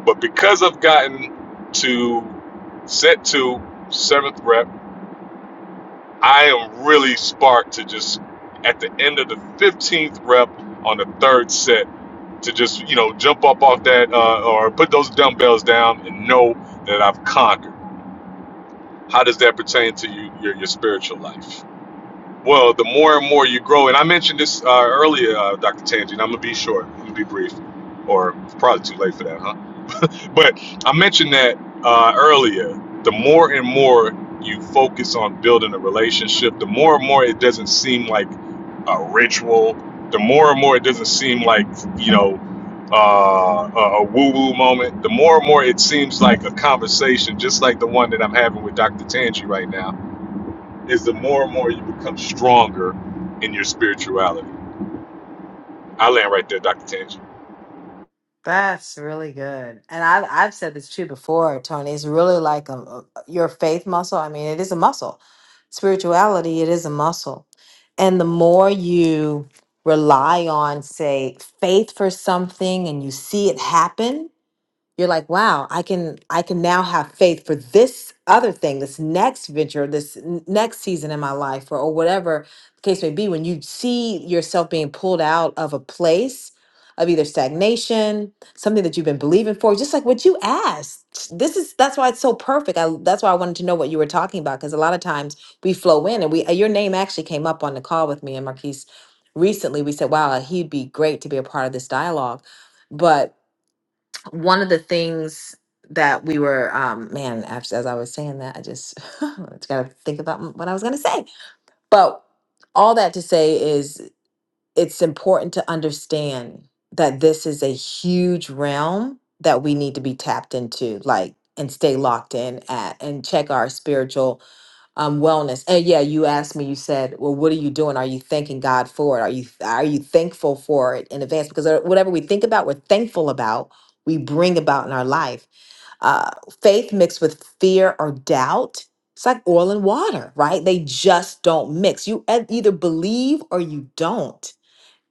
[SPEAKER 21] but because I've gotten to set 2 seventh rep, I am really sparked to just at the end of the 15th rep on the third set to just, you know, jump up off that uh, or put those dumbbells down and know that I've conquered. How does that pertain to you, your, your spiritual life? Well, the more and more you grow, and I mentioned this uh, earlier, uh, Dr. Tangi, and I'm gonna be short, I'm gonna be brief, or it's probably too late for that, huh? But I mentioned that uh, earlier. The more and more you focus on building a relationship, the more and more it doesn't seem like a ritual. The more and more it doesn't seem like you know uh, a, a woo-woo moment. The more and more it seems like a conversation, just like the one that I'm having with Dr. Tangi right now is the more and more you become stronger in your spirituality. I land right there, Dr. Tangi.
[SPEAKER 24] That's really good. And I've, I've said this too before, Tony. It's really like a, a- your faith muscle. I mean, it is a muscle. Spirituality, it is a muscle. And the more you rely on, say, faith for something and you see it happen, you're like wow i can i can now have faith for this other thing this next venture this n- next season in my life or, or whatever the case may be when you see yourself being pulled out of a place of either stagnation something that you've been believing for just like what you asked this is that's why it's so perfect I, that's why i wanted to know what you were talking about because a lot of times we flow in and we uh, your name actually came up on the call with me and marquise recently we said wow he'd be great to be a part of this dialogue but one of the things that we were um man actually as i was saying that i just just gotta think about what i was gonna say but all that to say is it's important to understand that this is a huge realm that we need to be tapped into like and stay locked in at and check our spiritual um wellness and yeah you asked me you said well what are you doing are you thanking god for it are you are you thankful for it in advance because uh, whatever we think about we're thankful about we bring about in our life uh faith mixed with fear or doubt it's like oil and water right they just don't mix you e- either believe or you don't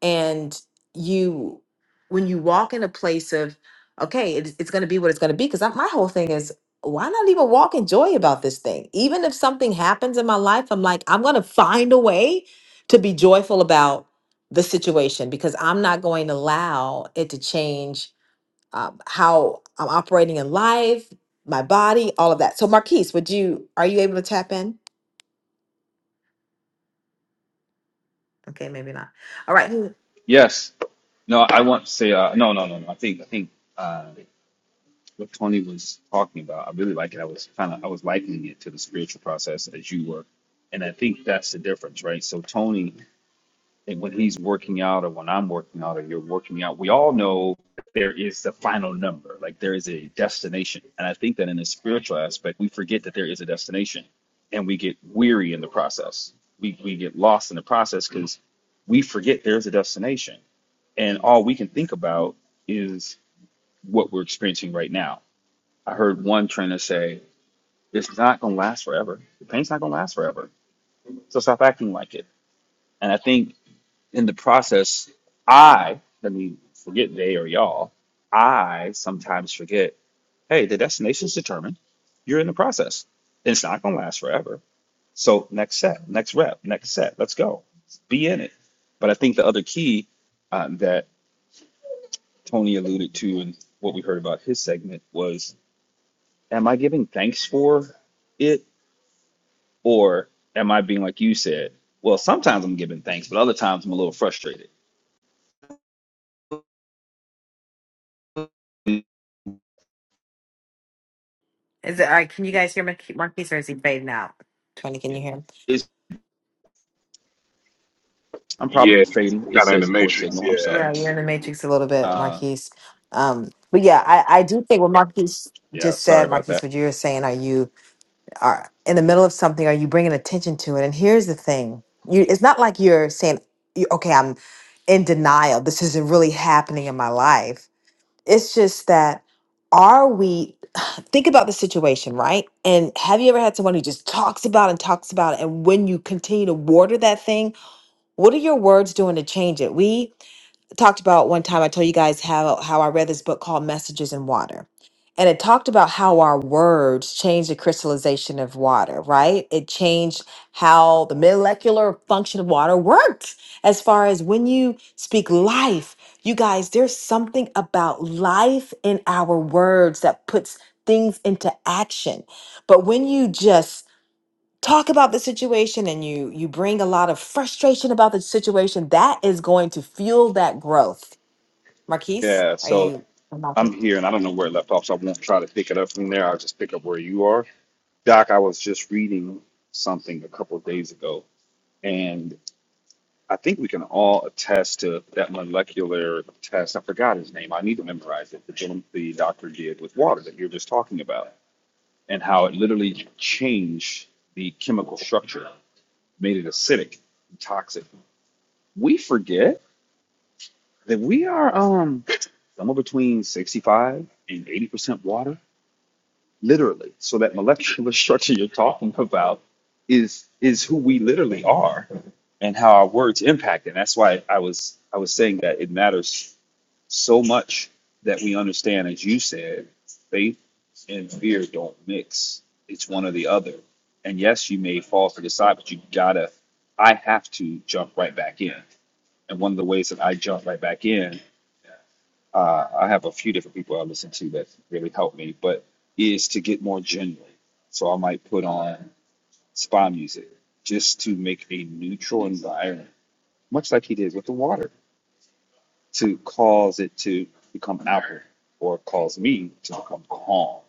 [SPEAKER 24] and you when you walk in a place of okay it's, it's going to be what it's going to be because my whole thing is why not even walk in joy about this thing even if something happens in my life i'm like i'm going to find a way to be joyful about the situation because i'm not going to allow it to change um, how i'm operating in life my body all of that so marquise would you are you able to tap in okay maybe not all right
[SPEAKER 25] Yes. No, I want to say uh, no, no, no, no. I think I think uh, what Tony was talking about. I really like it. I was kind of I was likening it to the spiritual process as you were, and I think that's the difference, right? So Tony and when he's working out or when I'm working out or you're working out, we all know that there is the final number. Like there is a destination. And I think that in the spiritual aspect, we forget that there is a destination and we get weary in the process. We, we get lost in the process because we forget there's a destination. And all we can think about is what we're experiencing right now. I heard one trainer say, it's not going to last forever. The pain's not going to last forever. So stop acting like it. And I think in the process, I, let me forget they or y'all, I sometimes forget, hey, the destination's determined. You're in the process. It's not going to last forever. So next set, next rep, next set, let's go. Be in it. But I think the other key uh, that Tony alluded to and what we heard about his segment was, am I giving thanks for it or am I being like you said? Well, sometimes I'm giving thanks, but other times I'm a little frustrated
[SPEAKER 24] Is it all right? Can you guys hear Marquise, Marquise or is he fading out? Tony, can you hear him?
[SPEAKER 25] I'm probably
[SPEAKER 21] Yeah,
[SPEAKER 25] fading. It
[SPEAKER 21] kind of in the
[SPEAKER 25] says poor
[SPEAKER 21] matrix.
[SPEAKER 25] signal. I'm
[SPEAKER 21] Yeah,
[SPEAKER 25] sorry.
[SPEAKER 24] Yeah, you're in the matrix a little bit,
[SPEAKER 25] Uh,
[SPEAKER 24] Marquise. Um, but yeah, I, I do think what Marquise
[SPEAKER 25] yeah,
[SPEAKER 24] just
[SPEAKER 25] sorry
[SPEAKER 24] said,
[SPEAKER 25] about
[SPEAKER 24] Marquise,
[SPEAKER 25] that.
[SPEAKER 24] what you were saying, are you are in the middle of something? Are you bringing attention to it? And here's the thing: you, it's not like you're saying, you- "Okay, I'm in denial. This isn't really happening in my life." It's just that are we think about the situation, right? And have you ever had someone who just talks about and talks about it and when you continue to water that thing, what are your words doing to change it? We talked about one time I told you guys how how I read this book called Messages in Water. And it talked about how our words change the crystallization of water, right? It changed how the molecular function of water works. As far as when you speak life, you guys, there's something about life in our words that puts things into action. But when you just talk about the situation and you you bring a lot of frustration about the situation, that is going to fuel that growth Marquise,
[SPEAKER 25] Yeah,
[SPEAKER 24] are
[SPEAKER 25] so
[SPEAKER 24] you? i
[SPEAKER 25] I'm here and I don't know where it left off, so I won't try to pick it up from there. I'll just pick up where you are. Doc, I was just reading something a couple of days ago, and I think we can all attest to that molecular test. I forgot his name. I need to memorize it. The, gentleman, the doctor did with water that you're just talking about, and how it literally changed the chemical structure, made it acidic, toxic. We forget. that we are um somewhere between 65 and 80% water, literally. So that molecular structure you're talking about is is who we literally are and how our words impact. And that's why I was I was saying that it matters so much that we understand, as you said, faith and fear don't mix. It's one or the other. And yes, you may fall to the side, but you gotta I have to jump right back in. And one of the ways that I jump right back in uh, I have a few different people I listen to that really help me, but is to get more genuine. So I might put on spa music just to make a neutral environment, much like he did with the water, to cause it to become alkaline or cause me to become calm.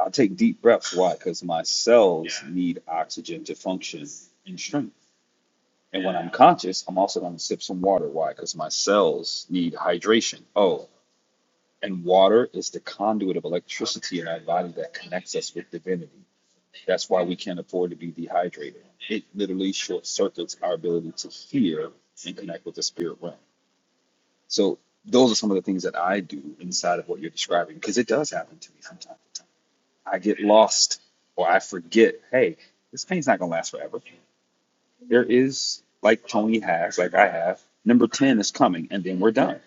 [SPEAKER 25] I'll take deep breaths. Why? Because my cells yeah. need oxygen to function and strength. And yeah. when I'm conscious, I'm also going to sip some water. Why? Because my cells need hydration. Oh, And water is the conduit of electricity in our body that connects us with divinity. That's why we can't afford to be dehydrated. It literally short circuits our ability to hear and connect with the spirit realm. So those are some of the things that I do inside of what you're describing, because it does happen to me sometimes. I get lost or I forget, hey, this pain's not gonna last forever. There is like Tony has, like I have, number 10 is coming and then we're done.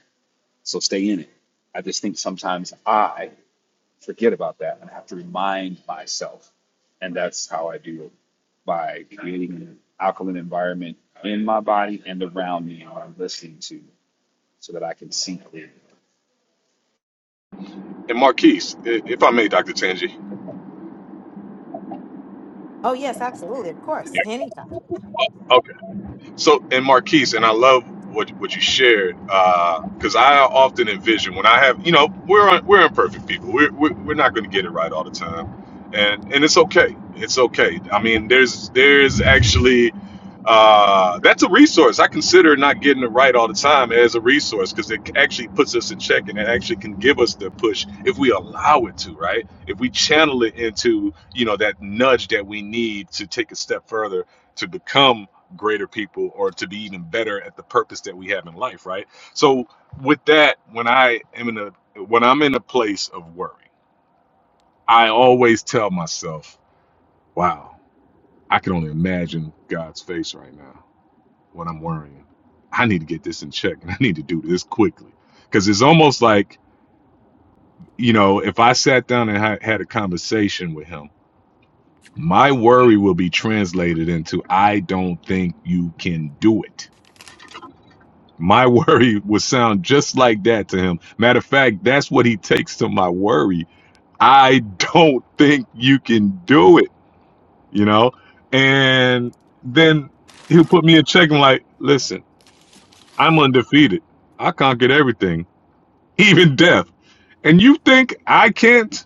[SPEAKER 25] So stay in it. I just think sometimes I forget about that and I have to remind myself. And that's how I do it by creating an alkaline environment in my body and around me and what I'm listening to so that I can see clearly.
[SPEAKER 21] and Marquise, i- if I may, Dr. Tangi.
[SPEAKER 24] Oh yes, absolutely, of course,
[SPEAKER 21] Yeah.
[SPEAKER 24] anytime.
[SPEAKER 21] So, and Marquise, and I love what what you shared because I often envision when I have, you know, we're un, we're imperfect people. We're we're, we're not going to get it right all the time, and and it's okay. It's okay. I mean, there's there's actually uh, that's a resource. I consider not getting it right all the time as a resource because it actually puts us in check and it actually can give us the push if we allow it to, right? If we channel it into, you know, that nudge that we need to take a step further to become greater people or to be even better at the purpose that we have in life right so with that when i am in a when i'm in a place of worry i always tell myself wow i can only imagine god's face right now when i'm worrying i need to get this in check and i need to do this quickly because it's almost like you know if i sat down and ha- had a conversation with him my worry will be translated into i don't think you can do it My worry would sound just like that to him. Matter of fact, that's what he takes to my worry. I don't think you can do it, you know? And then he'll put me in check and like, listen, I'm undefeated. I conquered everything, even death. And you think I can't?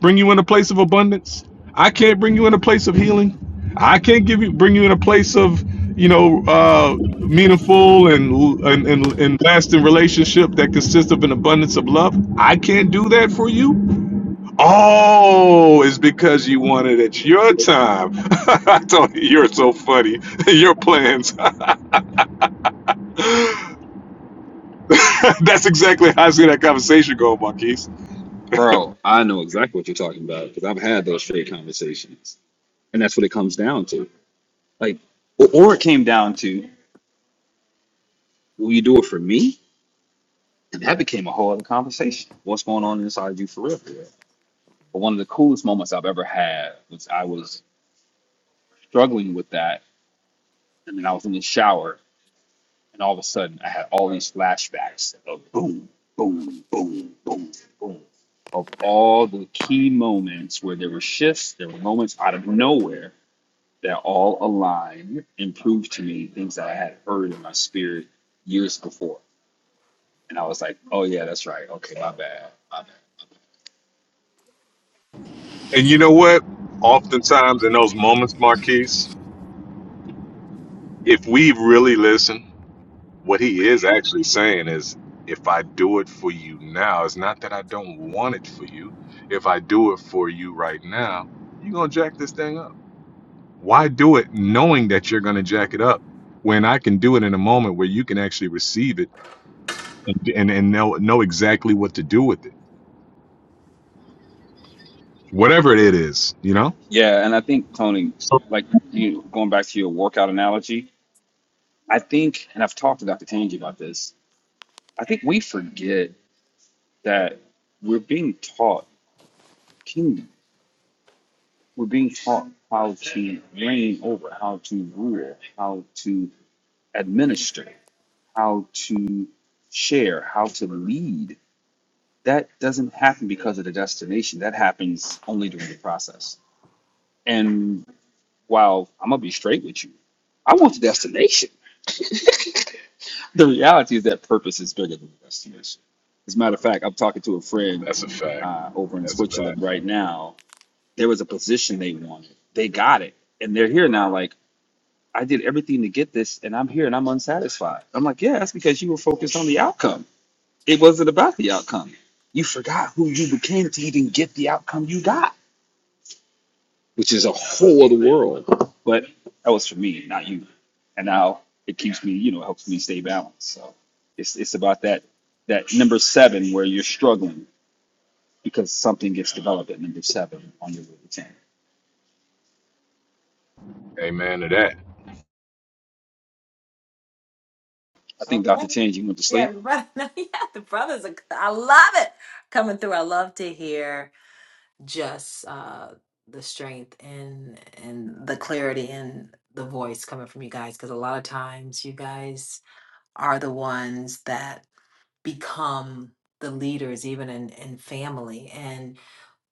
[SPEAKER 21] bring you in a place of abundance. I can't bring you in a place of healing. I can't give you bring you in a place of you know uh, meaningful and, and and and lasting relationship that consists of an abundance of love. I can't do that for you. Oh, it's because you want it at your time. I told you, you're so funny. Your plans. That's exactly how I see that conversation go, Marquise.
[SPEAKER 25] Bro, I know exactly what you're talking about because I've had those straight conversations. And that's what it comes down to. Like, or or it came down to, will you do it for me? And that became a whole other conversation. What's going on inside you for real? for real? But one of the coolest moments I've ever had was I was struggling with that. And then I was in the shower And all of a sudden, I had all these flashbacks of boom, boom, boom, boom, boom, of all the key moments where there were shifts, there were moments out of nowhere that all aligned and proved to me things that I had heard in my spirit years before. And I was like, oh, yeah, that's right. Okay, my bad. My bad.
[SPEAKER 21] And you know what? Oftentimes in those moments, Marquise, if we really listen. what he is actually saying is if I do it for you now, it's not that I don't want it for you. If I do it for you right now, you're going to jack this thing up. Why do it knowing that you're going to jack it up when I can do it in a moment where you can actually receive it and, and, and know, know exactly what to do with it? Whatever it is, you know?
[SPEAKER 25] Yeah. And I think cloning,
[SPEAKER 21] So
[SPEAKER 25] like you going back to your workout analogy, I think, and I've talked to Dr. Tangi about this, I think we forget that we're being taught kingdom. We're being taught how to reign over, how to rule, how to administer, how to share, how to lead. That doesn't happen because of the destination. That happens only during the process. And while I'm going to be straight with you, I want the destination. The reality is that purpose is bigger than the destination. As a matter of fact, I'm talking to a friend
[SPEAKER 21] that's a fact.
[SPEAKER 25] uh, over in
[SPEAKER 21] That's a
[SPEAKER 25] Switzerland
[SPEAKER 21] fact.
[SPEAKER 25] right now. There was a position they wanted, they got it. And they're here now, like, I did everything to get this and I'm here and I'm unsatisfied. I'm like, yeah, that's because you were focused on the outcome. It wasn't about the outcome. You forgot who you became to even get the outcome you got, which is a whole other world. But that was for me, not you. And now it keeps me, you know, it helps me stay balanced. So it's it's about that that number seven where you're struggling because something gets developed at number seven on your way to ten.
[SPEAKER 21] Amen to that.
[SPEAKER 25] I think
[SPEAKER 24] Okay.
[SPEAKER 25] Dr. Change, you went to sleep.
[SPEAKER 24] Yeah, the brother. Yeah, the brothers. Are, I love it coming through. I love to hear just uh, the strength and and the clarity in the voice coming from you guys because a lot of times you guys are the ones that become the leaders even in in family and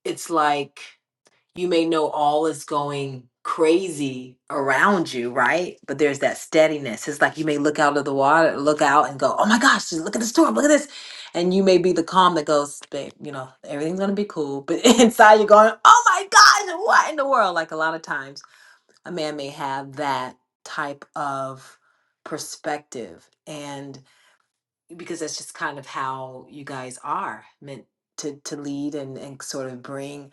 [SPEAKER 24] it's like you may know all is going crazy around you, right? But there's that steadiness. It's like you may look out of the water, look out and go, oh my gosh, just look at the storm, look at this. And you may be the calm that goes, babe, you know, everything's going to be cool. But inside you're going, oh my gosh, what in the world? Like a lot of times a man may have that type of perspective. And because that's just kind of how you guys are meant to, to lead and, and sort of bring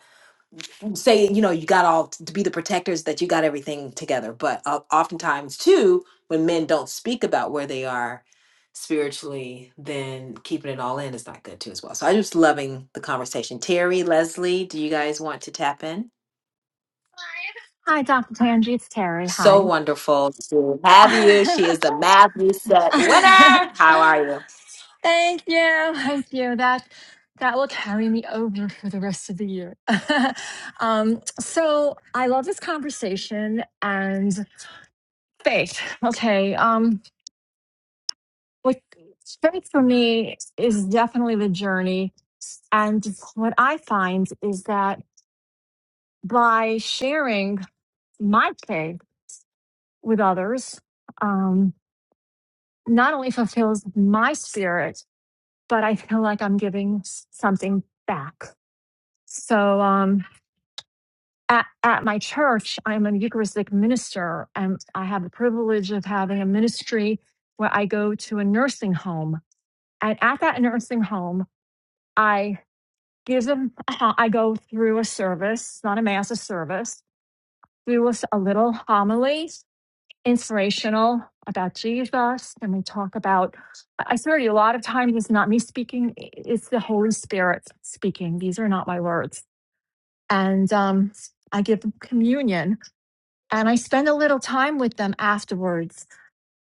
[SPEAKER 24] say you know you got all to be the protectors that you got everything together but uh, oftentimes too when men don't speak about where they are spiritually then keeping it all in is not good too as well so i'm just loving the conversation terry leslie do you guys want to tap in
[SPEAKER 23] Hi, Dr. Tangi. It's Terry. Hi.
[SPEAKER 24] so wonderful to have you she is the Matthew set winner how are you
[SPEAKER 23] Thank you. Thank you. That that will carry me over for the rest of the year. um, so I love this conversation and faith. Okay. Um, what faith for me is definitely the journey. And what I find is that by sharing my faith with others, um, not only fulfills my spirit but I feel like I'm giving s- something back. So um, at, at my church, I'm a Eucharistic minister, and I have the privilege of having a ministry where I go to a nursing home. And at that nursing home, I give them, I go through a service, not a mass, a service, through a, s- a little homily. inspirational about Jesus and we talk about I swear to you a lot of times it's not me speaking, it's the Holy Spirit speaking. These are not my words. And um I give them communion and I spend a little time with them afterwards.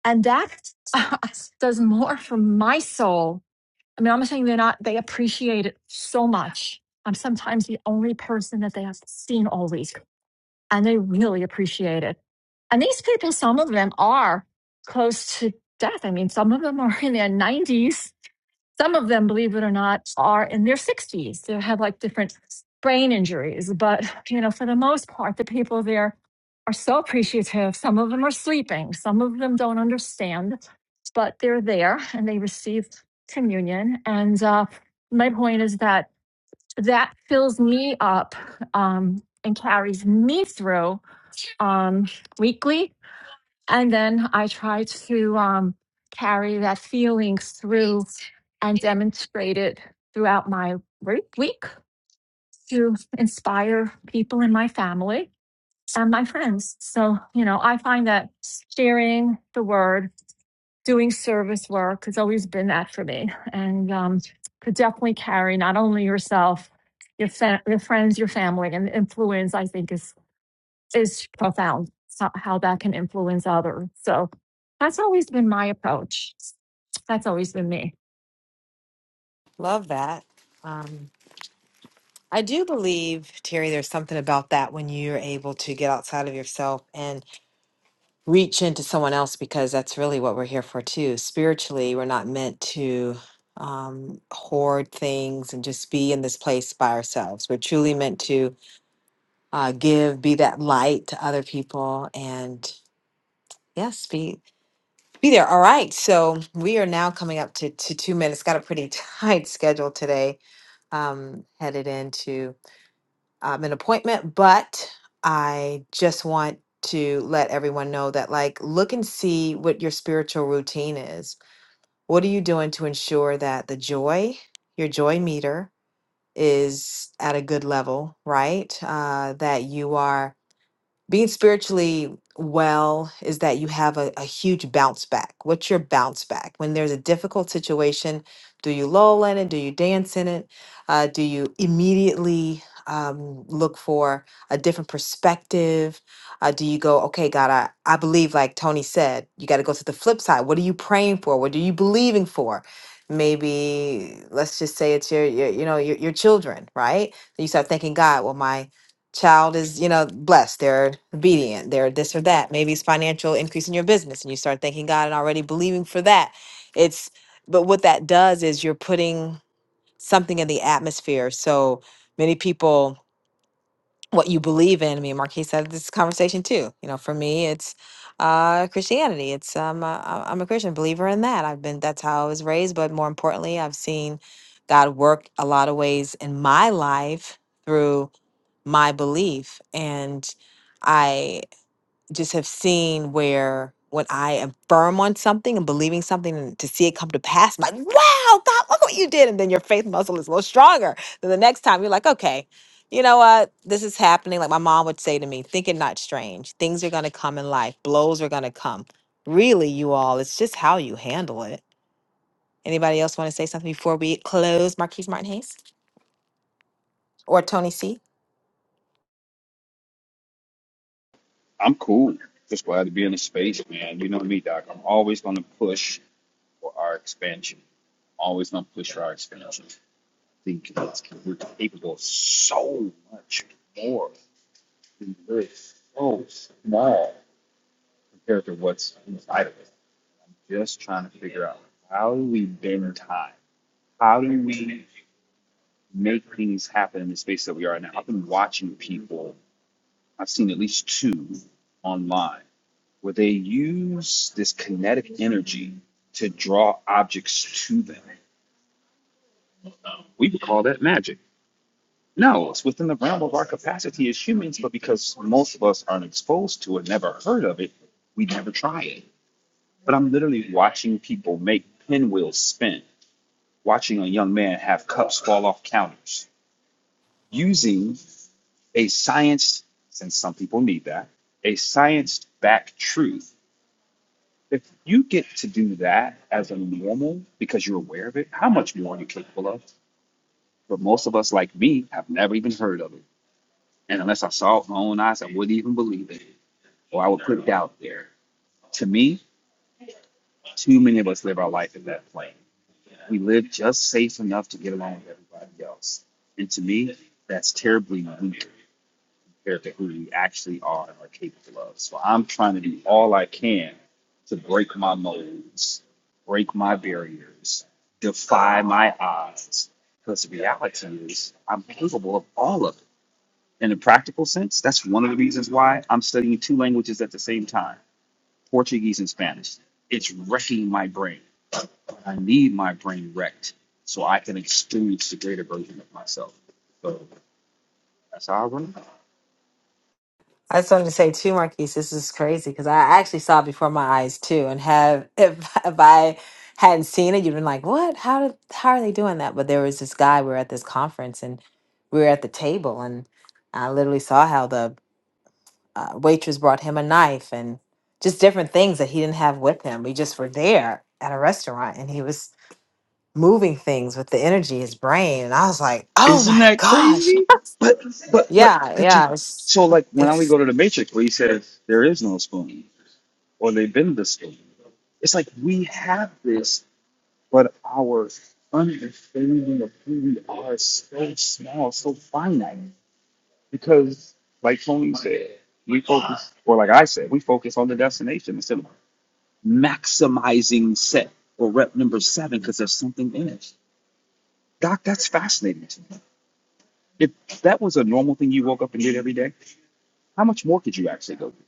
[SPEAKER 23] And that does more for my soul. I mean, I'm not saying they're not, they appreciate it so much. I'm sometimes the only person that they have seen all week and they really appreciate it. And these people, some of them are close to death. I mean, some of them are in their 90s. Some of them, believe it or not, are in their 60s. They have like different brain injuries. But, you know, for the most part, the people there are so appreciative. Some of them are sleeping, some of them don't understand, but they're there and they receive communion. And uh, my point is that that fills me up um, and carries me through um, weekly. And then I try to um, carry that feelings through and demonstrate it throughout my work week to inspire people in my family and my friends. So, you know, I find that sharing the word, doing service work has always been that for me and um, could definitely carry not only yourself, your, fa- your friends, your family, and the influence I think is is profound so- how that can influence others. So that's always been my approach. That's always been me.
[SPEAKER 24] Love that. Um, I do believe, Terry, there's something about that when you're able to get outside of yourself reach into someone else because that's really what we're here for too. Spiritually, we're not meant to um, hoard things and just be in this place by ourselves. We're truly meant to uh, give, be that light to other people, and yes, be be there. All right, so we are now coming up to to two minutes. Got a pretty tight schedule today. Um, headed into um, an appointment, but I just want to let everyone know that, like, look and see what your spiritual routine is. What are you doing to ensure that the joy, your joy meter, is at a good level, right? Uh, that you are being spiritually well is that you have a, a huge bounce back. What's your bounce back? When there's a difficult situation, do you lull in it? Do you dance in it? Uh, do you immediately um, look for a different perspective? Uh, do you go, okay, God, I, I believe, like Tony said, you got to go to the flip side. What are you praying for? What are you believing for? Maybe let's just say it's your, your you know, your, your children, right? You start thinking, God, well, my child is, you know, blessed, they're obedient, they're this or that. Maybe it's financial increase in your business and you start thanking God and already believing for that. It's but what that does is you're putting something in the atmosphere. So many people what you believe in. I mean, Marquis had this conversation too. You know, for me, it's uh, Christianity. It's um, uh, I- I'm a Christian believer in that. I've been that's how I was raised. But more importantly, I've seen God work a lot of ways in my life through my belief. And I just have seen where when I am firm on something and believing something and to see it come to pass, I'm like, wow, God, look what you did. And then your faith muscle is a little stronger. Then the next time you're like, okay, you know what? This is happening. Like my mom would say to me, think it not strange. Things are going to come in life, blows are going to come. Really, you all, it's just how you handle it. Anybody else want to say something before we close? Marquise Martin Hayes or Tony C?
[SPEAKER 25] I'm cool. Just glad to be in the space, man. You know me, Doc. I'm always going to push for our expansion. Always going to push for our expansion. Think it's, we're capable of so much more. than this. so small compared to what's inside of us. Just trying to figure out how do we bend time? How do we make things happen in the space that we are now? I've been watching people. I've seen at least two online where they use this kinetic energy to draw objects to them. We would call that magic. No, it's within the realm of our capacity as humans, but because most of us aren't exposed to it, never heard of it, we never try it. But I'm literally watching people make pinwheels spin, watching a young man have cups fall off counters, using a science, since some people need that, a science backed truth If you get to do that as a normal because you're aware of it, how much more are you capable of? But most of us, like me, have never even heard of it. And unless I saw it with my own eyes, I wouldn't even believe it or I would put doubt there. To me, too many of us live our life in that plane. We live just safe enough to get along with everybody else. And to me, that's terribly weak. compared to who you actually are and are capable of. So I'm trying to do all I can to break my molds, break my barriers, defy my odds. Because the reality is, I'm capable of all of it. In a practical sense, that's one of the reasons why I'm studying two languages at the same time Portuguese and Spanish. It's wrecking my brain. I need my brain wrecked so I can experience the greater version of myself. So that's how I run.
[SPEAKER 24] I just wanted to say too, Marquise, this is crazy because I actually saw it before my eyes too, and have if if I hadn't seen it, you'd been like, "What? How did? How are they doing that?" But there was this guy. We were at this conference, and we were at the table, and I literally saw how the uh, waitress brought him a knife and just different things that he didn't have with him. We just were there at a restaurant, and he was moving things with the energy, his brain, and I was like, "Oh
[SPEAKER 25] Isn't
[SPEAKER 24] my
[SPEAKER 25] that
[SPEAKER 24] gosh,
[SPEAKER 25] crazy? But but but
[SPEAKER 24] yeah,
[SPEAKER 25] but you-
[SPEAKER 24] yeah." It's,
[SPEAKER 25] so like when I we
[SPEAKER 24] it's
[SPEAKER 25] go to the Matrix where he says there is no spoon or they bend the spoon. It's like we have this, but our understanding of who we are is so small, so finite. Because like Tony said, we focus or like I said, we focus on the destination instead of maximizing set or rep number seven because there's something in it. Doc, that's fascinating If that was a normal thing you woke up and did every day, how much more could you actually go do?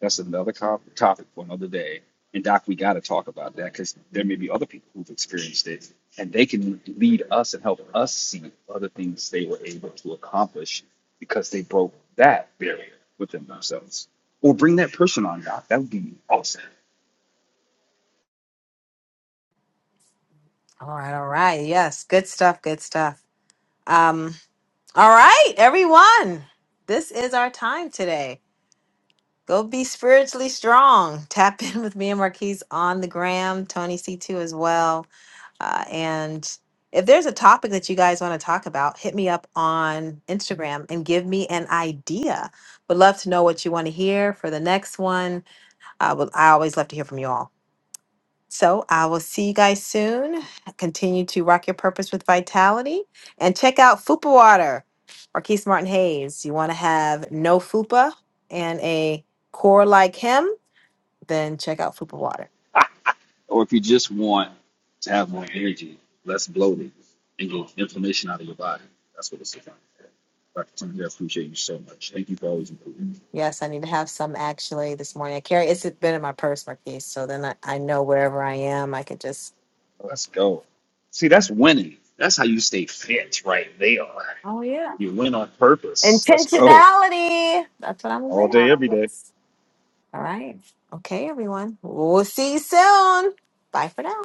[SPEAKER 25] That's another co- topic for another day. And Doc, we got to talk about that because there may be other people who've experienced it, and they can lead us and help us see other things they were able to accomplish because they broke that barrier within themselves. Or bring that person on, Doc. That would be awesome.
[SPEAKER 24] All right, all right. Yes, good stuff, good stuff. Um, all right, everyone. This is our time today. Go be spiritually strong. Tap in with me and Marquise on the gram, Tony C2 as well. Uh, and if there's a topic that you guys want to talk about, hit me up on Instagram and give me an idea. Would love to know what you want to hear for the next one. Uh, would- I always love to hear from you all. So I will see you guys soon. Continue to rock your purpose with vitality and check out Fupa Water, Marquise Martin Hayes. You want to have no Fupa and a core like him, then check out Fupa Water.
[SPEAKER 25] Or if you just want to have more energy, less bloating, and get inflammation out of your body. That's what it's about. Dr. Tony, I appreciate you so much. Thank you for always improving.
[SPEAKER 24] Yes, I need to have some actually this morning. I carry it's been in my purse, Marquise. So then I, I know wherever I am, I could just
[SPEAKER 25] Let's go. See, that's winning. That's how you stay fit right there.
[SPEAKER 24] Oh yeah.
[SPEAKER 25] You win on purpose. Let's go.
[SPEAKER 24] Intentionality. That's what I'm
[SPEAKER 25] All day,
[SPEAKER 24] about.
[SPEAKER 25] every day.
[SPEAKER 24] All right. Okay, everyone. We'll see you soon. Bye for now.